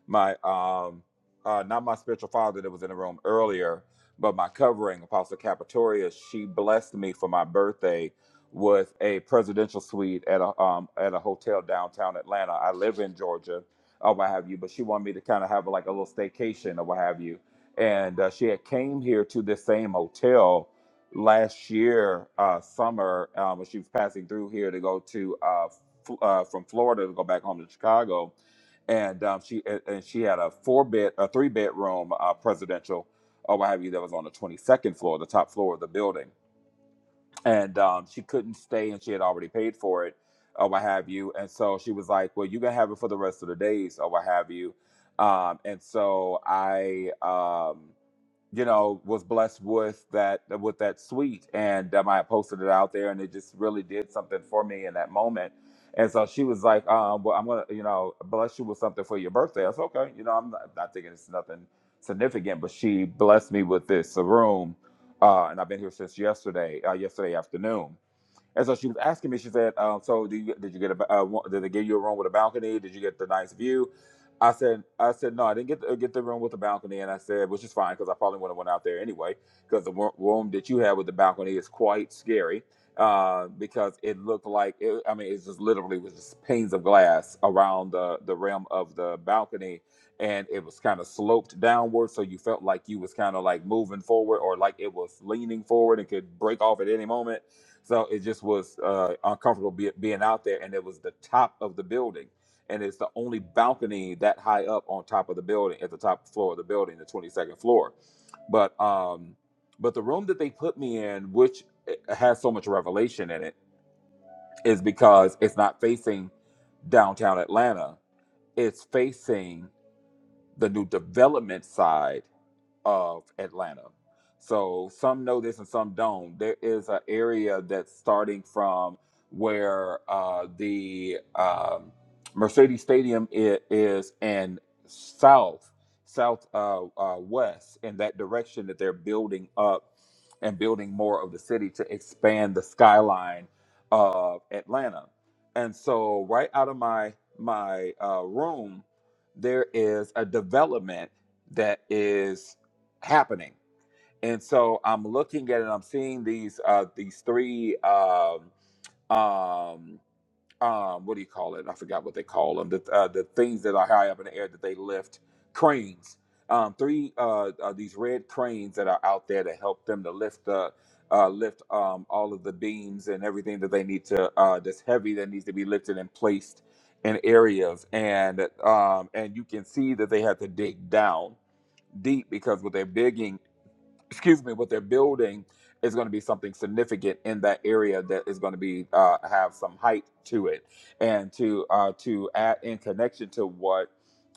my um, uh, not my spiritual father that was in the room earlier, but my covering, Apostle Capitoria, she blessed me for my birthday with a presidential suite at a um at a hotel downtown Atlanta. I live in Georgia, or what have you. But she wanted me to kind of have like a little staycation or what have you. And uh, she had came here to this same hotel last year uh, summer um, when she was passing through here to go to uh, f- uh, from Florida to go back home to Chicago, and um, she and and she had a four bed a three bedroom uh, presidential or what have you that was on the twenty second floor, the top floor of the building, and um, she couldn't stay and she had already paid for it or what have you, and so she was like, "Well, you can have it for the rest of the days or what have you," um, and so I. Um, you know, was blessed with that with that suite, and um, I posted it out there, and it just really did something for me in that moment. And so she was like, um, "Well, I'm gonna, you know, bless you with something for your birthday." I was okay, you know, I'm not, not thinking it's nothing significant, but she blessed me with this a room, uh, and I've been here since yesterday, uh, yesterday afternoon and so she was asking me. She said, um, "So do you, did you get a uh, wa- did they give you a room with a balcony? Did you get the nice view?" I said, "I said no, I didn't get the, get the room with the balcony." And I said, "Which is fine because I probably would have went out there anyway because the wo- room that you had with the balcony is quite scary uh, because it looked like it, I mean it's just literally was just panes of glass around the the rim of the balcony." And it was kind of sloped downward, so you felt like you was kind of like moving forward, or like it was leaning forward and could break off at any moment so it just was uh, uncomfortable be, being out there, and it was the top of the building, and it's the only balcony that high up on top of the building, at the top floor of the building, the twenty second floor. But um, but the room that they put me in, which eh, has so much revelation in it, is because it's not facing downtown Atlanta; it's facing the new development side of Atlanta. So some know this and some don't. There is an area that's starting from where uh, the um, Mercedes Stadium i- is and south, south uh, uh, west in that direction that they're building up and building more of the city to expand the skyline of Atlanta. And so right out of my my uh, room, there is a development that is happening. And so I'm looking at it. I'm seeing these uh, these three um, um, um, what do you call it? I forgot what they call them. The uh, the things that are high up in the air that they lift cranes. Um, three uh, uh, these red cranes that are out there to help them to lift the uh, lift um, all of the beams and everything that they need to uh, that's heavy that needs to be lifted and placed in areas. And um, and you can see that they have to dig down deep because what they're digging excuse me, what they're building is going to be something significant in that area that is going to be uh, have some height to it. And to uh, to add in connection to what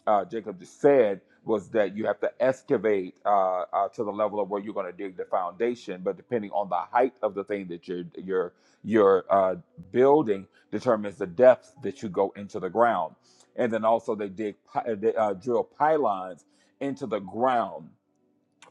uh, Jacob just said was that you have to excavate uh, uh, to the level of where you're going to dig the foundation. But depending on the height of the thing that you're you're you're uh, building determines the depth that you go into the ground. And then also they dig pi- uh, they, uh, drill pylons into the ground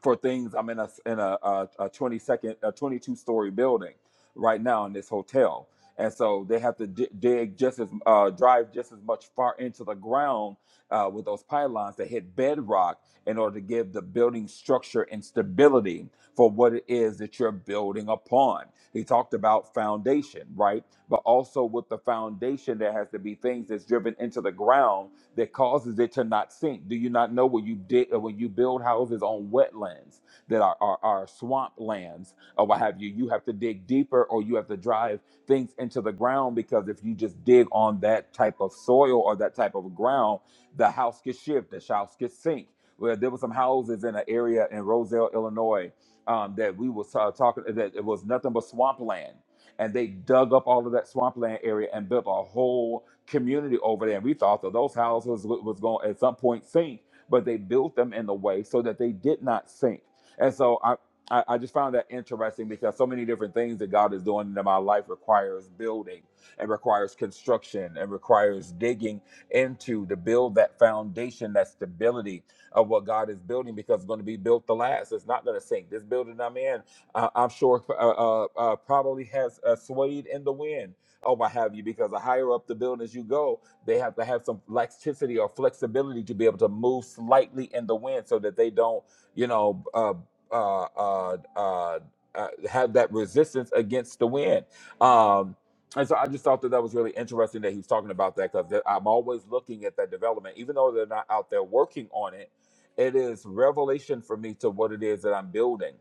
for things. I'm in a in a, a, a 20 second, a 22 story building right now in this hotel, and so they have to di- dig just as uh, drive just as much far into the ground uh, with those pylons that hit bedrock in order to give the building structure and stability for what it is that you're building upon. He talked about foundation, right? But also with the foundation, there has to be things that's driven into the ground that causes it to not sink? Do you not know when you dig or when you build houses on wetlands that are, are, are swamp lands or what have you? You have to dig deeper or you have to drive things into the ground because if you just dig on that type of soil or that type of ground, the house gets shift, the house gets sink. Well, there were some houses in an area in Roselle, Illinois, um, that we was uh, talking that it was nothing but swampland, and they dug up all of that swampland area and built a whole community over there. And we thought that those houses wa- was going at some point sink, but they built them in a way so that they did not sink. And so I, I, I just found that interesting because so many different things that God is doing in my life requires building and requires construction and requires digging into to build that foundation, that stability of what God is building because it's going to be built to last. It's not going to sink. This building I'm in, uh, I'm sure uh, uh, uh, probably has uh, swayed in the wind or what have you, because the higher up the buildings you go, they have to have some laxity or flexibility to be able to move slightly in the wind so that they don't, you know, uh, uh, uh, uh, uh, have that resistance against the wind. Um, and so I just thought that that was really interesting that he was talking about that because I'm always looking at that development, even though they're not out there working on it. It is revelation for me to what it is that I'm building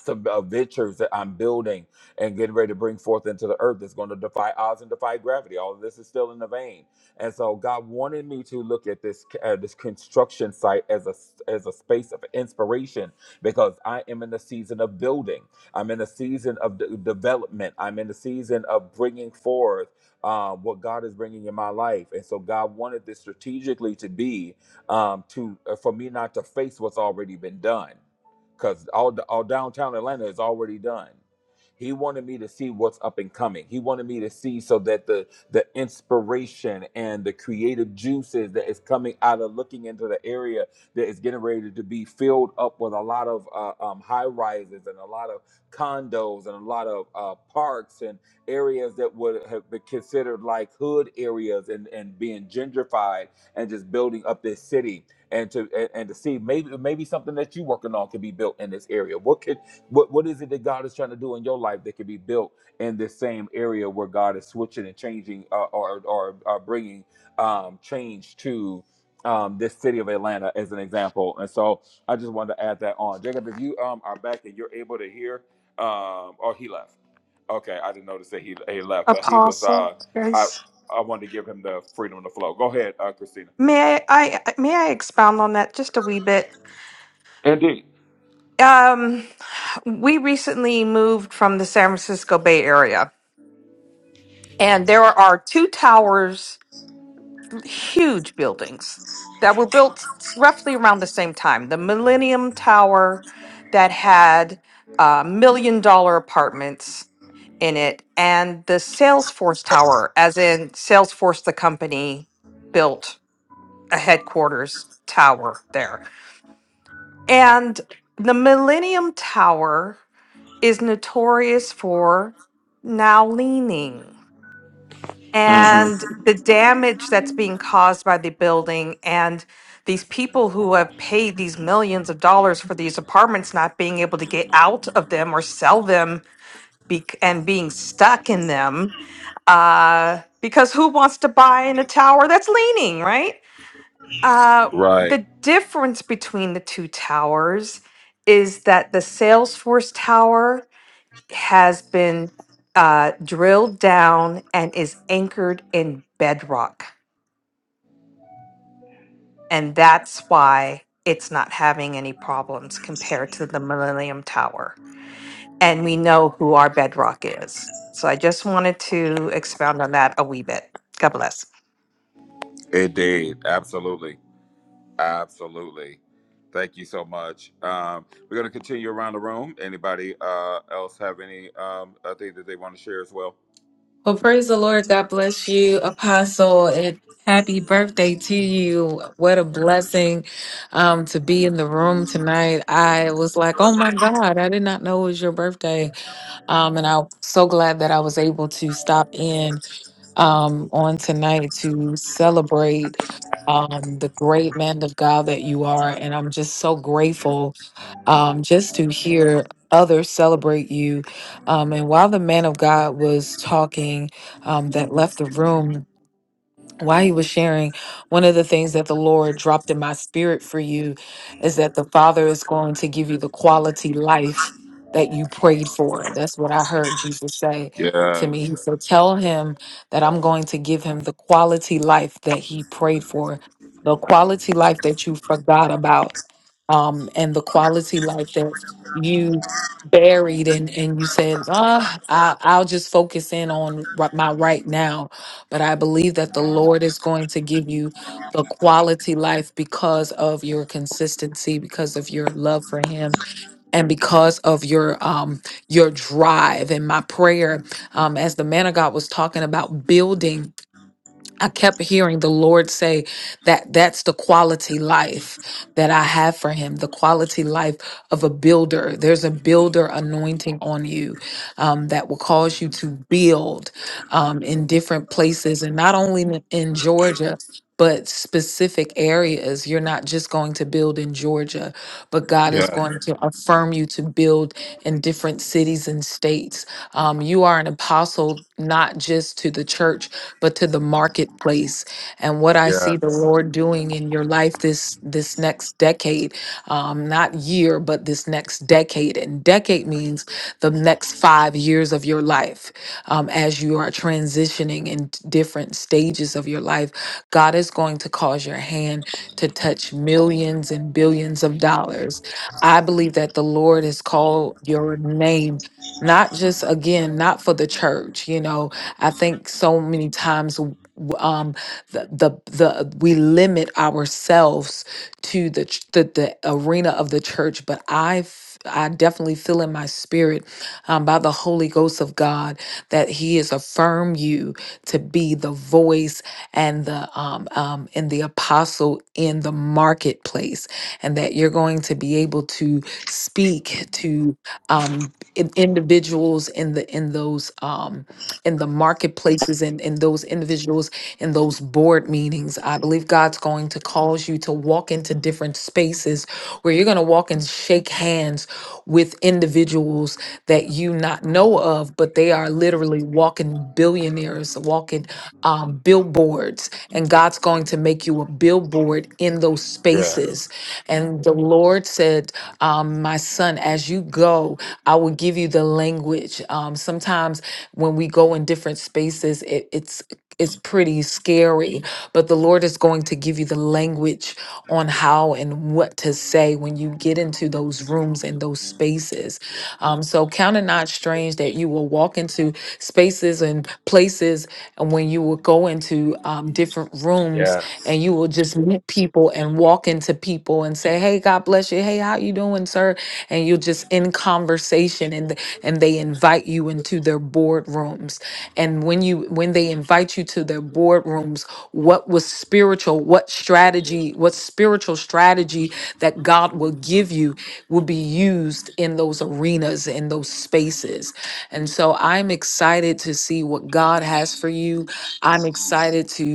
some uh, ventures that I'm building and getting ready to bring forth into the earth that's going to defy odds and defy gravity. All of this is still in the vein, and so God wanted me to look at this uh, this construction site as a as a space of inspiration because I am in the season of building. I'm in a season of de- development. I'm in the season of bringing forth uh, what God is bringing in my life, and so God wanted this strategically to be um, to uh, for me not to face what's already been done because all all downtown Atlanta is already done. He wanted me to see what's up and coming. He wanted me to see so that the the inspiration and the creative juices that is coming out of looking into the area that is getting ready to be filled up with a lot of uh, um, high rises and a lot of condos and a lot of uh, parks and areas that would have been considered like hood areas and and being gentrified and just building up this city and to and, and to see maybe maybe something that you're working on could be built in this area. What could what what is it that God is trying to do in your life that could be built in this same area where God is switching and changing uh, or or uh, bringing um, change to um, this city of Atlanta as an example. And so I just wanted to add that on. Jacob, if you um, are back and you're able to hear, um, oh he left. Okay, I didn't notice that he he left, but he was. Apostle, Uh, I Grace. I wanted to give him the freedom to flow. Go ahead, uh, Christina. May I, I may I expound on that just a wee bit? Indeed. Um, we recently moved from the San Francisco Bay Area, and there are two towers, huge buildings that were built roughly around the same time. The Millennium Tower that had uh, million dollar apartments in it, and the Salesforce Tower, as in Salesforce, the company built a headquarters tower there. And the Millennium Tower is notorious for now leaning and the damage that's being caused by the building and these people who have paid these millions of dollars for these apartments not being able to get out of them or sell them be- and being stuck in them uh, because who wants to buy in a tower that's leaning right uh, Right. Right. the difference between the two towers is that the salesforce tower has been uh, drilled down and is anchored in bedrock. And that's why it's not having any problems compared to the Millennium Tower. and we know who our bedrock is. So I just wanted to expound on that a wee bit. God bless. Indeed. Absolutely. Absolutely. Thank you so much. Um, we're going to continue around the room. Anybody uh, else have any um, uh, thing that they want to share as well? Well, praise the Lord. God bless you, Apostle, and happy birthday to you. What a blessing um, to be in the room tonight. I was like, oh my God, I did not know it was your birthday. Um, and I'm so glad that I was able to stop in um, on tonight to celebrate. Um, the great man of God that you are, and I'm just so grateful um, just to hear others celebrate you. Um, and while the man of God was talking, um, that left the room, while he was sharing, one of the things that the Lord dropped in my spirit for you is that the Father is going to give you the quality life that you prayed for. That's what I heard Jesus say to me. Yes. He said, Tell him that I'm going to give him the quality life that he prayed for, the quality life that you forgot about, um, and the quality life that you buried and, and you said, ah, I, I'll just focus in on ri- my right now but I believe that the Lord is going to give you the quality life because of your consistency, because of your love for Him, and because of your um, your drive. And my prayer, um, as the man of God was talking about building. I kept hearing the Lord say that that's the quality life that I have for him, the quality life of a builder. There's a builder anointing on you um, that will cause you to build um, in different places and not only in, in Georgia. But specific areas, you're not just going to build in Georgia, but God is Yes. going to affirm you to build in different cities and states. Um, you are an apostle, not just to the church, but to the marketplace. And what I see Yes. the Lord doing in your life this this next decade, um, not year, but this next decade. And decade means the next five years of your life, um, as you are transitioning in t- different stages of your life. God is going to cause your hand to touch millions and billions of dollars. I believe that the Lord has called your name not just again not for the church you know I think so many times w- um the the, the we limit ourselves to the, ch- the the arena of the church but I f- I definitely feel in my spirit um, by the Holy Ghost of God that He has affirmed you to be the voice and the um, um, and the apostle in the marketplace, and that you're going to be able to speak to um, in- individuals in the in those um in the marketplaces and in those individuals in those board meetings. I believe God's going to cause you to walk into different spaces where you're going to walk and shake hands with individuals that you not know of, but they are literally walking billionaires, walking um, billboards, and God's going to make you a billboard in those spaces. And the Lord said, um, "My son, as you go, I will give you the language." Um, sometimes when we go in different spaces it, it's it's pretty scary but the lord is going to give you the language on how and what to say when you get into those rooms and those spaces um, so count it not strange that you will walk into spaces and places and when you will go into um, different rooms and you will just meet people and walk into people and say hey god bless you hey how you doing sir and you're just in conversation and th- and they invite you into their boardrooms and when you when they invite you to their boardrooms what was spiritual what strategy what spiritual strategy that god will give you will be used in those arenas in those spaces and so i'm excited to see what god has for you i'm excited to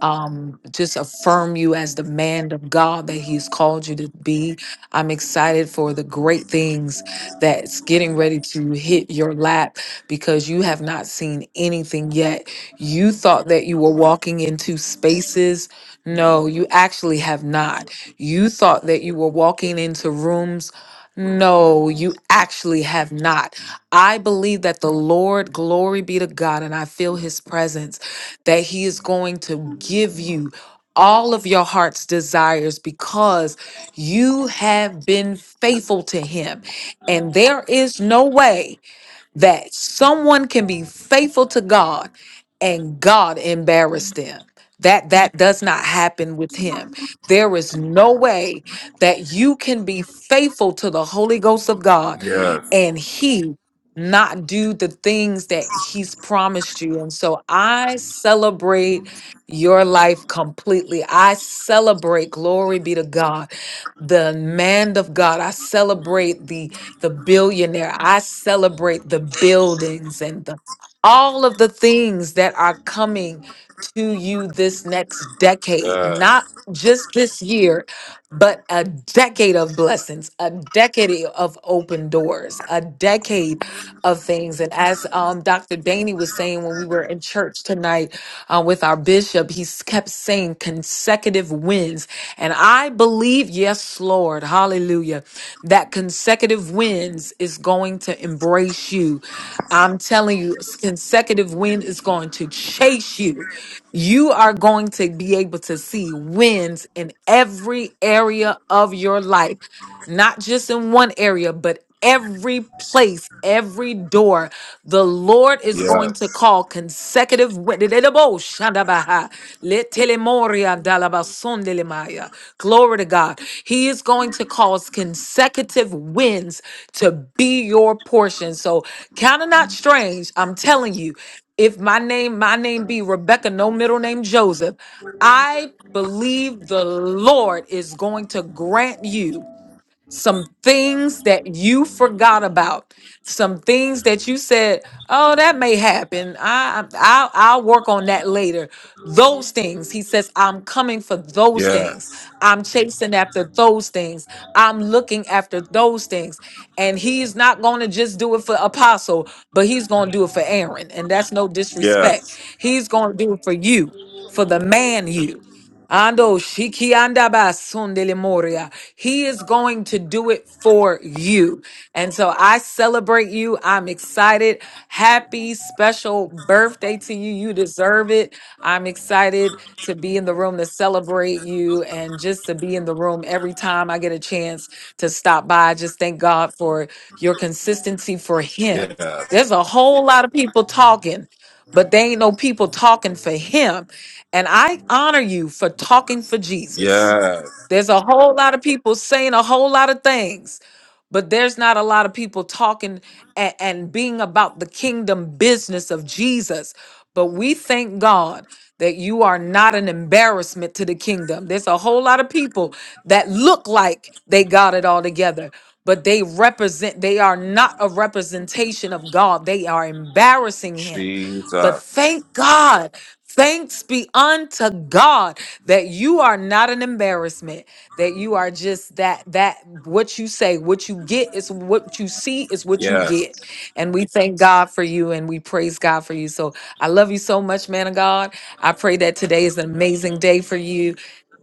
um, just affirm you as the man of God that He's called you to be. I'm excited for the great things that's getting ready to hit your lap because you have not seen anything yet. You thought that you were walking into spaces. No, you actually have not. You thought that you were walking into rooms. No, you actually have not. I believe that the Lord, glory be to God, and I feel his presence that He is going to give you all of your heart's desires because you have been faithful to Him. And there is no way that someone can be faithful to God and God embarrass them. That that does not happen with him. There is no way that you can be faithful to the Holy Ghost of God Yes. and he not do the things that he's promised you. And so I celebrate your life completely. I celebrate glory be to God, the man of God. I celebrate the the billionaire. I celebrate the buildings and the, all of the things that are coming to you this next decade, not just this year, but a decade of blessings, a decade of open doors, a decade of things. And as um, Dr. Daney was saying when we were in church tonight, uh, with our bishop, he's kept saying consecutive wins. And I believe, yes, Lord, hallelujah, that consecutive wins is going to embrace you. I'm telling you, consecutive win is going to chase you. You are going to be able to see wins in every area of your life not just in one area, but every place, every door. The Lord is going to Yes. call consecutive wit- Glory to God. He is going to cause consecutive wins to be your portion. So kind of not strange. I'm telling you, if my name, my name be Rebecca, no middle name Joseph, I believe the Lord is going to grant you some things that you forgot about, some things that you said, "Oh, that may happen. I, I I'll work on that later." Those things, he says, "I'm coming for those things. Yes. I'm chasing after those things. I'm looking after those things." And he's not going to just do it for Apostle, but he's going to do it for Aaron, and that's no disrespect. Yes. He's going to do it for you, for the man you. Ando shiki anda shikianda basundele moria. He is going to do it for you. And so I celebrate you. I'm excited. Happy special birthday to you. You deserve it. I'm excited to be in the room to celebrate you and just to be in the room every time I get a chance to stop by. I Just thank God for your consistency for Yes. him. Yes. There's a whole lot of people talking, but they ain't no people talking for him. And I honor you for talking for Jesus. Yes. There's a whole lot of people saying a whole lot of things, but there's not a lot of people talking and, and being about the kingdom business of Jesus. But we thank God that you are not an embarrassment to the kingdom. There's a whole lot of people that look like they got it all together, but they represent, they are not a representation of God. They are embarrassing Him. But Jesus. thank God. Thanks be unto God that you are not an embarrassment that you are just that that what you say what you get is what you see is what you Yes. get and we thank god for you and we praise god for you so i love you so much man of god i pray that today is an amazing day for you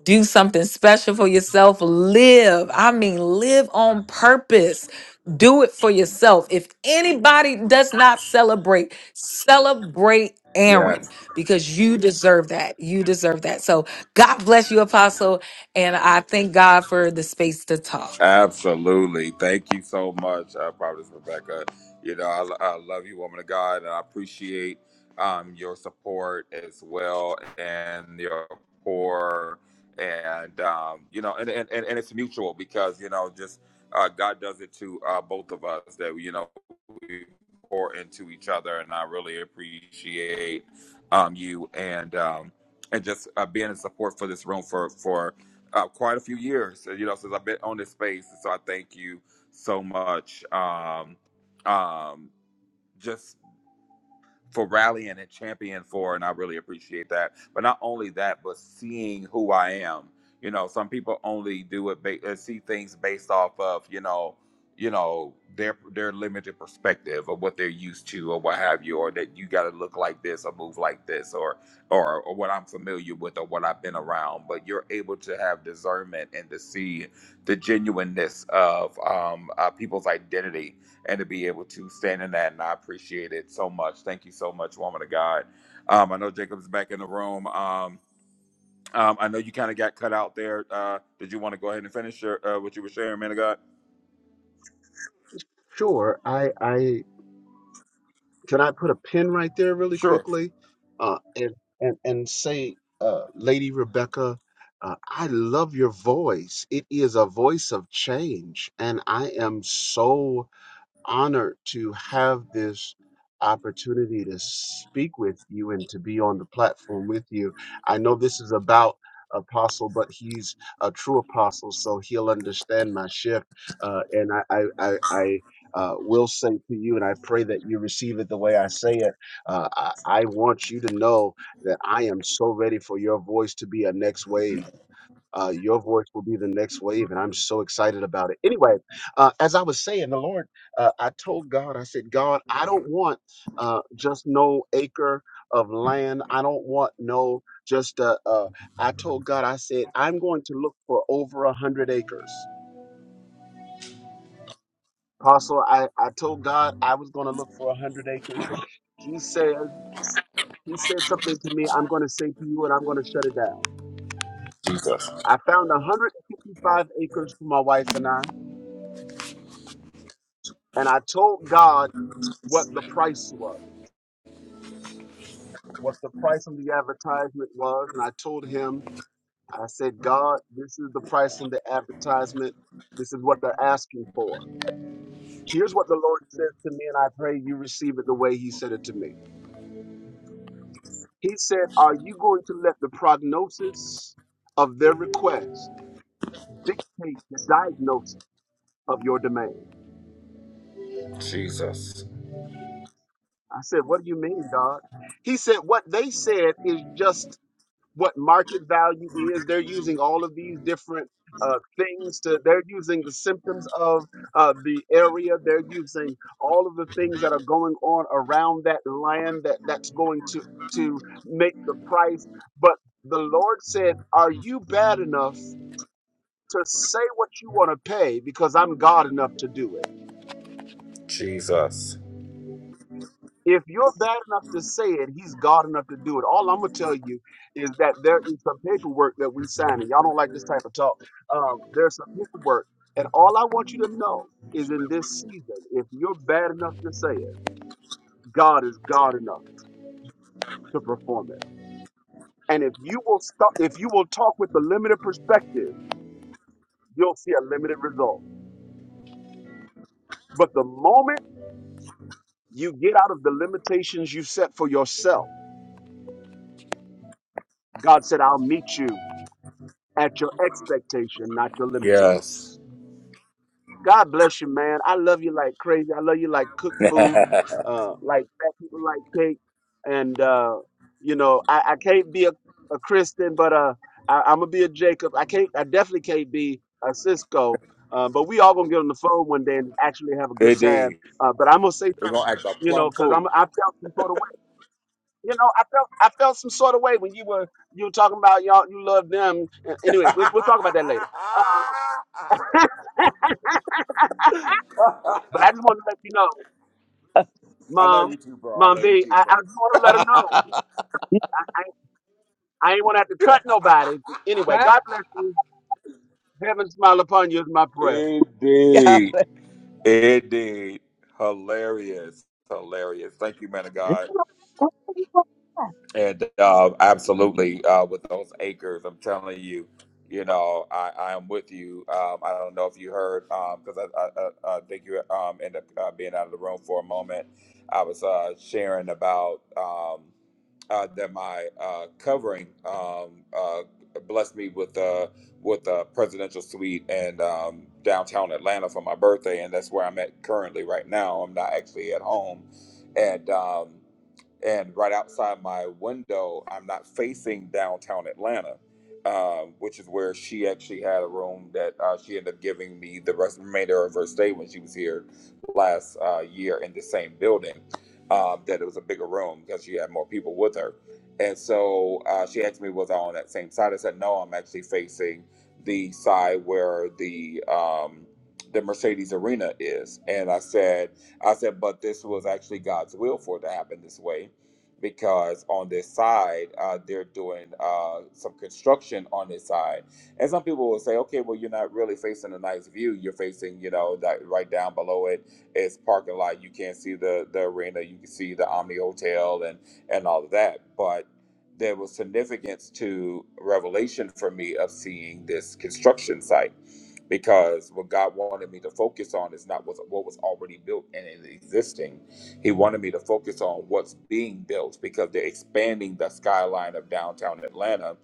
do something special for yourself live i mean live on purpose do it for yourself if anybody does not celebrate celebrate aaron Yes. because you deserve that you deserve that so God bless you, Apostle. And I thank God for the space to talk. Absolutely. Thank you so much, uh, Prophetess Rebecca. You know, I, I love you, woman of God, and I appreciate um, your support as well and your pour. And, um, you know, and, and, and, and it's mutual because, you know, just uh, God does it to uh, both of us that, you know, we pour into each other. And I really appreciate um, you and, um, and just uh, being in support for this room for for, uh, quite a few years, uh, you know, since I've been on this space. So I thank you so much. Um, um, just for rallying and champion for, and I really appreciate that. But not only that, but seeing who I am. You know, some people only do it ba- uh, see things based off of you know, you know their their limited perspective of what they're used to or what have you, or that you got to look like this or move like this or or or what I'm familiar with or what I've been around. But you're able to have discernment and to see the genuineness of um, uh, people's identity and to be able to stand in that. And I appreciate it so much. Thank you so much, woman of God. Um, I know Jacob's back in the room. Um, um, I know you kind of got cut out there. Uh, did you want to go ahead and finish your, uh, what you were sharing, man of God? sure. I I can I put a pin right there really Sure. quickly, uh, and and and say, uh, Lady Rebecca, uh, I love your voice. It is a voice of change, and I am so honored to have this opportunity to speak with you and to be on the platform with you. I know this is about apostle but he's a true apostle so he'll understand my shift uh, and i i i, I uh, will say to you and i pray that you receive it the way i say it uh, I, I want you to know that i am so ready for your voice to be a next wave uh, your voice will be the next wave, and I'm so excited about it. Anyway, uh, as I was saying, the Lord, uh, I told God, I said, God, I don't want uh, just no acre of land. I don't want no just. Uh, uh, I told God, I said, I'm going to look for over a hundred acres. Apostle, I, I told God I was going to look for a hundred acres. He said, He said something to me. I'm going to say to you, and I'm going to shut it down. I found 155 acres for my wife and I. And I told God what the price was, what the price on the advertisement was. And I told him, I said, God, this is the price on the advertisement. This is what they're asking for. Here's what the Lord says to me, and I pray you receive it the way He said it to me. He said, Are you going to let the prognosis of their request dictate the diagnosis of your demand? I said, What do you mean, God? He said, What they said is just what market value is. They're using all of these different uh, things to, they're using the symptoms of uh, the area. They're using all of the things that are going on around that land that that's going to, to make the price. But the Lord said, are you bad enough to say what you want to pay? Because I'm God enough to do it. Jesus. If you're bad enough to say it, he's God enough to do it. All I'm gonna tell you is that there is some paperwork that we sign, and y'all don't like this type of talk. Um, there's some paperwork, and all I want you to know is in this season, if you're bad enough to say it, God is God enough to perform it. And if you will stop, if you will talk with a limited perspective, you'll see a limited result. But the moment you get out of the limitations you set for yourself, God said, "I'll meet you at your expectation, not your limitations." Yes. God bless you, man. I love you like crazy. I love you like cooked food, [laughs] uh, like fat people like cake. And uh, you know, I, I can't be a, a Christian, but uh, I, I'm gonna be a Jacob. I can't. I definitely can't be a Cisco. Uh, but we all gonna get on the phone one day and actually have a good time. Indeed. Uh, but I'm gonna say We're going something, to act a you plum know, because I'm fool. I [laughs] felt some sort of way. You know, I felt I felt some sort of way when you were you were talking about y'all you love them. And Anyway, we'll, we'll talk about that later. Uh, I but I just wanted to let you know. love Mom, you too, bro. I Mom love you V, too, I, bro. I just want to let her know. I ain't want to have to cut nobody. Anyway, right? God bless you. Heaven smile upon you is my prayer. [laughs] God Indeed. bless. Indeed. Hilarious. Hilarious. Thank you, man of God. And uh, absolutely, uh, with those acres, I'm telling you, you know, I, I am with you. Um, I don't know if you heard, because I, I, I, I think you um, ended up uh, being out of the room for a moment. I was uh, sharing about. Um, uh, that my uh, covering um, uh, blessed me with uh, with a presidential suite in um, downtown Atlanta for my birthday, and that's where I'm at currently right now. I'm not actually at home, and um, and right outside my window, I'm not facing downtown Atlanta, um, which is where she actually had a room that uh, she ended up giving me the rest remainder of her stay when she was here last uh, year in the same building. Um, that it was a bigger room because she had more people with her, and so uh, she asked me was I on that same side. I said no, I'm actually facing the side where the um, the Mercedes Arena is, and I said I said, but this was actually God's will for it to happen this way because on their side uh, they're doing uh, some construction on their side and some people will say okay well you're not really facing a nice view you're facing you know that right down below it is parking lot you can't see the the arena you can see the omni hotel and and all of that but there was significance to revelation for me of seeing this construction site because what god wanted me to focus on is not what, what was already built and existing he wanted me to focus on what's being built because they're expanding the skyline of downtown Atlanta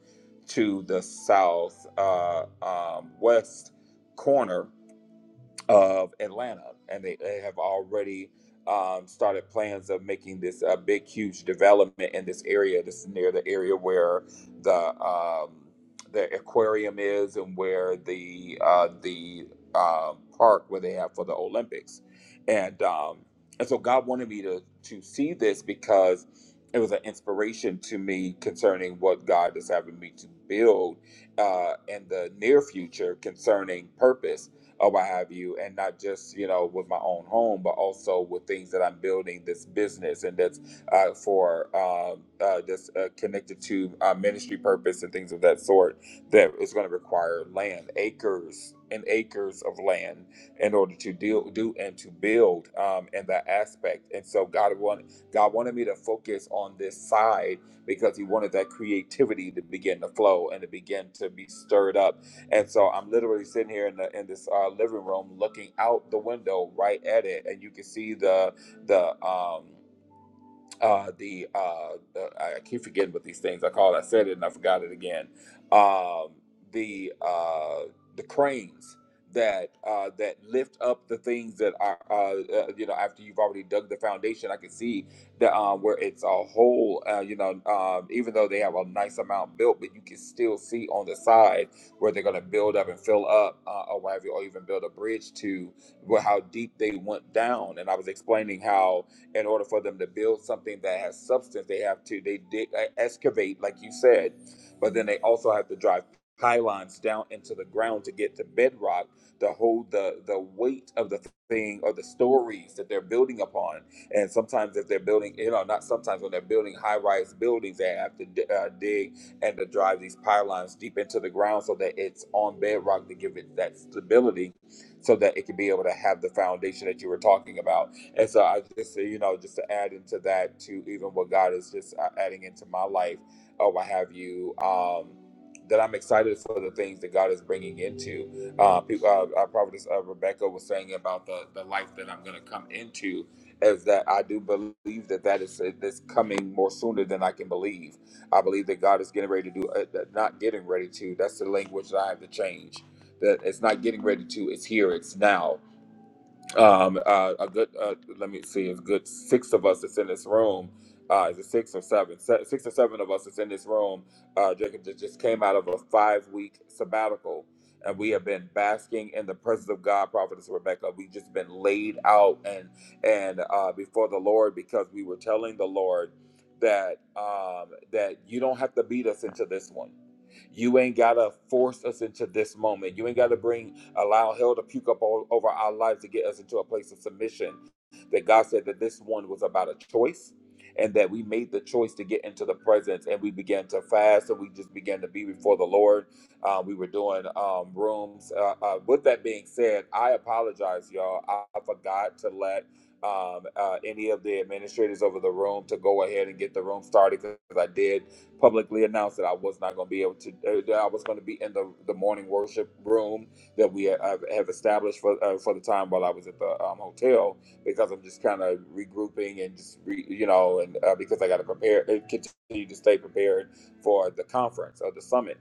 to the south uh, um, west corner of Atlanta, and they, they have already um, started plans of making this uh, big, huge development in this area. This is near the area where the um, the aquarium is, and where the uh, the uh, park where they have for the Olympics, and um, and so God wanted me to to see this because it was an inspiration to me concerning what God is having me to build uh, in the near future concerning purpose or what have you, and not just you know with my own home, but also with things that I'm building this business and that's uh, for um, uh, that's uh, connected to uh, ministry purpose and things of that sort. That is going to require land, acres and acres of land in order to deal do and to build um, in that aspect. And so God wanted God wanted me to focus on this side because He wanted that creativity to begin to flow and to begin to be stirred up and so I'm literally sitting here in the in this uh, living room, looking out the window right at it, and you can see the the um uh, the uh, the- I keep forgetting what these things I call. it. I said it and I forgot it again. Um, the uh, the cranes that uh, that lift up the things that are uh, uh, you know after you've already dug the foundation. I can see that um, where it's a hole. Uh, you know, um, even though they have a nice amount built, but you can still see on the side where they're going to build up and fill up uh, or whatever, or even build a bridge to where how deep they went down. And I was explaining how in order for them to build something that has substance, they have to they dig, uh, excavate, like you said, but then they also have to drive pylons down into the ground to get to bedrock to hold the the weight of the thing or the stories that they're building upon. And sometimes, if they're building, you know, not sometimes when they're building high-rise buildings, they have to di- uh, dig and to drive these pylons deep into the ground so that it's on bedrock to give it that stability so that it can be able to have the foundation that you were talking about and so I just, you know, just to add into that, to even what God is just uh, adding into my life or what have you, um, that I'm excited for the things that God is bringing into. Uh, people, uh, uh, Prophetess uh, Rebecca was saying about the, the life that I'm going to come into is that I do believe that that is uh, that's coming more sooner than I can believe. I believe that God is getting ready to do, uh, that- not getting ready to. That's the language that I have to change. That it's not getting ready to. It's here. It's now um, uh, a good uh, let me see it's good six of us that's in this room uh, is it six or seven? Se- Six or seven of us that's in this room. Uh, Jacob ju- just came out of a five-week sabbatical, and we have been basking in the presence of God, Prophetess Rebecca. We've just been laid out and and uh, before the Lord because we were telling the Lord that um, that you don't have to beat us into this one you ain't got to force us into this moment. You ain't got to bring, allow hell to puke up all over our lives to get us into a place of submission that God said that this one was about a choice and that we made the choice to get into the presence and we began to fast and we just began to be before the Lord. Uh, we were doing um, rooms. Uh, uh, with that being said, I apologize, y'all. I, I forgot to let um, uh, any of the administrators over the room to go ahead and get the room started because I did publicly announce that I was not going to be able to, uh, that I was going to be in the, the morning worship room that we have, have established for, uh, for the time while I was at the um, hotel because I'm just kind of regrouping and just re, you know, and uh, because I got to prepare and continue to stay prepared for the conference or the summit.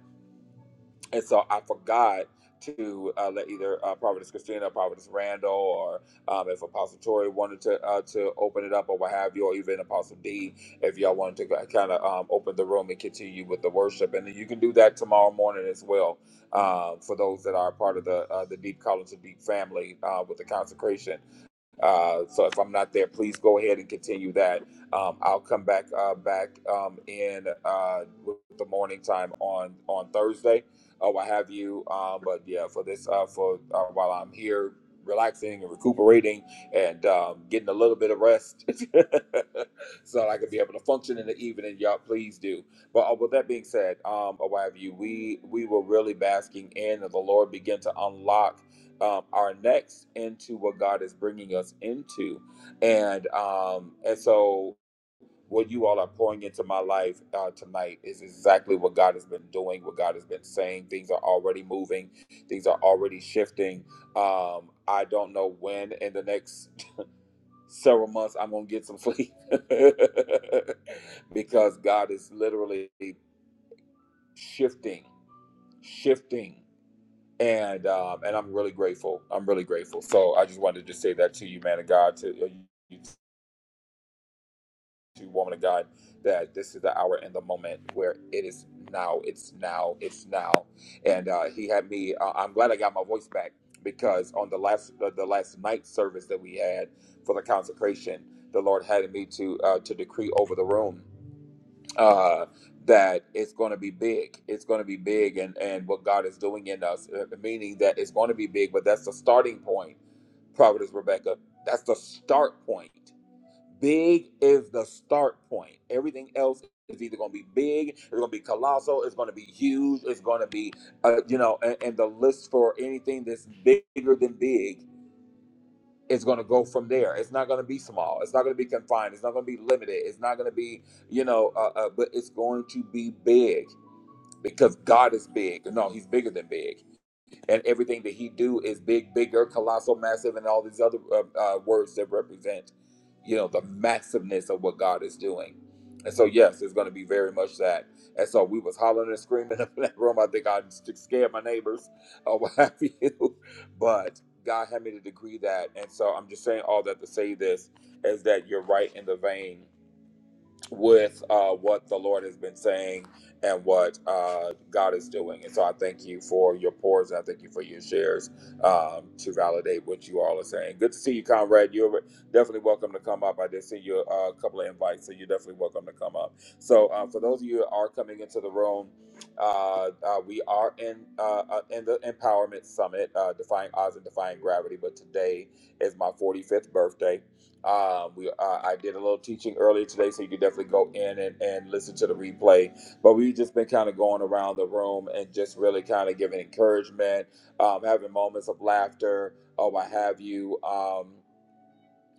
And so I forgot to uh, let either uh, Providence Christina, Providence Randall, or um, if Apostle Tori wanted to uh, to open it up or what have you, or even Apostle D, if y'all wanted to kind of um, open the room and continue with the worship, and then you can do that tomorrow morning as well. Uh, for those that are part of the uh, the Deep College of Deep family uh, with the consecration uh, so if I'm not there, please go ahead and continue that. Um, I'll come back uh, back um, in uh, with the morning time on on Thursday or what have you. Um, but yeah, for this uh, for uh, while I'm here relaxing and recuperating and um, getting a little bit of rest [laughs] so that I can be able to function in the evening. Y'all, please do. But uh, with that being said, um, or what have you, we we were really basking in, and the Lord began to unlock um, our next into what God is bringing us into, and um, and so what you all are pouring into my life uh, tonight is exactly what God has been doing, what God has been saying. Things are already moving, things are already shifting. Um, I don't know when in the next several months I'm gonna get some sleep [laughs] because God is literally shifting, shifting. and um, and I'm really grateful. I'm really grateful. So I just wanted to say that to you, man of God, to uh, you, to woman of God, that this is the hour and the moment where it is now. It's now. It's now. And uh, he had me. Uh, I'm glad I got my voice back because on the last the, the last night service that we had for the consecration, the Lord had me to uh, to decree over the room uh, that it's going to be big. It's going to be big, and and what God is doing in us, uh, meaning that it's going to be big. But that's the starting point, Providence Rebecca. That's the start point. Big is the start point. Everything else is either going to be big, it's going to be colossal, it's going to be huge, it's going to be, uh, you know, and, and the list for anything that's bigger than big it's going to go from there. It's not going to be small. It's not going to be confined. It's not going to be limited. It's not going to be, you know, uh, uh, but it's going to be big because God is big. No, He's bigger than big and everything that he do is big, bigger, colossal, massive, and all these other uh, uh, words that represent, you know, the massiveness of what God is doing. And so, yes, it's going to be very much that. And so we was hollering and screaming [laughs] in that room. I think I st- scared my neighbors [laughs] or what have you. But God had me to decree that. And so I'm just saying all that to say this is that you're right in the vein with uh, what the Lord has been saying and what uh, God is doing. And so I thank you for your pours and I thank you for your shares um, to validate what you all are saying. Good to see you, Conrad. You're definitely welcome to come up. I did see you uh, a couple of invites, so you're definitely welcome to come up. So uh, for those of you who are coming into the room, uh, uh, we are in uh, uh, in the Empowerment Summit, uh, Defying Odds and Defying Gravity. But today is my 45th birthday um, we uh, I did a little teaching earlier today, so you can definitely go in and, and listen to the replay. But we've just been kind of going around the room and just really kind of giving encouragement, um, having moments of laughter or what have you. Um,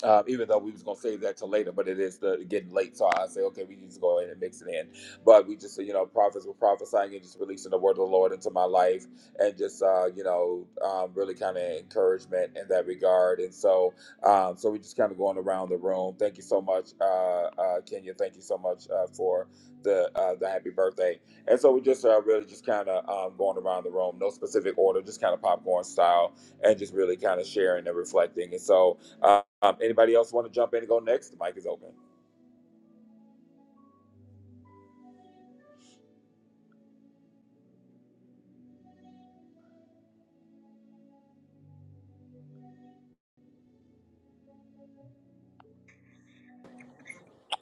uh, even though we was gonna save that till later, but it is the getting late, so I say, okay, we need to go ahead and mix it in. But we just, you know, prophets were prophesying and just releasing the word of the Lord into my life, and just, uh, you know, um, really kind of encouragement in that regard. And so, um, so we just kind of going around the room. Thank you so much, uh, uh, Kenya. Thank you so much uh, for the uh, the happy birthday. And so we just uh, really just kind of um, going around the room, no specific order, just kind of popcorn style, and just really kind of sharing and reflecting. And so, uh, um, anybody else want to jump in and go next? The mic is open.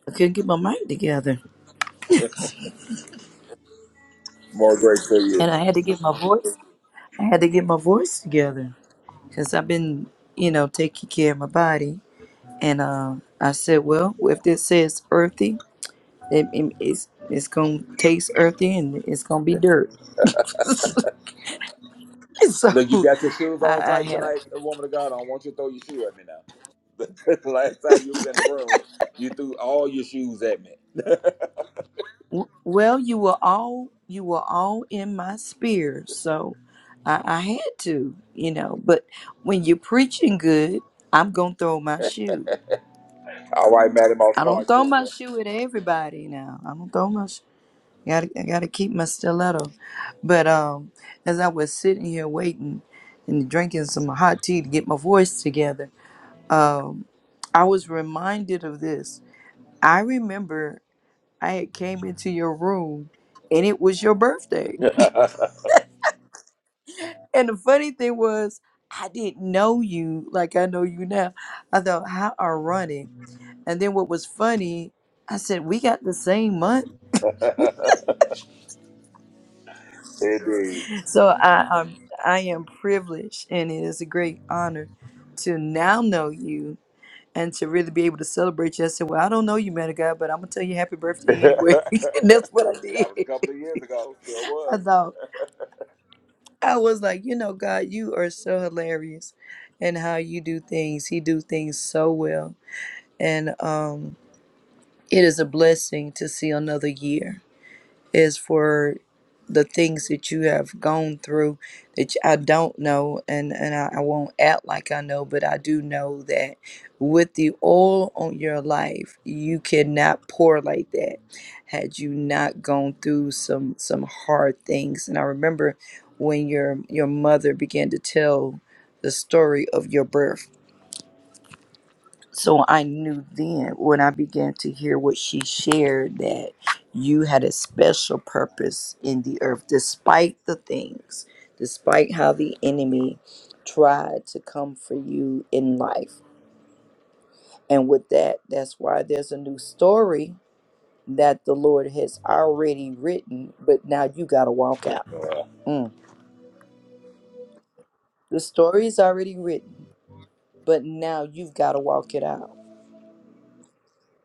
I couldn't get my mind together. More grace to you. And I had to get my voice I had to get my voice together. Cause I've been, you know, taking care of my body. And uh, I said, Well, if this says earthy, it, it- it's it's gonna taste earthy and it's gonna be dirt. [laughs] so Look, you got your shoes on I, I tight had a, tonight, woman of God. I don't want you to throw your shoe at me now. [laughs] the last time you was in the room, you threw all your shoes at me. well, you were all you were all in my spear, so I, I had to, you know. But when you're preaching good, I'm gonna throw my shoe. All right, Matty Moss I don't Clark throw my Jr. shoe at everybody now. I don't throw my shoe. Gotta, I gotta keep my stiletto. But um, as I was sitting here waiting and drinking some hot tea to get my voice together, um, I was reminded of this. I remember I had came into your room and it was your birthday. And the funny thing was, I didn't know you like I know you now. I thought, how ironic. And then what was funny, I said, we got the same month [laughs] Indeed. So I um, I am privileged, and it is a great honor to now know you and to really be able to celebrate you. I said, "Well, I don't know you, man of God, but I'm gonna tell you happy [laughs] birthday anyway," [laughs] that and that's what I did. was a couple of years [laughs] ago. Sure I was. thought I was like, you know, God, you are so hilarious, and how you do things. He do things so well, and um, it is a blessing to see another year is for the things that you have gone through that I don't know and, and I, I won't act like I know, but I do know that with the oil on your life, you cannot pour like that had you not gone through some some hard things. And I remember when your your mother began to tell the story of your birth so I knew then when I began to hear what she shared that you had a special purpose in the earth, despite the things, despite how the enemy tried to come for you in life. And with that, that's why there's a new story that the Lord has already written, but now you got to walk out. Uh, Mm. The story is already written, but now you've got to walk it out.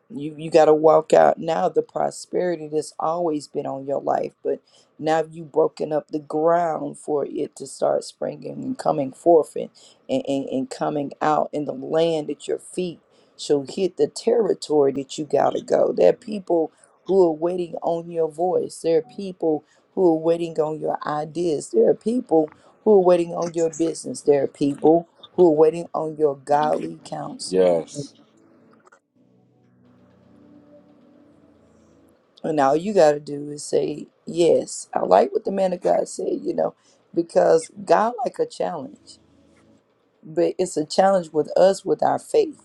You you got to walk out now the prosperity that's always been on your life, but now you have broken up the ground for it to start springing and coming forth and, and, and, and coming out in the land at your feet shall hit the territory that you got to go. There are people who are waiting on your voice. There are people who are waiting on your ideas. There are people who are waiting on your business. There are people who are waiting on your godly counsel. [laughs] yes. And all you got to do is say, Yes, I like what the man of God said, you know, because God like a challenge, but it's a challenge with us with our faith.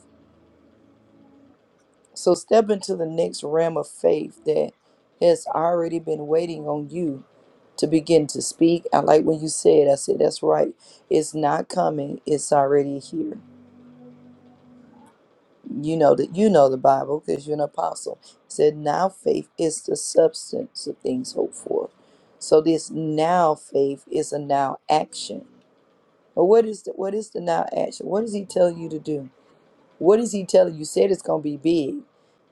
So step into the next realm of faith that has already been waiting on you to begin to speak. I like when you said, I said, That's right. It's not coming, it's already here. you know that you know the Bible because you're an apostle. It said now faith is the substance of things hoped for. So this now faith is a now action. But what is the what is the now action? What does he tell you to do? What is he telling you? Said it's gonna be big.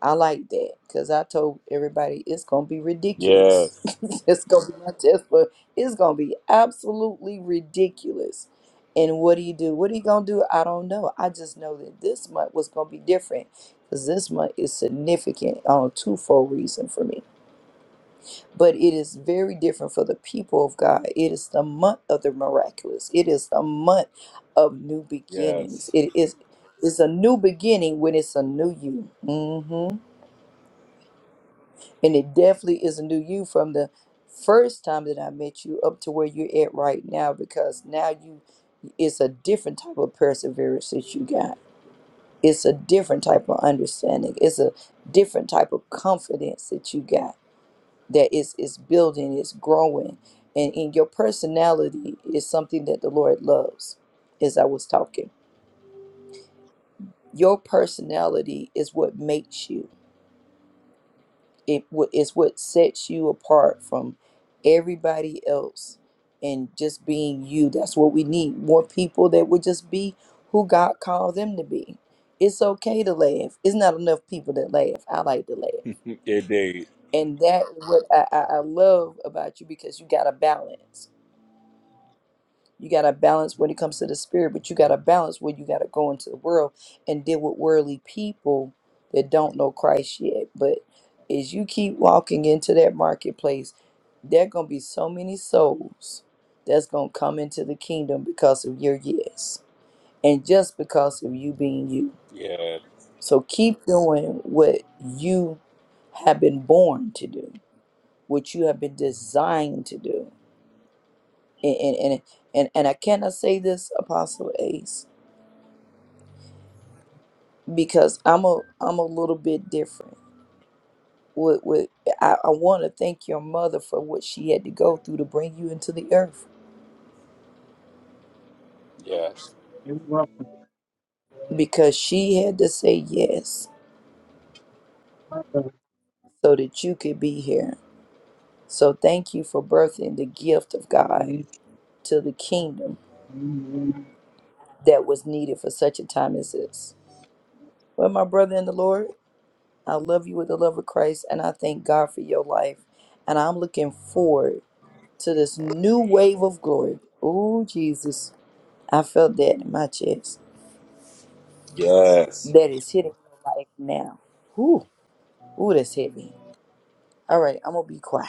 I like that because I told everybody it's gonna be ridiculous. Yes. [laughs] it's gonna be my test, but it's gonna be absolutely ridiculous. And what do you do? What are you gonna do? I don't know. I just know that this month was gonna be different because this month is significant on a twofold reason for me but it is very different for the people of God. It is the month of the miraculous. It is the month of new beginnings. Yes. It is it's a new beginning when it's a new you. hmm And it definitely is a new you from the first time that I met you up to where you're at right now because now you it's a different type of perseverance that you got. It's a different type of understanding. It's a different type of confidence that you got that is is building, is growing, and in your personality is something that the Lord loves. As I was talking, your personality is what makes you. It what is what sets you apart from everybody else, and just being you. That's what we need. More people that would just be who God called them to be. It's okay to laugh. It's not enough people that laugh. I like to laugh, Indeed. and that what I, I, I love about you because you got a balance You got to balance when it comes to the spirit, but you got to balance when you got to go into the world and deal with worldly people that don't know Christ yet. But as you keep walking into that marketplace, there going to be so many souls that's going to come into the kingdom because of your yes and just because of you being you. Yeah. So keep doing what you have been born to do, what you have been designed to do. And, and, and, and, and I cannot say this, Apostle Ace because I'm a I'm a little bit different. With, with I, I want to thank your mother for what she had to go through to bring you into the earth You're welcome. because she had to say yes so that you could be here. So thank you for birthing the gift of God Thank to the kingdom you. that was needed for such a time as this. Well, my brother in the Lord, I love you with the love of Christ and I thank God for your life. And I'm looking forward to this new wave of glory. Oh, Jesus I felt that in my chest. Yes. That is hitting me like now. Whew. Ooh, that's heavy. All right, I'm gonna be quiet.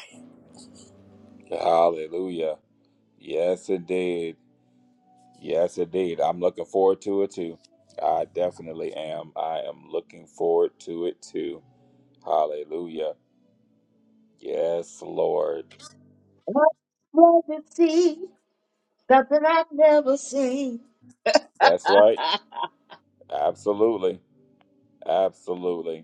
Hallelujah. Yes, indeed. Yes, indeed. I'm looking forward to it too. I definitely am. I am looking forward to it too. Hallelujah. Yes, Lord. What was it see? Something I've never seen. That's right. [laughs] Absolutely. Absolutely.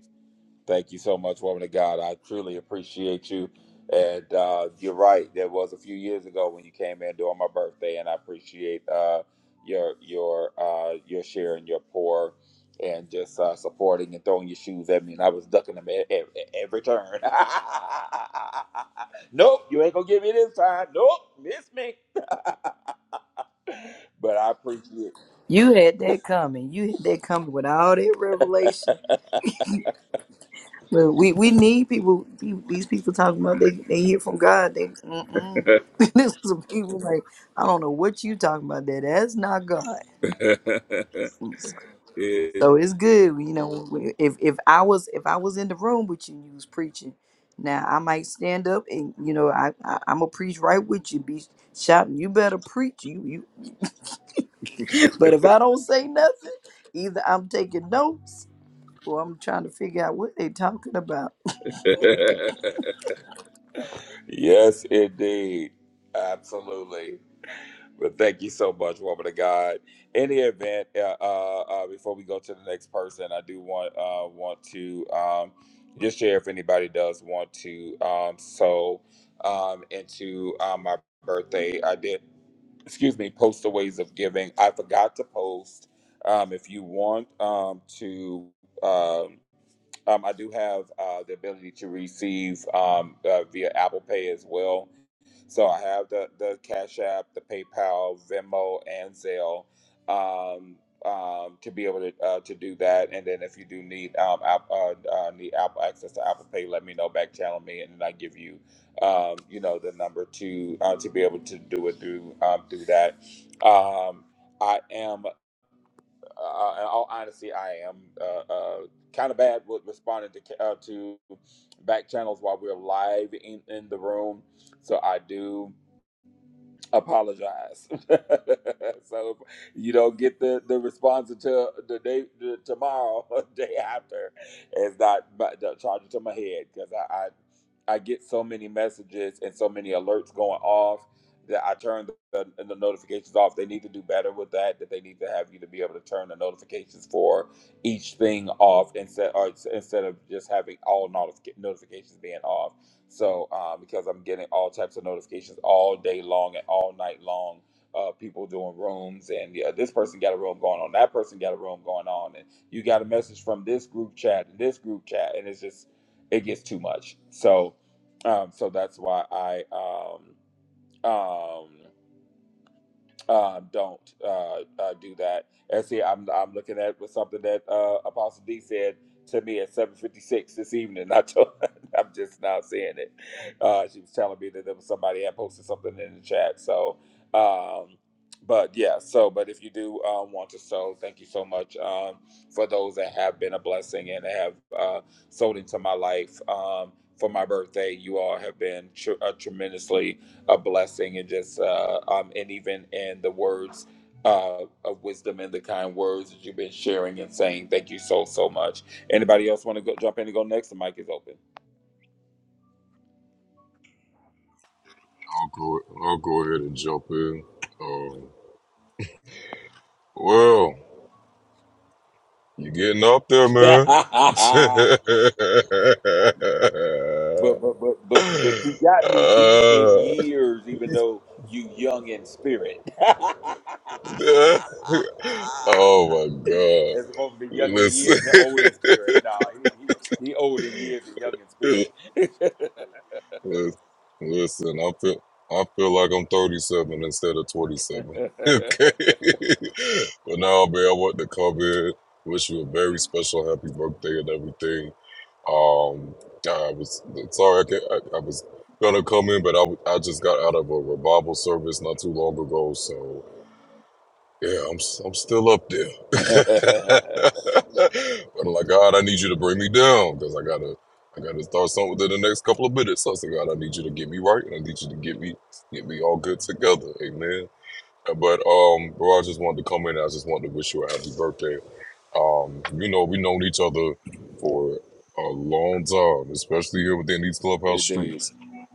Thank you so much, woman of God. I truly appreciate you. And uh, you're right. There was a few years ago when you came in during my birthday, and I appreciate uh, your your uh, your sharing your pour and just uh, supporting and throwing your shoes at me. And I was ducking them at, at, at every turn. [laughs] nope, you ain't gonna get me this time. Nope, miss me. But I appreciate. You had that coming. You had that coming with all that revelation. Well, we, we need people. pe- These people talking about they they hear from God. They mm-mm. [laughs] this is some people like I don't know what you talking about. That that's not God. [laughs] So it's good, you know. when- If if I was if I was in the room with you, and you was preaching. Now I might stand up and you know I, I I'm gonna preach right with you, be shouting. You better preach, you you. [laughs] But if I don't say nothing, either I'm taking notes or I'm trying to figure out what they talking about. yes, indeed. Absolutely. Well, thank you so much, woman of God. In the event, uh, uh, uh, before we go to the next person, I do want uh, want to um, just share if anybody does want to um, sow um, into uh, my birthday. I did, excuse me, post the ways of giving. I forgot to post. Um, if you want um, to, um um, I do have uh, the ability to receive um, uh, via Apple Pay as well so I have the the Cash App, the PayPal, Venmo, and Zelle um, um, to be able to uh, to do that. And then if you do need um, app, uh, uh, need Apple access to Apple Pay, let me know. Back channel me, and then I give you um, you know the number to uh, to be able to do it through um, through that. Um, I am, uh, in all honesty, I am uh, uh, kind of bad with responding to ca- uh, to back channels while we're live in, in the room. So I do apologize. [laughs] so if you don't get the, the response until the day the, tomorrow [laughs] or day after. It's not, but don't charge it to my head because I, I I get so many messages and so many alerts going off that I turn the, the, the notifications off. They need to do better with that. That they need to have you to be able to turn the notifications for each thing off instead or it's- instead of just having all notific- notifications being off so, um, because I'm getting all types of notifications all day long and all night long, uh, people doing rooms and yeah, this person got a room going on, that person got a room going on, and you got a message from this group chat and this group chat, and it's just it gets too much. So, um, so that's why I um, um, uh, don't uh, uh, do that. And see, I'm I'm looking at with something that uh, Apostle D said to me at 7:56 this evening. I told, [laughs] I'm just now seeing it. Uh, she was telling me that there was somebody had posted something in the chat. So, um, but yeah. So, but if you do um, want to sow, thank you so much um, for those that have been a blessing and have uh, sowed into my life. Um, for my birthday, you all have been tr- uh, tremendously a blessing and just uh, um, and even in the words uh, of wisdom and the kind words that you've been sharing and saying. Thank you so so much. Anybody else want to go jump in and go next? The mic is open. I'll go. I'll go ahead and jump in. Um, well, you're getting up there, [laughs] man. but but [laughs] but but but you got Uh, me beat in years, even though you young in spirit. [laughs] [laughs] oh my God! It's supposed to be young in Listen, years and old in [laughs] spirit. No, he, he, he old in years and young in spirit. listen. I feel. I feel like I'm 37 instead of 27. [laughs] [laughs] okay. but now, man, I want to come in. Wish you a very special happy birthday and everything. Um, I was sorry, I, can, I, I was gonna come in, but I, w- I just got out of a revival service not too long ago, so yeah, I'm s- I'm still up there. [laughs] but it I'm like, God, I need you to bring me down because I gotta I gotta start something within the next couple of minutes. So I said, God, I need you to get me right, and I need you to get me get me all good together. Amen. But um, bro, I just wanted to come in. I just wanted to wish you a happy birthday. Um, you know, we known each other for a long time, especially here within these clubhouse did. streets.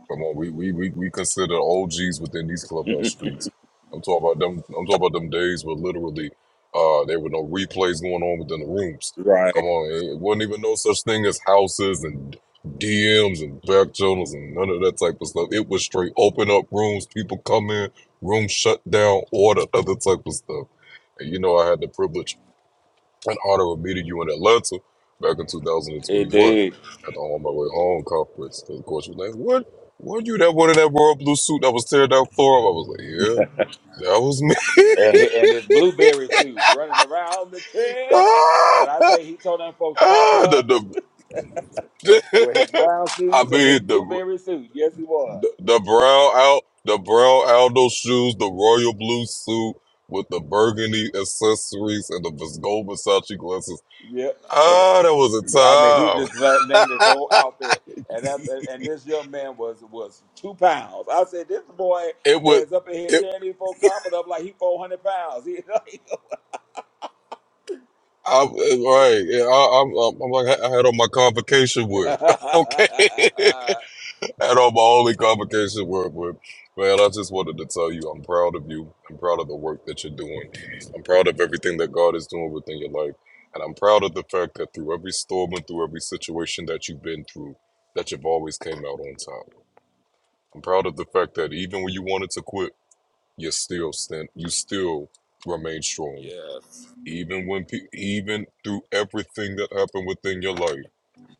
Come on, we we we, we consider OGs within these clubhouse [laughs] streets. I'm talking about them. I'm talking about them days where literally uh, there were no replays going on within the rooms. Right. Come on, it wasn't even no such thing as houses and DMs and back channels and none of that type of stuff. It was straight open up rooms, people come in, rooms shut down, all the other type of stuff. And you know, I had the privilege and Ottawa meeting you in Atlanta back in It 2021 did. at the On My Way Home conference. And of course, you're like, what? Were you that one in that royal blue suit that was tearing down floor? I was like, yeah, that was me. And, hi- and his blueberry suit running around the [laughs] church. ah, When I say he tore them folks carpet ah, up the, with his the, brown [laughs] I shoes and his mean, the, blueberry suit. Yes, he was. the the brown out, the brown Aldo shoes, the royal blue suit with the burgundy accessories and the Vis- gold Versace glasses. Yep. And, Ah, that yeah, I mean, he was just la- a named his whole time. outfit. And that, and and this young man was was two pounds. I said, this boy [laughs] it would. is up in here tearing these folks carpet up like he 400 pounds. [laughs] He, like, I, right. Yeah, I, I'm, I'm like, I had on my convocation wear. [laughs] [laughs] okay. [laughs] had on my only convocation wear, but man, I just wanted to tell you I'm proud of you. I'm proud of the work that you're doing. I'm proud of everything that God is doing within your life. And I'm proud of the fact that through every storm and through every situation that you've been through, that you've always came out on top. I'm proud of the fact that even when you wanted to quit, you still stand, you still remain strong yes. even when pe- even through everything that happened within your life,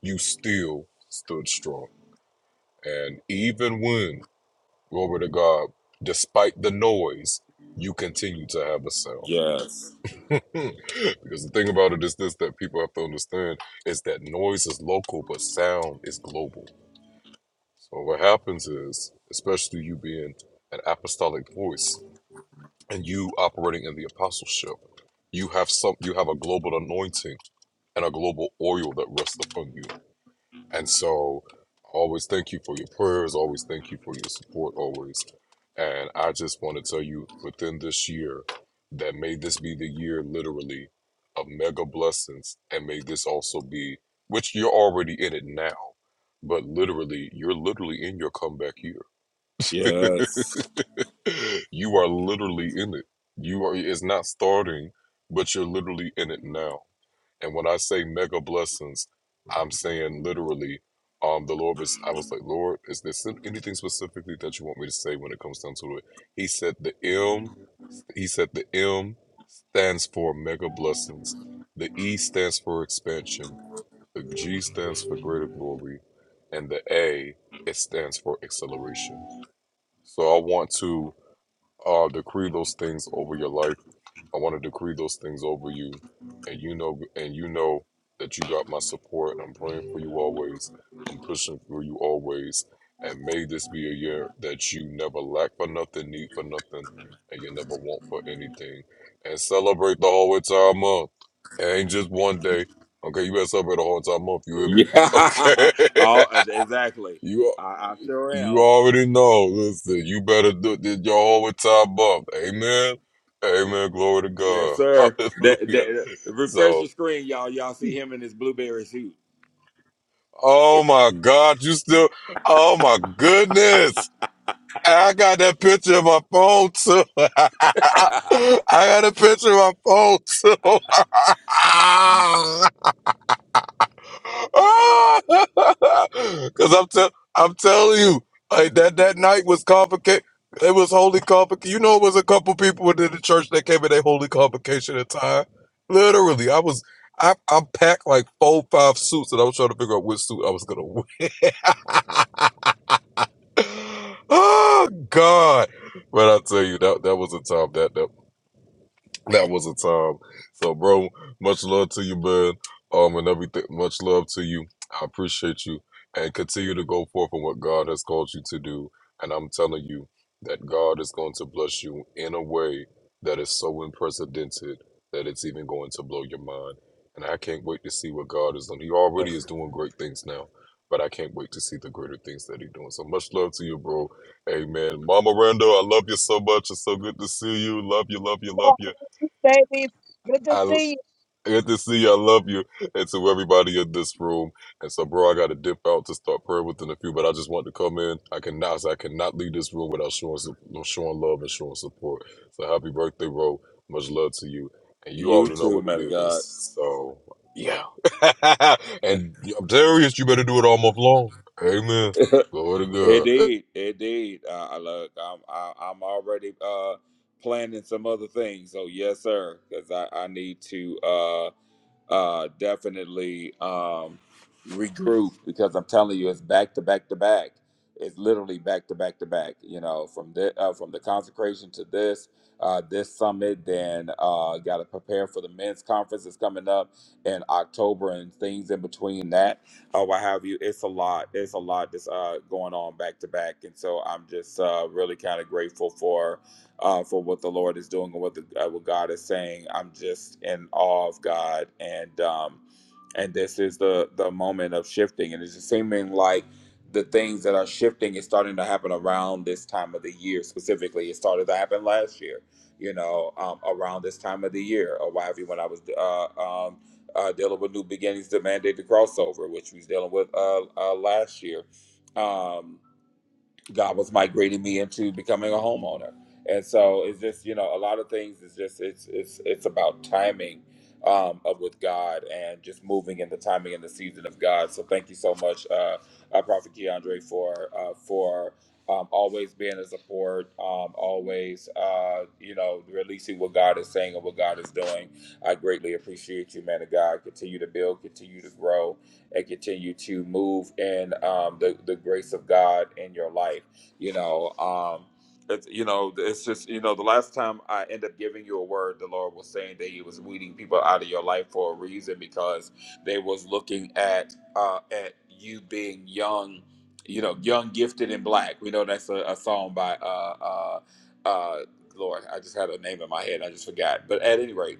you still stood strong. And even when, glory to God, despite the noise, you continue to have a sound. Yes. [laughs] because the thing about it is this that people have to understand is that noise is local, but sound is global. So what happens is, especially you being an apostolic voice and you operating in the apostleship, you have some you have a global anointing and a global oil that rests upon you. And so, always thank you for your prayers, always thank you for your support, always. And I just want to tell you within this year that may this be the year literally of mega blessings, and may this also be, which you're already in it now, but literally, you're literally in your comeback year. Yes. You are literally in it. You are, it's not starting, but you're literally in it now. And when I say mega blessings, I'm saying literally, um, the Lord was, I was like, Lord, is there some- anything specifically that you want me to say when it comes down to it? He said the M, he said the M stands for mega blessings. The E stands for expansion. The G stands for greater glory. And the A, it stands for acceleration. So I want to uh, decree those things over your life I want to decree those things over you, and you know, and you know that you got my support. I'm praying for you always. I'm pushing for you always. And may this be a year that you never lack for nothing, need for nothing, and you never want for anything. And celebrate the whole entire month. It ain't just one day. Okay, you better celebrate the whole entire month. You hear me? Yeah. [laughs] oh, Okay. uh, exactly. [laughs] you I, I sure you am. already know. Listen, you better do did your whole time up. Amen. Amen. Glory to Yes, God. [laughs] sir. That, Hallelujah. that, refresh your So, screen, y'all. Y'all see him in his blueberry suit. oh my God, you still oh my goodness. I got that picture in my phone too. [laughs] I got a picture in my phone too. [laughs] [laughs] [laughs] Cause I'm tell I'm telling you, like that that night was complicated. It was holy complicated. You know, it was a couple people within the church that came in a holy convocation at a time. Literally, I was I I packed like four five suits, and I was trying to figure out which suit I was gonna wear. [laughs] oh God! But I tell you, that that was a time that that that was a time. So, bro, much love to you, man. Um, and everything. Much love to you. I appreciate you, and continue to go forth on what God has called you to do. And I'm telling you that God is going to bless you in a way that is so unprecedented that it's even going to blow your mind. And I can't wait to see what God is doing. He already is doing great things now, but I can't wait to see the greater things that He's doing. So much love to you, bro. Amen. Mama Randall, I love you so much. It's so good to see you. Love you, love you, love Ah, you. Baby, good to I see you. good to see you. I love you, and to everybody in this room. And so, bro, I got to dip out to start prayer within a few, but I just want to come in. I cannot, I cannot leave this room without showing, su- showing love and showing support. So, happy birthday, bro. Much love to you, and you you already know too, what it man of is. So, yeah. [laughs] God. and I'm serious. You better do it all month long. Amen. [laughs] Glory It to God. did. It did. I, I look. I'm. I, I'm already uh planning some other things. So yes, sir. Because I, I need to uh uh definitely um regroup because I'm telling you, it's back to back to back. It's literally back to back to back. You know, from the uh, from the consecration to this. Uh, this summit, then uh, got to prepare for the men's conference that's coming up in October and things in between that or what have you. It's a lot. It's a lot that's uh, going on back to back, and so I'm just uh, really kind of grateful for uh, for what the Lord is doing and what the, uh, what God is saying. I'm just in awe of God, and um, and this is the the moment of shifting and it's just seeming like the things that are shifting is starting to happen around this time of the year specifically it started to happen last year you know um, around this time of the year or why when i was uh, um, uh, dealing with new beginnings demanded the crossover which we was dealing with uh, uh, last year um, God was migrating me into becoming a homeowner. And so it's just, you know, a lot of things is just it's it's it's about timing um of with God and just moving in the timing and the season of God. So thank you so much, uh, uh Prophet Keandre for uh for um, always being a support, um, always, uh, you know, releasing what God is saying and what God is doing. I greatly appreciate you, man of God. Continue to build, continue to grow, and continue to move in um, the, the grace of God in your life you know um it's you know it's just you know the last time i end up giving you a word the lord was saying that he was weeding people out of your life for a reason because they was looking at uh at you being young you know young gifted and black we know that's a, a song by uh uh uh lord i just had a name in my head i just forgot but at any rate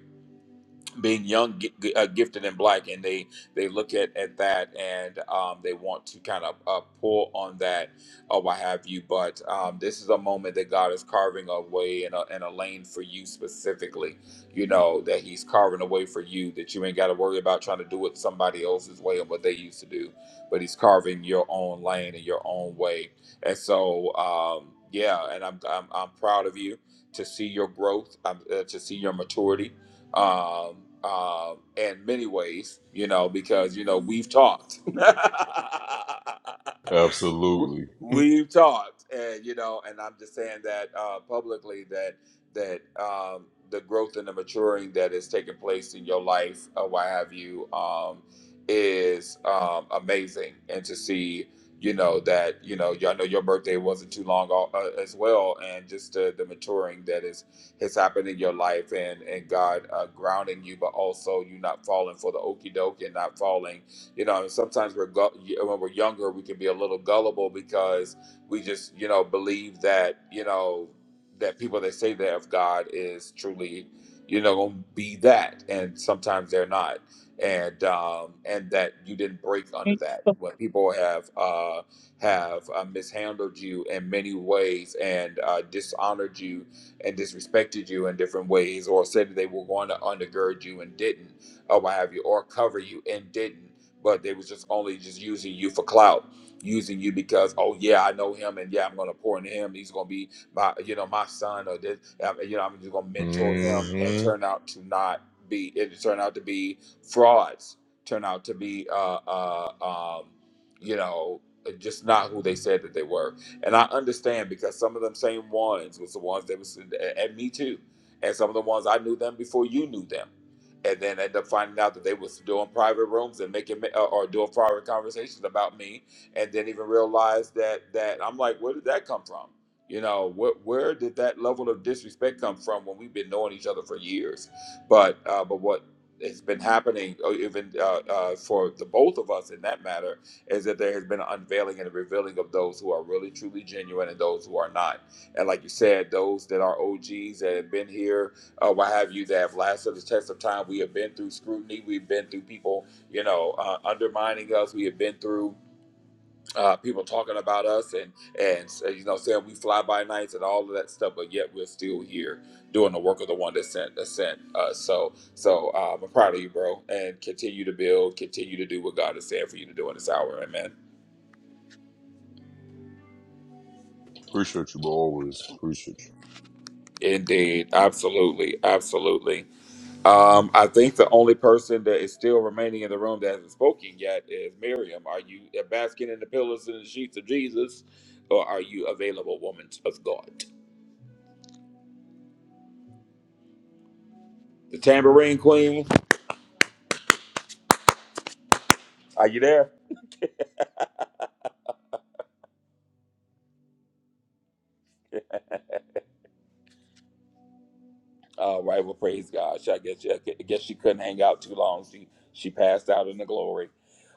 being young, gi- gi- uh, gifted, and black, and they they look at at that and um, they want to kind of uh, pull on that or what have you. But um, this is a moment that God is carving a way and a, and a lane for you specifically. You know that He's carving a way for you that you ain't got to worry about trying to do it somebody else's way and what they used to do, but He's carving your own lane and your own way. And so um, yeah, and I'm, I'm I'm proud of you to see your growth, um, uh, to see your maturity um, um, in many ways, you know, because you know we've talked, [laughs] we- Absolutely. we've talked and you know and i'm just saying that uh publicly that that um the growth and the maturing that is taking place in your life or what have you um is um amazing and to see you know that you know y'all know your birthday wasn't too long ago, uh, as well and just uh, the maturing that is has happened in your life and and god uh, grounding you but also you not falling for the okey doke and not falling you know, and sometimes we're gu- when we're younger, we can be a little gullible because we just, you know, believe that, you know, that people that say they have God is truly, you know, gonna be that, and sometimes they're not, and um, and that you didn't break under that. When people have uh, have uh, mishandled you in many ways and uh, dishonored you and disrespected you in different ways, or said that they were going to undergird you and didn't, or what have you, or cover you and didn't but they was just only just using you for clout, using you because oh yeah, I know him and yeah, I'm gonna pour into him. He's gonna be my you know my son or this, uh, you know I'm just gonna mentor him and hmm turn out to not be it turned out to be frauds, turn out to be uh uh um you know uh, just not who they said that they were. And I understand because some of them same ones was the ones that was and and me too. And some of the ones I knew them before you knew them and then end up finding out that they was doing private rooms and making uh, or doing private conversations about me, and then even realize that that I'm like, where did that come from? You know, wh- where did that level of disrespect come from when we've been knowing each other for years? But uh, but what has been happening, uh, even uh, uh, for the both of us in that matter, is that there has been an unveiling and a revealing of those who are really truly genuine and those who are not. And like you said, those that are OGs that have been here uh, what have you, that have lasted the test of time. We have been through scrutiny. We've been through people, you know, uh, undermining us. We have been through uh, people talking about us and and uh, you know saying we fly by nights and all of that stuff. But yet we're still here doing the work of the one that sent that sent us. So so um, I'm proud of you, bro, and continue to build, continue to do what God is saying for you to do in this hour. Amen. Appreciate you, bro. Always appreciate you. Indeed, absolutely, absolutely. Um, I think the only person that is still remaining in the room that hasn't spoken yet is Miriam. Are you basking in the pillows and the sheets of Jesus, or are you available, woman of God? The tambourine queen, are you there? All right. Well, praise God. She- I guess she, I guess she couldn't hang out too long. She she passed out in the glory.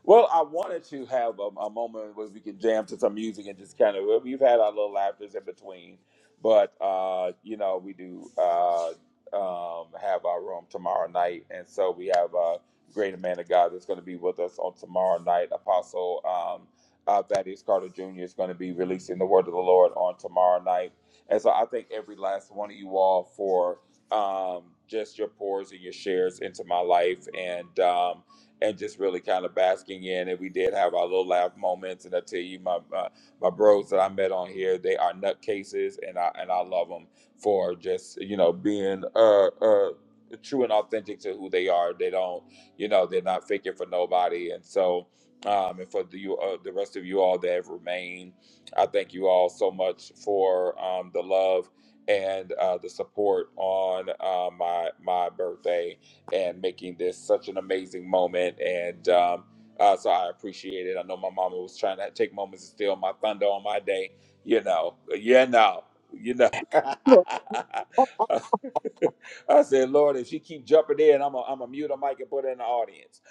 Well, I wanted to have a, a moment where we can jam to some music and just kind of well, we've had our little laughters in between, but uh, you know we do uh, um, have our room tomorrow night, and so we have a great man of God that's going to be with us on tomorrow night. Apostle um, uh, Thaddeus Carter Jr. is going to be releasing the word of the Lord on tomorrow night, and so I thank every last one of you all for um, just your pours and your shares into my life and um, and just really kind of basking in and we did have our little laugh moments and I tell you my my, my bros that I met on here they are nutcases and I and I love them for just you know being uh uh true and authentic to who they are they don't you know they're not faking for nobody and so um and for the you uh, the rest of you all that have remained I thank you all so much for um the love and uh, the support on uh, my my birthday and making this such an amazing moment. And um, uh, so I appreciate it. I know my mama was trying to take moments to steal my thunder on my day. You know, you know, you know. [laughs] [laughs] Look, oh, I said, Lord, if she keep jumping in, I'm a, I'm a mute a mic and put her in the audience.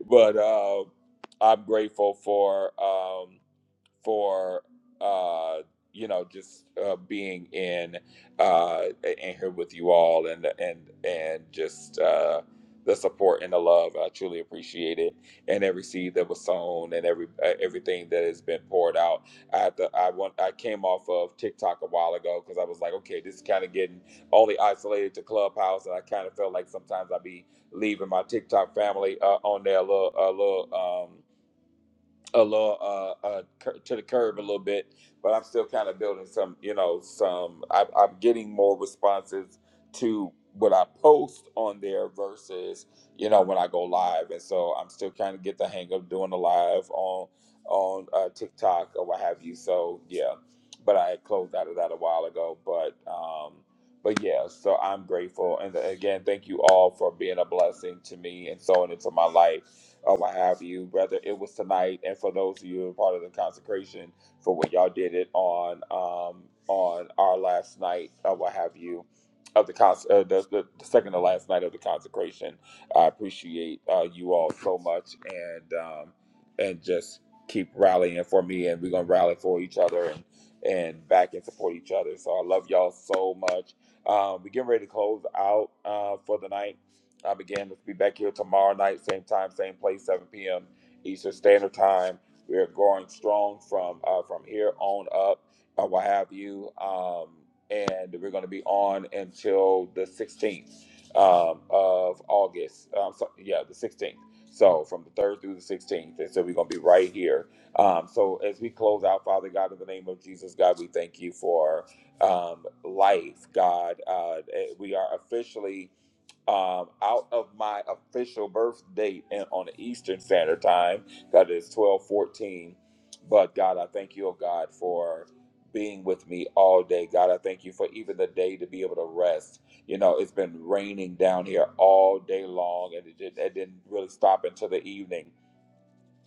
[laughs] but uh, I'm grateful for. Um, for uh, you know just uh, being in uh, in here with you all and and and just uh, the support and the love. I truly appreciate it, and every seed that was sown and every uh, everything that has been poured out. I had to, I want I came off of TikTok a while ago because I was like, okay, this is kind of getting only isolated to Clubhouse, and I kind of felt like sometimes I'd be leaving my TikTok family uh, on there a little a little. Um, a little uh, uh, cur- to the curb a little bit, but I'm still kind of building some, you know, some. I, I'm getting more responses to what I post on there versus, you know, when I go live, and so I'm still kind of get the hang of doing the live on on uh, TikTok or what have you. So yeah, but I had closed out of that a while ago, but. um but yeah, so I'm grateful, and again, thank you all for being a blessing to me and sowing into my life or what have you, brother. It was tonight, and for those of you who are part of the consecration for what y'all did it on um, on our last night or what have you of the, cons- uh, the, the the second to last night of the consecration. I appreciate uh, you all so much, and um, and just keep rallying for me, and we're gonna rally for each other and and back and support each other. So I love y'all so much. Um, we getting ready to close out uh, for the night. Um, again, let's be back here tomorrow night, same time, same place, 7 p.m. Eastern Standard Time. We are going strong from uh, from here on up, or what have you. Um, and we're going to be on until the 16th um, of August. Um, so, yeah, the 16th. So from the 3rd through the 16th. And so we're going to be right here. Um, so as we close out, Father God, in the name of Jesus, God, we thank you for um, life, God. Uh, eh, we are officially um, out of my official birth date and on the Eastern Standard Time. God is twelve fourteen. But God, I thank you, oh God, for being with me all day. God, I thank you for even the day to be able to rest. You know, it's been raining down here all day long, and it, did, it didn't really stop until the evening.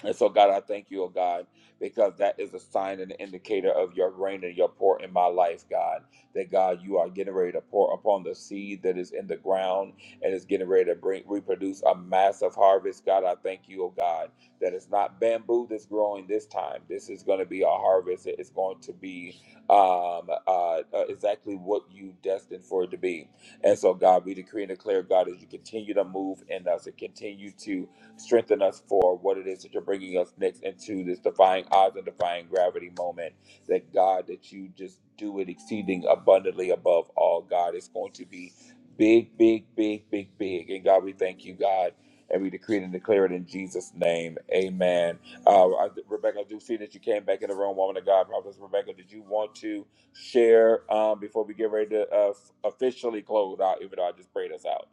And so, God, I thank you, oh God, because that is a sign and an indicator of your reign and your pour in my life, God. That, God, you are getting ready to pour upon the seed that is in the ground and is getting ready to bring, reproduce a massive harvest. God, I thank you, oh God, that it's not bamboo that's growing this time. This is going to be a harvest. It is going to be um, uh, uh, exactly what you destined for it to be. And so, God, we decree and declare, God, as you continue to move in us and continue to strengthen us for what it is that you're bringing us next into this defying odds and defying gravity moment. That God, that you just do it exceeding abundantly above all. God, it's going to be big, big, big, big, big. And God, we thank you, God. And we decree it and declare it in Jesus' name. Amen. Uh, I- Rebecca, I do see that you came back in the room, woman of God. Prophet Rebecca, did you want to share um, before we get ready to uh, officially close out, even though I just prayed us out?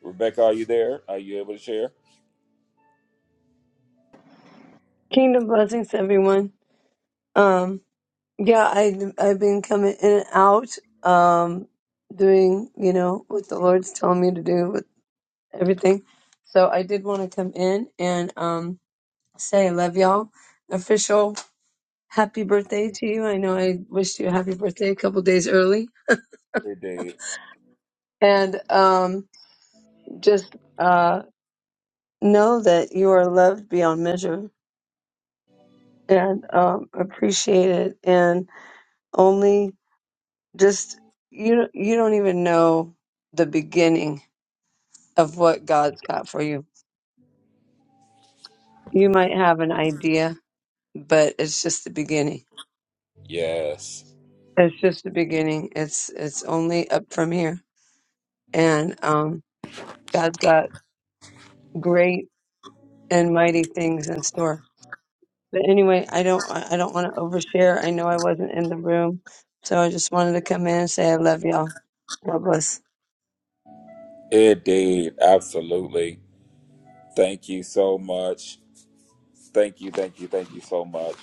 Rebecca, are you there? Are you able to share? Kingdom blessings, to everyone. Um, yeah, I I've been coming in and out, um, doing you know what the Lord's telling me to do with everything. So I did want to come in and um say I love y'all. Official happy birthday to you. I know I wished you a happy birthday a couple days early, and um just uh know that you are loved beyond measure and um appreciated and only. Just you don't- you don't even know the beginning of what God's got for you. You might have an idea, but it's just the beginning. Yes, It's just the beginning. It's it's only up from here. And um God's got great and mighty things in store. But anyway, I don't I I don't want to overshare. I know I wasn't in the room, so I just wanted to come in and say I love y'all. God bless. indeed, absolutely. Thank you so much. Thank you, thank you, thank you so much.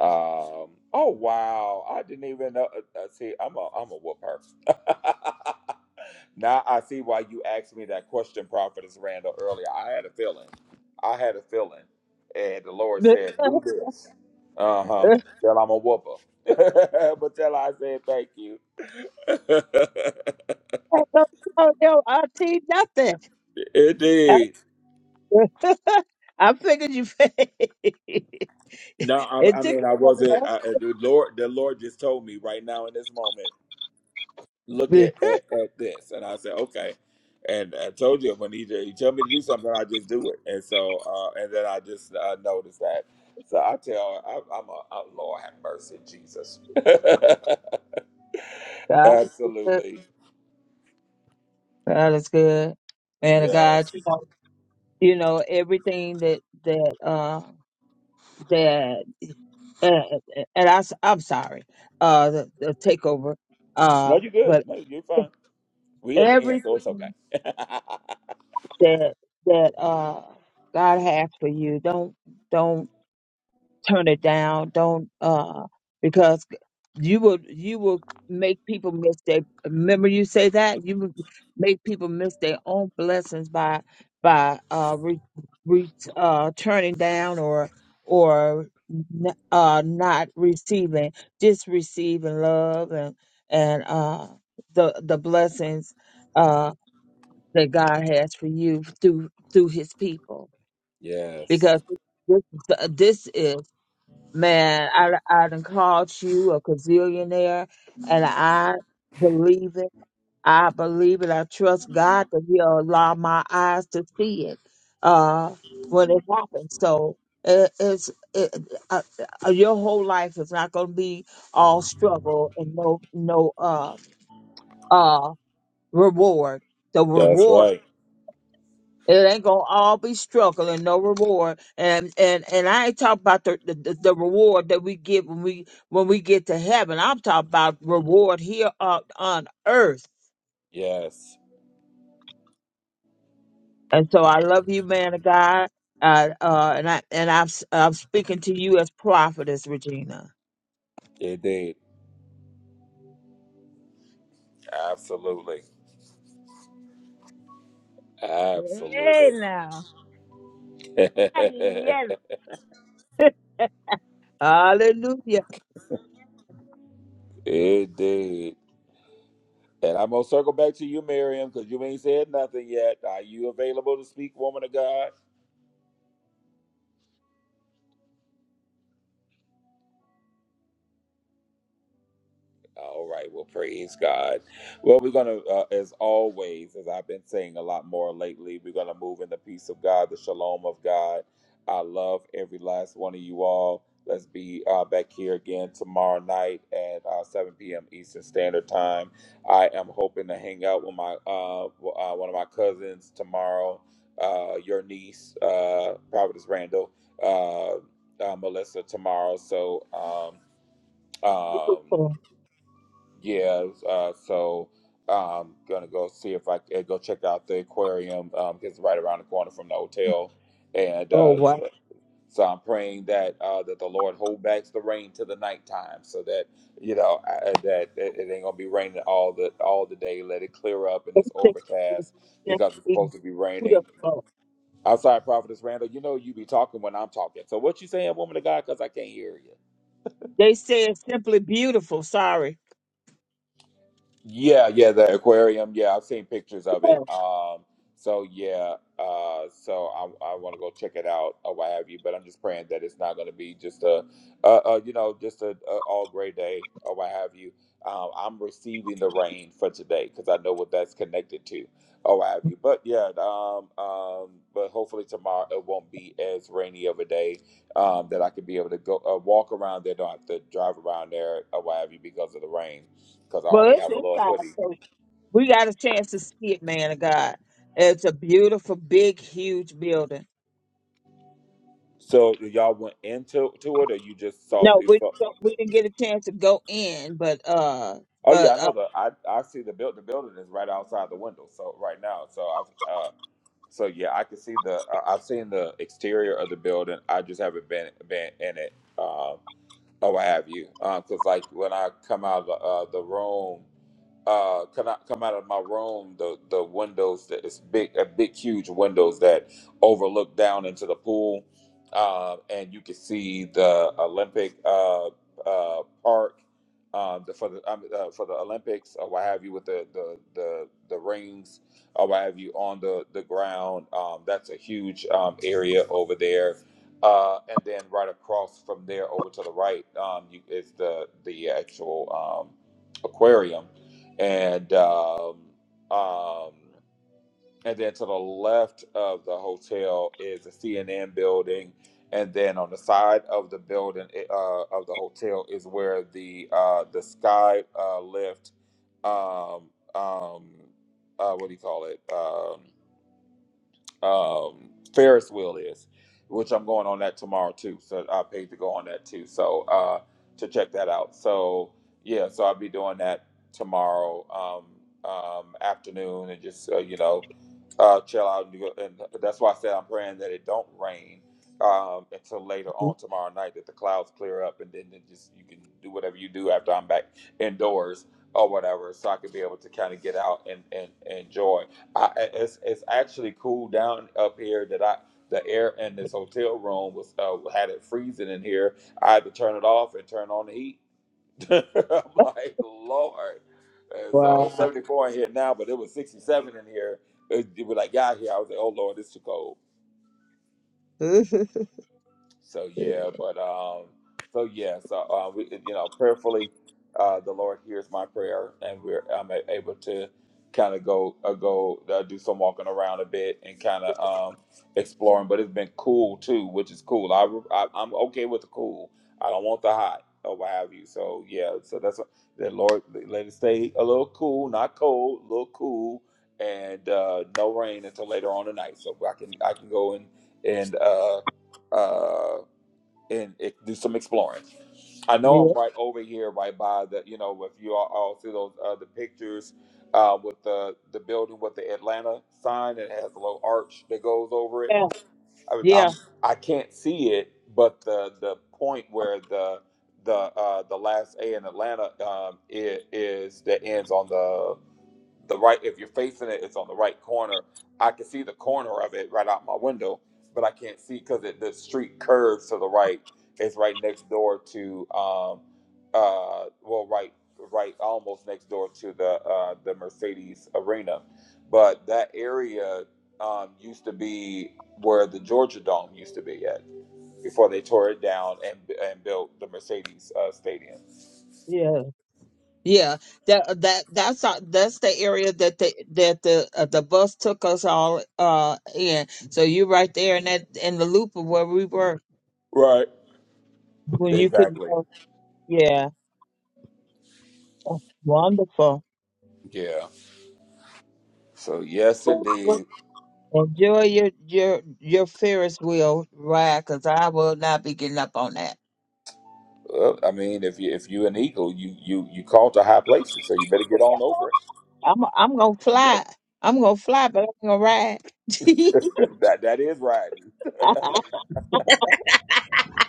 Um, oh wow, I didn't even know. uh, uh, See, I'm a I'm a whooper. [laughs] now I see why you asked me that question, Prophetess Randall earlier. I had a feeling. I had a feeling, and the Lord look, said, "Do this." Uh huh. uh, Tell I'm a whooper, [laughs] but tell I said thank you. I don't tell your auntie nothing. [laughs] I Indeed. [laughs] I figured you. [laughs] No, I, it I took mean a I wasn't. while. I, uh, the Lord, the Lord just told me right now in this moment, look [laughs] at at, at this, and I said okay. And I told you when he he told me to do something, I just do it, and so uh, and then I just uh, noticed that. So I tell, I, I'm a oh, Lord have mercy, Jesus. [laughs] God is good. Absolutely, God is good. Man of God, yes. you know, you know everything that that uh that. uh, and I, am sorry, uh, the, the takeover. No, Uh, you're good. but No, you're fine. We at the end, so it's okay. everything that that uh, God has for you, don't don't turn it down. Don't uh because you will you will make people miss their remember you say that you will make people miss their own blessings by by uh re, re, uh turning down or or n- uh not receiving just receiving love and and uh the the blessings uh that God has for you through through his people [laughs] yes, because this this is Man, I, I done called you a gazillionaire, and I believe it. I believe it. I trust God that He'll allow my eyes to see it uh, when it happens. So it, it's it, uh, uh, your whole life is not going to be all struggle and no no uh uh reward. The that's reward. right. It ain't gonna all be struggle and no reward. And and and I ain't talking about the, the the reward that we get when we when we get to heaven. I'm talking about reward here on on earth. Yes, And so I love you, man of God. Uh, uh, and I and I'm s- I'm speaking to you as prophetess, Regina. it did. Absolutely, Hey absolutely. now. Ah, Yes, it [laughs] Hallelujah. did. And I'm gonna circle back to you, Miriam, because you ain't said nothing yet. Are you available to speak, woman of God? All right. Well, praise God. Well, we're going to, uh, as always, as I've been saying a lot more lately, we're going to move in the peace of God, the shalom of God. I love every last one of you all. Let's be uh, back here again tomorrow night at uh, 7 p.m. Eastern Standard Time. I am hoping to hang out with my uh, w- uh, one of my cousins tomorrow. Uh, your niece, uh, Providence Randall, uh, uh, Melissa tomorrow. So um, um, Oh, yeah, uh, so I'm gonna go see if I can go check out the aquarium um, 'cause it's right around the corner from the hotel, and oh, uh, wow. so I'm praying that uh, that the Lord hold back the rain to the nighttime, so that you know I, that it, it ain't gonna be raining all the all the day. Let it clear up and it's overcast because it's They say supposed to be it's simply raining. beautiful. I'm sorry, Prophetess Randall. You know you be talking when I'm talking. So what you saying, woman of God? Because I can't hear you. They say it's simply beautiful. Sorry. Yeah, yeah, the aquarium. Yeah, I've seen pictures of it. [laughs] Um, so yeah, uh, so I, I want to go check it out or what have you. But I'm just praying that it's not going to be just a, uh, uh, you know, just a, a all gray day or what have you. Um, I'm receiving the rain for today because I know what that's connected to or what have you. But yeah, um, um, but hopefully tomorrow it won't be as rainy of a day um, that I could be able to go uh, walk around there, don't have to drive around there or what have you because of the rain because I Well, only it's have a little inside, hoodie. so we got a chance to see it, man of God. It's a beautiful, big, huge building. So y'all went into to it, or you just saw? No, The, we so- don't- we didn't get a chance to go in, but uh, oh but yeah, I uh, know the I I see the build the building is right outside the window. So right now, so I've uh so yeah, I can see the I- I've seen the exterior of the building. I just haven't been been in it. Um, oh, I have you Um, because like when I come out of the, uh, the room. uh come out come out of my room the the windows that is big a big huge windows that overlook down into the pool uh, and you can see the olympic uh uh park um the, for the um, uh, for the olympics or what have you with the the the, the rings or what have you on the the ground um that's a huge um area over there uh, and then right across from there over to the right um, you, is the the actual um, aquarium and um, um, and then to the left of the hotel is the CNN building, and then on the side of the building uh, of the hotel is where the uh, the sky uh, lift, um, um, uh, what do you call it? Um, um, Ferris wheel is, which I'm going on that tomorrow too. So I paid to go on that too. So uh, to check that out. So yeah, so I'll be doing that tomorrow um, um, afternoon and just uh, you know uh, chill out and, do, and that's why I said I'm praying that it don't rain um, until later on tomorrow night that the clouds clear up and then it just you can do whatever you do after I'm back indoors or whatever so I can be able to kind of get out and, and, and enjoy. I, it's it's actually cool down up here that I the air in this hotel room was uh, had it freezing in here. I had to turn it off and turn on the heat. [laughs] I'm like Lord, and so it's wow, 74 in here now, but it was 67 in here. It, it, when I got here, I was like, Oh Lord, it's too cold. [laughs] So yeah, but um, so yeah, so uh, we, you know, prayerfully, uh, the Lord hears my prayer, and we're I'm a- able to kind of go uh, go uh, do some walking around a bit and kind of um exploring. But it's been cool too, which is cool. I, I I'm okay with the cool. I don't want the hot or what have you. So yeah, so that's what the Lord let it stay a little cool, not cold, a little cool, and uh, no rain until later on tonight, so I can I can go and and uh uh, and it, do some exploring. I know yeah, I'm right over here, right by the, you know, if you all, all see those uh, the pictures uh, with the the building with the Atlanta sign, and it has a little arch that goes over it. I, was- yeah, I'm I can't see it, but the the point where the the uh, the last A in Atlanta um, i- is that ends on the the right if you're facing it it's on the right corner i can see the corner of it right out my window but i can't see because the street curves to the right it's right next door to um uh well right right almost next door to the uh the mercedes arena but that area um used to be where the georgia dome used to be at before they tore it down and and built the mercedes uh stadium yeah, yeah. That that that's our, that's the area that the that the uh, the bus took us all uh in. So you right there in that in the loop of where we were right when you could, exactly uh, yeah, wonderful. yeah. So yes, indeed. Well, Joy, your your your Ferris wheel ride, 'cause I will not be getting up on that. Well, I mean, if you if you an eagle, you you you call to high places, so you better get on over it. I'm I'm gonna get fly. I'm gonna fly, but I'm gonna ride. [laughs] [laughs] that that is riding. oh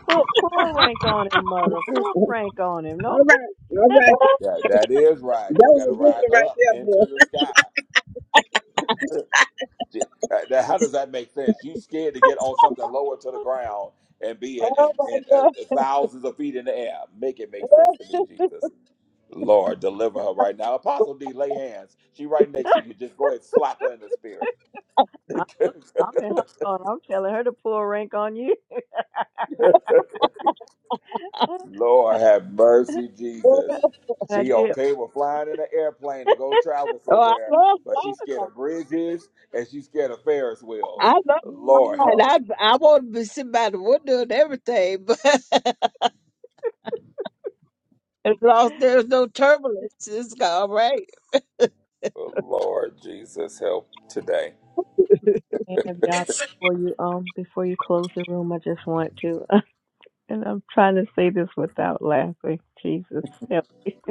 put pull rank on him, mother. Pull All rank on him. No, right. All right. That that is right. That You got was to a good ride one right up there, into boy. the sky. J- uh, now, How does that make sense? You scared to get on something lower to the ground and my be and and uh, god! thousands of feet in the air. Make it make sense to me, Jesus. Lord, deliver her right now. Apostle D, lay hands. She right next to you. [laughs] Just go ahead, slap her in the spirit. I- [laughs] I'm in her phone. I'm telling her to pull rank on you. [laughs] Lord have mercy, Oh, Jesus. And I She did. okay with flying in an airplane to go travel I somewhere, love but flying. she's scared of bridges and she's scared of Ferris I wheels. love Lord mm, flying. help. I I want to be sitting by the window and everything, [laughs] but as long as there's no turbulence, it's all right. Lord Jesus help today. And if [laughs] y'all before you um before you close the room, I just want to. [laughs] And I'm trying to say this without laughing. Jesus help me. [laughs]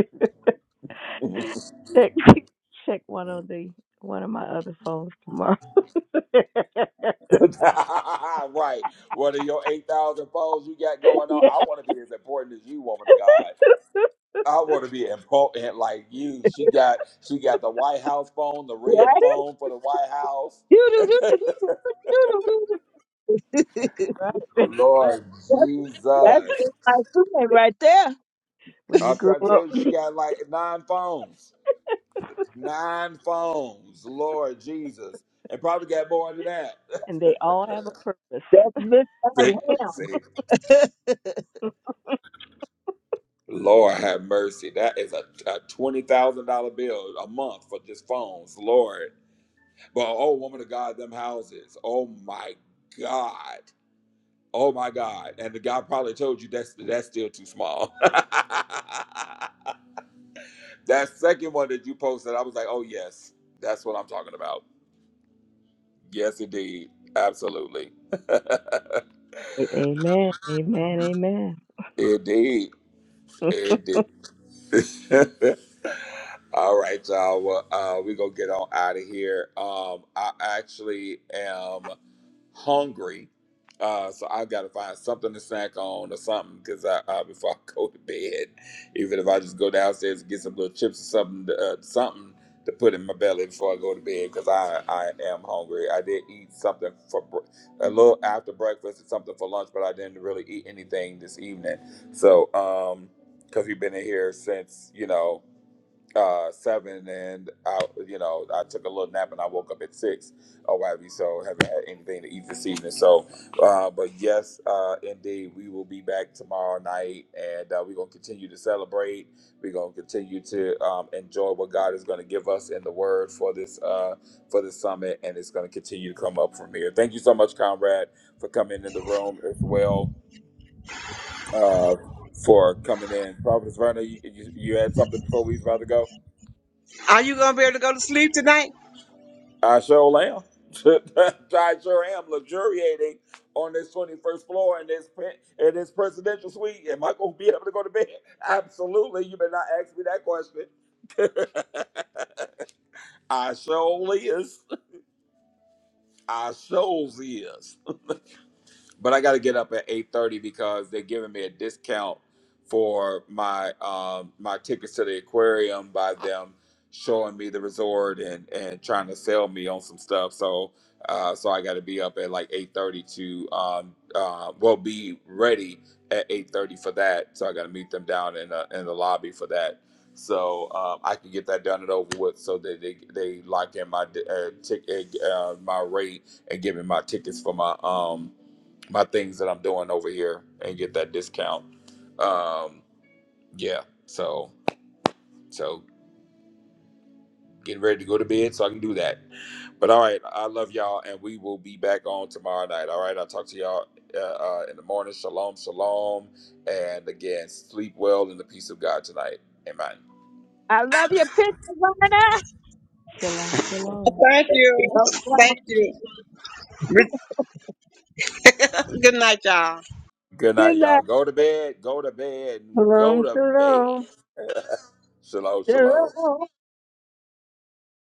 check [laughs] check one of the one of my other phones tomorrow. [laughs] yes, right. What are your 8,000 foes you got going on? I want to be as important as you, woman of God. that's I want to be important like you. She got she got the White House phone, the red Right? phone for the White House. [laughs] That's [laughs] right. [laughs] That's right. Lord that's Jesus. just my feeling right there. When you I'm grow trying to up, tell you, she got like nine phones. Nine phones. Lord Jesus. And probably got more than that. [laughs] and they [laughs] all have a purpose. That's [laughs] Miss Hot see, Ham. see, Lord have mercy. That is a, a $20,000 bill a month for just phones. Lord. But oh, woman of God, them houses. Oh my God. Oh my God. And the guy probably told you that's that's still too small. [laughs] That second one that you posted, I was like, oh, yes, that's what I'm talking about. Yes, indeed. Absolutely. [laughs] A- amen. Amen. Amen. Indeed. Indeed. [laughs] All right, y'all. Well, uh, we're going to get on out of here. Um, I actually am. hungry. Uh, so I've got to find something to snack on or something because I, I before [laughs] I go to bed, even if I just go downstairs and get some little chips or something, uh, something to put in my belly before I go to bed because I, I am hungry. I did eat something for br- a little after breakfast and something for lunch, but I didn't really eat anything this evening. So um, because we've been in here since you know uh seven and I you know I took a little nap and I woke up at six or what have you so haven't had anything to eat this evening so uh but yes uh indeed we will be back tomorrow night and uh, we're gonna continue to celebrate we're gonna continue to um, enjoy what God is gonna give us in the word for this uh for this summit and it's gonna continue to come up from here thank you so much Conrad for coming in the room as well uh for coming in Providence Verna you, you, you had something before we was about to go Are you going to be able to go to sleep tonight? I sure am. [laughs] I sure am luxuriating on this 21st floor in this pen- in this presidential suite. Am I gonna be able to go to bed? [laughs] Absolutely. You better not ask me that question. [laughs] I sure is. I sure is. but I got to get up at eight thirty because they're giving me a discount for my um, my tickets to the aquarium by them showing me the resort and and trying to sell me on some stuff. So uh, so I got to be up at like eight thirty to um, uh, well be ready at eight thirty for that. So I got to meet them down in the, in the lobby for that. So um, I can get that done and over with, so that they they lock in my uh, ticket uh, my rate and give me my tickets for my um my things that I'm doing over here and get that discount. Um, yeah, so so getting ready to go to bed so I can do that. But all right, I love y'all, and we will be back on tomorrow night. All right, I'll talk to y'all uh, uh, in the morning. Shalom, shalom, and again, sleep well in the peace of God tonight. Amen. I love your picture, Lorna. Shalom. Shalom. Thank you. [laughs] Thank you. Re- [laughs] Good night, y'all. Good night, y'all. Go to bed. Go to bed. Go Shalom, to bed. shalom. Shalom, You're shalom.